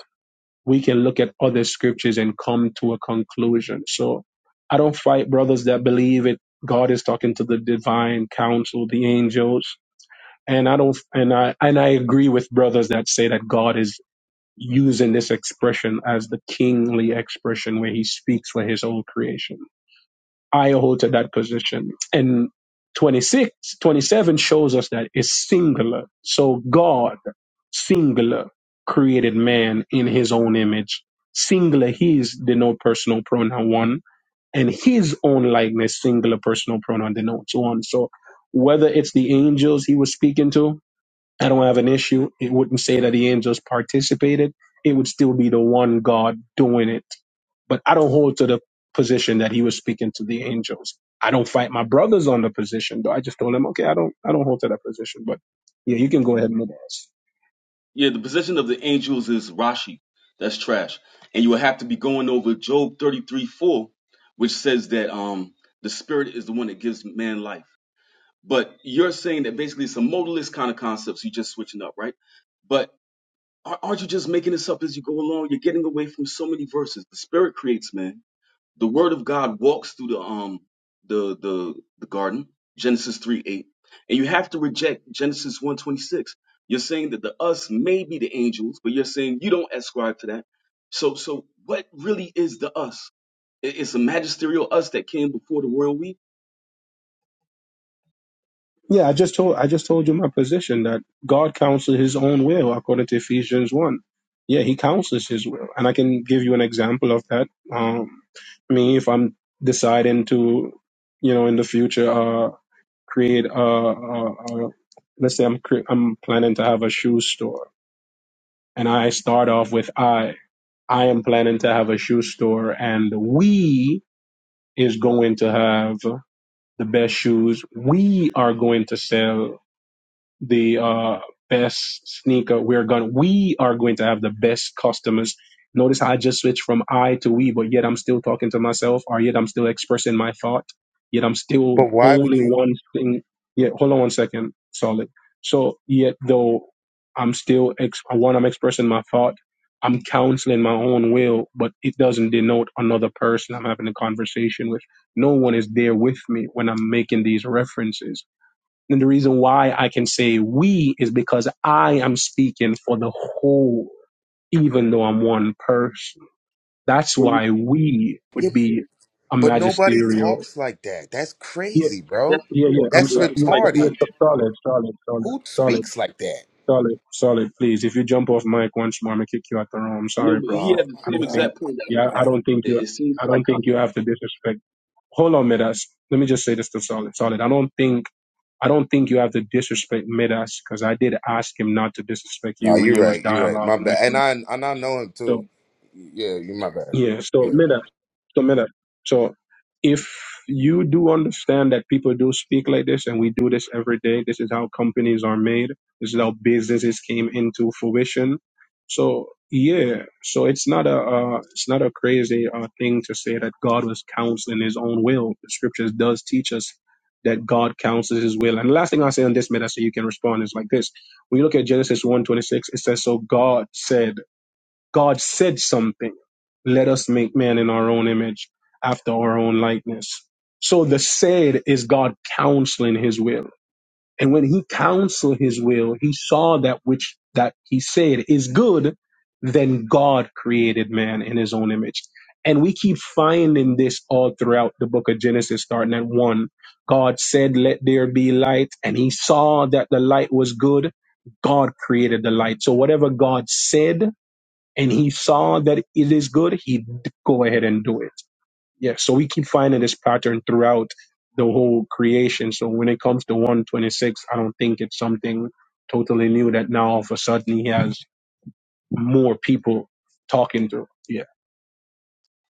we can look at other scriptures and come to a conclusion so i don't fight brothers that believe it god is talking to the divine council the angels and i don't and i and i agree with brothers that say that god is using this expression as the kingly expression where he speaks for his own creation I hold to that position. And 26, 27 shows us that it's singular. So God, singular, created man in his own image. Singular, he's the no personal pronoun one, and his own likeness, singular personal pronoun denotes one. So whether it's the angels he was speaking to, I don't have an issue. It wouldn't say that the angels participated. It would still be the one God doing it. But I don't hold to the position that he was speaking to the angels. I don't fight my brothers on the position, though. I just told them, okay, I don't, I don't hold to that position. But yeah, you can go ahead and move on.
Yeah, the position of the angels is Rashi. That's trash. And you will have to be going over Job 33 4, which says that um the spirit is the one that gives man life. But you're saying that basically it's a modalist kind of concepts. You're just switching up, right? But ar- aren't you just making this up as you go along? You're getting away from so many verses. The spirit creates man. the word of God walks through the um the the the garden, Genesis 3 8. And you have to reject Genesis 126. You're saying that the us may be the angels, but you're saying you don't ascribe to that. So so what really is the us? I- It's a magisterial us that came before the royal we?
Yeah, I just told, I just told you my position that God counsels His own will according to Ephesians one. Yeah, He counsels His will, and I can give you an example of that. Um, me, if I'm deciding to, you know, in the future. create a, a, a let's say I'm cre- I'm planning to have a shoe store, and I start off with I. I am planning to have a shoe store, and we is going to have the best shoes. We are going to sell the uh, best sneaker. We're going we are going to have the best customers. Notice how I just switched from I to we, but yet I'm still talking to myself, or yet I'm still expressing my thought. Yet I'm still
But why would
only
you?
one thing. Yeah, hold on one second, solid. So yet though I'm still ex- one, I'm expressing my thought. I'm counseling my own will, but it doesn't denote another person I'm having a conversation with. No one is there with me when I'm making these references and the reason why I can say we is because I am speaking for the whole, even though I'm one person. That's
Well you
why we would be a
But nobody
magisterial.
talks like that. That's
Yeah,
crazy, bro.
that's the
yeah, yeah.
point.
I'm
That's
It-
sorry.
It's
Yeah, so- yeah,
psychotic.
retarded.
so- solid, solid, solid,
Who
solid,
speaks like that?
solid, solid. Please, if you jump off mic once more, I'm gonna kick you out the room. I'm
No,
sorry,
but
bro,
he
but
Oh
had the
I
my
same
don't
god.
think.
exact point that
Yeah,
I
I
had.
don't think you.
It, it seems
I don't
psychotic.
think you have to disrespect. Hold on, Midas. Let me just say this to Solid. Solid, I don't think I don't think you have to disrespect Midas because I did ask him not to disrespect
No,
you when
you're
you was
right. You're right. My
dialoguing with
bad. And
me.
I and I know him too.
So
Yeah, you my bad.
yeah, so
Yeah.
Midas. So, Minna, so if you do understand that people do speak like this and we do this every day, this is how companies are made, this is how businesses came into fruition. So, yeah, so it's not a uh, it's not a crazy uh, thing to say that God was counseling his own will. The scriptures does teach us that God counsels his will. And the last thing I'll say on this matter so you can respond is like this. When you look at Genesis one twenty six, it says so God said God said something. Let us make man in our own image, after our own likeness. So the said is God counseling his will. And when he counseled his will, he saw that which that he said is good, then God created man in his own image. And we keep finding this all throughout the book of Genesis, starting at one. God said, Let there be light. And he saw that the light was good. God created the light. So whatever God said, and he saw that it is good, he'd go ahead and do it. Yeah, so we keep finding this pattern throughout the whole creation. So when it comes to 126, I don't think it's something totally new that now all of a sudden he has more people talking to. Yeah.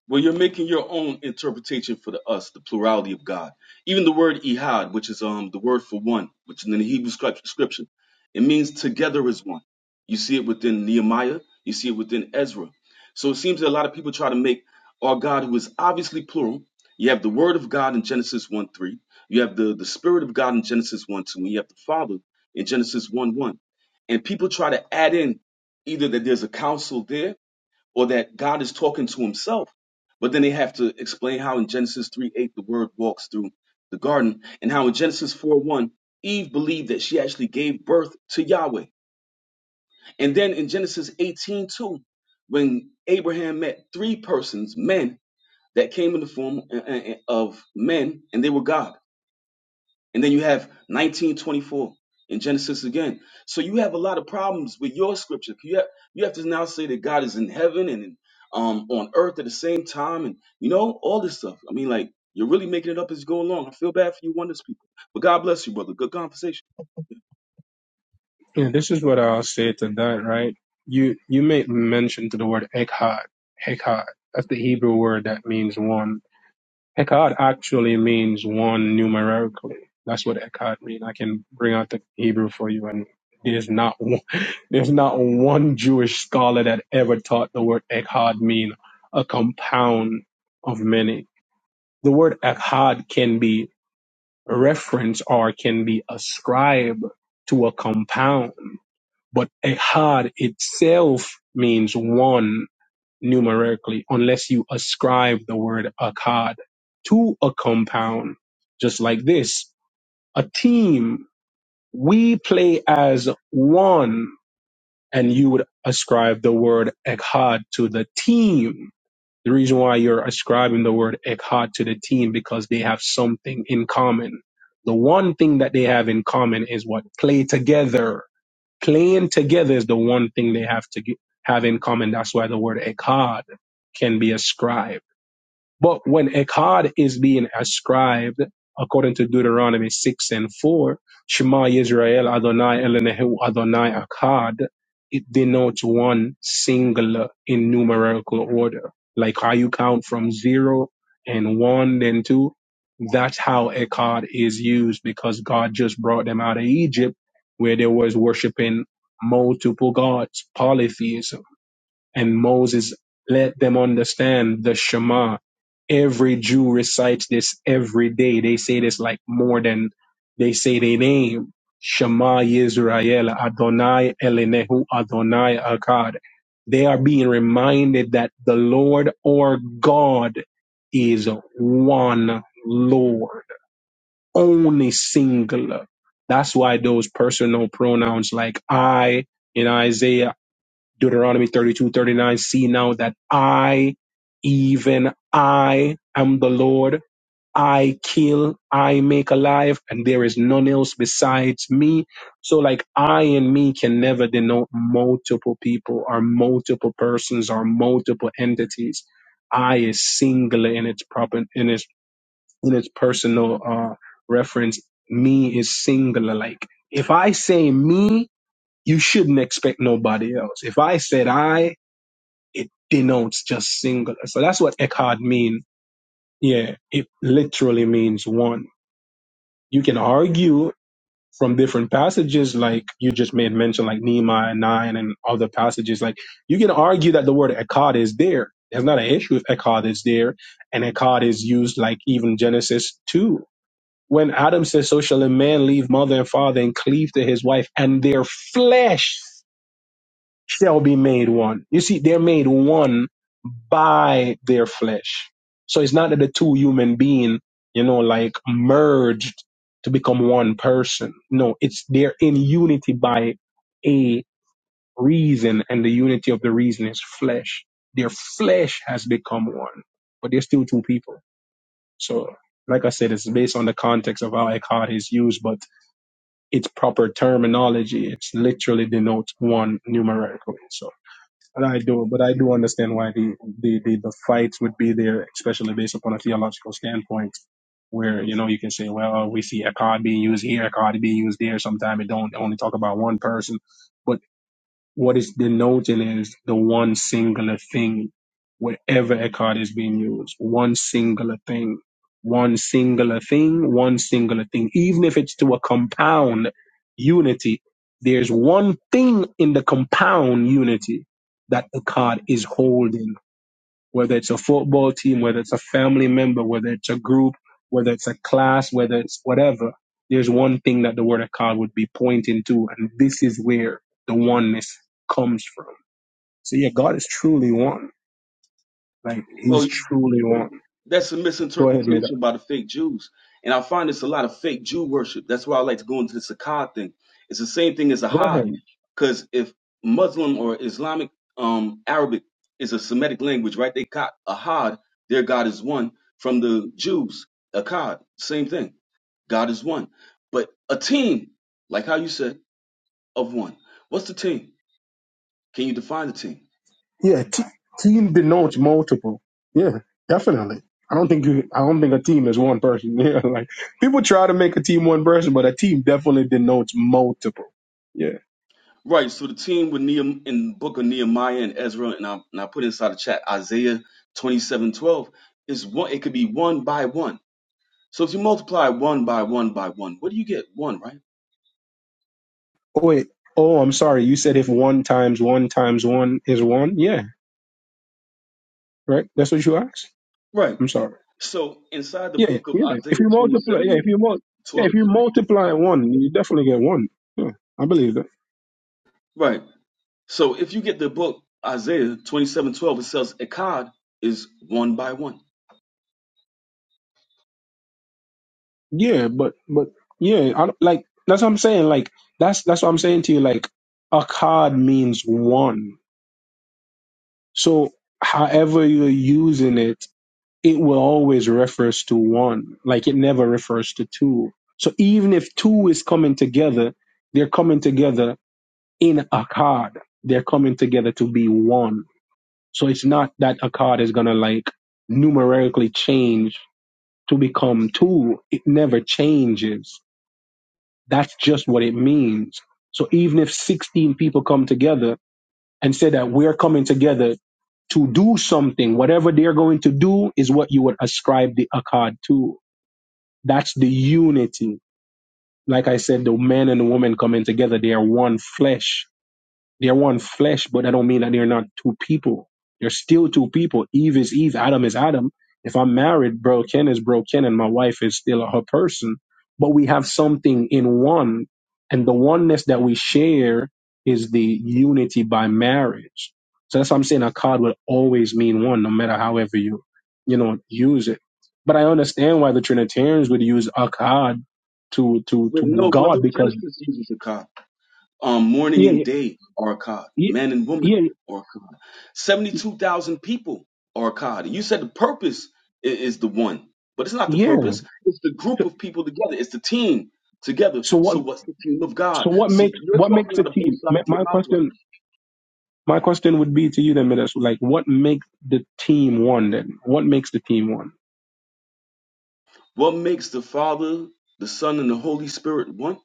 Well, you're making your own interpretation for the us, the plurality of God. Even the word ihad, which is um the word for one, which in the Hebrew script- scripture, it means together as one. You see it within Nehemiah, you see it within Ezra. So it seems that a lot of people try to make our God, who is obviously plural. You have the Word of God in Genesis 1 3. You have the, the Spirit of God in Genesis 1 2. And you have the Father in Genesis 1 1. And people try to add in either that there's a council there or that God is talking to himself. But then they have to explain how in Genesis 3 8 the word walks through the garden and how in Genesis 4 1 Eve believed that she actually gave birth to Yahweh. And then in Genesis 18 2 when Abraham met three persons, men that came in the form uh, uh, uh, of men and they were God. And then you have 1924 in Genesis again. So you have a lot of problems with your scripture. You have, you have to now say that God is in heaven and um, on earth at the same time and, you know, all this stuff. I mean, like, you're really making it up as you go along. I feel bad for you, wonders people. But God bless you, brother. Good conversation.
Yeah, this is what I'll say to that, right? You you made mention to the word echad. Echad. That's the Hebrew word that means one. Echad actually means one numerically. That's what Echad means. I can bring out the Hebrew for you, and there's not one, there's not one Jewish scholar that ever taught the word Echad mean a compound of many. The word Echad can be referenced or can be ascribed to a compound, but Echad itself means one numerically unless you ascribe the word akkad to a compound, just like this. A team, we play as one, and you would ascribe the word ekkad to the team. The reason why you're ascribing the word ekkad to the team because they have something in common. The one thing that they have in common is what? Play together Playing together is the one thing they have to get, have in common. That's why the word ekad can be ascribed. But when Echad is being ascribed, according to Deuteronomy 6 and 4, Shema Yisrael Adonai Elenehu Adonai Echad, it denotes one singular in numerical order. Like how you count from zero and one, then two. That's how Echad is used because God just brought them out of Egypt where they was worshiping multiple gods, polytheism. And Moses let them understand the Shema. Every Jew recites this every day. They say this like more than they say their name. Shema Yisrael, Adonai Elenehu, Adonai Akkad. They are being reminded that the Lord or God is one Lord, only singular. That's why those personal pronouns like I in Isaiah Deuteronomy 32 39. see now that I, even I, am the Lord. I kill, I make alive, and there is none else besides me. So like I and me can never denote multiple people or multiple persons or multiple entities. I is singular in its proper, in its, in its personal, uh, reference. Me is singular. Like if I say me, you shouldn't expect nobody else. If I said I, it denotes just singular. So that's what Eckhart mean. Yeah, it literally means one. You can argue from different passages, like you just made mention, like Nehemiah 9 and other passages. Like you can argue that the word Eckhart is there. There's not an issue if Eckhart is there. And Eckhart is used like even Genesis 2. When Adam says, So shall a man leave mother and father and cleave to his wife, and their flesh shall be made one. You see, they're made one by their flesh. So it's not that the two human being, you know, like merged to become one person. No, it's they're in unity by a reason, and the unity of the reason is flesh. Their flesh has become one, but they're still two people. So, like I said, it's based on the context of how ecod is used, but its proper terminology, it's literally denotes one numerically. So. And I do, but I do understand why the, the, the, the fights would be there, especially based upon a theological standpoint, where you know you can say, well, we see a card being used here, a card being used there. Sometimes it don't only talk about one person, but. What is denoting is the one singular thing, wherever a card is being used, one singular thing, one singular thing, one singular thing. Even if it's to a compound unity, there's one thing in the compound unity that the card is holding whether it's a football team, whether it's a family member, whether it's a group, whether it's a class, whether it's whatever, there's one thing that the word of God would be pointing to, and this is where the oneness comes from. So yeah, God is truly one. Like He's
Well,
truly one.
that, that's a
Go ahead, Mida.
misinterpretation by the fake Jews, and I find it's a lot of fake Jew worship. That's why I like to go into the Sakkad thing. It's the same thing as a
Go
Had,
ahead.
because if Muslim or Islamic um, Arabic is a Semitic language, right? They got a Had, their God is one. From the Jews, Akkad, same thing. God is one. But a team, like how you said, of one. What's the team? Can you define the team?
Yeah, t- team denotes multiple. Yeah, definitely. I don't think you, I don't think a team is one person. Yeah, like people try to make a team one person, but a team definitely denotes multiple. Yeah.
Right. So the team with Nehemiah in the book of Nehemiah and Ezra, and I, and I put inside the chat Isaiah twenty-seven twelve is one, it could be one by one. So if you multiply one by one by one, what do you get? One, right?
Oh, wait. Oh, I'm sorry. You said if one times one times one is one, yeah, right. That's what you asked.
Right.
I'm sorry.
So inside the
Yeah,
book of
yeah. If
Isaiah
you multiply, yeah, if
twenty-seven
you mul- yeah,
twelve,
if you multiply one, you definitely get one. Yeah, I believe that.
Right. So if you get the book Isaiah twenty-seven twelve, it says Akkad is one by one.
Yeah, but but yeah, I, don't- like that's what I'm saying. Like that's that's what I'm saying to you. Like a card means one. So however you're using it it will always refers to one. Like it never refers to two. So even if two is coming together, they're coming together in Akkad. They're coming together to be one. So it's not that Akkad is gonna like numerically change to become two. It never changes. That's just what it means. So even if 16 people come together and say that we're coming together to do something, whatever they're going to do is what you would ascribe the Akkad to That's the unity. Like I said, the man and the woman coming together, they are one flesh. They're one flesh, but that don't mean that they're not two people. They're still two people. Eve is Eve, Adam is Adam. If I'm married, bro Ken is bro Ken, and my wife is still her person. But we have something in one, and the oneness that we share is the unity by marriage. So that's why I'm saying a card will always mean one, no matter however you, you know, use it. But I understand why the Trinitarians would use akkad to to
Wait,
to
no, brother.
God because
Genesis uses Akkad. um, morning and
yeah
day are God,
yeah
man and woman
yeah
are God. 72,000 people are God. And you said the purpose i- is, the one, but it's not the
yeah
purpose. It's the
yeah.
group of people together. It's the team together.
So what?
So what's the team of
So
God?
what
See,
makes
you're
what makes
talking
a
out of both
team?
sides
My
of your
my
mouth right
question,
now.
my question would be to you then, Midas. Like, what makes the team one? Then, what makes the team one?
What makes the Father, the Son, and the Holy Spirit one?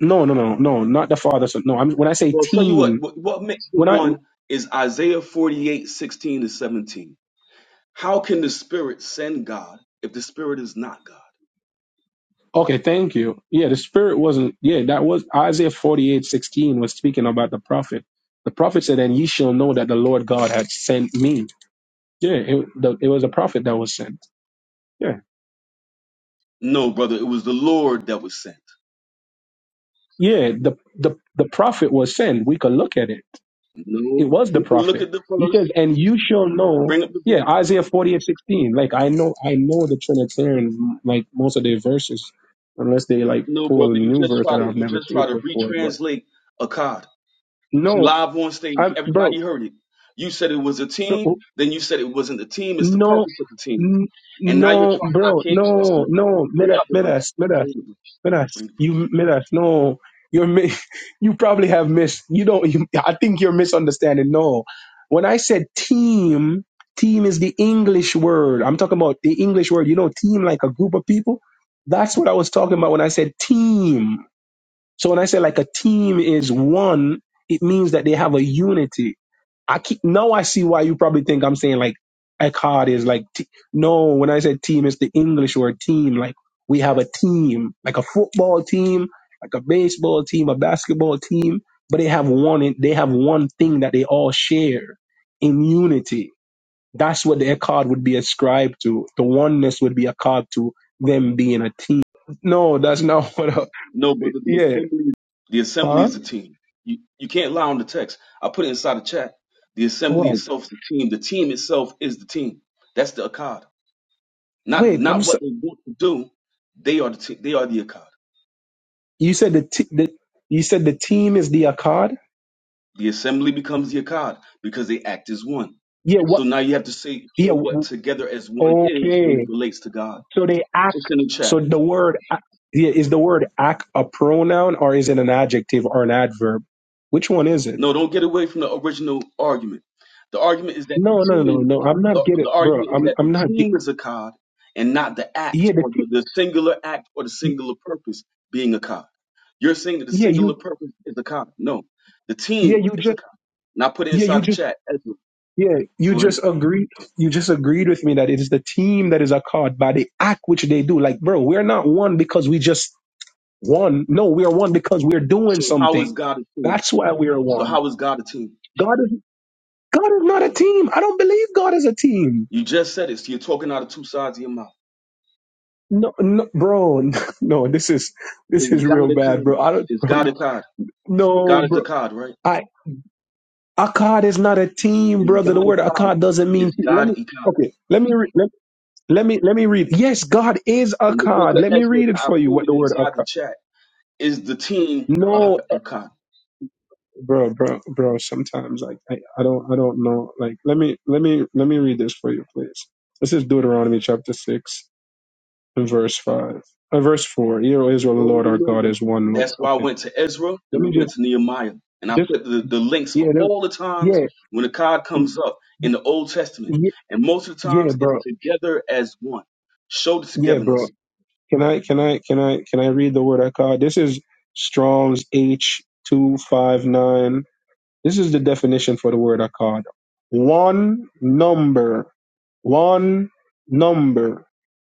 No, no, no, no, not the father. Son. No, I'm when I say
Well, I'll tell you what,
team.
what, what makes
When
them
I
one is Isaiah 48 16 to 17. How can the Spirit send God if the Spirit is not God?
okay, thank you. Yeah, the spirit wasn't. Yeah, that was Isaiah forty eight sixteen was speaking about the prophet. The prophet said, "And ye shall know that the Lord God had sent me." Yeah, it, the, it was a prophet that was sent. Yeah,
No, brother, it was the Lord that was sent.
yeah. The the the prophet was sent. We could look at it. It
No,
was the
you can look
prophet.
at the
He says,
verse,
and you shall know.
bring up the
Yeah,
verse.
Isaiah 40 and 16. Like, I know, I know the Trinitarians, like, most of their verses, unless they, like,
No,
pull a
brother, you
new
just
verse
try
that
to
I've
you
never
just
seen
try to
before. But
retranslate a card. It's
no,
live on stage.
I, bro,
Everybody heard it. You said it was a
bro,
team, then you said it wasn't a team. It's the
No,
purpose of the team,
n-
and now you're
no,
trying. I
bro,
can't trust
no,
you.
no,
Bring
Midas,
out the verse.
Midas,
Bring
Midas,
the verse.
Midas,
Bring the verse.
you Midas, no, you're mi- you probably have missed. You don't. You, I think you're misunderstanding. No, when I said team, team is the English word. I'm talking about the English word. You know, team like a group of people. That's what I was talking about when I said team. So when I say like a team is one, it means that they have a unity. I keep, now I see why you probably think I'm saying like Eckhart is like t- no. When I said team, it's the English word team. Like we have a team, like a football team, like a baseball team, a basketball team, but they have one. They have one thing that they all share in unity. That's what the Eckhart would be ascribed to. The oneness would be a card to them being a team. No, that's not what. I,
No, brother, the
yeah,
assembly. The assembly
huh?
is a team. You you can't lie on the text. I put it inside the chat. The assembly
Right.
itself is the team. The team itself is the team. That's the Akkad. not
Wait, I'm
not
so,
what they want to do. They are the t- they are the Akkad.
you said the, t- the you said the team is the Akkad?
The assembly becomes the Akkad because they act as one.
Yeah, what
So now you have to say
yeah,
show what
w-
together as one is when it
okay.
relates to God.
So they act
Just in the chat.
so the word a- yeah, is the word act a pronoun or is it an adjective or an adverb? Which one is it?
No, don't get away from the original argument. The argument is that the
No, no, no, no.
team,
no, I'm not
the,
getting
the
bro.
argument is
I'm
that the
I'm not get,
team is Akkad and not the act
Yeah, the
or the, the singular act or the
t-
singular purpose being Akkad. You're saying that the
yeah, you
singular purpose is Akkad. No, the
yeah,
team
you
is
just
Akkad. Now put it
yeah,
inside
you
the
just
chat.
yeah, you
Go ahead.
just agreed you just agreed with me that it is the team that is a by the act which they do. Like, bro, we're not one because we just One. No, we are one because we're doing
So how is
something.
God a team?
That's why we are
So
one.
how is God a team?
God is God is not a team. I don't believe God is a team.
You just said it. So you're talking out of two sides of your mouth.
No, no bro. No, this is this
Is
is real
God a
bad,
kind?
bro. I don't
Is
bro,
God
you,
a God?
no,
God is a
bro.
God, right?
I Akkad is not a team,
Is
brother. The
God a
word
God?
Akkad doesn't mean
Is
let
God
me
a God?
okay, let me re, let, let me let me read. Yes, God is
In the book
Akkad.
of
Let me
Ezra
read it
that I
for you what
quoted
the word
inside the
Akkad.
chat, is the team
No,
a, a God?
bro, bro, bro. Sometimes like I, I don't I don't know. Like let me let me let me read this for you, please. This is Deuteronomy chapter six and verse five, uh, verse four. Hear, O Israel, the Lord
Already
our
know
God
that.
is one Lord.
That's why I
Okay,
went to Ezra
let
and I
me just
went to Nehemiah. And I
just
put the, the links
yeah
for
let-
all the times
yeah
when a God
y-
comes up in the Old Testament.
y-
And most of the
yeah
times it's
bro
together as one. Show the
yeah
togetherness
bro. Can I can I can I can I read the word I caught? This is Strong's H two five nine. This is the definition for the word akkad. One number, one number,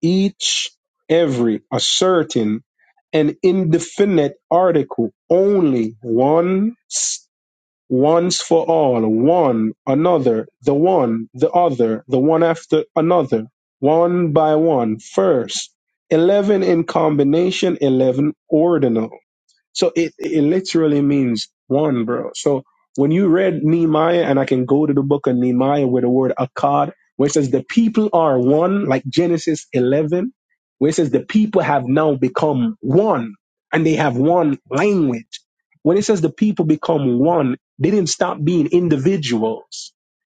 each, every, a certain, an indefinite article, only once, once for all, one, another, the one, the other, the one after another, one by one, first. Eleven in combination, eleven ordinal. So it, it literally means one, bro. So when you read Nehemiah, and I can go to the book of Nehemiah where the word akkad, where it says the people are one, like Genesis 11, where it says the people have now become one and they have one language. When it says the people become one, they didn't stop being individuals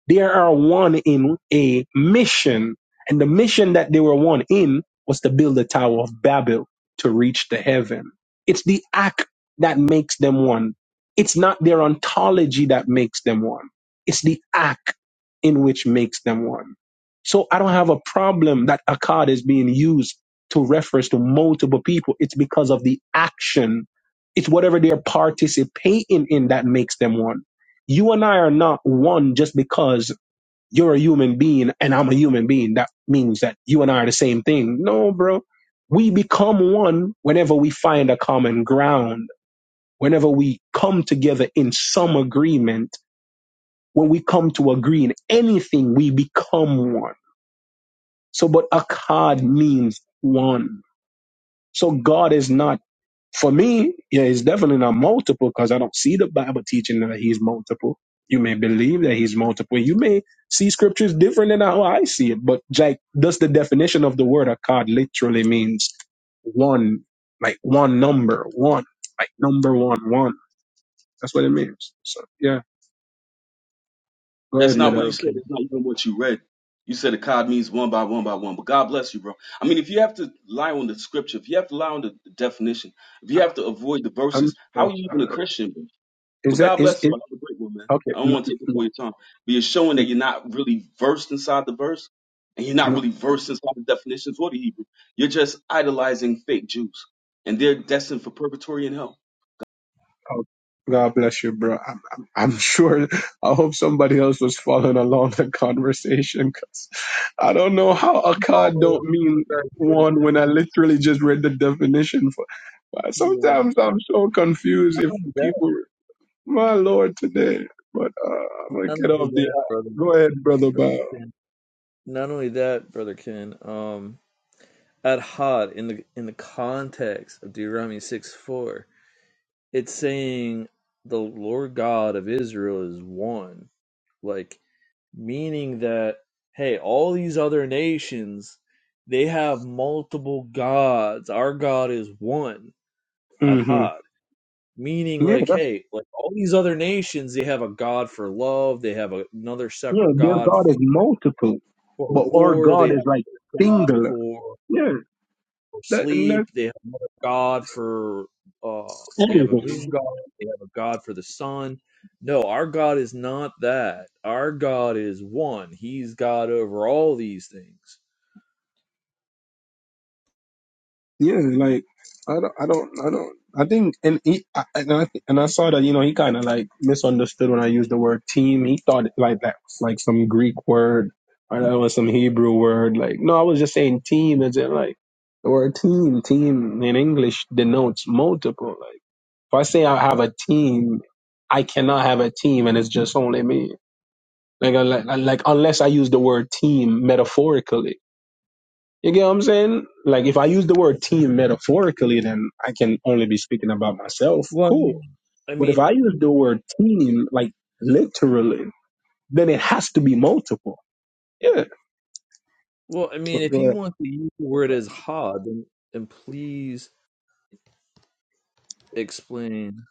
they are one in a mission, and the mission that they were one in was to build the Tower of Babel to reach the heaven. It's the act that makes them one. It's not their ontology that makes them one. It's the act in which makes them one. So I don't have a problem that Akkad is being used to reference to multiple people. It's because of the action. It's whatever they're participating in that makes them one you and I are not one just because you're a human being and I'm a human being. That means that you and I are the same thing. No, bro. We become one whenever we find a common ground, whenever we come together in some agreement. When we come to agree in anything, we become one. So, but Akkad means one. So God is not. for me, yeah, it's definitely not multiple because I don't see the Bible teaching that he's multiple. You may believe that he's multiple. You may see scriptures different than how I see it. But Jack, does the definition of the word of God literally means one, like one number, one, like number one, one. That's what it means. So yeah, go
That's
ahead,
Hey,
not what
Mida.
you
bro,
said.
can
That's not even what you read. You said a cod means one by one by one. But God bless you, bro. I mean, if you have to lie on the scripture, if you have to lie on the definition, if you have to avoid the
I'm
verses,
so
how are you even a
sorry.
Christian, bro?
Is
But
that
God
is
bless you. I
it?
have a great one, man.
Okay,
I don't
no,
want to take up
no,
all your time. But you're showing that
no,
you're not really versed inside the verse, and you're not
no.
really versed inside the definitions or the Hebrew. You're just idolizing fake Jews, and they're destined for purgatory and hell.
Oh, God bless you, bro. I'm, I'm, I'm sure. I hope somebody else was following along the conversation because I don't know how Akkad
probably
don't mean one when I literally just read the definition for. but
not
Sometimes I'm so confused if
only that,
people, my Lord, today. But uh, I'm gonna
not only
get off the.
that, brother,
go ahead, brother.
brother
Bob.
Ken, not only that, brother Ken, um, at Hod in the in the context of Deuteronomy six four, it's saying the Lord God of Israel is one. like. meaning that hey all these other nations they have multiple gods our god is one
hmm
adhad meaning
Yeah,
like
that's
hey like all these other nations they have a god for love they have a- another
yeah.
separate
Their
god
God is
for,
multiple,
for
but our
war they
God
have
is like
a god
singular.
for
Yeah,
for
that, and
sleep.
that's
They have another god for uh, they have a
Everything.
moon god. They have a god for the sun. No, our God is not that. Our God is one. He's God over all these things.
yeah, like I don't, I don't, I don't. I think, and he, I, and I, and I saw that you know he kind of like misunderstood when I used the word team. He thought like that was like some Greek word or that was some Hebrew word. Like no, I was just saying team. As in like the word team, team in English denotes multiple. Like if I say I have a team, I cannot have a team, and it's just only me. Like, I- like, like unless I use the word team metaphorically you get what I'm saying? Like if I use the word team metaphorically, then I can only be speaking about myself.
Well,
Cool.
I
But
mean,
if I use the word team like literally, then it has to be multiple. Yeah.
well, I mean,
Go-
if
go
you
ahead.
want to use the word as ha, then, then please explain.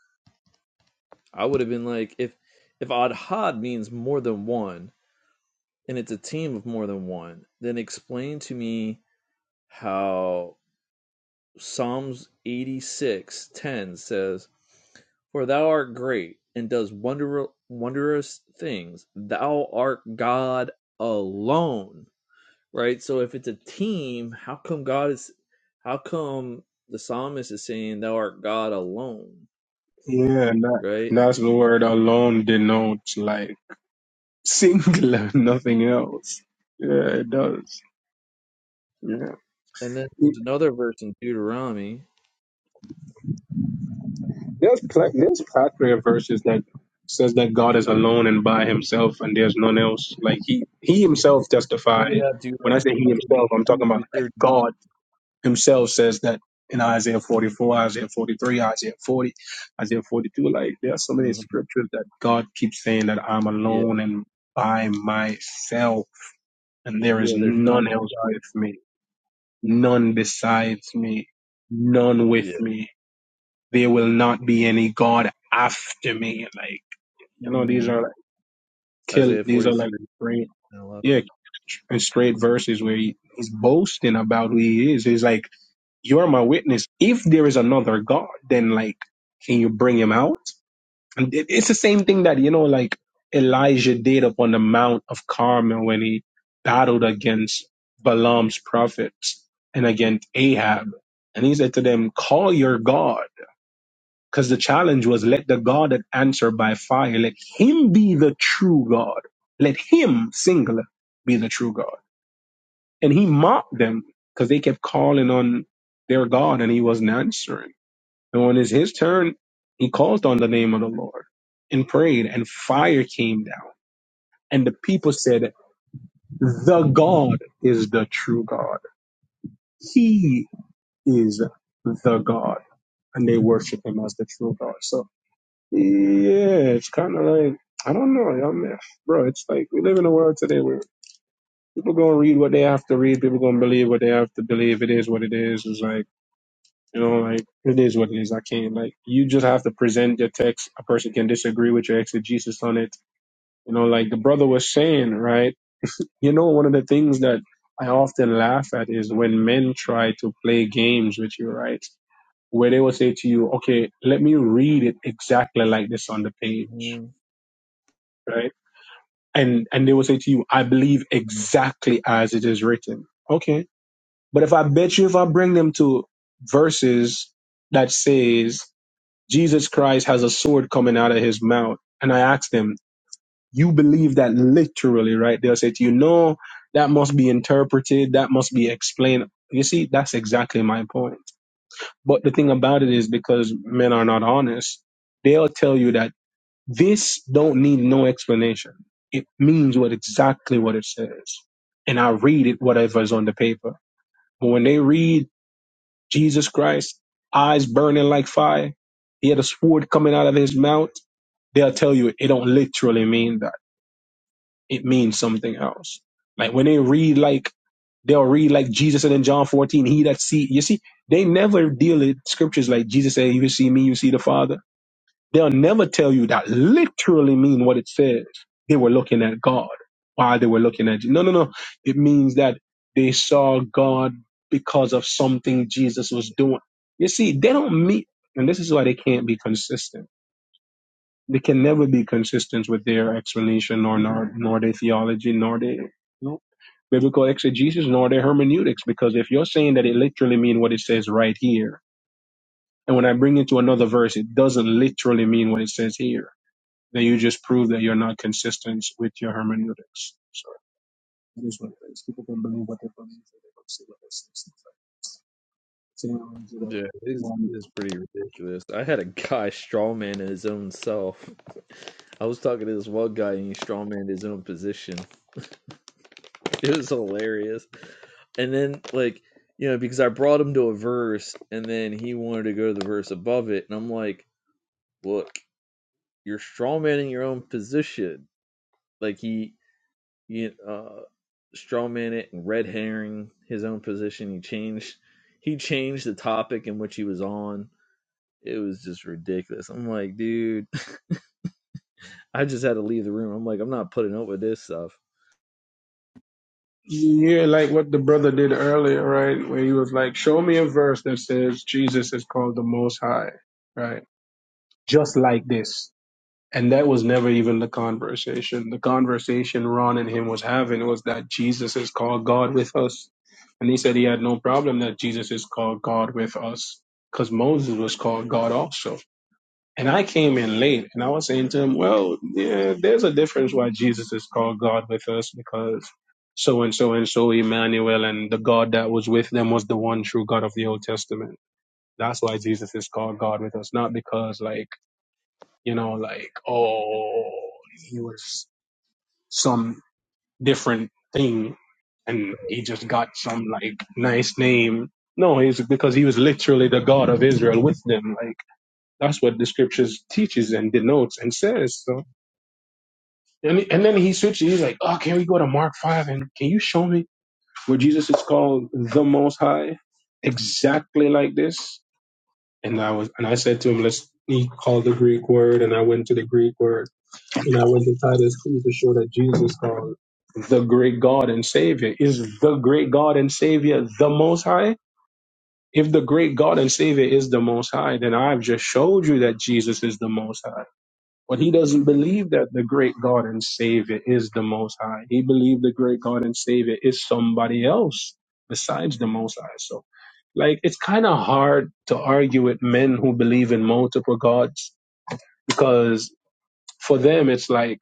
I would have been like, if if Adhad means more than one, and it's a team of more than one, then explain to me how Psalms 86:10 says, "For thou art great and does wonder wondrous things. Thou art God alone." Right? So if it's a team, how come God is how come the psalmist is saying thou art God alone?
Yeah, and that,
Right?
and that's the word alone denotes like singular, nothing else. Yeah, it does. Yeah.
And then there's another verse in Deuteronomy.
There's pl- there's plethora of verses that says that God is alone and by himself and there's none else. Like he he himself
You
testified.
have
When I say
Deuteronomy
he
thirty
himself, I'm talking about
two
like
thirty nine.
God himself says that in Isaiah 44, Isaiah 43, Isaiah 40, Isaiah 42. Like there are so many
39. Mhm.
scriptures that God keeps saying that I'm
Yeah.
alone and by myself and there is
Yeah, there's none.
none else with me, none besides me, none with
Yeah.
me there will not be any God after me. Like, you know, these
hmm
are like kill,
Isaiah
these are like
43
great, yeah, and straight verses where he, he's boasting about who he is. He's like, "You are my witness. If there is another God, then like, can you bring him out?" And it, it's the same thing that you know, like Elijah did up on the Mount of Carmel when he battled against Balaam's prophets and against Ahab, and he said to them, "Call your God." Because the challenge was let the God that answer by fire, let him be the true God. Let him, singular, be the true God. And he mocked them because they kept calling on their God and he wasn't answering. And when it's his turn, he called on the name of the Lord and prayed, and fire came down. And the people said, The God is the true God. He is the God. And they worship him as the true God. So Yeah, it's kind of like I don't know. I mean, bro, it's like we live in a world today where people gonna read what they have to read. People gonna believe what they have to believe. It is what it is. It's like you know, like it is what it is. I can't like you just have to present your text. A person can disagree with your exegesis on it. You know, like the brother was saying, right? You know, one of the things that I often laugh at is when men try to play games with you, right? Where they will say to you, "Okay, let me read it exactly like this on the page."
Mhm.
right? and and they will say to you, "I believe exactly as it is written." Okay, but if I bet you, if I bring them to verses that says Jesus Christ has a sword coming out of his mouth, and I ask them, "You believe that literally, right?" They'll say to you, "No, that must be interpreted. That must be explained." You see, that's exactly my point. But the thing about it is, because men are not honest, they'll tell you that this don't need no explanation. It means what exactly what it says. And I read it whatever is on the paper. But when they read Jesus Christ, eyes burning like fire, he had a sword coming out of his mouth, they'll tell you it don't literally mean that. It means something else. Like when they read like they'll read like Jesus and in John 14, he that see you see, they never deal with scriptures like Jesus said, you see me, you see the Father They'll never tell you that literally mean what it says. They were looking at God while they were looking at you. No, no, no. It means that they saw God because of something Jesus was doing. You see, they don't meet, and this is why they can't be consistent. They can never be consistent with their explanation, nor nor, nor their theology, nor their you know, biblical exegesis, nor their hermeneutics. Because if you're saying that it literally means what it says right here, and when I bring it to another verse, it doesn't literally mean what it says here then you just prove that you're not consistent with your hermeneutics. So it is what it is. People can believe what they believe and they don't see what they see. It's like "Oh,
Yeah, it's,
um,
it's pretty ridiculous. I had a guy strawman his own self. I was talking to this one guy and he strawman his own position. It was hilarious. And then, like, you know, because I brought him to a verse and then he wanted to go to the verse above it. And I'm like, look, you're strawmanning your own position. Like, he, he uh, strawman it and red herring his own position. He changed, he changed the topic in which he was on It was just ridiculous. I'm like, dude, I just had to leave the room. I'm like, I'm not putting up with this stuff.
yeah, like what the brother did earlier, right? Where he was like, Show me a verse that says Jesus is called the most high, right? Just like this. And that was never even the conversation. The conversation Ron and him was having was that Jesus is called God with us. And he said he had no problem that Jesus is called God with us because Moses was called God also. And I came in late and I was saying to him, well, yeah, there's a difference why Jesus is called God with us because so and so and so Emmanuel and the God that was with them was the one true God of the Old Testament. That's why Jesus is called God with us, not because like you know, like, oh, he was some different thing and he just got some like nice name. No, he's because he was literally the God of Israel with them. Like that's what the scriptures teaches and denotes and says. So and and then he switches. He's like, oh, can we go to Mark five and can you show me where Jesus is called the Most High exactly like this? And I was and I said to him, let's. He called the Greek word, and I went to the Greek word And when the title is 2 to show that Jesus called the great God and Savior. Is the great God and Savior the Most High? If the great God and Savior is the Most High, then I've just showed you that Jesus is the Most High. But he doesn't believe that the great God and Savior is the Most High. He believes the great God and Savior is somebody else besides the Most High. So, like, it's kind of hard to argue with men who believe in multiple gods because for them, it's like,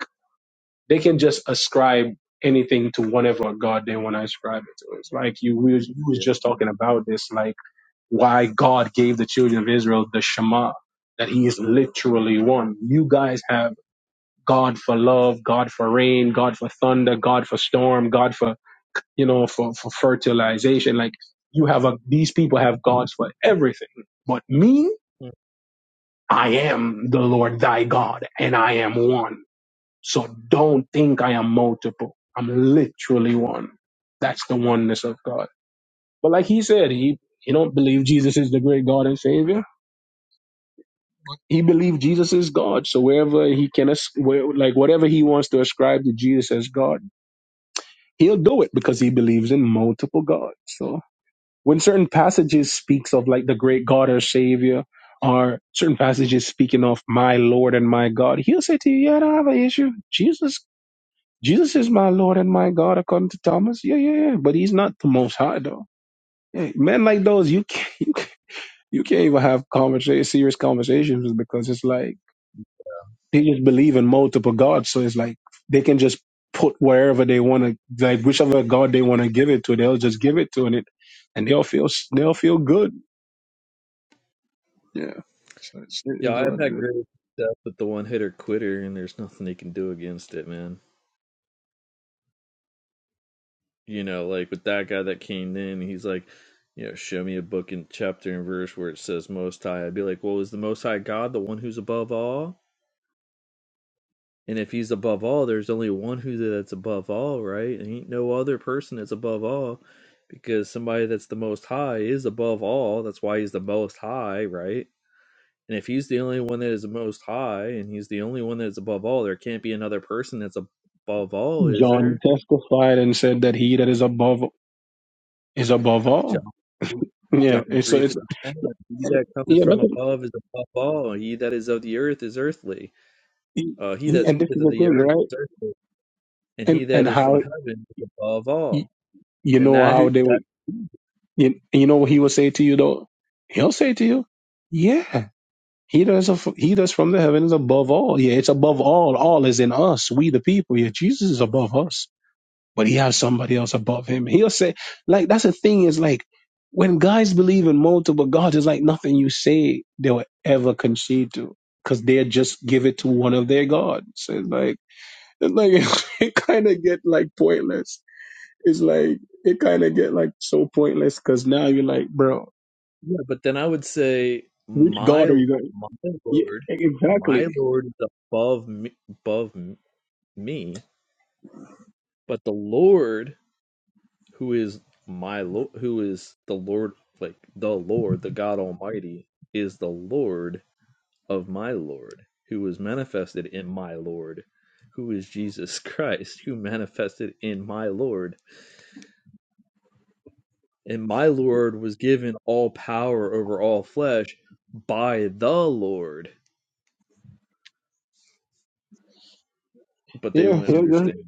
they can just ascribe anything to whatever God they want to ascribe it to. It's like you we was, you was
Yeah,
just talking about this, like why God gave the children of Israel the Shema, that He is literally one. You guys have God for love, God for rain, God for thunder, God for storm, God for you know for for fertilization. Like you have a these people have gods for everything, but me.
Mm.
I am the Lord thy God, and I am one so don't think I am multiple. I'm literally one. That's the oneness of God. But like he said, he he don't believe Jesus is the great God and Savior. He believed Jesus is God. So wherever he can, as- where, like whatever he wants to ascribe to Jesus as God, he'll do it because he believes in multiple gods. So when certain passages speaks of like the great God or Savior, or certain passages speaking of my Lord and my God, he'll say to you, "Yeah, I don't have an issue. Jesus Jesus is my Lord and my God, according to Thomas. Yeah, yeah, yeah. But he's not the Most High, though. Yeah, men like those, you can't, you can't, you can't even have conversa- serious conversations with because it's like they just believe in multiple gods. So it's like they can just put wherever they want to, like whichever God they want to give it to, they'll just give it to, and it, and they'll feel they'll feel good. Yeah. So it's,
yeah
it's
I've
what
had
it is.
great stuff with the one hitter quitter, and there's nothing they can do against it, man. You know, like with that guy that came in, he's like, you know, show me a book and chapter and verse where it says Most High. I'd be like, well, is the Most High God the one who's above all? And if he's above all, there's only one who that's above all, right? And ain't no other person that's above all because somebody that's the most high is above all. That's why he's the most high, right? And if he's the only one that is the most high and he's the only one that's above all, there can't be another person that's above all, is
John
there?
testified and said that he that is above is above
John
all. Yeah.
John
And so
three
it's
thirty one. He that cometh
yeah.
from above is above all. He that is of the earth is earthly.
He,
Uh, he
he,
that
and this
speaketh
is
of
the
the
thing,
earth
right?
is earthly. And
And
he that
and
is from
how
heaven is above
you,
all.
you
And
know
that
how they
that
would you, you know what he will say to you though? He'll say to you, "Yeah, he does. Of, he does from the heavens above all. Yeah, it's above all. All is in us, we the people. Yeah, Jesus is above us, but he has somebody else above him. He'll say, like that's the thing is like when guys believe in multiple gods, it's like nothing you say they will ever concede to because they just give it to one of their gods. It's like It's like it kind of get like pointless. It's like it kind of get like so pointless because now you're like, bro,
yeah, but then I would say
which god
my
are you going?
my
Yeah,
Lord, my
exactly.
Lord is above me, above me, but the Lord who is my Lord, who is the Lord, like the Lord, the God Almighty, is the Lord of my Lord, who was manifested in my Lord, who is Jesus Christ, who manifested in my Lord, and my Lord was given all power over all flesh by the Lord but they
Yeah,
wouldn't
yeah, yeah.
understand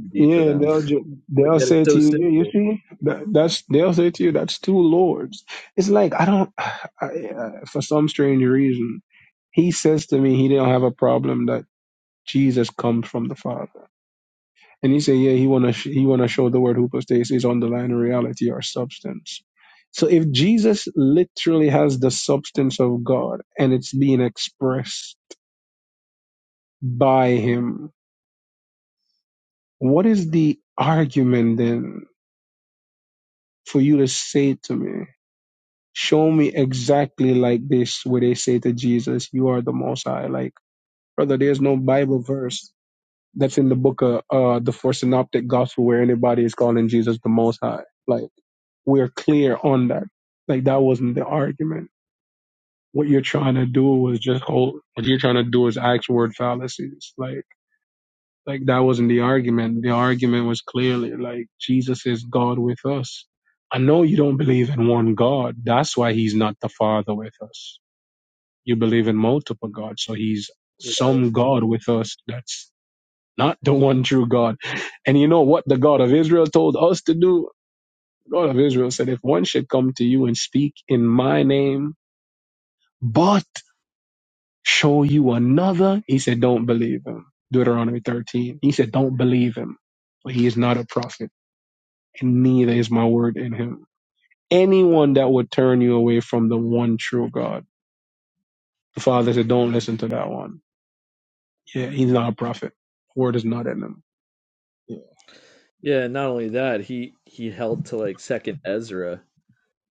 too deep
yeah,
for
And
them.
they'll ju-
But
they'll
yet it's
say to
so
you, yeah, you
simple.
see, that, that's they'll say to you, that's two lords. It's like I don't, I, uh, for some strange reason, he says to me he don't have a problem that Jesus comes from the Father. And he said, yeah, he wanna sh- he wanna show the word hypostasis is underlying reality or substance. So if Jesus literally has the substance of God and it's being expressed by him, what is the argument then for you to say to me, show me exactly like this where they say to Jesus, you are the most high. Like, brother, there's no Bible verse that's in the book of uh, the four synoptic gospel where anybody is calling Jesus the most high. Like we're clear on that. Like that wasn't the argument. What you're trying to do was just hold. What you're trying to do is axe word fallacies. Like like that wasn't the argument. The argument was clearly like Jesus is God with us. I know you don't believe in one God. That's why He's not the Father with us. You believe in multiple gods, so He's some God with us. That's not the one true God. And you know what the God of Israel told us to do? God of Israel said, If one should come to you and speak in my name, but show you another, he said, Don't believe him. Deuteronomy 13. He said, Don't believe him, for he is not a prophet, and neither is my word in him. Anyone that would turn you away from the one true God, the Father said, Don't listen to that one. Yeah, he's not a prophet. Word is not in him.
Yeah, and not only that, he he held to like second Ezra,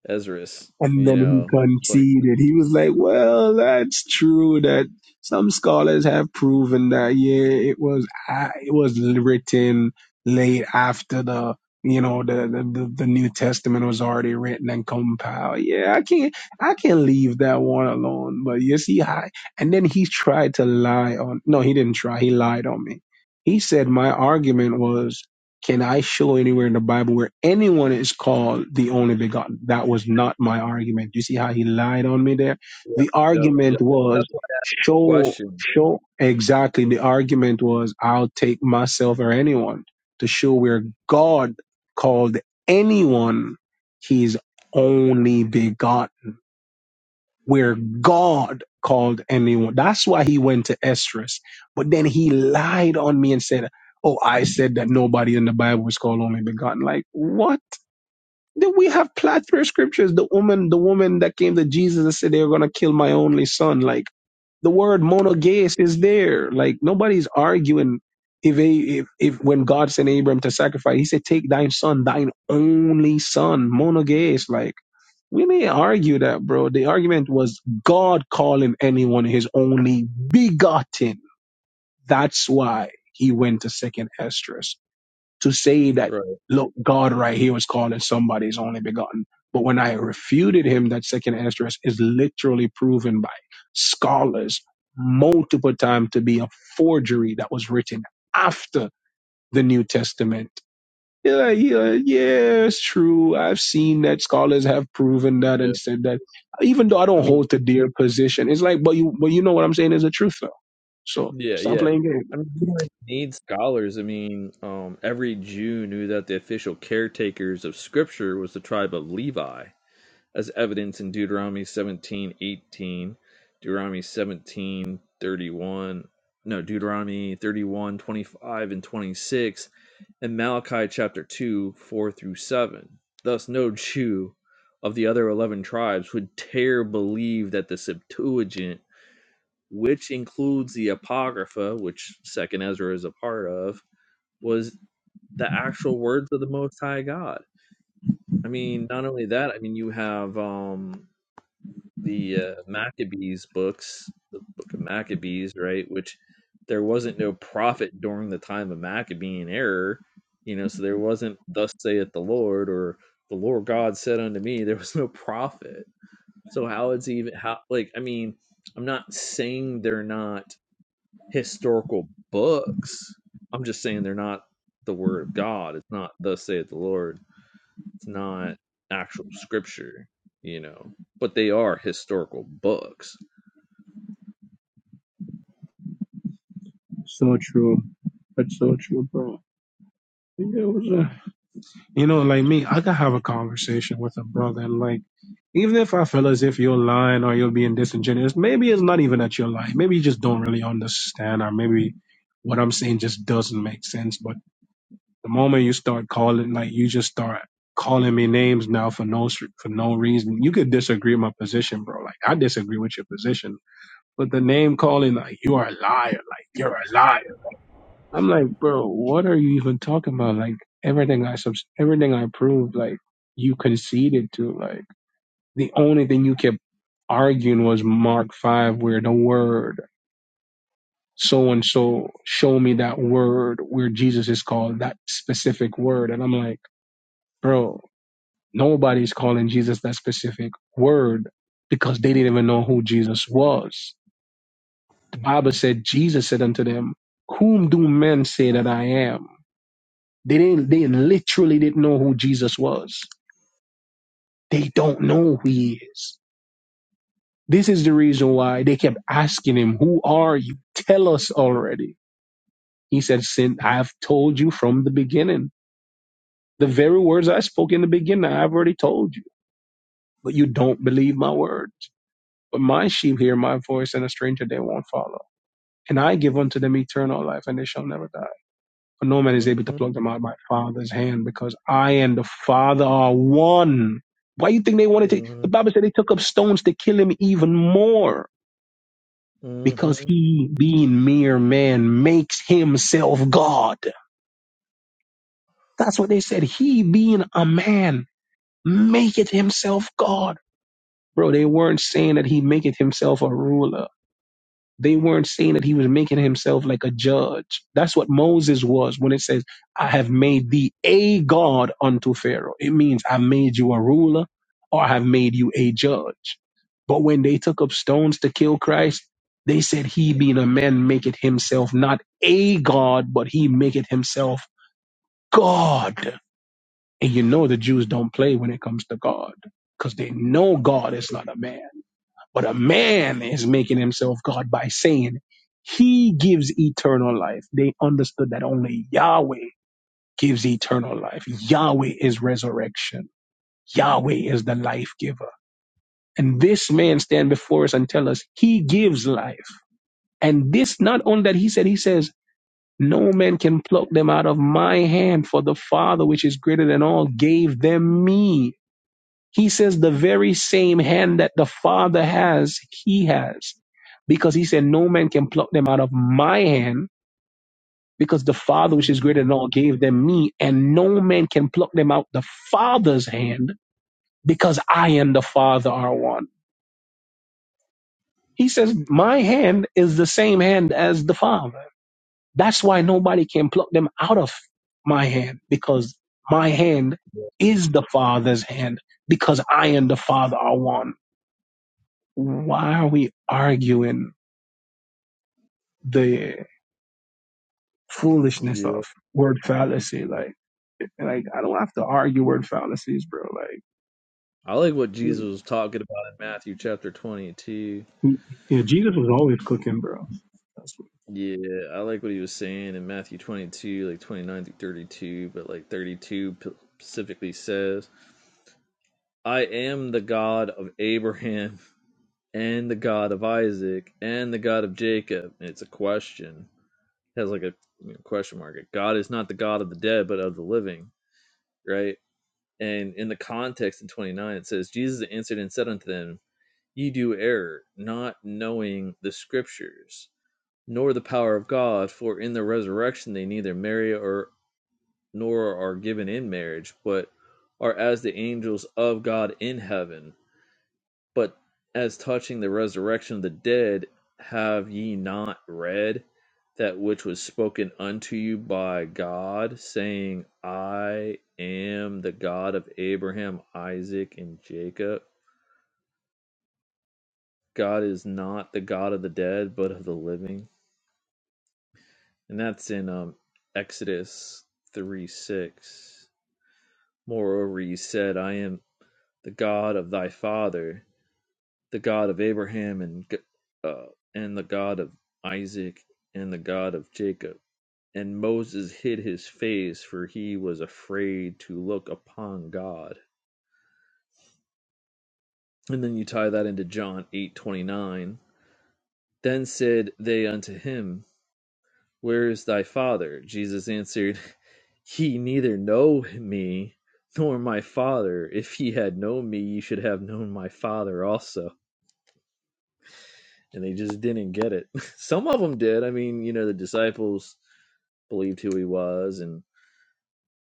Ezra's,
And
you
then he
know, like
conceded. He was like, well, that's true that some scholars have proven that, yeah, it was, uh, it was written late after the, you know, the, the, the, the New Testament was already written and compiled. Yeah, I can't, I can't leave that one alone. But you see, I, and then he tried to lie on, no, he didn't try. He lied on me. He said my argument was can I show anywhere in the Bible where anyone is called the only begotten? That was not my argument. You see how he lied on me there?
yeah,
The
yep, yep.
argument
That's
was
why I
show,
question,
show exactly. The argument was I'll take myself or anyone to show where God called anyone his only begotten where God called anyone. That's why he went to Esdras. But then he lied on me and said, Oh, I said that nobody in the Bible was called only begotten. Like, what? Then we have plethora of scriptures. The woman, the woman that came to Jesus and said they were gonna kill my only son. Like the word monogeist is there. Like nobody's arguing if a, if if when God sent Abram to sacrifice, he said, Take thine son, thine only son, monogeist. Like we may argue that, bro. The argument was God calling anyone his only begotten. That's why he went to second Esdras to say that,
right?
look, God right here was calling somebody his only begotten. But when I refuted him, that second Esdras is literally proven by scholars multiple times to be a forgery that was written after the New Testament you're like, yeah, yeah, it's true. I've seen that scholars have proven that
Yeah,
and said that. Even though I
I
don't
mean,
hold to their position, it's like, but you, but you know what I'm saying is the truth though. So
yeah,
stop
yeah.
playing games.
I mean, you don't need scholars. I mean, um, every Jew knew that the official caretakers of Scripture was the tribe of Levi. as evidence in Deuteronomy 17 18, Deuteronomy 17 31, no, Deuteronomy 31 25 and 26, and Malachi chapter 2, 4 through 7. Thus, no Jew of the other 11 tribes would dare believe that the Septuagint, which includes the Apocrypha, which 2nd Ezra is a part of, was the actual words of the Most High God. I mean, not only that, I mean, you have um, the uh, Maccabees books, the Book of Maccabees, right? Which there wasn't no prophet during the time of Maccabean error, you know. So there wasn't "Thus saith the Lord" or "The Lord God said unto me." There was no prophet. So how it's even how like I mean, I'm not saying they're not historical books. I'm just saying they're not the word of God. It's not "Thus saith the Lord." It's not actual scripture, you know but they are historical books.
So true. That's so true, bro. Yeah, it was a- You know, like me, I could have a conversation with a brother, and like, even if I feel as if you're lying or you're being disingenuous, maybe it's not even that you're lying. Maybe you just don't really understand, or maybe what I'm saying just doesn't make sense. But The moment you start calling, like you just start calling me names now for no s- for no reason. You could disagree with my position, bro. Like I disagree with your position, but the name calling, like you are a liar, like
You are
you're a
alive.
liar. I'm like, bro, what are you even talking about? Like everything I subs, everything I proved, like you conceded to. Like the only thing you kept arguing was Mark five, where the word so and so show me that word where Jesus is called that specific word. And I'm like, bro, Nobody's calling Jesus that specific word because they didn't even know who Jesus was. The Bible said Jesus said unto them, Whom do men say that I am? They didn't they literally didn't know who Jesus was. They don't know who he is. This is the reason why they kept asking him, Who are you? Tell us already. He said, Sin, I've told you from the beginning. The very words I spoke in the beginning, I've already told you, but you don't believe my words. But my sheep hear my voice, and a stranger they won't follow. And I give unto them eternal life, and they shall never die. For no man is able to
Mm-hmm.
pluck them out of my Father's hand, because I and the Father are one. Why you think they wanted to?
Mm-hmm.
The Bible said they took up stones to kill him even more, because
Mm-hmm.
he, being mere man, makes himself God. That's what they said. He, being a man, maketh himself God. Bro, they weren't saying that he maketh himself a ruler They weren't saying that he was making himself like a judge. That's what Moses was when it says, I have made thee a God unto Pharaoh. It means I made you a ruler or I have made you a judge. But when they took up stones to kill Christ, they said he being a man maketh himself not a God, but he maketh himself God. And you know the Jews don't play when it comes to God because they know God is not a man. But a man is making himself God by saying he gives eternal life. They understood that only Yahweh gives eternal life. Yahweh is resurrection. Yahweh is the life giver. And this man stand before us and tell us he gives life. And this not only that he said, he says, no man can pluck them out of my hand for the father which is greater than all gave them me. He says the very same hand that the Father has, he has. Because he said, No man can pluck them out of my hand, because the Father, which is greater than all, gave them me, and no man can pluck them out the Father's hand, because I and the Father are one. He says, My hand is the same hand as the Father. That's why nobody can pluck them out of my hand, because my hand
Yeah.
is the Father's hand, because I and the Father are one why are we arguing the foolishness
Yeah.
of word fallacy?
yeah.
Like, like I don't have to argue word fallacies, bro. Like,
I like what Jesus was talking about in Matthew chapter 22.
he, yeah, Jesus was always cooking, bro. That's what-
Yeah, I like what he was saying in Matthew 22, like 29 through 32, but like 32 p- specifically says, I am the God of Abraham and the God of Isaac and the God of Jacob. And it's a question. It has like a you know, question mark. Like, God is not the God of the dead, but of the living, right? And in the context in 29, it says, Jesus answered and said unto them, Ye do err, not knowing the scriptures, nor the power of God, for in the resurrection they neither marry or nor are given in marriage, but are as the angels of God in heaven. But as touching the resurrection of the dead, have ye not read that which was spoken unto you by God, saying, I am the God of Abraham, Isaac, and Jacob? God is not the God of the dead, but of the living. And that's in um, Exodus 3 6. Moreover, he said, I am the God of thy father. the God of Abraham and uh, and the God of Isaac and the God of Jacob. And Moses hid his face for he was afraid to look upon God. And then you tie that into John 8:29. Then said they unto him, Where is thy father? Jesus answered, Ye neither know me nor my father. If ye had known me, ye should have known my father also. And they just didn't get it. Some of them did. I mean, you know, the disciples believed who he was, and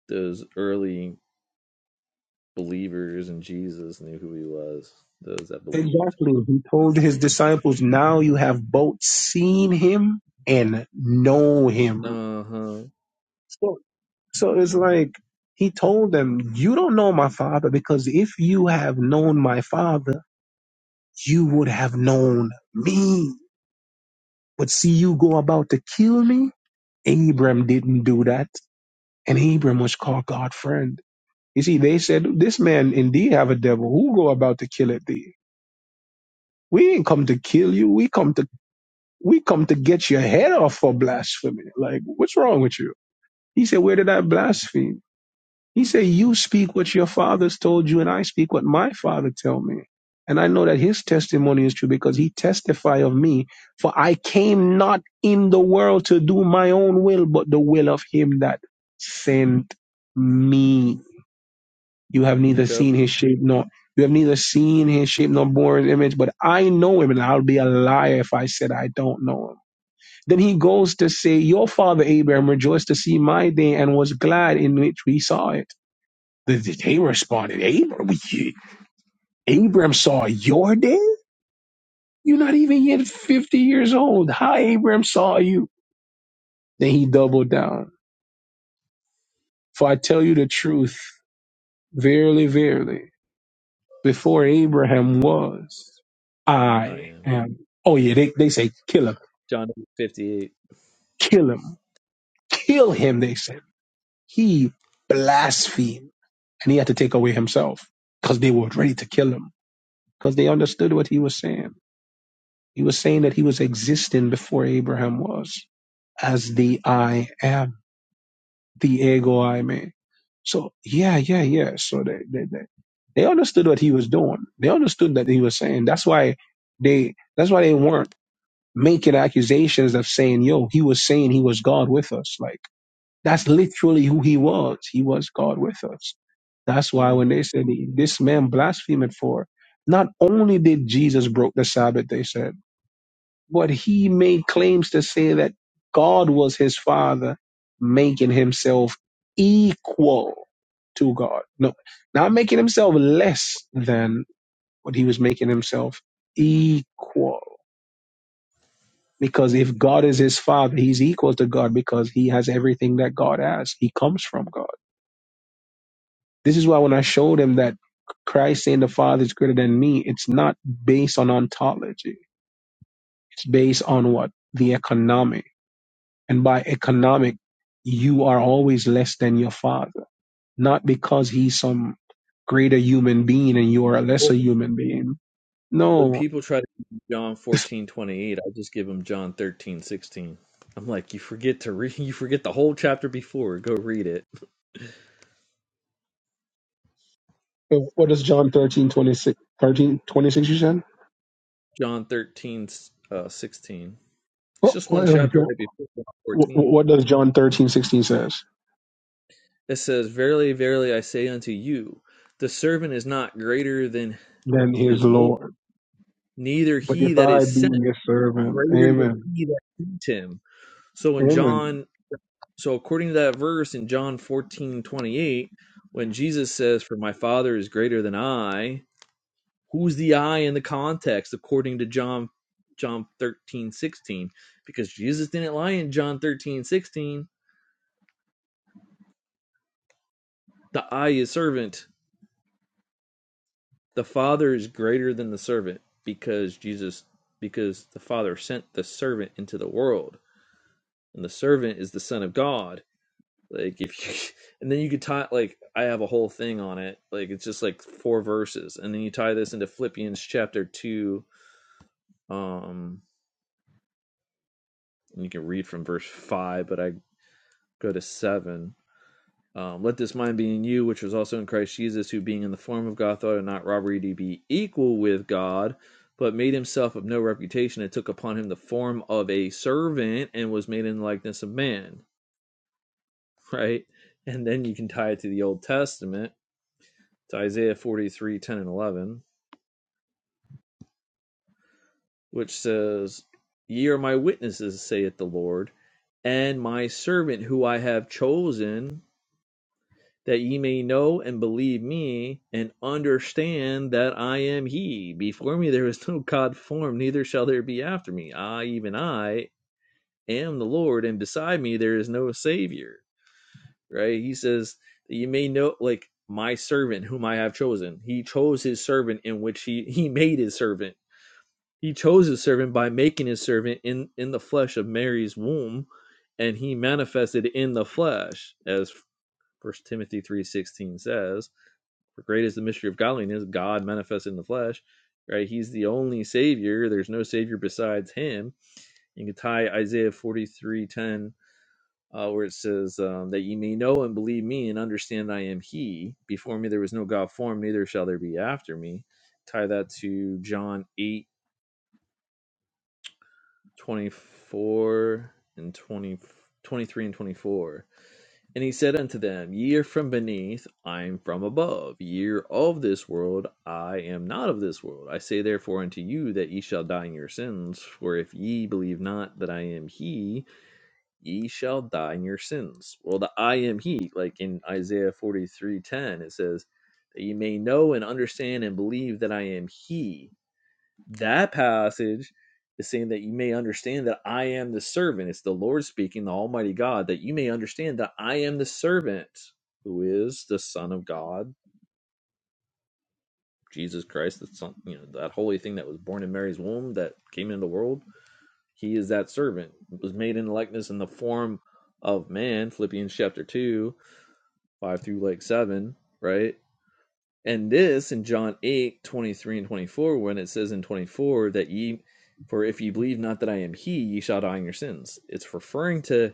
those early believers in Jesus knew who he was. Those that believed.
Exactly. He told his disciples, "Now you have both seen him and know him."
Uh huh.
So, so it's like he told them, "You don't know my father because if you have known my father, you would have known me." But see you go about to kill me? Abram didn't do that. And Abram was called God friend. You see, they said, This man indeed have a devil. Who go about to kill it thee? We ain't come to kill you. We come to we come to get your head off for blasphemy. Like, what's wrong with you? He said, Where did I blaspheme? He said, You speak what your fathers told you, and I speak what my father tell me. And I know that his testimony is true because he testify of me, for I came not in the world to do my own will, but the will of him that sent me. You have neither
Yep.
seen his shape nor you have neither seen his shape nor born his image, but I know him, and I'll be a liar if I said I don't know him. Then he goes to say, Your father Abraham rejoiced to see my day and was glad in which we saw it. They responded, Abram, you- Abram saw your day? You're not even yet 50 years old. How Abram saw you? Then he doubled down. For I tell you the truth, verily, verily, before Abraham was,
I
I
am
am. Oh, yeah, they, they say, kill him,
John fifty-eight.
kill him, kill him, they said. He blasphemed, and he had to take away himself because they were ready to kill him because they understood what he was saying. He was saying that he was existing before Abraham was as the I am, the ego I man. So yeah, yeah, yeah. So they, they they they understood what he was doing. They understood that he was saying. That's why they that's why they weren't making accusations of saying, yo, he was saying he was God with us. Like that's literally who he was. He was God with us. That's why when they
Mm-hmm.
said this man blaspheming for, not only did Jesus broke the Sabbath, they said. But he made claims to say that God was his father, making himself equal to God. No, not making himself less than, but he was making himself equal. Because if God is his father, he's equal to God because he has everything that God has. He comes from God. This is why when I showed him that Christ saying the Father is greater than me, it's not based on ontology. It's based on what? The economics And by economic, you are always less than your father, not because he's some greater human being and you are a lesser
Well,
human being.
when
No.
people try to give John fourteen twenty-eight, I just give them John thirteen sixteen. I'm like, you forget to read. You forget the whole chapter before. Go read it.
So What does John 13 26 13 26
John thirteen uh, sixteen.
you said?
It's
What,
just one chapter
what,
right before John
what
fourteen.
what does John 13 16 says?
It says, Verily, verily, I say unto you, the servant is not greater than
Then his
his Lord,
Lord.
neither
But
he
if
that
I
is
be
sent
your servant,
greater than
amen.
he that sent him. So in
Amen.
John, so according to that verse in John fourteen twenty eight, when Jesus says, For my Father is greater than I, who's the I in the context according to John John thirteen sixteen? Because Jesus didn't lie in John thirteen sixteen. The I is servant the father is greater than the servant because Jesus because the father sent the servant into the world and the servant is the son of God. Like if you and then you could tie like I have a whole thing on it. Like it's just like four verses and then you tie this into Philippians chapter 2 um and you can read from verse 5 but I go to 7 Um, Let this mind be in you, which was also in Christ Jesus, who being in the form of God thought it not robbery to be equal with God, but made himself of no reputation, and took upon him the form of a servant, and was made in the likeness of man. Right? And then you can tie it to the Old Testament, to Isaiah forty-three ten and 11, which says, Ye are my witnesses, saith the Lord, and my servant who I have chosen. that ye may know and believe me, and understand that I am he. Before me there was no God formed, neither shall there be after me. I, even I, am the Lord, and beside me there is no Savior. Right? He says that you may know, like, my servant whom I have chosen. He chose his servant in which he, he made his servant. He chose his servant by making his servant in, in the flesh of Mary's womb, and he manifested in the flesh, as First Timothy 3.16 says for great is the mystery of godliness, God manifest in the flesh, right? He's the only Savior. There's no Savior besides Him. You can tie Isaiah 43:10, uh, where it says, um, That ye may know and believe me and understand I am He. Before me there was no God formed, neither shall there be after me. Tie that to John 8:24 and 20, 23 and 24 And he said unto them, Ye are from beneath, I am from above. Ye are of this world, I am not of this world. I say therefore unto you that ye shall die in your sins. For if ye believe not that I am He, ye shall die in your sins. Well, the I am He, like in Isaiah forty three ten, it says that ye may know and understand and believe that I am He. That passage is saying that you may understand that I am the servant. It's the Lord speaking, the Almighty God, that you may understand that I am the servant who is the Son of God, Jesus Christ, the Son, you know, that holy thing that was born in Mary's womb that came into the world. He is that servant, It was made in likeness in the form of man, Philippians chapter 2, 5 through like 7, right? And this in John 8 23 and 24, when it says in 24 that ye, for if ye believe not that I am he, ye shall die in your sins. It's referring to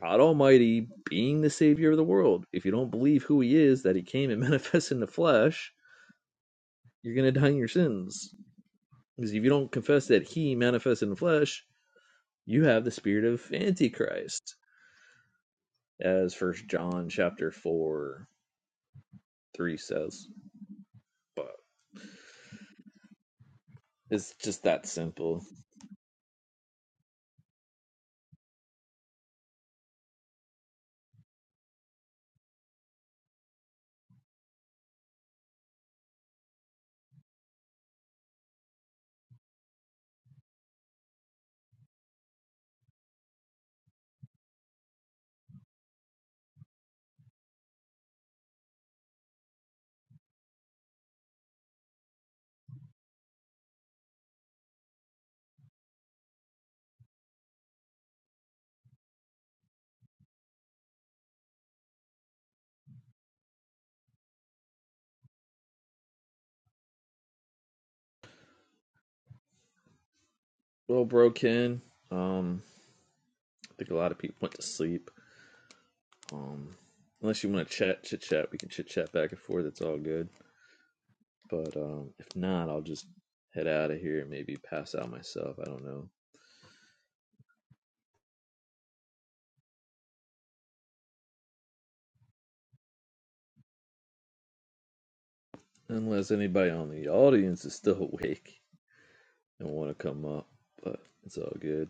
God Almighty being the Savior of the world. If you don't believe who he is, that he came and manifested in the flesh, you're going to die in your sins. Because if you don't confess that he manifested in the flesh, you have the spirit of Antichrist, as First John chapter 4, 3 says. But it's just that simple. Well, bro, Ken, um, I think a lot of people went to sleep. Um, unless you want to chat, chit chat, we can chit chat back and forth. It's all good. But um, if not, I'll just head out of here and maybe pass out myself. I don't know. Unless anybody on the audience is still awake and want to come up, but it's all good.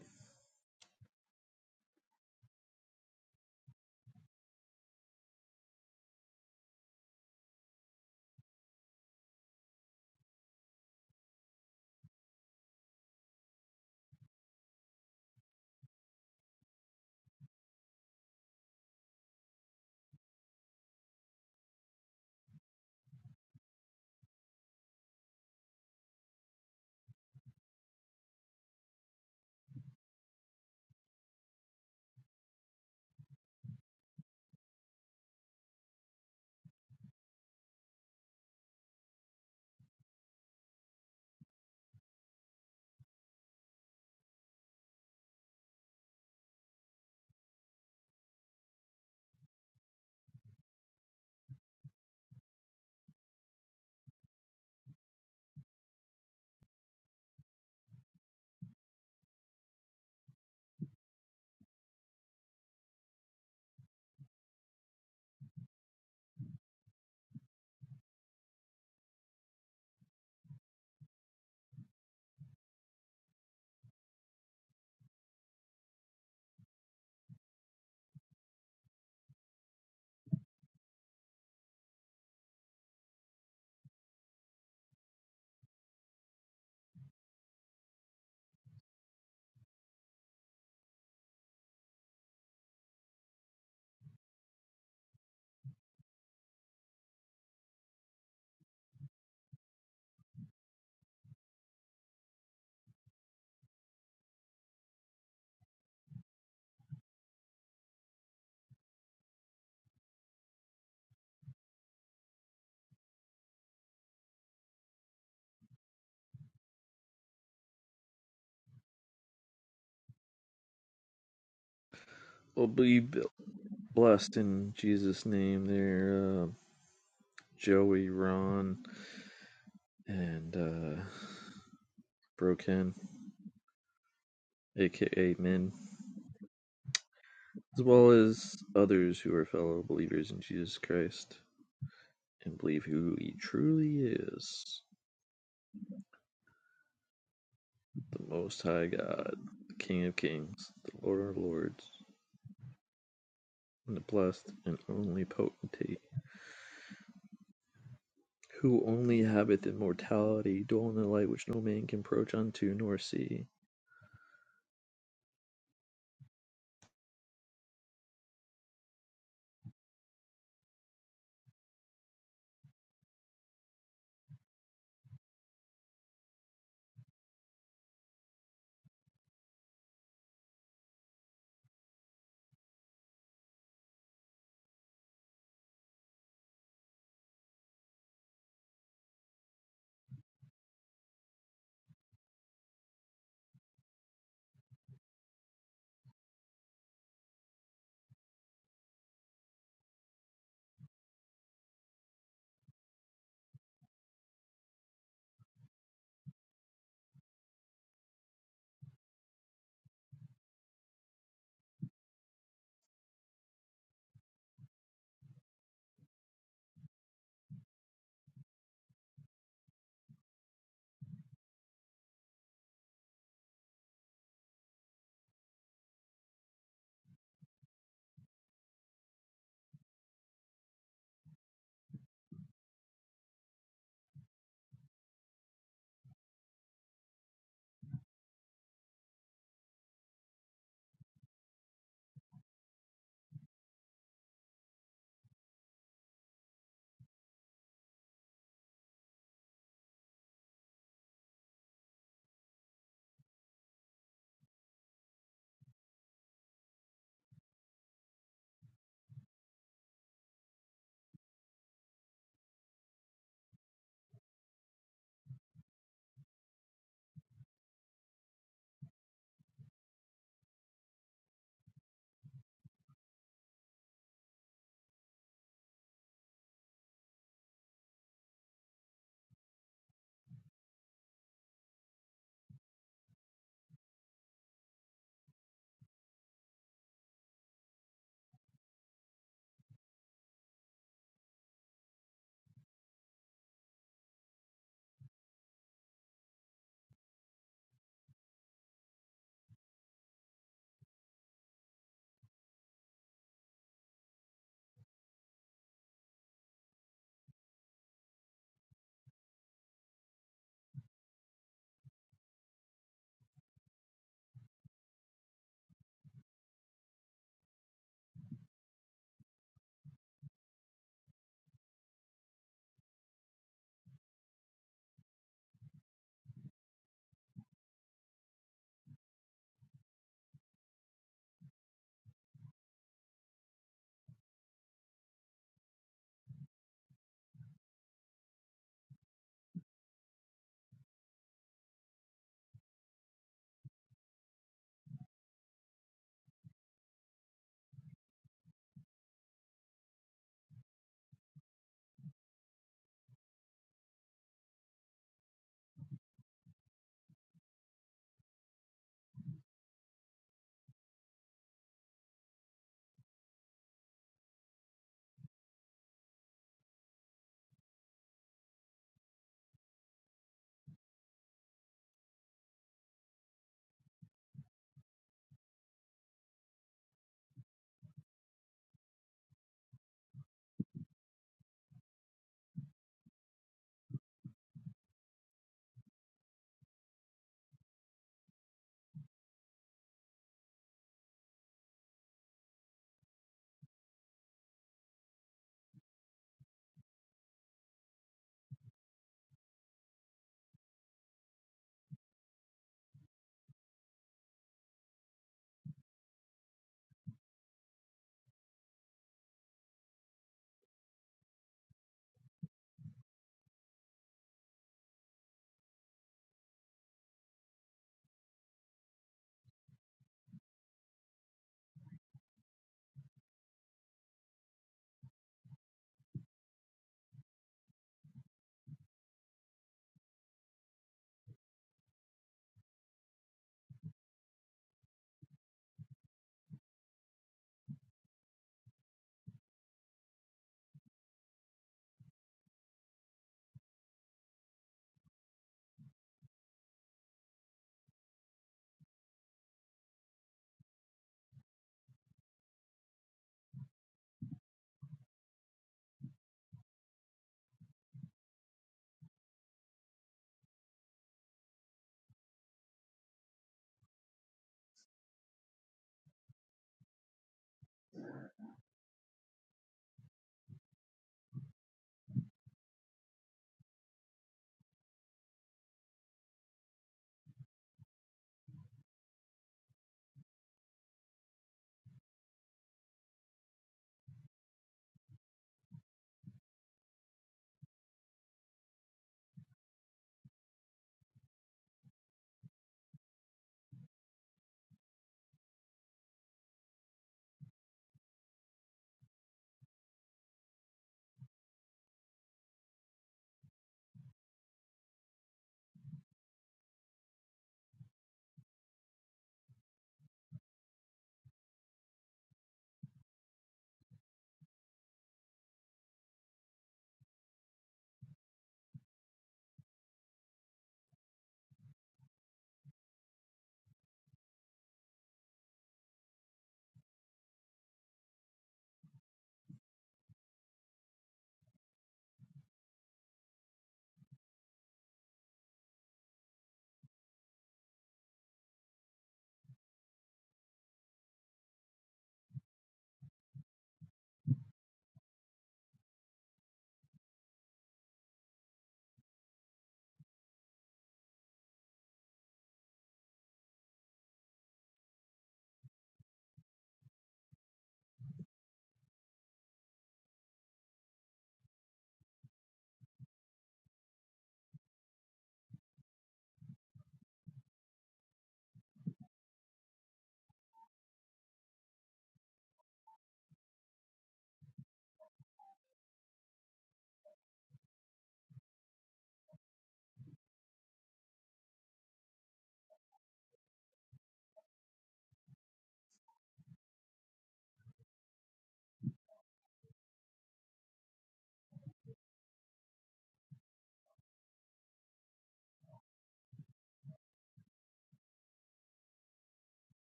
Well, be blessed in Jesus' name there, uh, Joey, Ron, and uh, Broken, aka Min, as well as others who are fellow believers in Jesus Christ. and believe who he truly is the Most High God, the King of Kings, the Lord of Lords, and the blessed and only potentate, who only habiteth immortality, dwelling in the light which no man can approach unto nor see.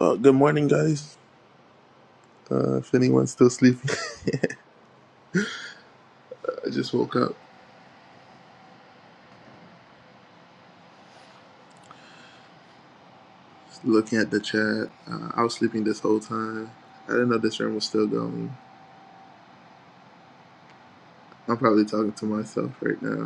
Uh, good morning, guys. Uh, if anyone's still sleeping, I just woke up just looking at the chat. Uh, I was sleeping this whole time. I didn't know this room was still going. I'm probably talking to myself right now.